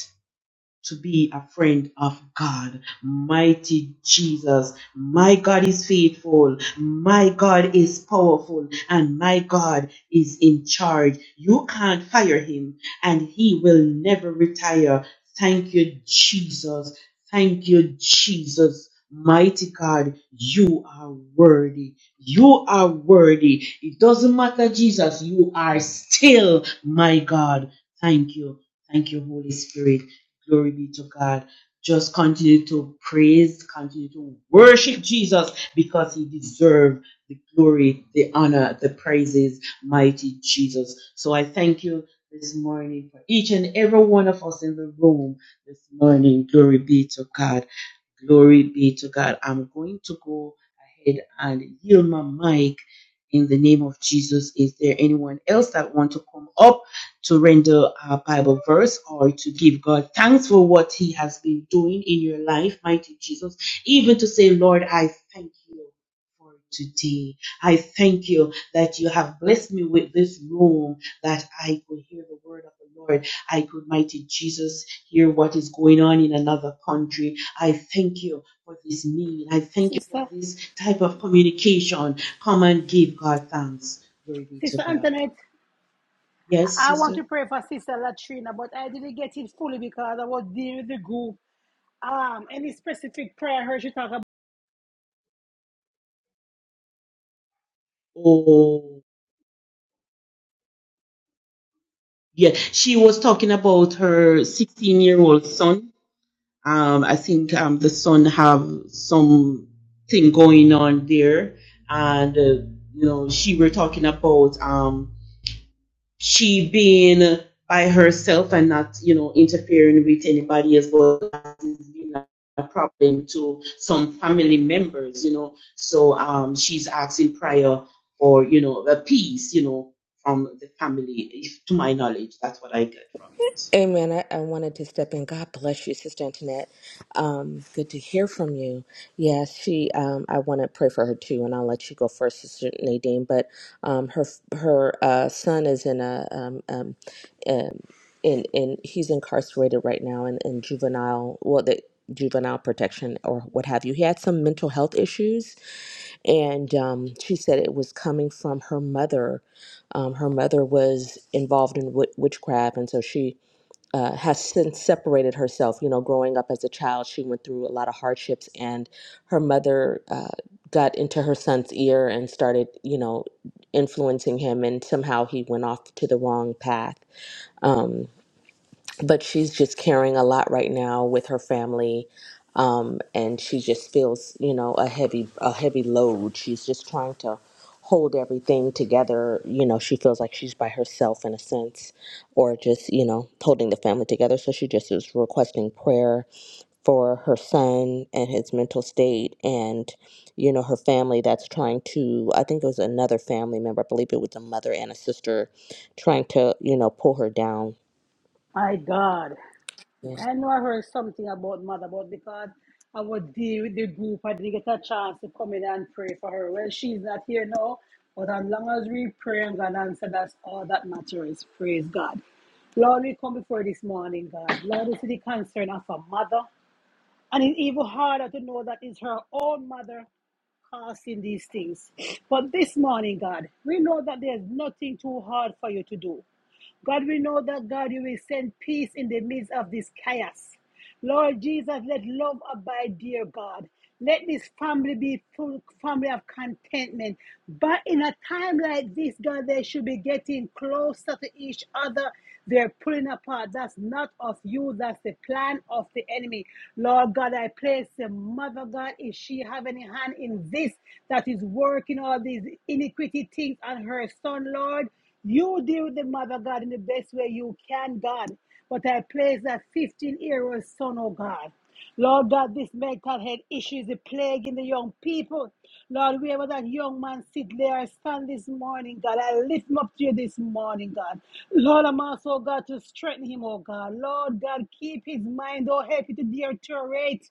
to be a friend of God. Mighty Jesus, my God is faithful, my God is powerful, and my God is in charge. You can't fire him, and he will never retire. Thank you, Jesus. Thank you, Jesus. Mighty God, you are worthy. You are worthy. It doesn't matter, Jesus, you are still my God. Thank you. Thank you, Holy Spirit. Glory be to God. Just continue to praise, continue to worship Jesus because he deserves the glory, the honor, the praises, mighty Jesus. So I thank you this morning for each and every one of us in the room this morning. Glory be to God. Glory be to God. I'm going to go ahead and yield my mic in the name of Jesus. Is there anyone else that want to come up to render a Bible verse or to give God thanks for what he has been doing in your life, mighty Jesus? Even to say, Lord, I thank you for today. I thank you that you have blessed me with this room that I could hear the word of the Lord. I could, mighty Jesus, hear what is going on in another country. I thank you for this mean. I thank you for Sister, this type of communication. Come and give God thanks. Glory be to Sister God. Antoinette. Yes, I want sister? to pray for Sister Latrina, but I didn't get it fully because I was dealing with the group. Um, any specific prayer I heard you talk about? Oh, yeah. She was talking about her 16 year old son. Um, I think um, the son have some thing going on there. And, uh, you know, she were talking about. Um, she being by herself and not, you know, interfering with anybody as well as being a a problem to some family members, you know. So um, she's asking prayer for, you know, a peace, you know, from the family. If, to my knowledge, that's what I get from it. Amen. I, I wanted to step in. God bless you, Sister Antoinette. Um, good to hear from you. Yes, she. Um, I want to pray for her too, and I'll let you go first, Sister Nadine. But um, her her uh, son is in a um, um, um, in in he's incarcerated right now in, in juvenile. Well, the juvenile protection or what have you. He had some mental health issues, and um, she said it was coming from her mother. Um, her mother was involved in w- witchcraft, and so she uh, has since separated herself. You know, growing up as a child, she went through a lot of hardships, and her mother uh, got into her son's ear and started, you know, influencing him, and somehow he went off to the wrong path. Um, but she's just carrying a lot right now with her family um, and she just feels you know a heavy a heavy load she's just trying to hold everything together you know she feels like she's by herself in a sense or just you know holding the family together so she just is requesting prayer for her son and his mental state and you know her family that's trying to i think it was another family member i believe it was a mother and a sister trying to you know pull her down My God, I know I heard something about mother, but because I was dealing with the group, I didn't get a chance to come in and pray for her. Well, she's not here now, but as long as we pray and God answer, that's all that matters. Praise God. Lord, we come before this morning, God. Lord, we see the concern of a mother. And it's even harder to know that it's her own mother causing these things. But this morning, God, we know that there's nothing too hard for you to do. God, we know that God, you will send peace in the midst of this chaos. Lord Jesus, let love abide, dear God. Let this family be full family of contentment. But in a time like this, God, they should be getting closer to each other they're pulling apart. That's not of you. That's the plan of the enemy. Lord God, I place the mother God. If she have any hand in this that is working all these iniquity things on her son, Lord, you deal with the mother God in the best way you can, God. But I place that 15 year old son, oh God. Lord God, this mental health issue is a plague in the young people. Lord, wherever that young man sit there, I stand this morning, God. I lift him up to you this morning, God. Lord, I'm also, oh God, to strengthen him, oh God. Lord God, keep his mind, oh, help it to deteriorate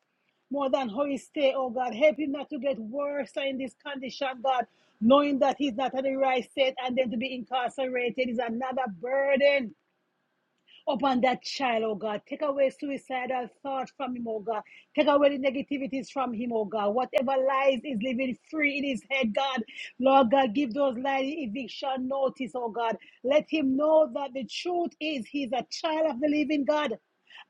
more than how he stay, oh God. Help him not to get worse in this condition, God, knowing that he's not on the right state and then to be incarcerated is another burden upon that child, oh God. Take away suicidal thoughts from him, oh God. Take away the negativities from him, oh God. Whatever lies is living free in his head, God. Lord God, give those lies eviction notice, oh God. Let him know that the truth is he's a child of the living God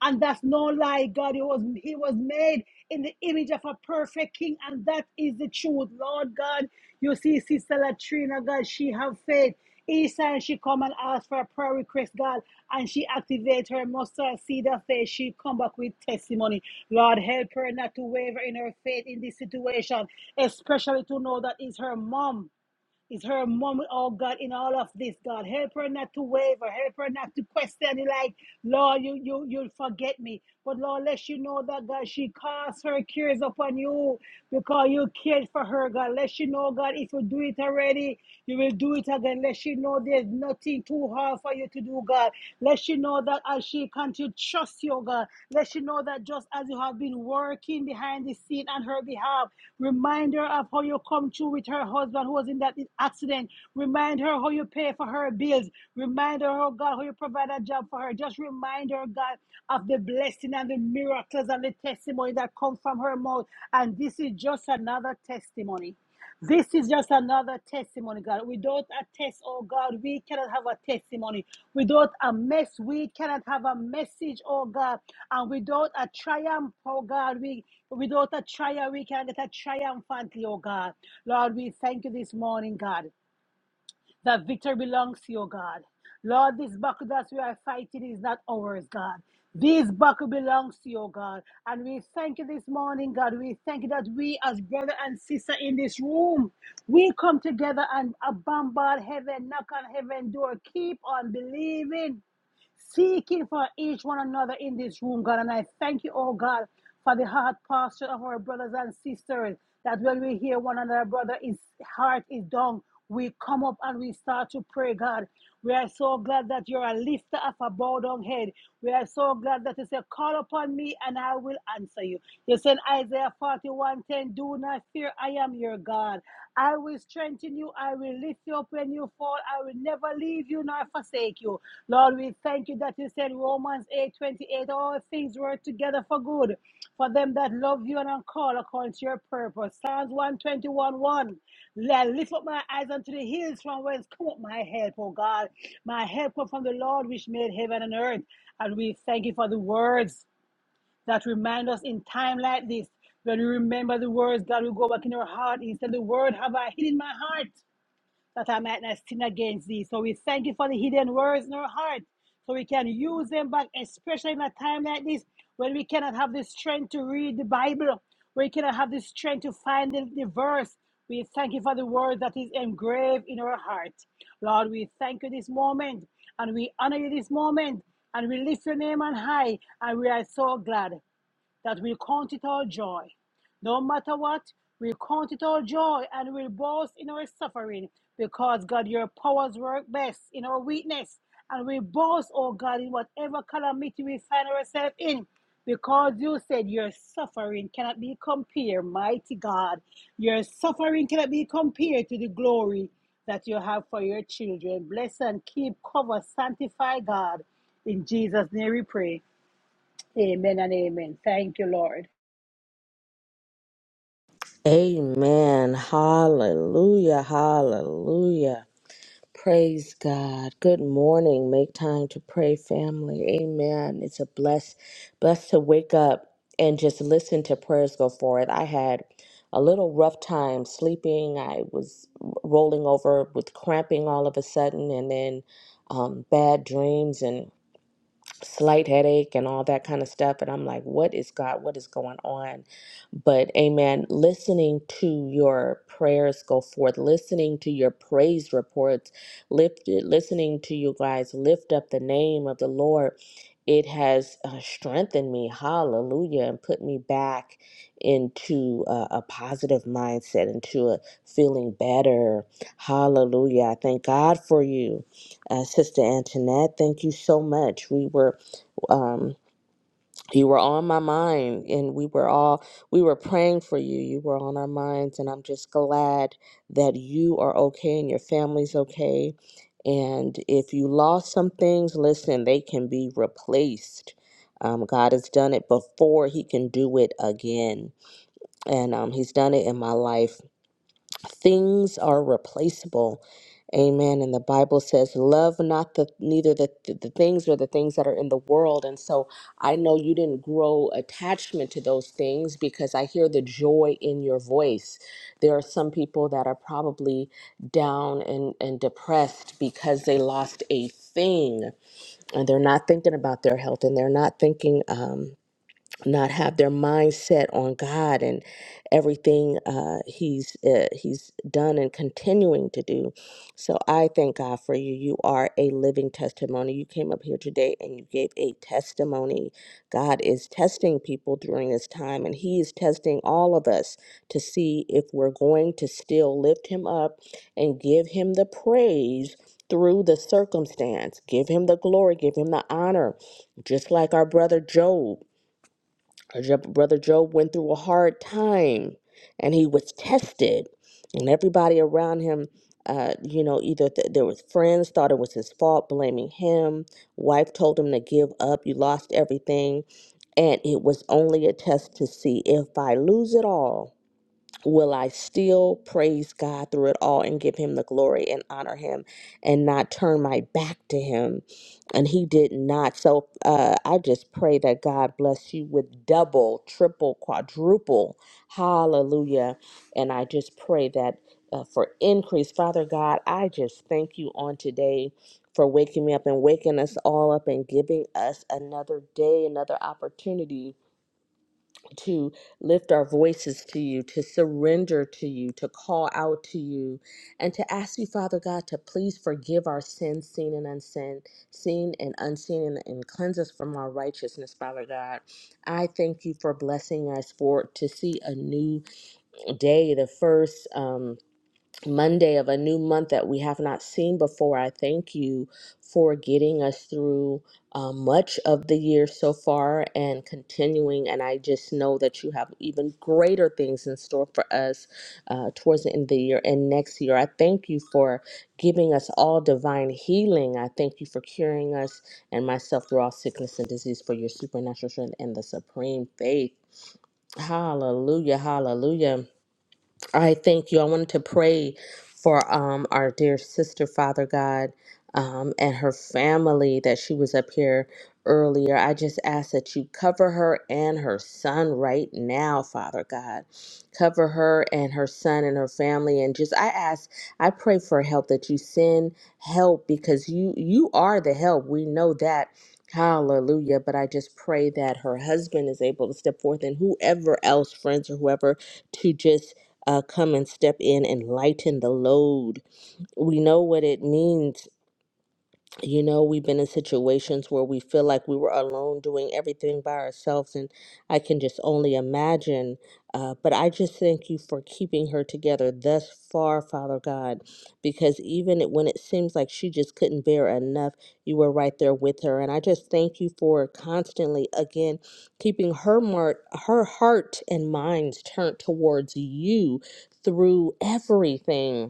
and that's no lie god he was he was made in the image of a perfect king and that is the truth lord god you see sister latrina god she have faith each time she come and ask for a prayer request god and she activate her mustard seed of faith she come back with testimony lord help her not to waver in her faith in this situation especially to know that it's her mom it's her moment, oh God, in all of this, God. Help her not to waver. Help her not to question it like, Lord, you, you, you'll forget me. But Lord, let you know that, God, she casts her cares upon you because you cared for her, God. Let you know, God, if you do it already, you will do it again. Let you know there's nothing too hard for you to do, God. Let you know that as she continues trust you, oh God. Let she know that just as you have been working behind the scene on her behalf, remind her of how you come through with her husband who was in that accident. Remind her how you pay for her bills. Remind her, oh God, how you provide a job for her. Just remind her, God, of the blessing and the miracles and the testimony that come from her mouth. And this is just another testimony. This is just another testimony, God. Without a test, oh God, we cannot have a testimony. Without a mess, we cannot have a message, oh God. And without a triumph, oh God, we without a trial, we cannot get a triumphantly, oh God. Lord, we thank you this morning, God that victory belongs to you, God. Lord, this battle that we are fighting is not ours, God. This battle belongs to you, God. And we thank you this morning, God. We thank you that we, as brother and sister in this room, we come together and uh, bombard heaven, knock on heaven door, keep on believing seeking for each one another in this room, God. And I thank you, oh God, for the heart posture of our brothers and sisters. That when we hear one another, brother, his heart is down. We come up and we start to pray, God. We are so glad that you're a lifter of a bowed down head. We are so glad that you say, Call upon me and I will answer you. You said Isaiah 41 10, Do not fear, I am your God. I will strengthen you. I will lift you up when you fall. I will never leave you nor forsake you. Lord, we thank you that you said Romans eight twenty eight. all things work together for good for them that love you and are called according to your purpose. Psalms 121 1. Let lift up my eyes unto the hills from whence come up my help, O God. My help comes from the Lord which made heaven and earth. And we thank you for the words that remind us in time like this, when we remember the words, God will go back in our heart. He said, The word have I hid in my heart that I might not sin against thee. So we thank you for the hidden words in our heart. So we can use them back, especially in a time like this when we cannot have the strength to read the Bible, we cannot have the strength to find the, the verse. We thank you for the word that is engraved in our heart. Lord, we thank you this moment and we honor you this moment and we lift your name on high and we are so glad that we count it all joy. No matter what, we count it all joy and will boast in our suffering because God, your powers work best in our weakness. And we boast, oh God, in whatever calamity we find ourselves in. Because you said your suffering cannot be compared, mighty God. Your suffering cannot be compared to the glory that you have for your children. Bless and keep, cover, sanctify God. In Jesus' name we pray. Amen and amen. Thank you, Lord. Amen. Hallelujah. Hallelujah. Praise God. Good morning. Make time to pray, family. Amen. It's a bless, blessed to wake up and just listen to prayers go forward. I had a little rough time sleeping. I was rolling over with cramping all of a sudden, and then um, bad dreams slight headache and all that kind of stuff. And I'm like, what is God? What is going on? But amen. Listening to your prayers go forth, listening to your praise reports, lift, listening to you guys lift up the name of the Lord. It has uh, strengthened me, hallelujah, and put me back into uh, a positive mindset, into a feeling better, hallelujah. I thank God for you, uh, Sister Antoinette. Thank you so much. We were um, you were on my mind and we were all we were praying for you you were on our minds and i'm just glad that you are okay and your family's okay and if you lost some things listen they can be replaced um, god has done it before he can do it again and um, he's done it in my life things are replaceable amen and the bible says love not the neither the, the, the things or the things that are in the world and so i know you didn't grow attachment to those things because i hear the joy in your voice there are some people that are probably down and, and depressed because they lost a thing and they're not thinking about their health and they're not thinking um, not have their mindset on God and everything uh, He's uh, He's done and continuing to do. So I thank God for you. You are a living testimony. You came up here today and you gave a testimony. God is testing people during this time, and He is testing all of us to see if we're going to still lift Him up and give Him the praise. Through the circumstance, give him the glory, give him the honor, just like our brother Job. Brother Brother Job went through a hard time and he was tested, and everybody around him, uh, you know, either th- there was friends thought it was his fault, blaming him. Wife told him to give up. You lost everything, and it was only a test to see if I lose it all will I still praise God through it all and give him the glory and honor him and not turn my back to him? And he did not. So uh, I just pray that God bless you with double, triple, quadruple. Hallelujah. And I just pray that uh, for increase. Father God, I just thank you on today. For waking me up and waking us all up and giving us another day, another opportunity to lift our voices to you, to surrender to you, to call out to you, and to ask you, Father God, to please forgive our sins, seen and unseen, seen and unseen, and, and cleanse us from our righteousness, Father God. I thank you for blessing us for to see a new day, the first. Um, Monday of a new month that we have not seen before. I thank you for getting us through uh, much of the year so far and continuing. And I just know that you have even greater things in store for us uh, towards the end of the year and next year. I thank you for giving us all divine healing. I thank you for curing us and myself through all sickness and disease for your supernatural strength and the supreme faith. Hallelujah, hallelujah. I thank you. I wanted to pray for um, our dear sister, Father God, um, and her family that she was up here earlier. I just ask that you cover her and her son right now, Father God. Cover her and her son and her family, and just I ask, I pray for help that you send help because you you are the help. We know that. Hallelujah. But I just pray that her husband is able to step forth and whoever else, friends or whoever, to just uh, come and step in and lighten the load. We know what it means you know we've been in situations where we feel like we were alone doing everything by ourselves and i can just only imagine uh, but i just thank you for keeping her together thus far father god because even it- when it seems like she just couldn't bear enough you were right there with her and i just thank you for constantly again keeping her mar- her heart and minds turned towards you through everything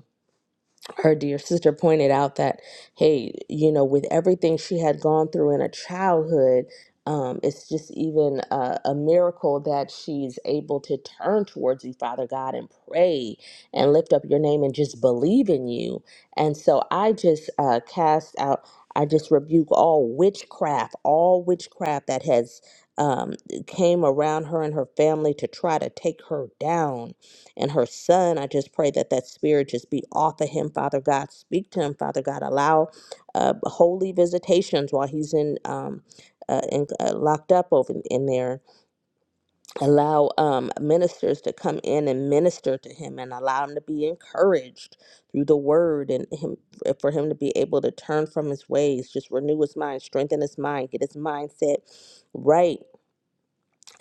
her dear sister pointed out that hey you know with everything she had gone through in her childhood um, it's just even a, a miracle that she's able to turn towards you father god and pray and lift up your name and just believe in you and so i just uh, cast out i just rebuke all witchcraft all witchcraft that has um, came around her and her family to try to take her down and her son. I just pray that that spirit just be off of him, Father God. Speak to him, Father God. Allow uh, holy visitations while he's in. Um, uh, in, uh, locked up over in there. Allow um, ministers to come in and minister to him, and allow him to be encouraged through the word, and him for him to be able to turn from his ways, just renew his mind, strengthen his mind, get his mindset right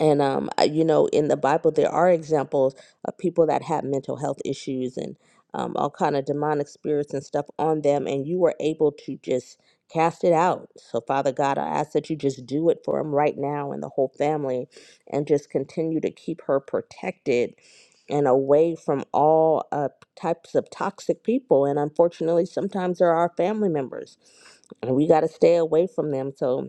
and um, I- you know, in the Bible, there are examples of people that have mental health issues and um, all kind of demonic spirits and stuff on them, and you were able to just cast it out. So, Father God, I ask that you just do it for him right now and the whole family, and just continue to keep her protected and away from all uh, types of toxic people. And unfortunately, sometimes there are family members, and we got to stay away from them. So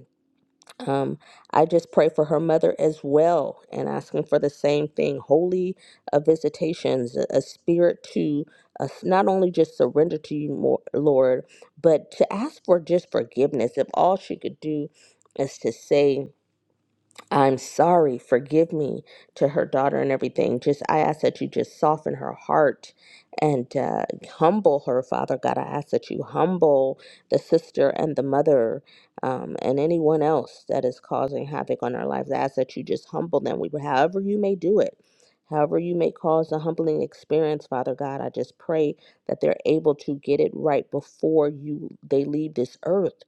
um, I just pray for her mother as well and asking for the same thing holy uh, visitations, a a spirit to uh, s- not only just surrender to you, more, Lord, but to ask for just forgiveness. If all she could do is to say, I'm sorry, forgive me to her daughter and everything. Just I ask that you just soften her heart and uh, humble her, Father God. I ask that you humble the sister and the mother um, and anyone else that is causing havoc on our lives. I ask that you just humble them. We, however you may do it, however you may cause a humbling experience, Father God. I just pray that they're able to get it right before you they leave this earth,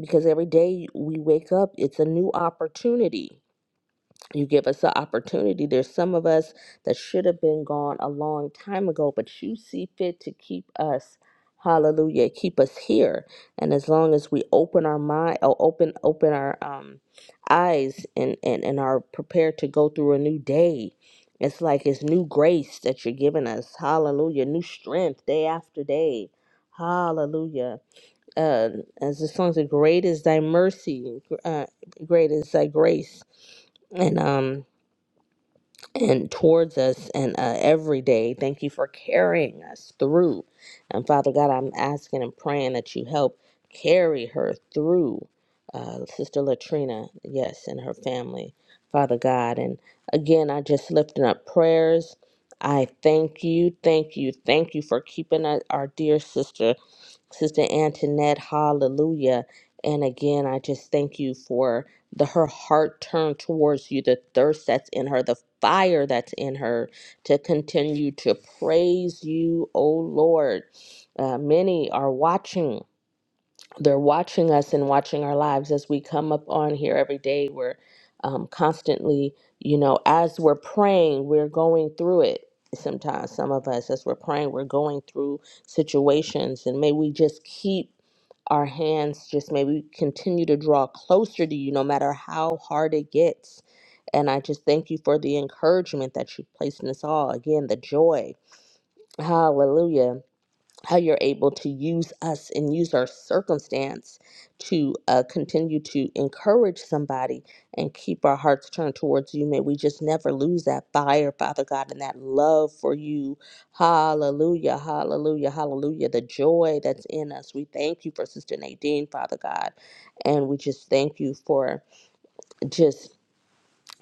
because every day we wake up, it's a new opportunity you give us the opportunity. There's some of us that should have been gone a long time ago, but you see fit to keep us. Hallelujah. Keep us here. And as long as we open our mind or open open our um eyes and, and, and are prepared to go through a new day. It's like it's new grace that you're giving us. Hallelujah. New strength day after day. Hallelujah. Uh, as the song says, great is thy mercy, uh, great is thy grace. And um and towards us and uh, every day. Thank you for carrying us through. And Father God, I'm asking and praying that you help carry her through, uh, Sister Latrina, yes, and her family, Father God. And again, I just lifting up prayers. I thank you, thank you, thank you for keeping our our dear sister Sister Antoinette, hallelujah. And again, I just thank you for the her heart turned towards you, the thirst that's in her, the fire that's in her to continue to praise you, oh Lord. Uh, many are watching they're watching us and watching our lives as we come up on here every day. We're um, constantly, you know, as we're praying, we're going through it. Sometimes, some of us, as we're praying, we're going through situations, and may we just keep our hands, just may we continue to draw closer to you no matter how hard it gets. And I just thank you for the encouragement that you've placed in us all. Again, the joy. Hallelujah how you're able to use us and use our circumstance to uh, continue to encourage somebody and keep our hearts turned towards you. May we just never lose that fire, Father God, and that love for you. Hallelujah, hallelujah, hallelujah. The joy that's in us. We thank you for Sister Nadine, Father God. And we just thank you for just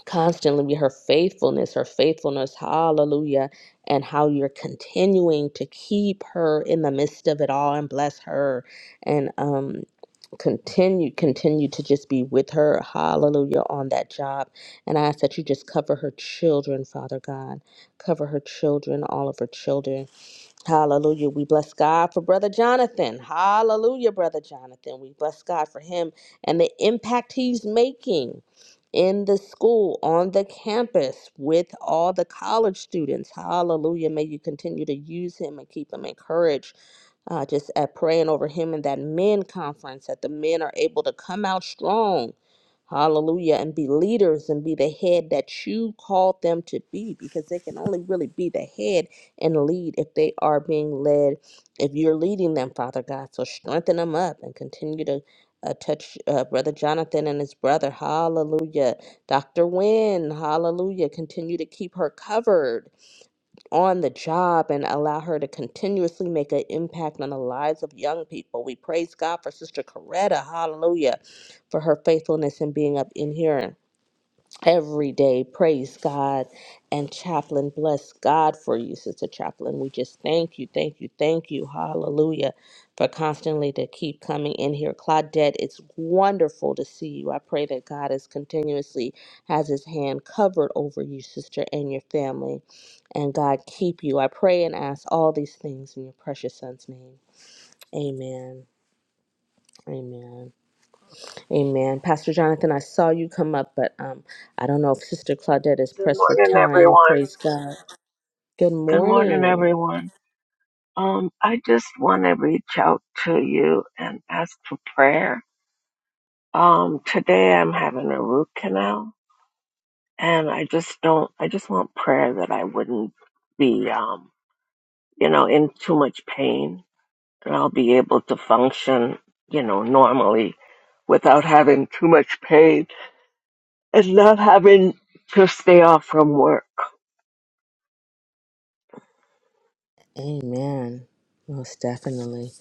constantly with her faithfulness, her faithfulness, hallelujah, and how you're continuing to keep her in the midst of it all and bless her and um continue continue to just be with her, hallelujah, on that job. And I ask that you just cover her children, Father God. Cover her children, all of her children. Hallelujah. We bless God for Brother Jonathan. Hallelujah, Brother Jonathan. We bless God for him and the impact he's making in the school, on the campus, with all the college students. Hallelujah. May you continue to use him and keep him encouraged uh, just at praying over him in that men conference that the men are able to come out strong hallelujah and be leaders and be the head that you called them to be because they can only really be the head and lead if they are being led if you're leading them father god so strengthen them up and continue to uh, touch uh, brother jonathan and his brother hallelujah dr Wynne, hallelujah continue to keep her covered on the job and allow her to continuously make an impact on the lives of young people. We praise God for Sister Coretta, hallelujah, for her faithfulness in being up in here every day. Praise God. And Chaplain, bless God for you, Sister Chaplain. We just thank you, thank you, thank you. Hallelujah. For constantly to keep coming in here. Claudette, it's wonderful to see you. I pray that God is continuously has his hand covered over you, sister, and your family. And God keep you. I pray and ask all these things in your precious son's name. Amen. Amen. Amen. Pastor Jonathan, I saw you come up, but um, I don't know if Sister Claudette is Good pressed for morning, time. everyone. Praise God. Good Good morning, morning. everyone. Um, I just want to reach out to you and ask for prayer. Um, today I'm having a root canal and I just don't, I just want prayer that I wouldn't be, um, you know, in too much pain and I'll be able to function, you know, normally without having too much pain and not having to stay off from work. Amen. Most definitely.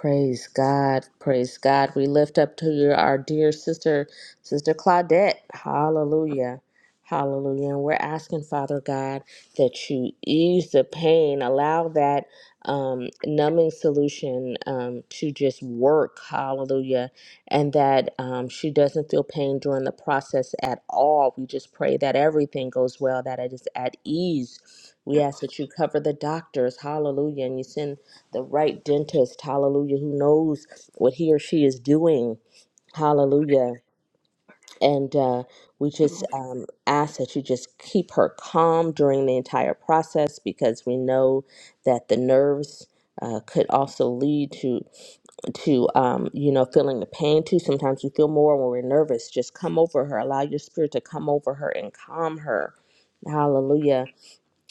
Praise God. Praise God. We lift up to you our dear sister, Sister Claudette. Hallelujah. Hallelujah. And we're asking, Father God, that you ease the pain, allow that um, numbing solution um, to just work. Hallelujah and that um, she doesn't feel pain during the process at all. We just pray that everything goes well, that it is at ease. We ask that you cover the doctors, hallelujah, and you send the right dentist, hallelujah, who knows what he or she is doing, hallelujah. And uh, we just um, ask that you just keep her calm during the entire process because we know that the nerves uh, could also lead to to um, you know feeling the pain too sometimes we feel more when we're nervous just come over her allow your spirit to come over her and calm her hallelujah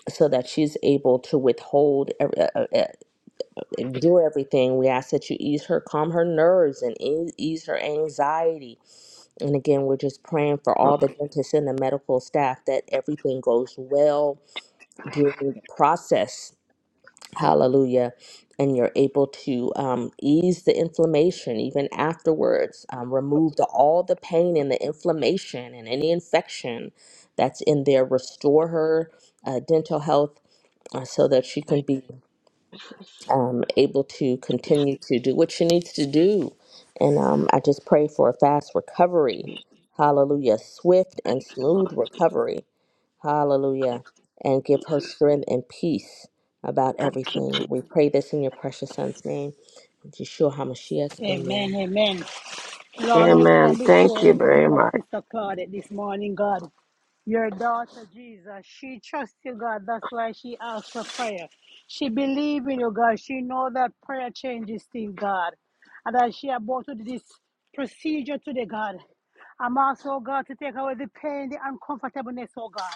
so that she's able to withhold every, uh, uh, uh, endure everything we ask that you ease her calm her nerves and ease, ease her anxiety and again we're just praying for all the dentists and the medical staff that everything goes well during the process Hallelujah. And you're able to um, ease the inflammation even afterwards, um, remove the, all the pain and the inflammation and any infection that's in there, restore her uh, dental health uh, so that she can be um, able to continue to do what she needs to do. And um, I just pray for a fast recovery. Hallelujah. Swift and smooth recovery Hallelujah. And give her strength and peace about Thank you, everything. Jesus. We pray this in your precious son's name, Yeshua HaMashiach. Amen. Amen. Amen. Lord, we Amen. come Thank before you little very my much. sister Claudette this morning, God. Your daughter, Jesus, she trusts you, God. That's why she asks for prayer. She believes in you, God. She knows that prayer changes things, God. And that she about to do this procedure today, God. I'm also, oh God, to take away the pain, the uncomfortableness, oh God.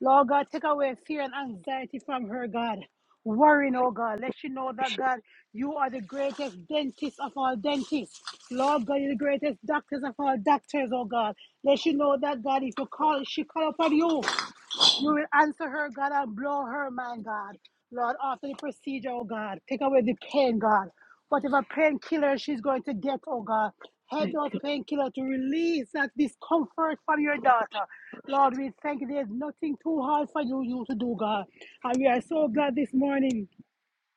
Lord God, take away fear and anxiety from her, God. Worrying, oh God. Let she know that, God, you are the greatest dentist of all dentists. Lord God, you're the greatest doctors of all doctors, oh God. Let she know that, God, if you call, she call upon you. You will answer her, God, and blow her mind, God. Lord, after the procedure, oh God, take away the pain, God. Whatever painkiller she's going to get, oh God, help those painkiller to release that discomfort from your daughter. Lord, we thank you. There's nothing too hard for you, you to do, God. And we are so glad this morning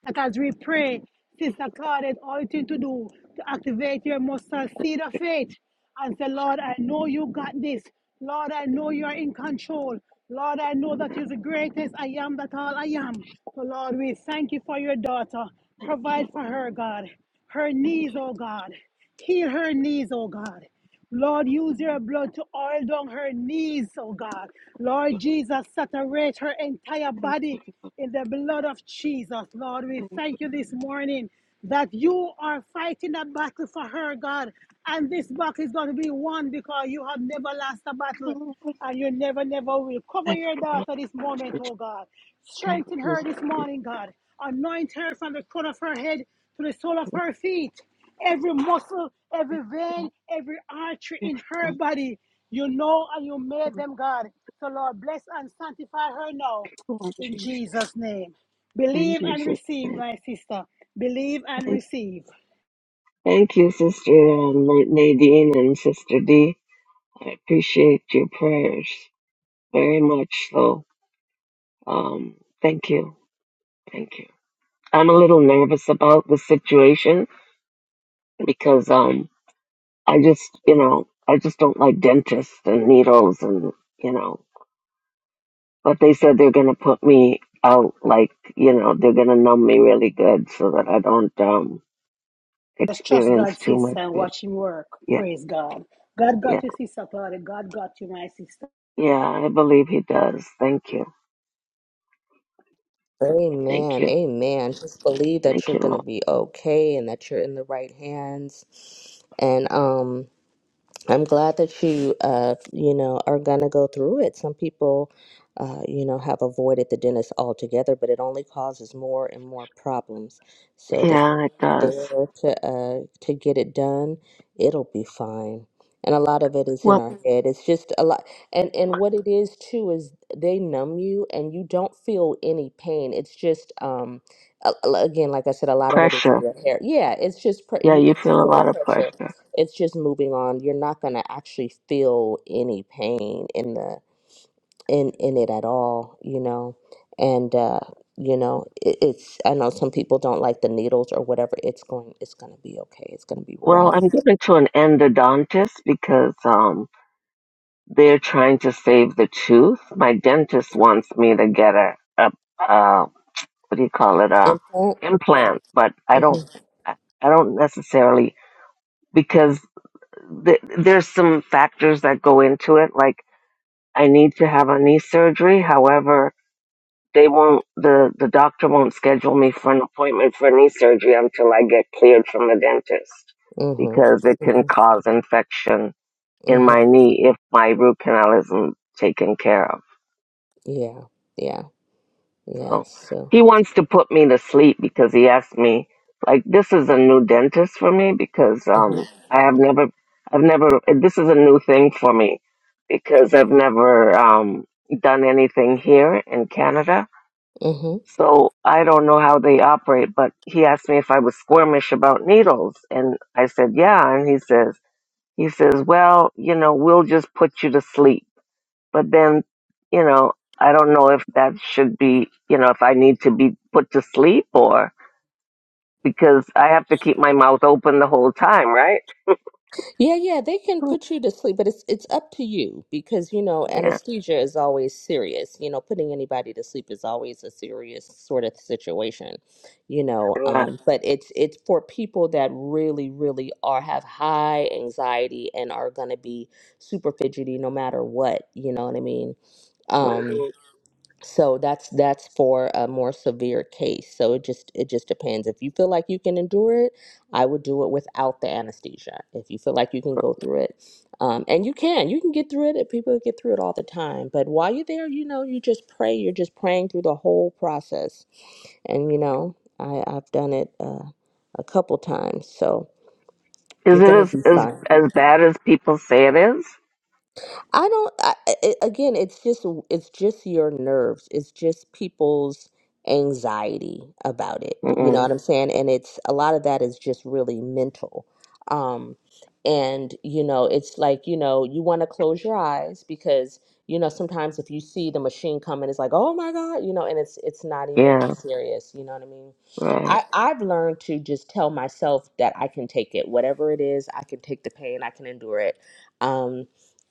that as we pray, Sister Claudette, all you need to do to activate your mustard seed of faith and say, Lord, I know you got this. Lord, I know you are in control. Lord, I know that you're the greatest I am that all I am. So, Lord, we thank you for your daughter. Thank you. Provide for her, God. Her knees, oh God. Heal her knees, oh God. Lord, use your blood to oil down her knees, oh God. Lord Jesus, saturate her entire Thank body in the blood of Jesus. Lord, we thank you this morning that you are fighting that battle for her, God. And this battle is going to be won because you have never lost a battle you. and you never, never will. Cover Thank your you, Lord. daughter this moment, oh God. Thank Strengthen you, her this morning, God. Anoint her from the crown of her head to the sole of her feet. Every muscle, every vein, every artery in her Thank body, you know and you made them, God. So, Lord, bless and sanctify her now. you, In Jesus. Jesus' name. Thank Believe and Jesus. receive, Thank my sister. Believe and you, receive. Thank you, Sister um, Nadine and Sister D. I appreciate your prayers very much. So, um, thank you. Thank you. I'm a little nervous about the situation because um, I just, you know, I just don't like dentists and needles and you know but they said they're going to put me out like you know they're going to numb me really good so that i don't um Just trust experience God, too much sister, and of it watch Him work. yeah Praise God. God yeah got you, sister Claudia. God got you, my sister. yeah i believe he does thank you thank Amen. you Amen. Just believe that thank you're you going to Lord. be okay and that you're in the right hands. And um I'm glad that you, uh, you know, are gonna go through it. Some people, uh, you know, have avoided the dentist altogether, but it only causes more and more problems. So the yeah it sooner you're does there to uh, to get it done, it'll be fine. And a lot of it is in well our Mhm. head. It's just a lot, and and what it is too is they numb you, and you don't feel any pain. It's just, um, a- a- again, like I said, a lot of it is pressure your hair. Yeah, it's just pre- yeah you- you it's just feel a a little lot of pressure pressure it's just moving on you're not going to actually feel any pain in the in in it at all you know and uh you know it, it's i know some people don't like the needles or whatever it's going it's going to be okay it's going to be well right i'm going to an endodontist because um they're trying to save the tooth my dentist wants me to get a, a uh, what do you call it uh implant implant but i don't mhm i I don't necessarily because th- there's some factors that go into it like i need to have a knee surgery however they won't the the doctor won't schedule me for an appointment for knee surgery until i get cleared from the dentist mhm because it can mhm cause infection in my mhm knee if my root canal isn't taken care of yeah yeah yeah So so he wants to put me to sleep because he asked me, like, this is a new dentist for me because mhm um I have never, I've never, this is a new thing for me because I've never um done anything here in Canada. mhm So I don't know how they operate, but he asked me if I was squirmish about needles, and I said yeah, and he says he says, well, you know, we'll just put you to sleep but then you know i don't know if that should be you know if i need to be put to sleep or because i have to keep my mouth open the whole time right Yeah, yeah, they can put you to sleep, but it's it's up to you because you know yeah anesthesia is always serious. You know, putting anybody to sleep is always a serious sort of situation. You know, right um, but it's it's for people that really, really are have high anxiety and are gonna be super fidgety no matter what. You know what I mean? Um, Mhm. so that's that's for a more severe case so it just it just depends if you feel like you can endure it i would do it without the anesthesia if you feel like you can go through it um, and you can you can get through it and people get through it all the time but while you're there you know you just pray you're just praying through the whole process and you know i i've done it uh, a couple times so is you're it gonna as be as, fine as bad as people say it is I don't. I, I- again, it's just it's just your nerves. It's just people's anxiety about it. You know Mm-mm. what I'm saying? And it's a lot of that is just really mental. Um, and you know, it's like you know, you want to close your eyes because you know sometimes if you see the machine coming, it's like oh my god, you know, and it's it's not even yeah that serious. You know what I mean? right I I've learned to just tell myself that I can take it, whatever it is. I can take the pain. I can endure it. Um,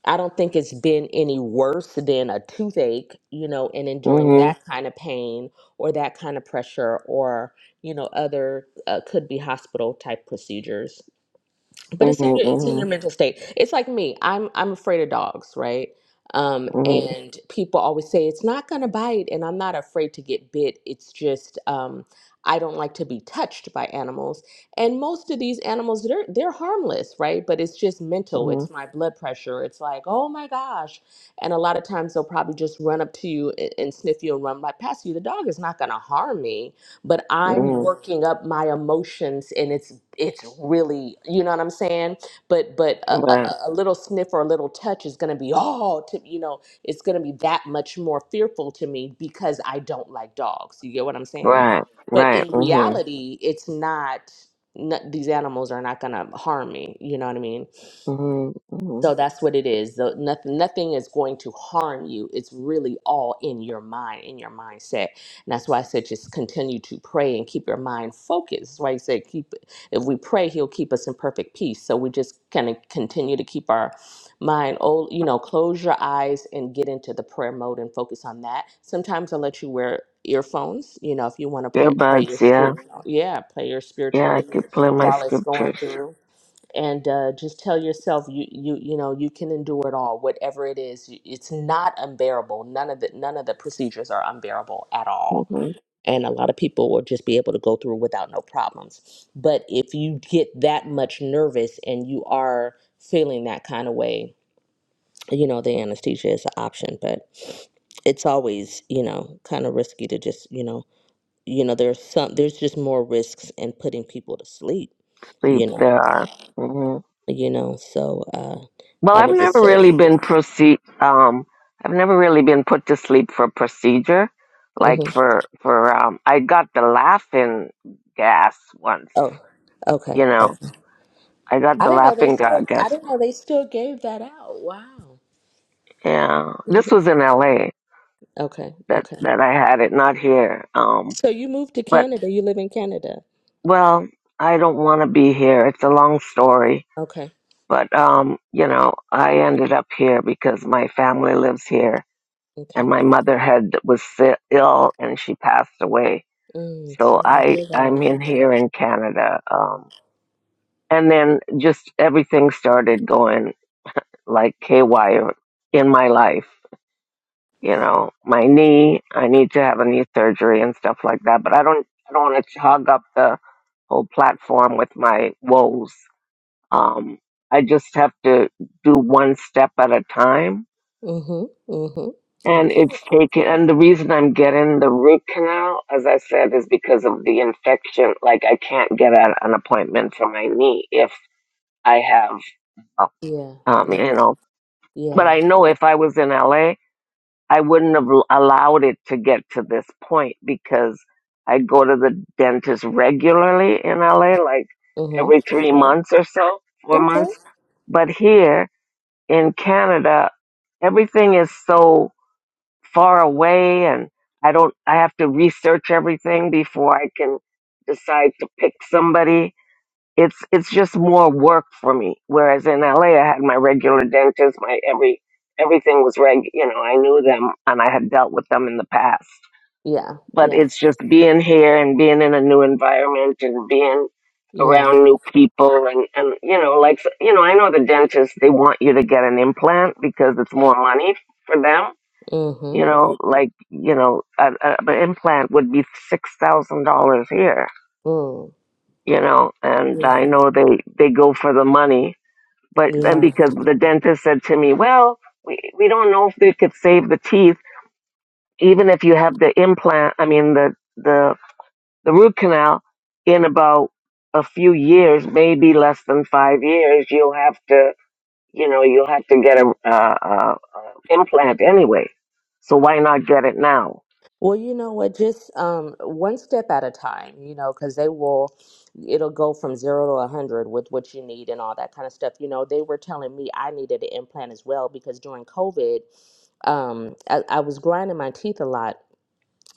I don't think it's been any worse than a toothache, you know, and enduring mhm that kind of pain or that kind of pressure or, you know, other uh, could be hospital type procedures but it's in mhm your it's in mhm your mental state it's like me i'm i'm afraid of dogs right um mhm and people always say it's not going to bite and i'm not afraid to get bit it's just um i don't like to be touched by animals and most of these animals they're they're harmless right but it's just mental mhm it's my blood pressure it's like oh my gosh and a lot of times they'll probably just run up to you and, and sniff you and run right past you the dog is not going to harm me but I'm mhm working up my emotions and it's it's really you know what I'm saying but but a, right a, a little sniff or a little touch is going to be all to, you know it's going to be that much more fearful to me because I don't like dogs you get what I'm saying right but right in mhm reality it's not, not these animals are not going to harm me you know what I mean mhm so mhm that's what it is. The, nothing, nothing is going to harm you. It's really all in your mind, in your mindset. And that's why I said just continue to pray and keep your mind focused. That's why you said keep. If we pray, he'll keep us in perfect peace. So we just kind of continue to keep our mind. Oh, you know, close your eyes and get into the prayer mode and focus on that. Sometimes I'll let you wear earphones. You know, if you want to play, play your earbuds yeah spiritual, yeah, play your spiritual yeah i music could play my while it's going scriptures through and uh, just tell yourself you you you know you can endure it all whatever it is you- it's not unbearable none of the none of the procedures are unbearable at all mhm and a lot of people will just be able to go through without no problems but if you get that much nervous and you are feeling that kind of way you know the anesthesia is an option but it's always you know kind of risky to just you know you know there's some there's just more risks in putting people to sleep sleep you know there are Mm-hmm. you know. So uh, Well, I I've would just never say, really been proceed. Um, I've never really been put to sleep for procedure, hmm like for for. Um, I got the laughing gas once. oh, okay, You know, okay. I got I the didn't know they laughing ga- still. I gas. didn't know they still gave that out. Wow. Yeah, this Mhm. was in L.A. okay, that okay. that I had it, not here. Um, So you moved to but Canada. You live in Canada. well, I don't want to be here. It's a long story, Okay, but um, you know, I ended up here because my family lives here, and okay. my mother had was si- ill and she passed away Mm, So so I I hear that. I'm in here in Canada. Um, and then just everything started going like KY in my life. You know, my knee. I need to have a knee surgery and stuff like that. But I don't I don't want to hog up the whole platform with my woes. Um, I just have to do one step at a time Mm-hmm. And Mm-hmm. it's Okay. taken, and the reason I'm getting the root canal, as I said, is because of the infection. Like I can't get an, an appointment for my knee if I have, uh, Yeah. um, Yeah. you know. But Yeah. I know if I was in LA, I wouldn't have l- allowed it to get to this point because I go to the dentist regularly in LA, like Mm-hmm. every three months or so, four Okay. months. But here in Canada, everything is so far away and I don't I have to research everything before I can decide to pick somebody. It's it's just more work for me. Whereas in LA I had my regular dentist, my every everything was reg you know, I knew them and I had dealt with them in the past. Yeah. But Yeah. it's just being here and being in a new environment and being Yeah. around new people and, and you know, like you know, I know the dentists they want you to get an implant because it's more money for them Mm-hmm. you know, like you know, a, a, an implant would be six thousand dollars here. Mm. You know, and Yeah. I know they they go for the money, but and Yeah. because the dentist said to me, well, we we don't know if they could save the teeth, even if you have the implant. I mean the the the root canal in about a few years, maybe less than five years, you'll have to you know you'll have to get a, a, a, a implant anyway. So why not get it now? Well, you know what? Just um, one step at a time, you know, because they will, it'll go from zero to a 100 with what you need and all that kind of stuff. You know, they were telling me I needed an implant as well because during COVID, um, I, I was grinding my teeth a lot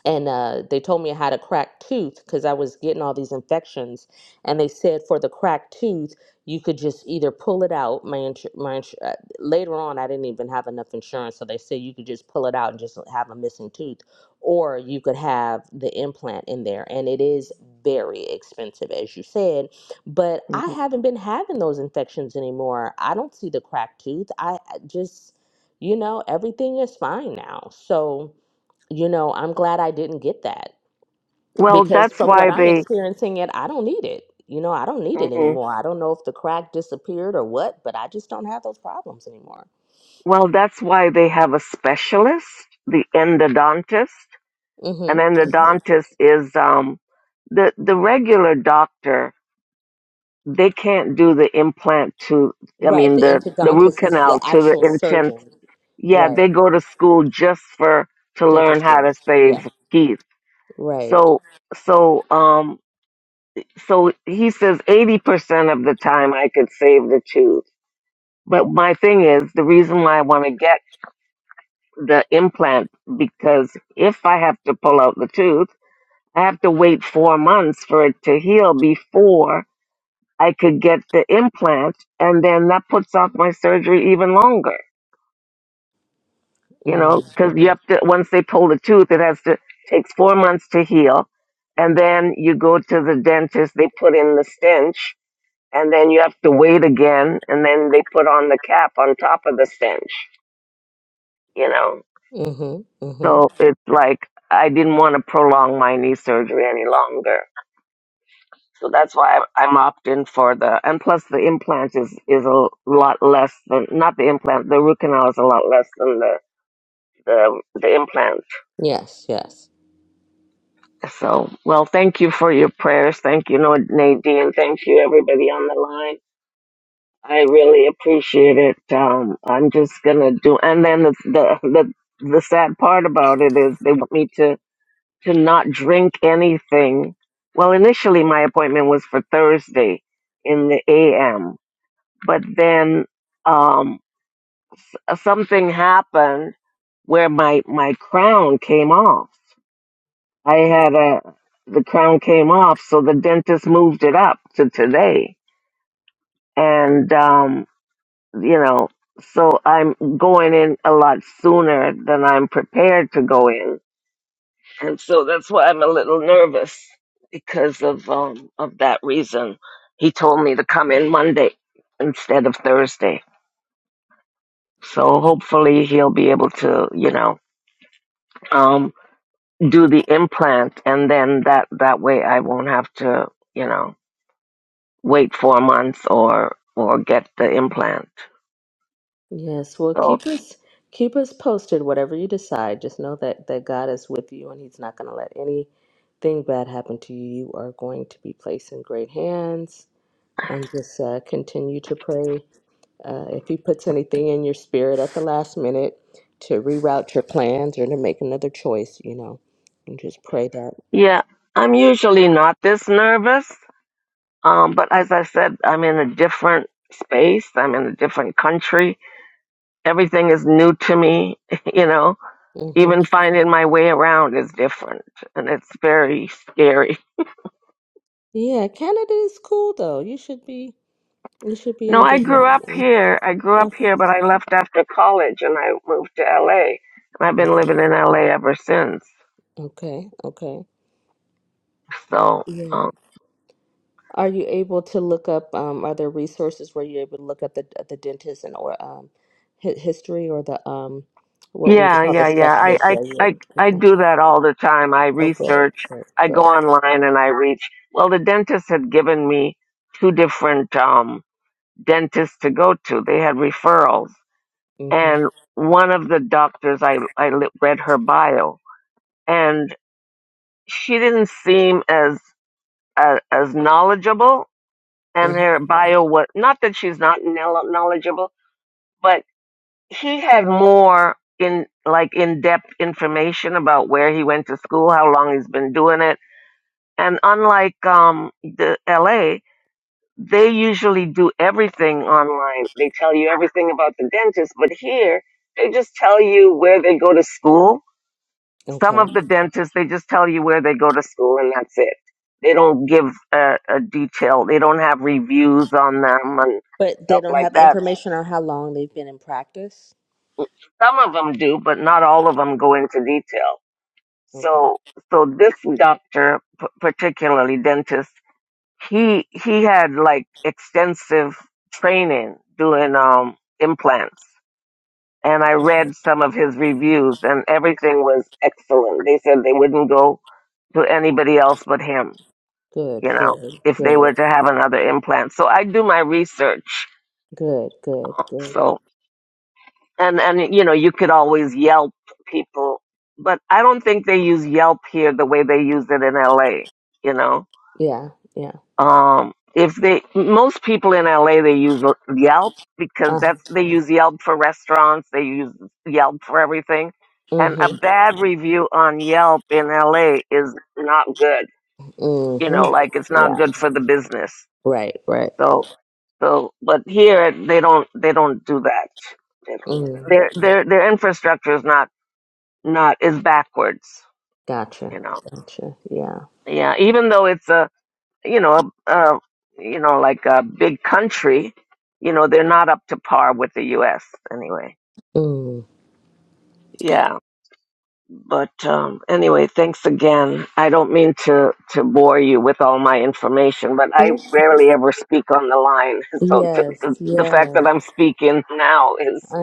and uh, they told me I had a cracked tooth because I was getting all these infections. And they said for the cracked tooth, you could just either pull it out. My, insu- my insu- uh, later on, I didn't even have enough insurance, so they said you could just pull it out and just have a missing tooth, or you could have the implant in there. And it is very expensive, as you said. But I haven't been having those infections anymore. I don't see the cracked tooth. I I just, you know, everything is fine now. So you know, I'm glad I didn't get that Well, because that's from what why I'm they experiencing it, I don't need it. You know, I don't need it mm anymore. I don't know if the crack disappeared or what, but I just don't have those problems anymore. well, that's why they have a specialist, the endodontist. An Mm-hmm. endodontist is um, the the regular doctor. They can't do the implant to, I Right. mean, The the the root endodontist is the canal to the actual intent. surgeon. Yeah, Right. they go to school just for to learn how Dentistry. to Yeah. save teeth. Right. So so um so he says eighty percent of the time I could save the tooth. But my thing is the reason why I want to get the implant because if I have to pull out the tooth, I have to wait four months for it to heal before I could get the implant. And then that puts off my surgery even longer, you know, Mm. because you have to, once they pull the tooth, it has to, takes four months to heal. And then you go to the dentist, they put in the stench, and then you have to wait again. And then they put on the cap on top of the stench, you know. Mm-hmm. Mm-hmm. So it's like I didn't want to prolong my knee surgery any longer. So that's why I'm I'm opting for the, and plus the implant is, is a lot less than, not the implant, the root canal is a lot less than the, the, the implant. Yes. Yes. So, well, thank you for your prayers. Thank you, Nad- Nadine. Thank you, everybody on the line. I really appreciate it. Um, I'm just gonna do, and then the, the, the, the sad part about it is they want me to to not drink anything. Well, initially my appointment was for Thursday in the AM, but then um, something happened where my my crown came off. I had a the crown came off, so the dentist moved it up to today, and um, you know, so I'm going in a lot sooner than I'm prepared to go in and so that's why I'm a little nervous because of um of that reason. He told me to come in Monday instead of Thursday. So hopefully he'll be able to, you know, um do the implant and then that that way I won't have to, you know, wait 4 months or or get the implant. Yes, well, So keep us keep us posted. Whatever you decide, just know that that God is with you, and He's not going to let anything bad happen to you. You are going to be placed in great hands, and just uh, continue to pray. Uh, if He puts anything in your spirit at the last minute to reroute your plans or to make another choice, you know, and just pray that. yeah, I'm usually not this nervous. Um but as I said, I'm in a different space, I'm in a different country everything is new to me, you know. hmm Even finding my way around is different and it's very scary. Yeah, Canada is cool though. You should be you should be No, in I good grew health. up Mhm. here. I grew up Okay, here, but I left after college and I moved to LA. And I've been okay, living in LA ever since. okay. okay. So, Yeah. um, Are you able to look up, um, are there resources where you're able to look up the the dentist and or um hi history or the um what would you yeah, call the yeah, yeah. I, specialist? I, Yeah, I, you I okay. do that all the time. I Oh good, research, good, I go good. online and I reach. Well, the dentist had given me two different, um, dentists to go to. They had referrals Mm-hmm. and one of the doctors I I read her bio and she didn't seem as as, as knowledgeable and hmm her bio was not that she's not knowl- knowledgeable but he had more in like in-depth information about where he went to school how long he's been doing it and unlike um the LA they usually do everything online they tell you everything about the dentist but here they just tell you where they go to school Some Okay. of the dentists, they just tell you where they go to school and that's it. They don't give a, a detail. They don't have reviews on them and But they stuff don't like have that. information on how long they've been in practice? Some of them do, but not all of them go into detail. Okay. So, so this doctor, p- particularly dentist, he he had like extensive training doing um implants and I Okay. read some of his reviews, and everything was excellent. They said they wouldn't go to anybody else but him. Good, you know, good, if they good, were to have another implant. So I do my research. good, good, good. So and and you know, you could always Yelp people, but I don't think they use Yelp here the way they use it in LA, you know. Yeah, yeah. Um if they most people in LA they use Yelp because Uh, that's they use Yelp for restaurants, they use Yelp for everything. And a mm-hmm. bad review on Yelp in LA is not good. You know, Mm-hmm. like it's not Yeah. good for the business. Right, right. So. So, but here they don't they don't do that. They don't do that. Mm. Their their their infrastructure is not not is backwards. Gotcha. You know, Gotcha. Yeah. yeah. Even though it's a you know a, a you know like a big country, you know they're not up to par with the U.S. Anyway, Mm. yeah. But um, anyway, thanks again. I don't mean to to bore you with all my information, but I rarely ever speak on the line, so t- Yes, t- the fact that yes, I'm speaking now is I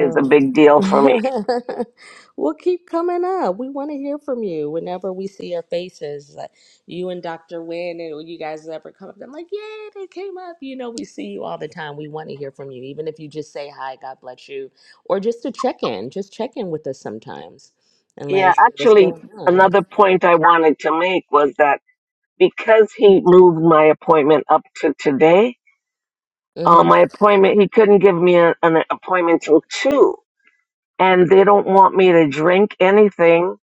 is a big deal for me. We'll keep coming up. We want to hear from you whenever we see your faces. Like you and Dr. Wynn, and when you guys ever come up, I'm like, yeah, they came up. You know, we see you all the time. We want to hear from you, even if you just say hi, God bless you, or just to check in. Just check in with us sometimes and let Yeah, us know what's actually, going on. another point I wanted to make was that because he moved my appointment up to today, uh, Mm-hmm. my appointment, he couldn't give me a, an appointment till two. And they don't want me to drink anything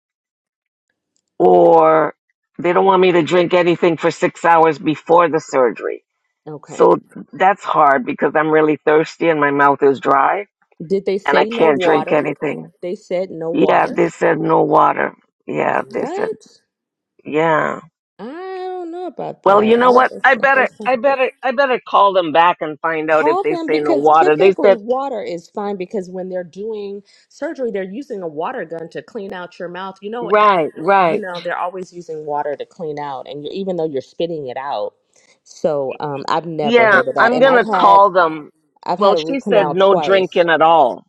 or they don't want me to drink anything for six hours before the surgery. Okay. So that's hard because I'm really thirsty and my mouth is dry Did they and I say no can't drink water? anything. They said no Yeah, water. they said no water. Yeah, they said, What? yeah. I don't know about Well, that. you know what? I, it's I the better, first time. I better, I better call them back and find out if Call they them say no because water. They typically said, water is fine because when they're doing surgery, they're using a water gun to clean out your mouth. You know, uh, right, you right. know they're always using water to clean out, and you even though you're spitting it out. So um, I've never Yeah, heard of that, I'm and going I've to had call them. I've had Well, a she root said canal no twice. drinking at all.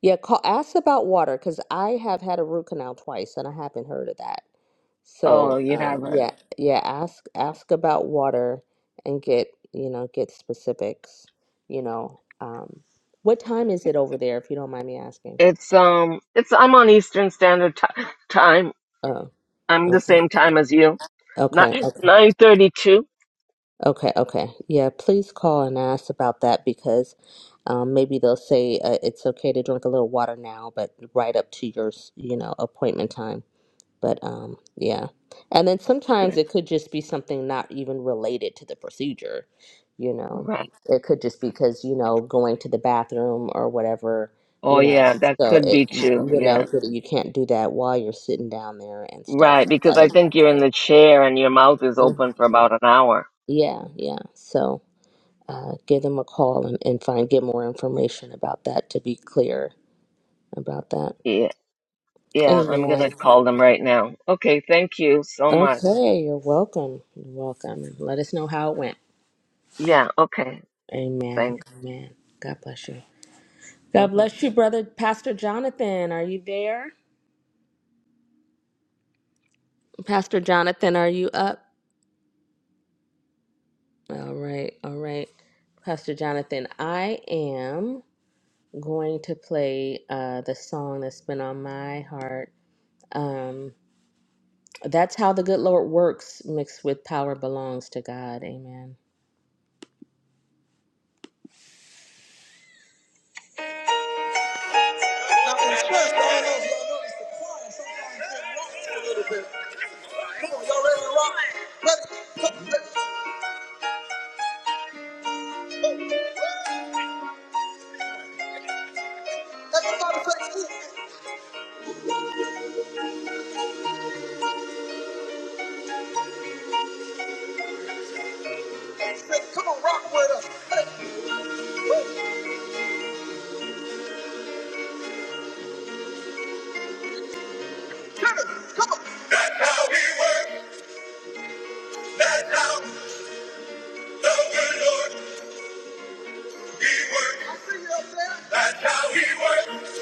Yeah, call, ask about water because I have had a root canal twice and I haven't heard of that. Oh, So, you um, haven't. yeah, yeah, ask ask about water and get, you know, get specifics, you know. Um, what time is it over there, if you don't mind me asking? It's, um, it's, I'm on Eastern Standard Ti Time. Oh, I'm the okay. same time as you. Not Okay, okay, 932. okay, okay. Yeah, please call and ask about that because um, maybe they'll say uh, it's okay to drink a little water now, but right up to your, s- you know, appointment time. But um, yeah. And then Yeah, sometimes it could just be something not even related to the procedure, you know. right. It could just be because, you know, going to the bathroom or whatever, Oh, you know. yeah, that So could it, be you, true. you know, Yeah, so that you can't do that while you're sitting down there and stuff right. like Because I that. think you're in the chair and your mouth is It- mm, open for about an hour. yeah, yeah. So uh, give them a call and, and find get more information about that to be clear about that. Yeah. Yeah, I'm gonna Amen. call them right now. Okay, thank you so much. Okay, you're welcome. You're welcome. Let us know how it went. Yeah, okay, Amen. thanks. Amen. God bless you. God hmm bless you, brother. Pastor Jonathan, are you there? Pastor Jonathan, are you up? All right. All right. Pastor Jonathan, I am going to play uh, the song that's been on my heart. Um, that's how the good Lord works, mixed with power belongs to God. Amen. Now, in church, I don't know if y'all notice the choir sometimes they rock a little bit. Come on, y'all ready to rock? Ready? Come, let- everybody say, Come on, rock with us. Hey, woo, Come on. come on. That's how we work. That's how the good Lord He works. I see you up there. That's how He works.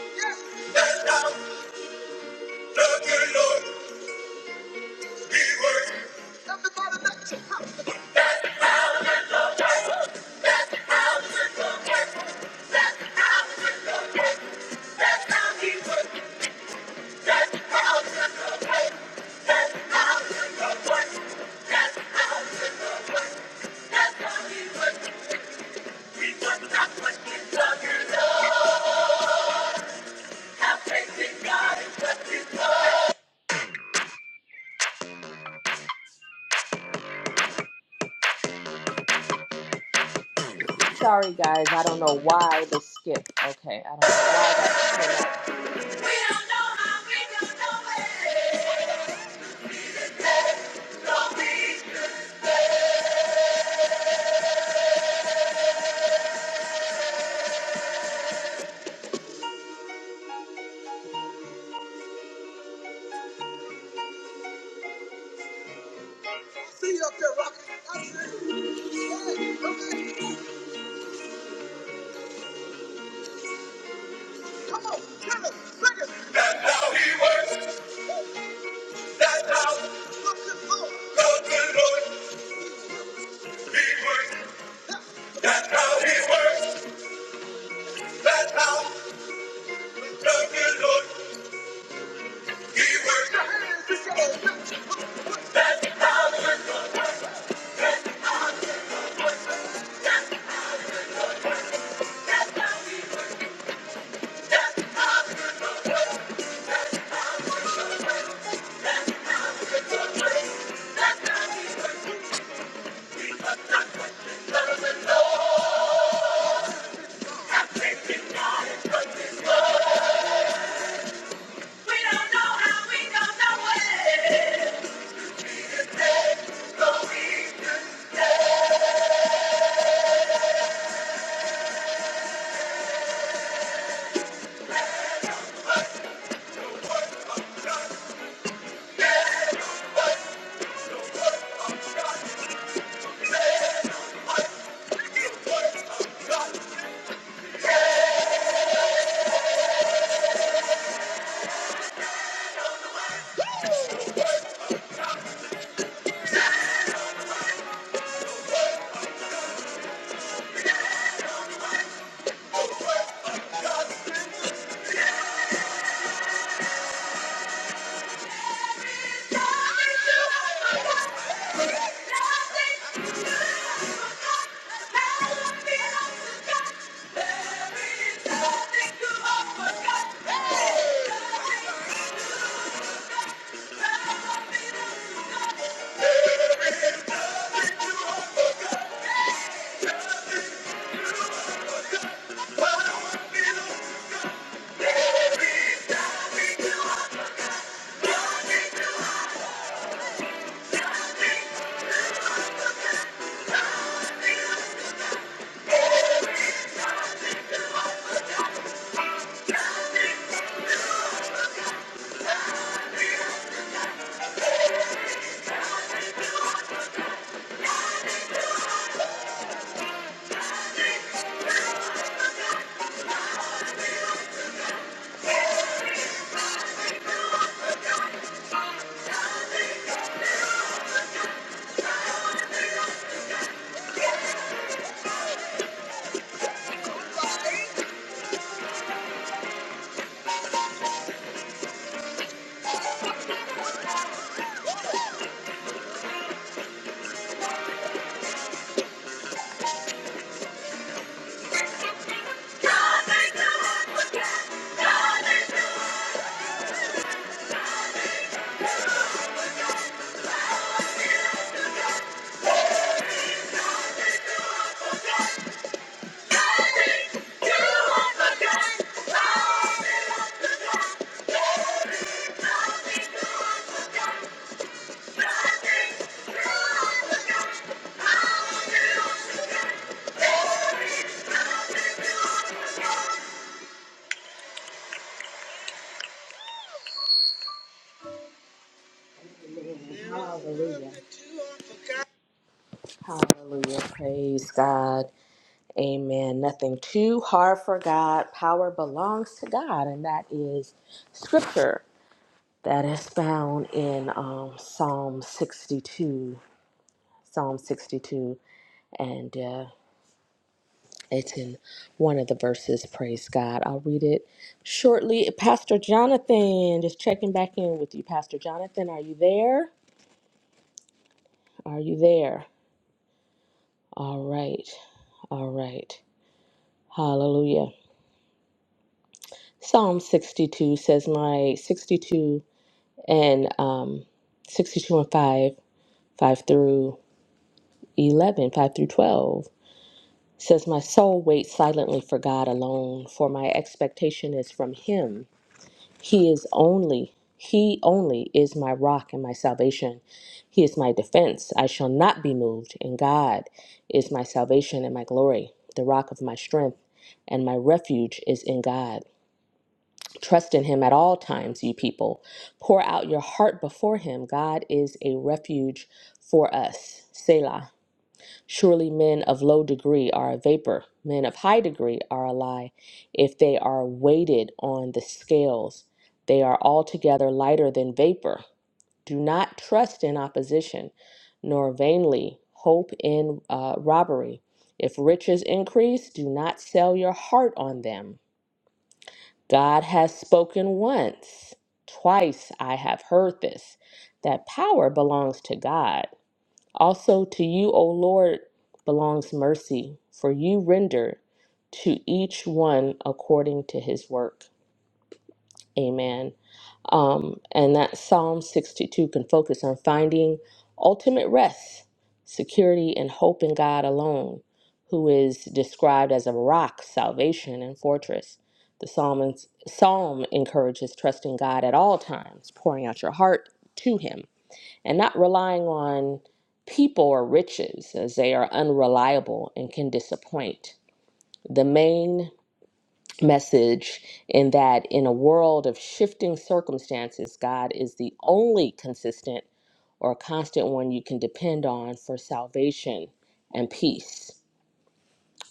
Yes. That's how the good Lord He works. Everybody, let your house. Sorry, guys. I don't know why the skip. Okay, I don't know why that came out. I See you up there, Rocky. I see you. Yeah, okay. Come on, tell us, sing it. That's how he works. Hallelujah. Hallelujah. Praise God. Amen. Nothing too hard for God. Power belongs to God, and that is scripture. That is found in um, Psalm 62, Psalm 62, and uh, it's in one of the verses. Praise God. I'll read it shortly. Pastor Jonathan, just checking back in with you. Pastor Jonathan, are you there? Are you there? All right. All right. Hallelujah. Psalm 62 says, My 62 and um, 62 and 5, 5 through 11, 5 through 12. It says, My soul waits silently for God alone, for my expectation is from Him. He is only, He only is my rock and my salvation. He is my defense. I shall not be moved, and God is my salvation and my glory, the rock of my strength. And my refuge is in God. Trust in Him at all times, ye people. Pour out your heart before Him. God is a refuge for us. Selah. Surely men of low degree are a vapor, men of high degree are a lie. If they are weighted on the scales, they are altogether lighter than vapor. Do not trust in opposition, nor vainly hope in uh, robbery. If riches increase, do not sell your heart on them. God has spoken once, twice I have heard this, that power belongs to God. Also to you, O Lord, belongs mercy, for you render to each one according to his work. Amen. Um, and that Psalm 62 can focus on finding ultimate rest, security, and hope in God alone, who is described as a rock, salvation, and fortress. The psalm, psalm encourages trusting God at all times, pouring out your heart to Him and not relying on people or riches as they are unreliable and can disappoint. The main message in that in a world of shifting circumstances, God is the only consistent or constant one you can depend on for salvation and peace.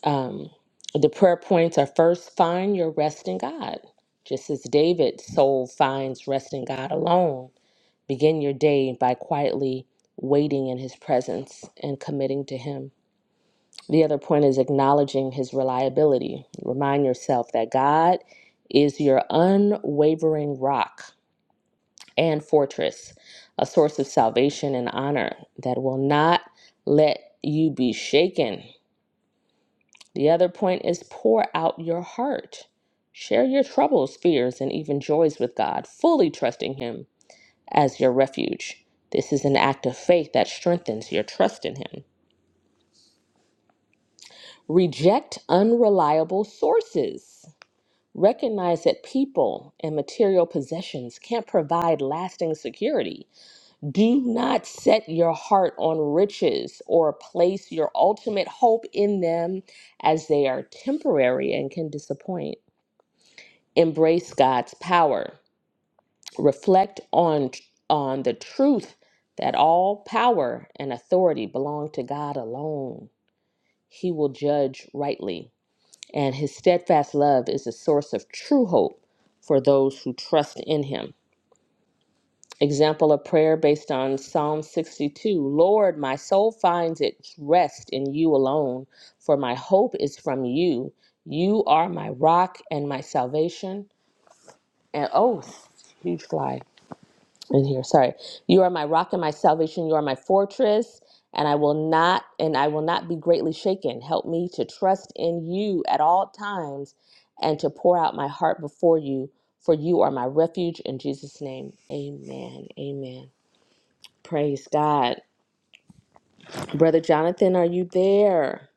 Um, the prayer points are first, find your rest in God. Just as David's soul finds rest in God alone, Begin your day by quietly waiting in His presence and committing to Him. The other point is acknowledging His reliability. Remind yourself that God is your unwavering rock and fortress, a source of salvation and honor that will not let you be shaken. The other point is pour out your heart. Share your troubles, fears, and even joys with God, fully trusting Him as your refuge. This is an act of faith that strengthens your trust in Him. Reject unreliable sources. Recognize that people and material possessions can't provide lasting security. Do not set your heart on riches or place your ultimate hope in them as they are temporary and can disappoint. Embrace God's power. reflect on on the truth that all power and authority belong to God alone. He will judge rightly, and his steadfast love is a source of true hope for those who trust in him. Example of prayer based on Psalm 62 Lord, my soul finds its rest in you alone, for my hope is from you. You are my rock and my salvation. And oh, huge fly. in here sorry you are my rock and my salvation you are my fortress and i will not and i will not be greatly shaken help me to trust in you at all times and to pour out my heart before you for you are my refuge in jesus name amen amen praise god brother jonathan are you there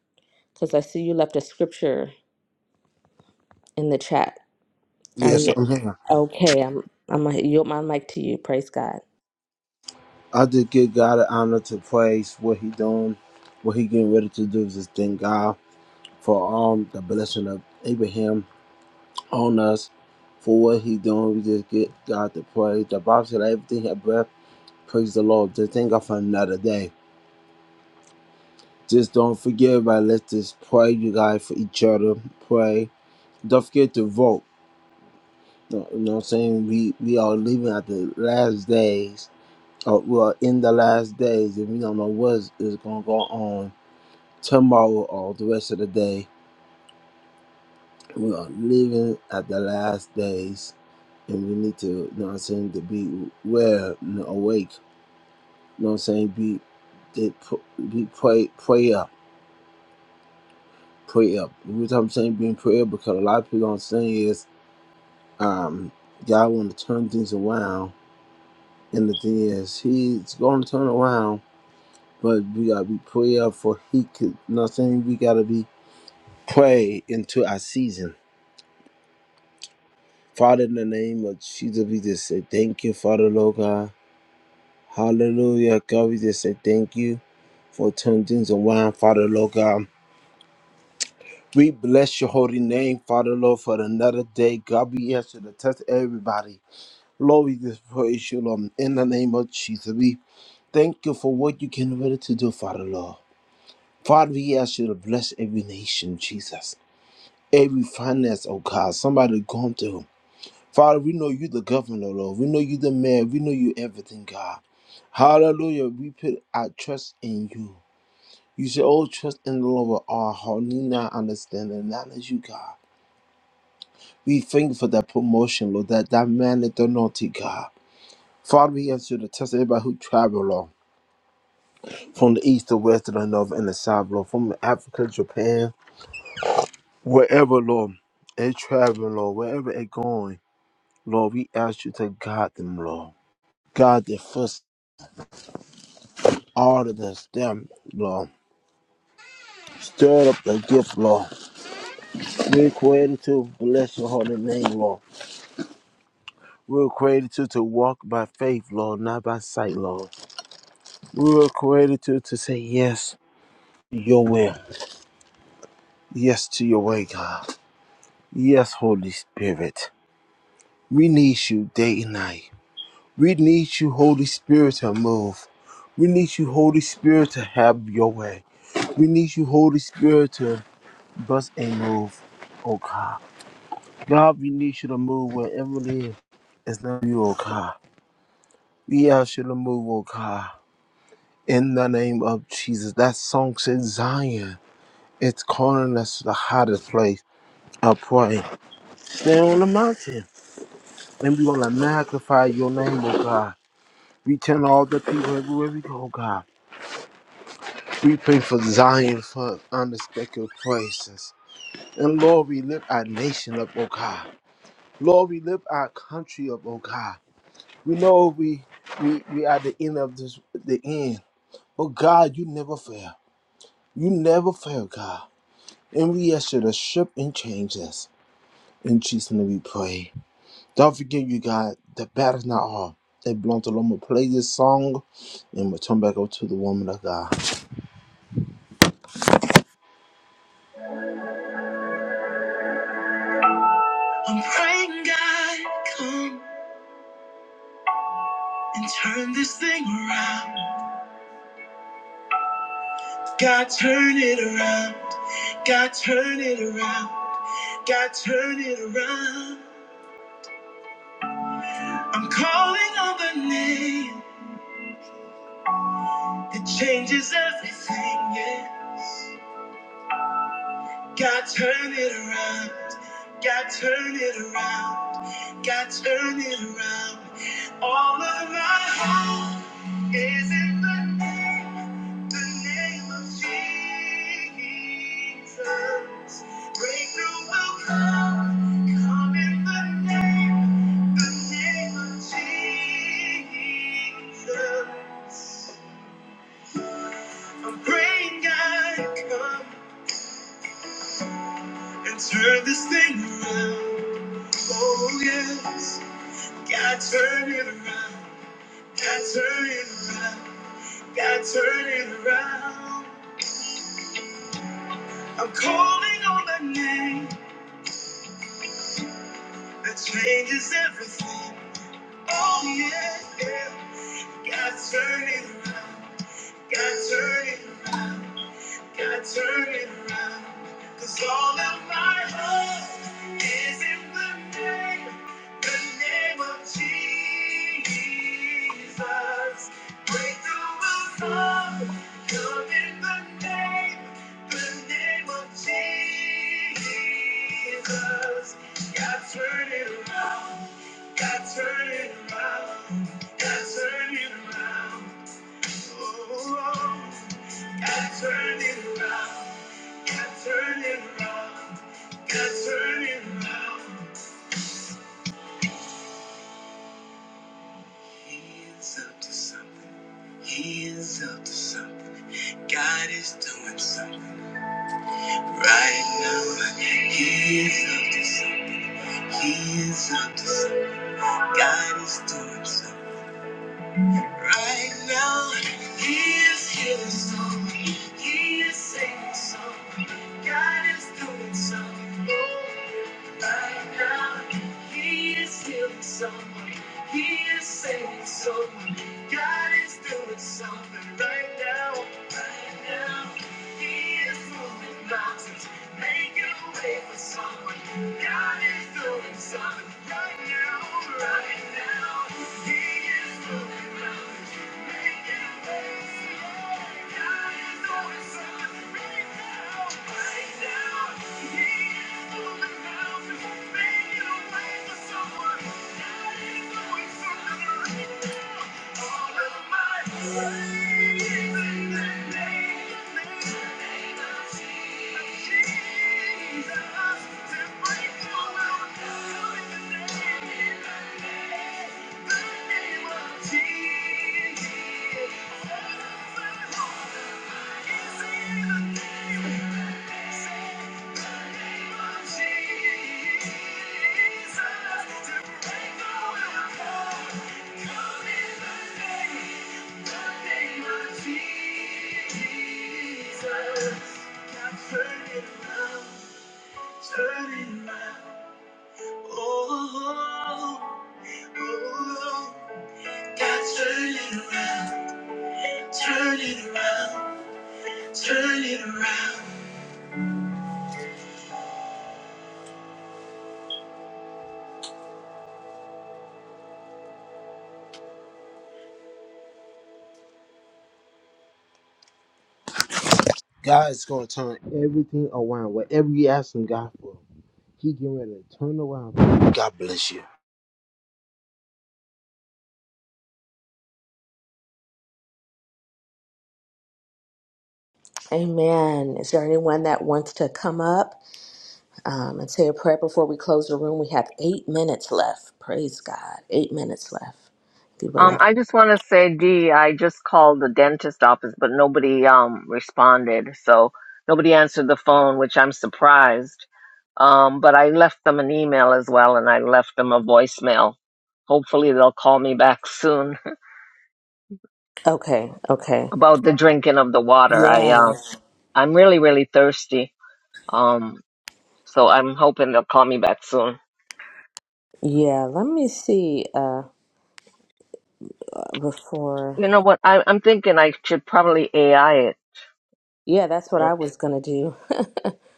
because i see you left a scripture in the chat are Yes, you I'm here. okay i'm i'm gonna yield my mic to you praise god I just give God the honor to praise what He doing, what He getting ready to do. Just thank God for um the blessing of Abraham on us, for what He doing. We just get God to praise. The Bible said everything have breath. Praise the Lord. Just thank God for another day. Just don't forget, everybody. Let's just pray, you guys, for each other. Pray. Don't forget to vote. You know what I'm saying? We we are living at the last days uh, well, in the last days, if we don't know what is, is going to go on tomorrow or the rest of the day, we are living at the last days, and we need to, you know what I'm saying, to be aware and awake, you know what I'm saying, be, to pr- be pray, pray up, pray up. The reason I'm saying being prayer because a lot of people don't say is, um, God want to turn things around, and the thing is, He's going to turn around, but we got to be prayer for He could, you know what I'm saying, we got to be pray into our season. Father, in the name of Jesus, we just say thank you, Father, Lord God. Hallelujah, God, we just say thank you for turning things around, Father, Lord God. We bless your holy name, Father, Lord, for another day. God, we answer to touch everybody. Lord, we just praise you, Lord. In the name of Jesus, we thank you for what you can ready to do, Father Lord. Father, we ask you to bless every nation, Jesus. Every finance, oh God, somebody going through. Father, we know you the governor, Lord. We know you the mayor. We know you everything, God. Hallelujah. We put our trust in you. You should all trust in the Lord with our heart, need not understand and knowledge you, God. We thank you for that promotion, Lord, that that man that don't naughty, God. Father, we ask you to test everybody who travel, Lord, from the east, the west, to the north, and the south, Lord, from Africa, Japan, wherever, Lord, they traveling, Lord, wherever they going, Lord, we ask you to guide them, Lord. God, their first all of this, them, Lord. Stir up the gift, Lord. We're created to bless your holy name, Lord. We were created to, to walk by faith, Lord, not by sight, Lord. We were created to, to say yes to your will, yes to your way, God. Yes, Holy Spirit. We need you day and night. We need you, Holy Spirit, to move. We need you, Holy Spirit, to have your way. We need you, Holy Spirit, to bust and move, oh God. God, we need you to move wherever it is. It's not you, oh God. We ask you to move, oh God. In the name of Jesus. That song says Zion. It's calling us to the hottest place. I pray. Stand on the mountain. And we want to magnify your name, oh God. We tell all the people everywhere we go, God. We pray for Zion for unexpected places. And Lord, we lift our nation up, oh God. Lord, we lift our country up, oh God. We know we we we are the end of this the end. But God, you never fail. You never fail, God. And we ask you to shift and change us. In Jesus' name we pray. Don't forget you God, the battle's not all. It belongs to the Lord. We'll play this song and we'll turn back over to the woman of God. I'm praying God come and turn this thing around. God turn it around. God turn it around. God turn it around. I'm calling on the name. It changes everything, yes. God turn it around. God turn it around. God turn it around. All of my hope is in the name, the name of Jesus. Breakthrough will come, come in the name, the name of Jesus. I'm praying God come. and turn this thing around. Oh yes, God turn it around. God turn it around. God turn it around. I'm calling on the name that changes everything. Oh yeah, yeah. God turn it around. God turn it around. God turn it around, 'cause all of my hope is in the name, the name of Jesus. Breakthrough will come, come in the name, the name of Jesus. God turn it around, God turn it around, God turn it around. Oh, God, turn it around. God, He is up to something. He is up to something. God is doing something right now. He is up to something. He is up to something. God is doing something right now. He is healing some. He is saving some. God is doing some. Right now, He is healing someone. He is saving someone. God is doing something right now. Right now, He is moving mountains, making a way for someone. God is doing something right now. Right now, He is moving mountains. Jesus, to break the world, come in the name. Turn it around, turn it around. Oh, oh, oh. God's gonna turn everything around. Whatever you ask Him God for, He getting ready to turn around. God bless you. amen is there anyone that wants to come up um, and say a prayer before we close the room. We have eight minutes left. Praise God. Eight minutes left. If you would Um, like. I just want to say, Dee, I just called the dentist office, but nobody um responded, so nobody answered the phone, which I'm surprised. Um, but I left them an email as well, and I left them a voicemail. Hopefully, they'll call me back soon Okay. Okay. about the drinking of the water. I um, Yes. I'm really, really thirsty. Um, so I'm hoping they'll call me back soon. Yeah. Let me see. Uh, before. You know what? I, I'm thinking I should probably AI it. Yeah, that's what yeah. I was gonna do.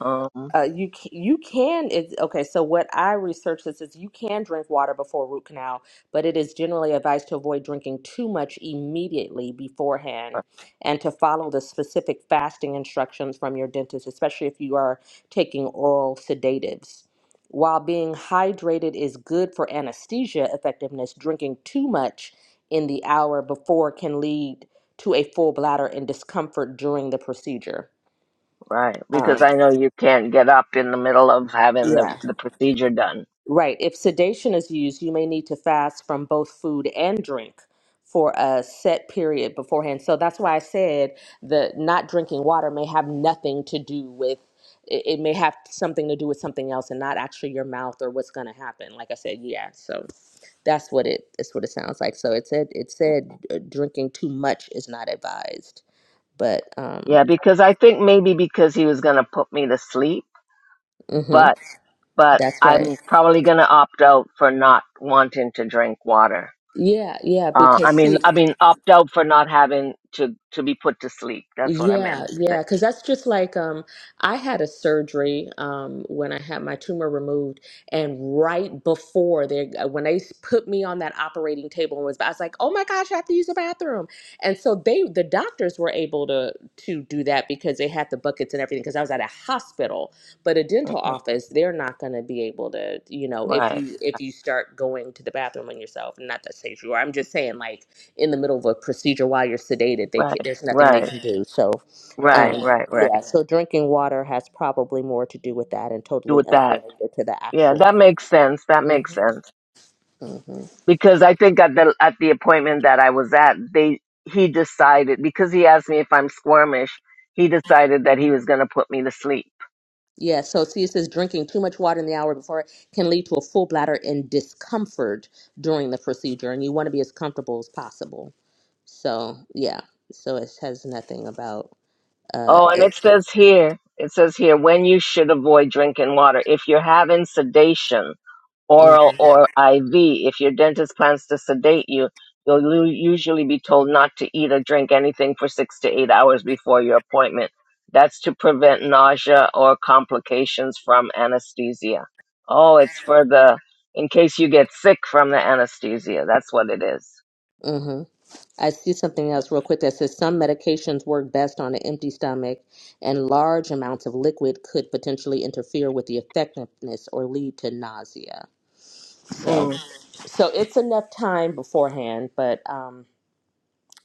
Um, Uh, you c- you can it's okay. So what I researched this is you can drink water before root canal, but it is generally advised to avoid drinking too much immediately beforehand, and to follow the specific fasting instructions from your dentist, especially if you are taking oral sedatives. While being hydrated is good for anesthesia effectiveness, drinking too much in the hour before can lead to a full bladder and discomfort during the procedure. right, because Um, I know you can't get up in the middle of having the yeah. the procedure done. Right. If sedation is used, you may need to fast from both food and drink for a set period beforehand. So that's why I said that not drinking water may have nothing to do with it, it may have something to do with something else and not actually your mouth or what's going to happen. Like I said, yeah. So that's what it that's what it sounds like. So it said it said uh, drinking too much is not advised. But um Yeah, because I think maybe because he was gonna put me to sleep, mhm but but that's right. I'm probably gonna opt out for not wanting to drink water. Yeah, yeah, Uh, because I mean, see I mean, opt out for not having to to be put to sleep. That's what I meant Yeah, to yeah, because that's just like um, I had a surgery um, when I had my tumor removed, and right before they uh, when they s- put me on that operating table and was I was like, oh my gosh, I have to use the bathroom, and so they the doctors were able to to do that because they had the buckets and everything because I was at a hospital, but a say. dental hmm office they're not going to be able to you know if Right, you if you start going to the bathroom on yourself, not to say you are, I'm just saying like in the middle of a procedure while you're sedated. They right, can, there's nothing they right, can do. So, um, right, Right. right, right. yeah. So drinking water has probably more to do with that and Do totally with that. unrelated to the Yeah, that actual. makes sense. That hmm makes sense. hmm because I think at the at the appointment that I was at, they he decided because he asked me if I'm squirmish, he decided that he was going to put me to sleep. Yeah. So see, it says drinking too much water in the hour before can lead to a full bladder and discomfort during the procedure, and you want to be as comfortable as possible. So yeah. So it says nothing about uh. Oh, and It, it says here, it says here when you should avoid drinking water if you're having sedation oral or IV. If your dentist plans to sedate you, you'll lu- usually be told not to eat or drink anything for six to eight hours before your appointment. That's to prevent nausea or complications from anesthesia. Oh, it's for the, in case you get sick from the anesthesia. That's what it is. hmm I see something else real quick that says some medications work best on an empty stomach, and large amounts of liquid could potentially interfere with the effectiveness or lead to nausea. So, Mm, so it's enough time beforehand, but um,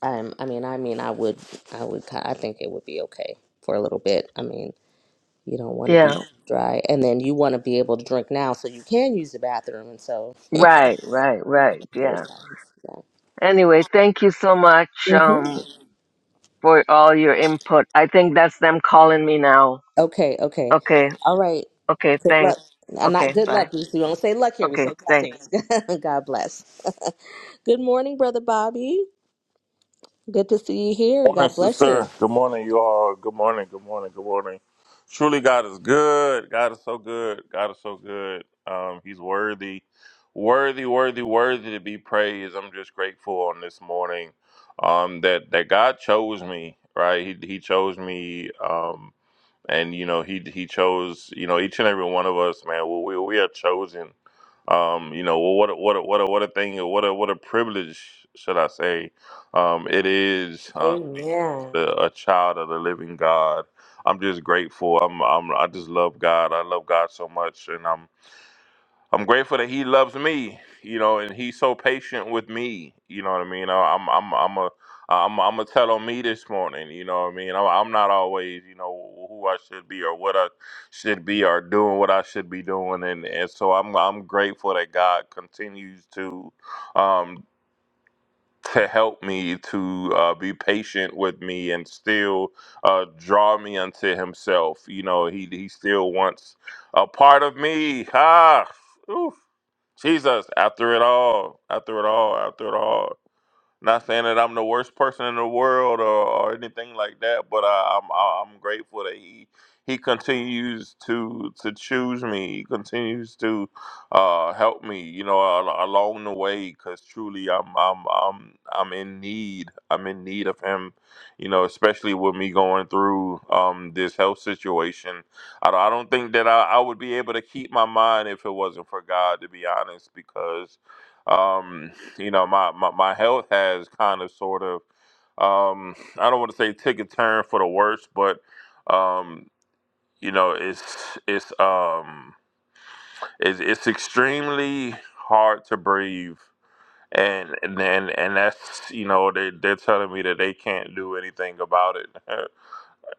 I'm, I mean, I mean, I would, I would, ki- I think it would be okay for a little bit. I mean, you don't want to yeah, be dry, and then you want to be able to drink now so you can use the bathroom, and so. right, right, right. Yeah. Anyway, thank you so much Yeah. um, for all your input. I think that's them calling me now. Okay, okay. Okay, All right. Okay, Good luck. thanks. Uh, Not Okay, good bye. luck. We we don't say luck here. We Okay, say thanks. blessings. God bless. good morning, Brother Bobby. Good to see you here. Morning, God bless you. sister. Good morning, you all. Good morning, good morning, good morning. Truly, God is good. God is so good. God is so good. Um, he's worthy, worthy, worthy, worthy to be praised. I'm just grateful on this morning um, that that God chose me. Right, He He chose me. Um, and you know he he chose you know each and every one of us man we we, we are chosen um you know well, what a, what a, what a, what a thing what a what a privilege should i say um it is uh, to be Amen. called a, a child of the living god i'm just grateful i'm i'm i just love god i love god so much and i'm I'm grateful that he loves me, you know, and he's so patient with me. You know what I mean? I- I'm I'm I'm a I'm I'm a tell on me this morning. You know what I mean? I'm, I'm not always, you know, who I should be or what I should be or doing what I should be doing, and and so I'm I'm grateful that God continues to um to help me to uh, be patient with me and still uh, draw me unto Himself. You know, He He still wants a part of me. Ah. oof. Jesus, after it all, after it all, after it all, not saying that I'm the worst person in the world or, or anything like that, but I, I'm I- I'm grateful that he he continues to to choose me. He continues to uh, help me, you know, al- along the way. Because truly, I'm I'm I'm I'm in need. I'm in need of him, you know, especially with me going through um, this health situation. I don't, I don't think that I, I would be able to keep my mind if it wasn't for God, to be honest, because. Um, you know my my, my health has kind of sort of um i don't want to say take a turn for the worse but um you know it's it's um it's, it's extremely hard to breathe and and and, and that's you know they, they're telling me that they can't do anything about it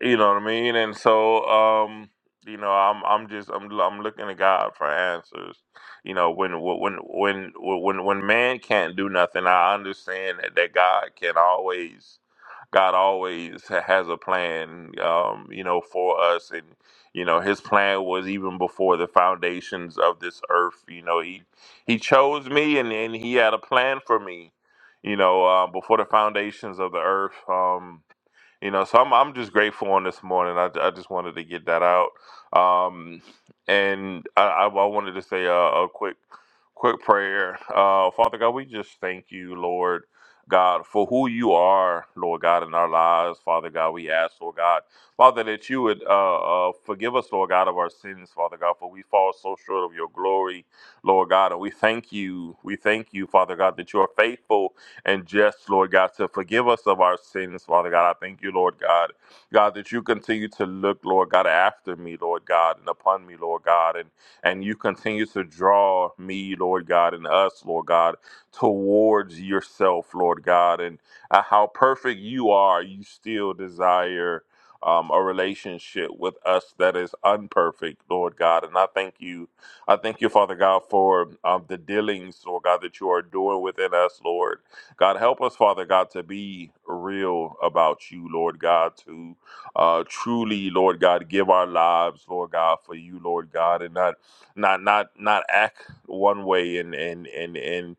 You know what I mean? And so, um, you know, I'm I'm just I'm I'm looking to God for answers. You know, when when when when when man can't do nothing, I understand that, that God can always God always ha- has a plan, um, you know, for us. And, you know, his plan was even before the foundations of this earth. You know, he he chose me and, and he had a plan for me, you know, uh, before the foundations of the earth. Um, you know so i'm i'm just grateful on this morning i, I just wanted to get that out um and i i, I wanted to say a, a quick quick prayer uh father god we just thank you lord God, for who you are, Lord God, in our lives, Father God, we ask, Lord God, Father, that you would uh, uh, forgive us, Lord God, of our sins, Father God, for we fall so short of your glory, Lord God, and we thank you, we thank you, Father God, that you are faithful and just, Lord God, to forgive us of our sins, Father God. I thank you, Lord God. God, that you continue to look, Lord God, after me, Lord God, and upon me, Lord God, and, and you continue to draw me, Lord God, and us, Lord God, towards yourself, Lord God, and uh, how perfect you are, you still desire um, a relationship with us that is unperfect, Lord God. And I thank you. I thank you, Father God, for um, the dealings, Lord God, that you are doing within us, Lord. God, help us, Father God, to be real about you, Lord God, to uh, truly, Lord God, give our lives, Lord God, for you, Lord God, and not not not not act one way and and and and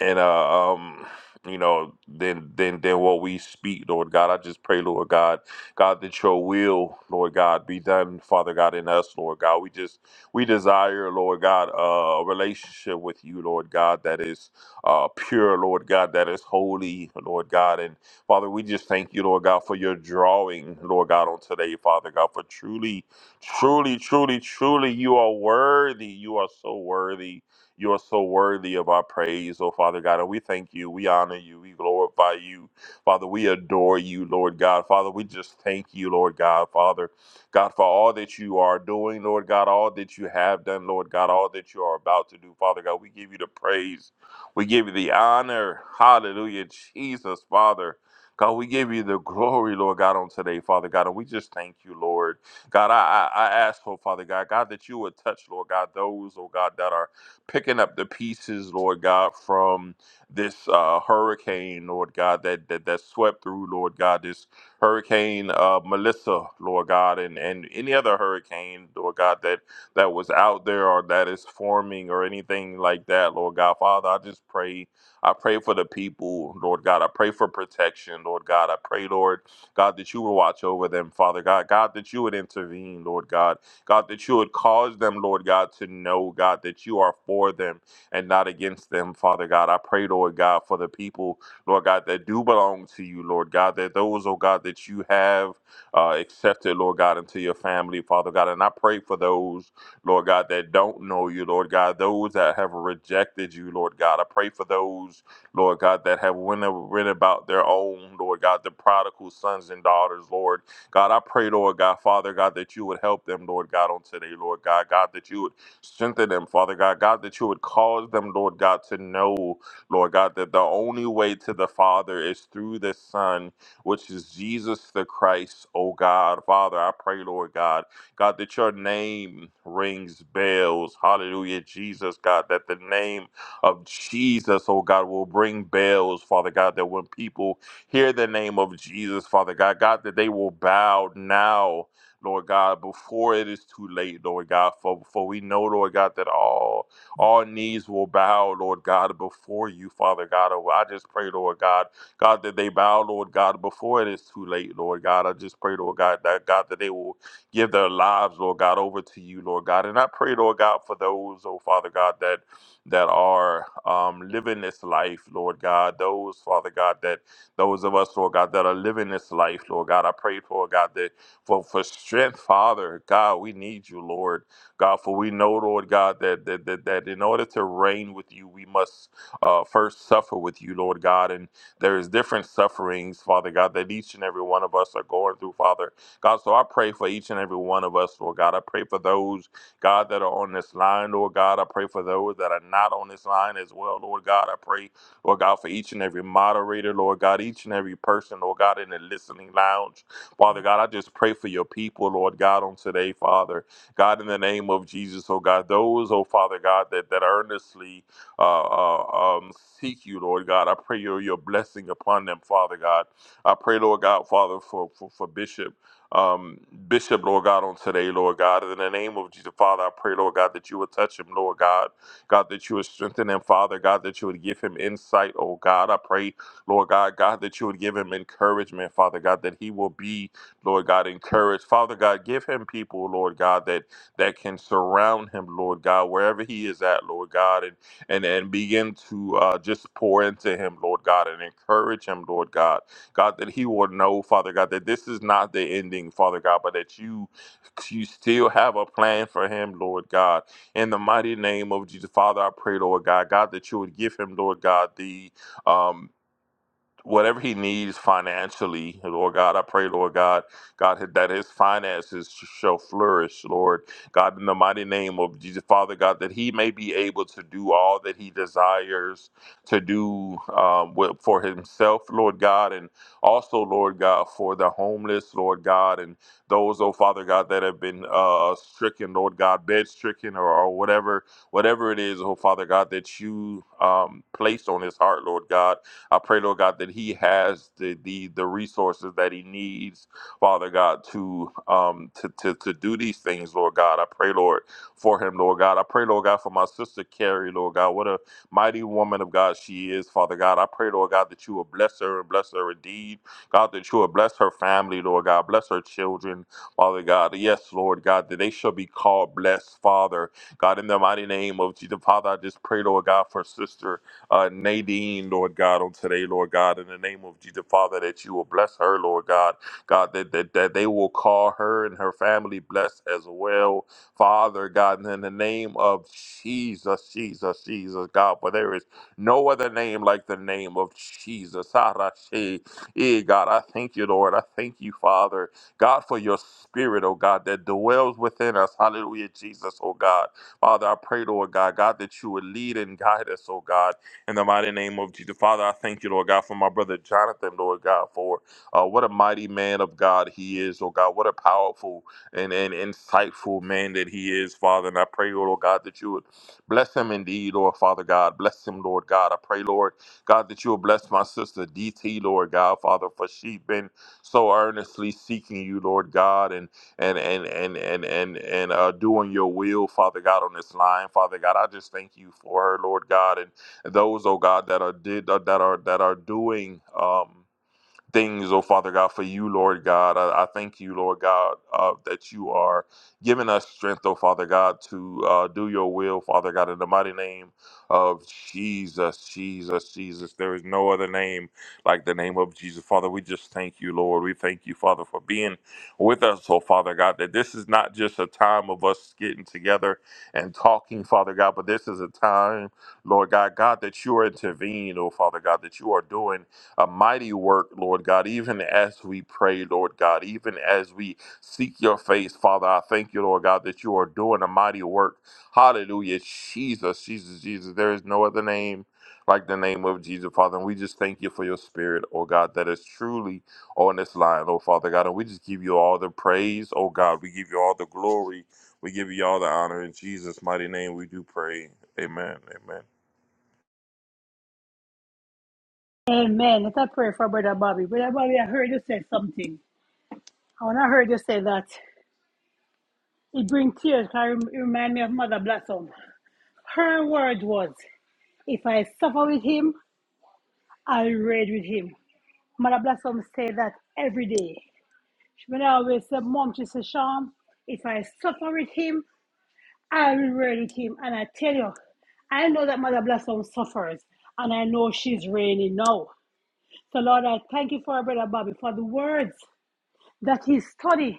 and uh, um, you know, then then then what we speak, Lord God. I just pray, Lord God, God that Your will, Lord God, be done, Father God, in us, Lord God. We just we desire, Lord God, uh, a relationship with You, Lord God, that is uh, pure, Lord God, that is holy, Lord God, and Father, we just thank You, Lord God, for Your drawing, Lord God, on today, Father God, for truly, truly, truly, truly, You are worthy. You are so worthy. You are so worthy of our praise, oh Father God. And we thank you. We honor you. We glorify you. Father, we adore you, Lord God. Father, we just thank you, Lord God, Father. God, for all that you are doing, Lord God, all that you have done, Lord God, all that you are about to do, Father God. We give you the praise. We give you the honor. Hallelujah, Jesus, Father. God, we give you the glory, Lord God, on today, Father God. And we just thank you, Lord. God, I, I, I ask, oh Father God, God, that you would touch, Lord God, those, oh God, that are picking up the pieces, Lord God, from this uh, hurricane, Lord God, that, that that swept through, Lord God, this hurricane uh, Melissa, Lord God, and, and any other hurricane, Lord God, that that was out there or that is forming or anything like that, Lord God, Father, I just pray. I pray for the people, Lord God. I pray for protection, Lord God. I pray, Lord God, that you would watch over them, Father God. God, that you would intervene, Lord God. God, that you would cause them, Lord God, to know, God, that you are for them and not against them, Father God. I pray, Lord God, for the people, Lord God, that do belong to you, Lord God, that those, oh God, that you have uh, accepted, Lord God, into your family, Father God. And I pray for those, Lord God, that don't know you, Lord God, those that have rejected you, Lord God. I pray for those, Lord God, that have went, went about their own, Lord God, the prodigal sons and daughters, Lord. God, I pray, Lord God, Father God, that you would help them, Lord God, on today, Lord God. God, that you would strengthen them, Father God. God, that you would cause them, Lord God, to know, Lord God, that the only way to the Father is through the Son, which is Jesus the Christ, oh God. Father, I pray, Lord God, God, that your name rings bells. Hallelujah, Jesus, God, that the name of Jesus, oh God, will bring bells, Father God, that when people Hear the name of Jesus, Father God. God, that they will bow now, Lord God, before it is too late, Lord God. For, for we know, Lord God, that all all knees will bow, Lord God, before you, Father God. Oh, I just pray, Lord God, God, that they bow, Lord God, before it is too late, Lord God. I just pray, Lord God, that God, that they will give their lives, Lord God, over to you, Lord God. And I pray, Lord God, for those, oh Father God, that that are um, living this life, Lord God. Those, Father God, that those of us, Lord God, that are living this life, Lord God, I pray, Lord God, that for, for strength, Father, God, we need you, Lord. God, for we know, Lord God, that that, that, that in order to reign with you, we must uh, first suffer with you, Lord God. And there is different sufferings, Father God, that each and every one of us are going through, Father. God, so I pray for each and every one of us, Lord God. I pray for those, God, that are on this line, Lord God. I pray for those that are not on this line as well, Lord God. I pray Lord God, for each and every moderator, Lord God, each and every person, Lord God, in the listening lounge. Father God, I just pray for your people, Lord God, on today, Father. God, in the name of Jesus, oh God, those, oh Father God, that, that earnestly uh, uh, um, seek you, Lord God, I pray your, your blessing upon them, Father God. I pray, Lord God, Father, for, for, for Bishop um, Bishop, Lord God, on today, Lord God. In the name of Jesus, Father, I pray, Lord God, that you would touch him, Lord God. God, that you would strengthen him, Father. God, that you would give him insight, oh God. I pray, Lord God, God, that you would give him encouragement, Father God, that he will be, Lord God, encouraged. Father God, give him people, Lord God, that that can surround him, Lord God, wherever he is at, Lord God, and and, and begin to uh, just pour into him, Lord God, and encourage him, Lord God. God, that he will know, Father God, that this is not the ending, Father God, but that you you still have a plan for him, Lord God. In the mighty name of Jesus, Father, I pray, Lord God, God, that you would give him, Lord God, the um, whatever he needs financially, Lord God, I pray, Lord God, God, that his finances shall flourish, Lord God, in the mighty name of Jesus, Father God, that he may be able to do all that he desires to do um, wi- for himself, Lord God, and also, Lord God, for the homeless, Lord God, and those, oh Father God, that have been uh, stricken, Lord God, bed stricken or, or whatever, whatever it is, oh Father God, that you um, placed on his heart, Lord God. I pray, Lord God, that he has the the, the resources that he needs, Father God, to um to, to to do these things, Lord God. I pray, Lord, for him, Lord God. I pray, Lord God, for my sister Carrie, Lord God. What a mighty woman of God she is, Father God. I pray, Lord God, that you will bless her and bless her indeed. God, that you will bless her family, Lord God. Bless her children, Father God. Yes, Lord God, that they shall be called blessed, Father. God, in the mighty name of Jesus, Father, I just pray, Lord God, for sister uh, Nadine, Lord God, on today, Lord God, in the name of Jesus, Father, that you will bless her, Lord God, God, that, that, that they will call her and her family blessed as well, Father, God, in the name of Jesus, Jesus, Jesus, God, for there is no other name like the name of Jesus. Arashi. Eh, God, I thank you, Lord. I thank you, Father, God, for your spirit, oh God, that dwells within us. Hallelujah, Jesus, oh God. Father, I pray, Lord God, God, that you would lead and guide us, oh God. In the mighty name of Jesus, Father, I thank you, Lord God, for my brother Jonathan, Lord God, for uh, what a mighty man of God he is, Lord God. What a powerful and, and insightful man that he is, Father. And I pray, oh, Lord God, that you would bless him indeed, Lord Father God. Bless him, Lord God. I pray, Lord God, that you will bless my sister DT, Lord God, Father, for she has been so earnestly seeking you, Lord God, and and and and and and and uh, doing your will, Father God, on this line, Father God. I just thank you for her, Lord God, and those, oh God, that are did that are that are doing. Um, things, oh Father God, for you, Lord God. I, I thank you, Lord God, uh, that you are giving us strength, oh Father God, to uh, do your will, Father God, in the mighty name of Jesus, Jesus, Jesus. There is no other name like the name of Jesus. Father, we just thank you, Lord. We thank you, Father, for being with us, oh Father God, that this is not just a time of us getting together and talking, Father God, but this is a time, Lord God, God, that you are intervening, oh Father God, that you are doing a mighty work, Lord God, even as we pray, Lord God, even as we seek your face, Father. I thank you, Lord God, that you are doing a mighty work. Hallelujah. Jesus, Jesus, Jesus. There is no other name like the name of Jesus, Father. And we just thank you for your spirit, oh God, that is truly on this line, oh Father God. And we just give you all the praise, oh God. We give you all the glory. We give you all the honor. In Jesus' mighty name, we do pray. Amen. Amen. Amen. Let us pray for Brother Bobby. Brother Bobby, I heard you say something. I When I heard you say that, it brings tears. Can you rem- remind me of Mother Blossom. Her word was, if I suffer with him, I'll reign with him. Mother Blossom said that every day. When I always say, Mom, she said, Sean, if I suffer with him, I will reign with him. And I tell you, I know that Mother Blossom suffers, and I know she's reigning now. So, Lord, I thank you for our brother Bobby for the words that he studied,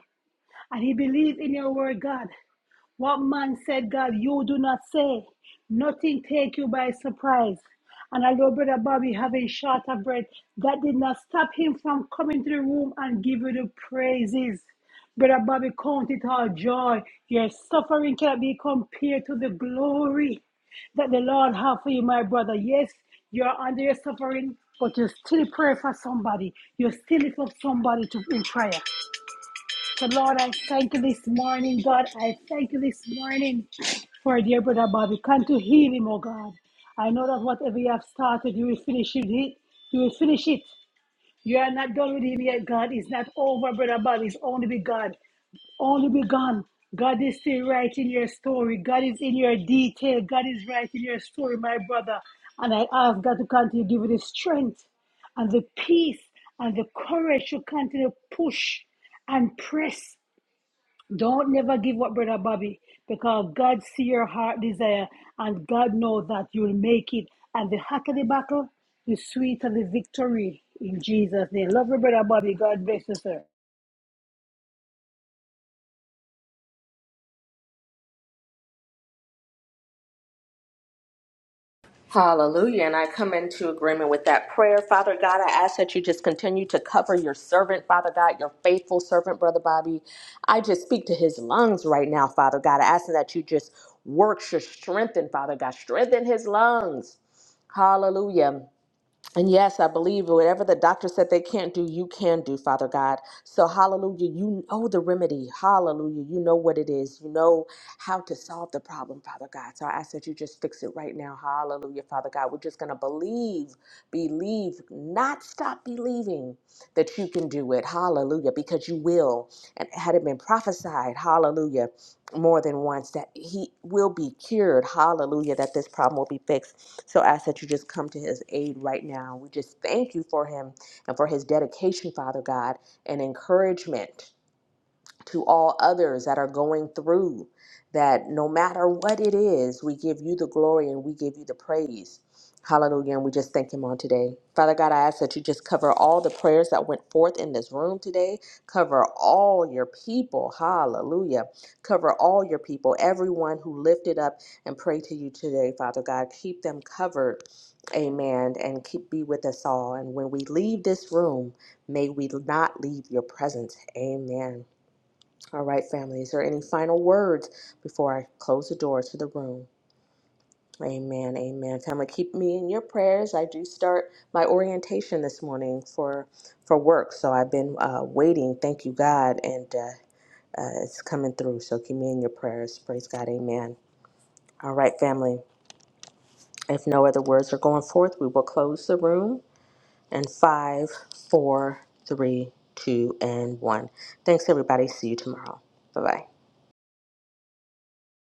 and he believed in your word, God. What man said, God, you do not say. Nothing take you by surprise. And although Brother Bobby having short of breath, that did not stop him from coming to the room and give you the praises. Brother Bobby, count it all joy. Your suffering cannot be compared to the glory that the Lord have for you, my brother. Yes, you're under your suffering, but you still pray for somebody. You still lift up somebody to in prayer. So, Lord, I thank you this morning, God. I thank you this morning for dear brother Bobby. Come to heal him, oh God. I know that whatever you have started, you will finish it. You will finish it. You are not done with him yet, God. It's not over, brother Bobby. It's only begun. Only begun. God is still writing your story. God is in your detail. God is writing your story, my brother. And I ask God to continue to give you the strength and the peace and the courage to continue to push and press don't never give up, Brother Bobby, because God see your heart desire and God knows that you'll make it. And the hotter the battle, the sweeter the victory in Jesus' name. Love you, Brother Bobby. God bless you, sir. Hallelujah. And I come into agreement with that prayer. Father God, I ask that you just continue to cover your servant, Father God, your faithful servant, Brother Bobby. I just speak to his lungs right now, Father God. I ask that you just work your strength in, Father God. Strengthen his lungs. Hallelujah. And yes, I believe whatever the doctor said they can't do, you can do, Father God. So, hallelujah, you know the remedy. Hallelujah, you know what it is. You know how to solve the problem, Father God. So, I ask that you just fix it right now. Hallelujah, Father God. We're just going to believe, believe, not stop believing that you can do it. Hallelujah, because you will. And had it been prophesied, hallelujah more than once that he will be cured. Hallelujah, that this problem will be fixed. So I ask that you just come to his aid right now. We just thank you for him and for his dedication, Father God, and encouragement to all others that are going through that no matter what it is, we give you the glory and we give you the praise. Hallelujah. And we just thank him on today. Father God, I ask that you just cover all the prayers that went forth in this room today. Cover all your people. Hallelujah. Cover all your people, everyone who lifted up and prayed to you today, Father God. Keep them covered. Amen. And keep be with us all. And when we leave this room, may we not leave your presence. Amen. All right, family. Is there any final words before I close the doors to the room? Amen. Amen. Family, keep me in your prayers. I do start my orientation this morning for for work, so I've been uh, waiting. Thank you, God, and uh, uh, it's coming through. So keep me in your prayers. Praise God. Amen. All right, family. If no other words are going forth, we will close the room. And five, four, three, two, and one. Thanks, everybody. See you tomorrow. Bye bye.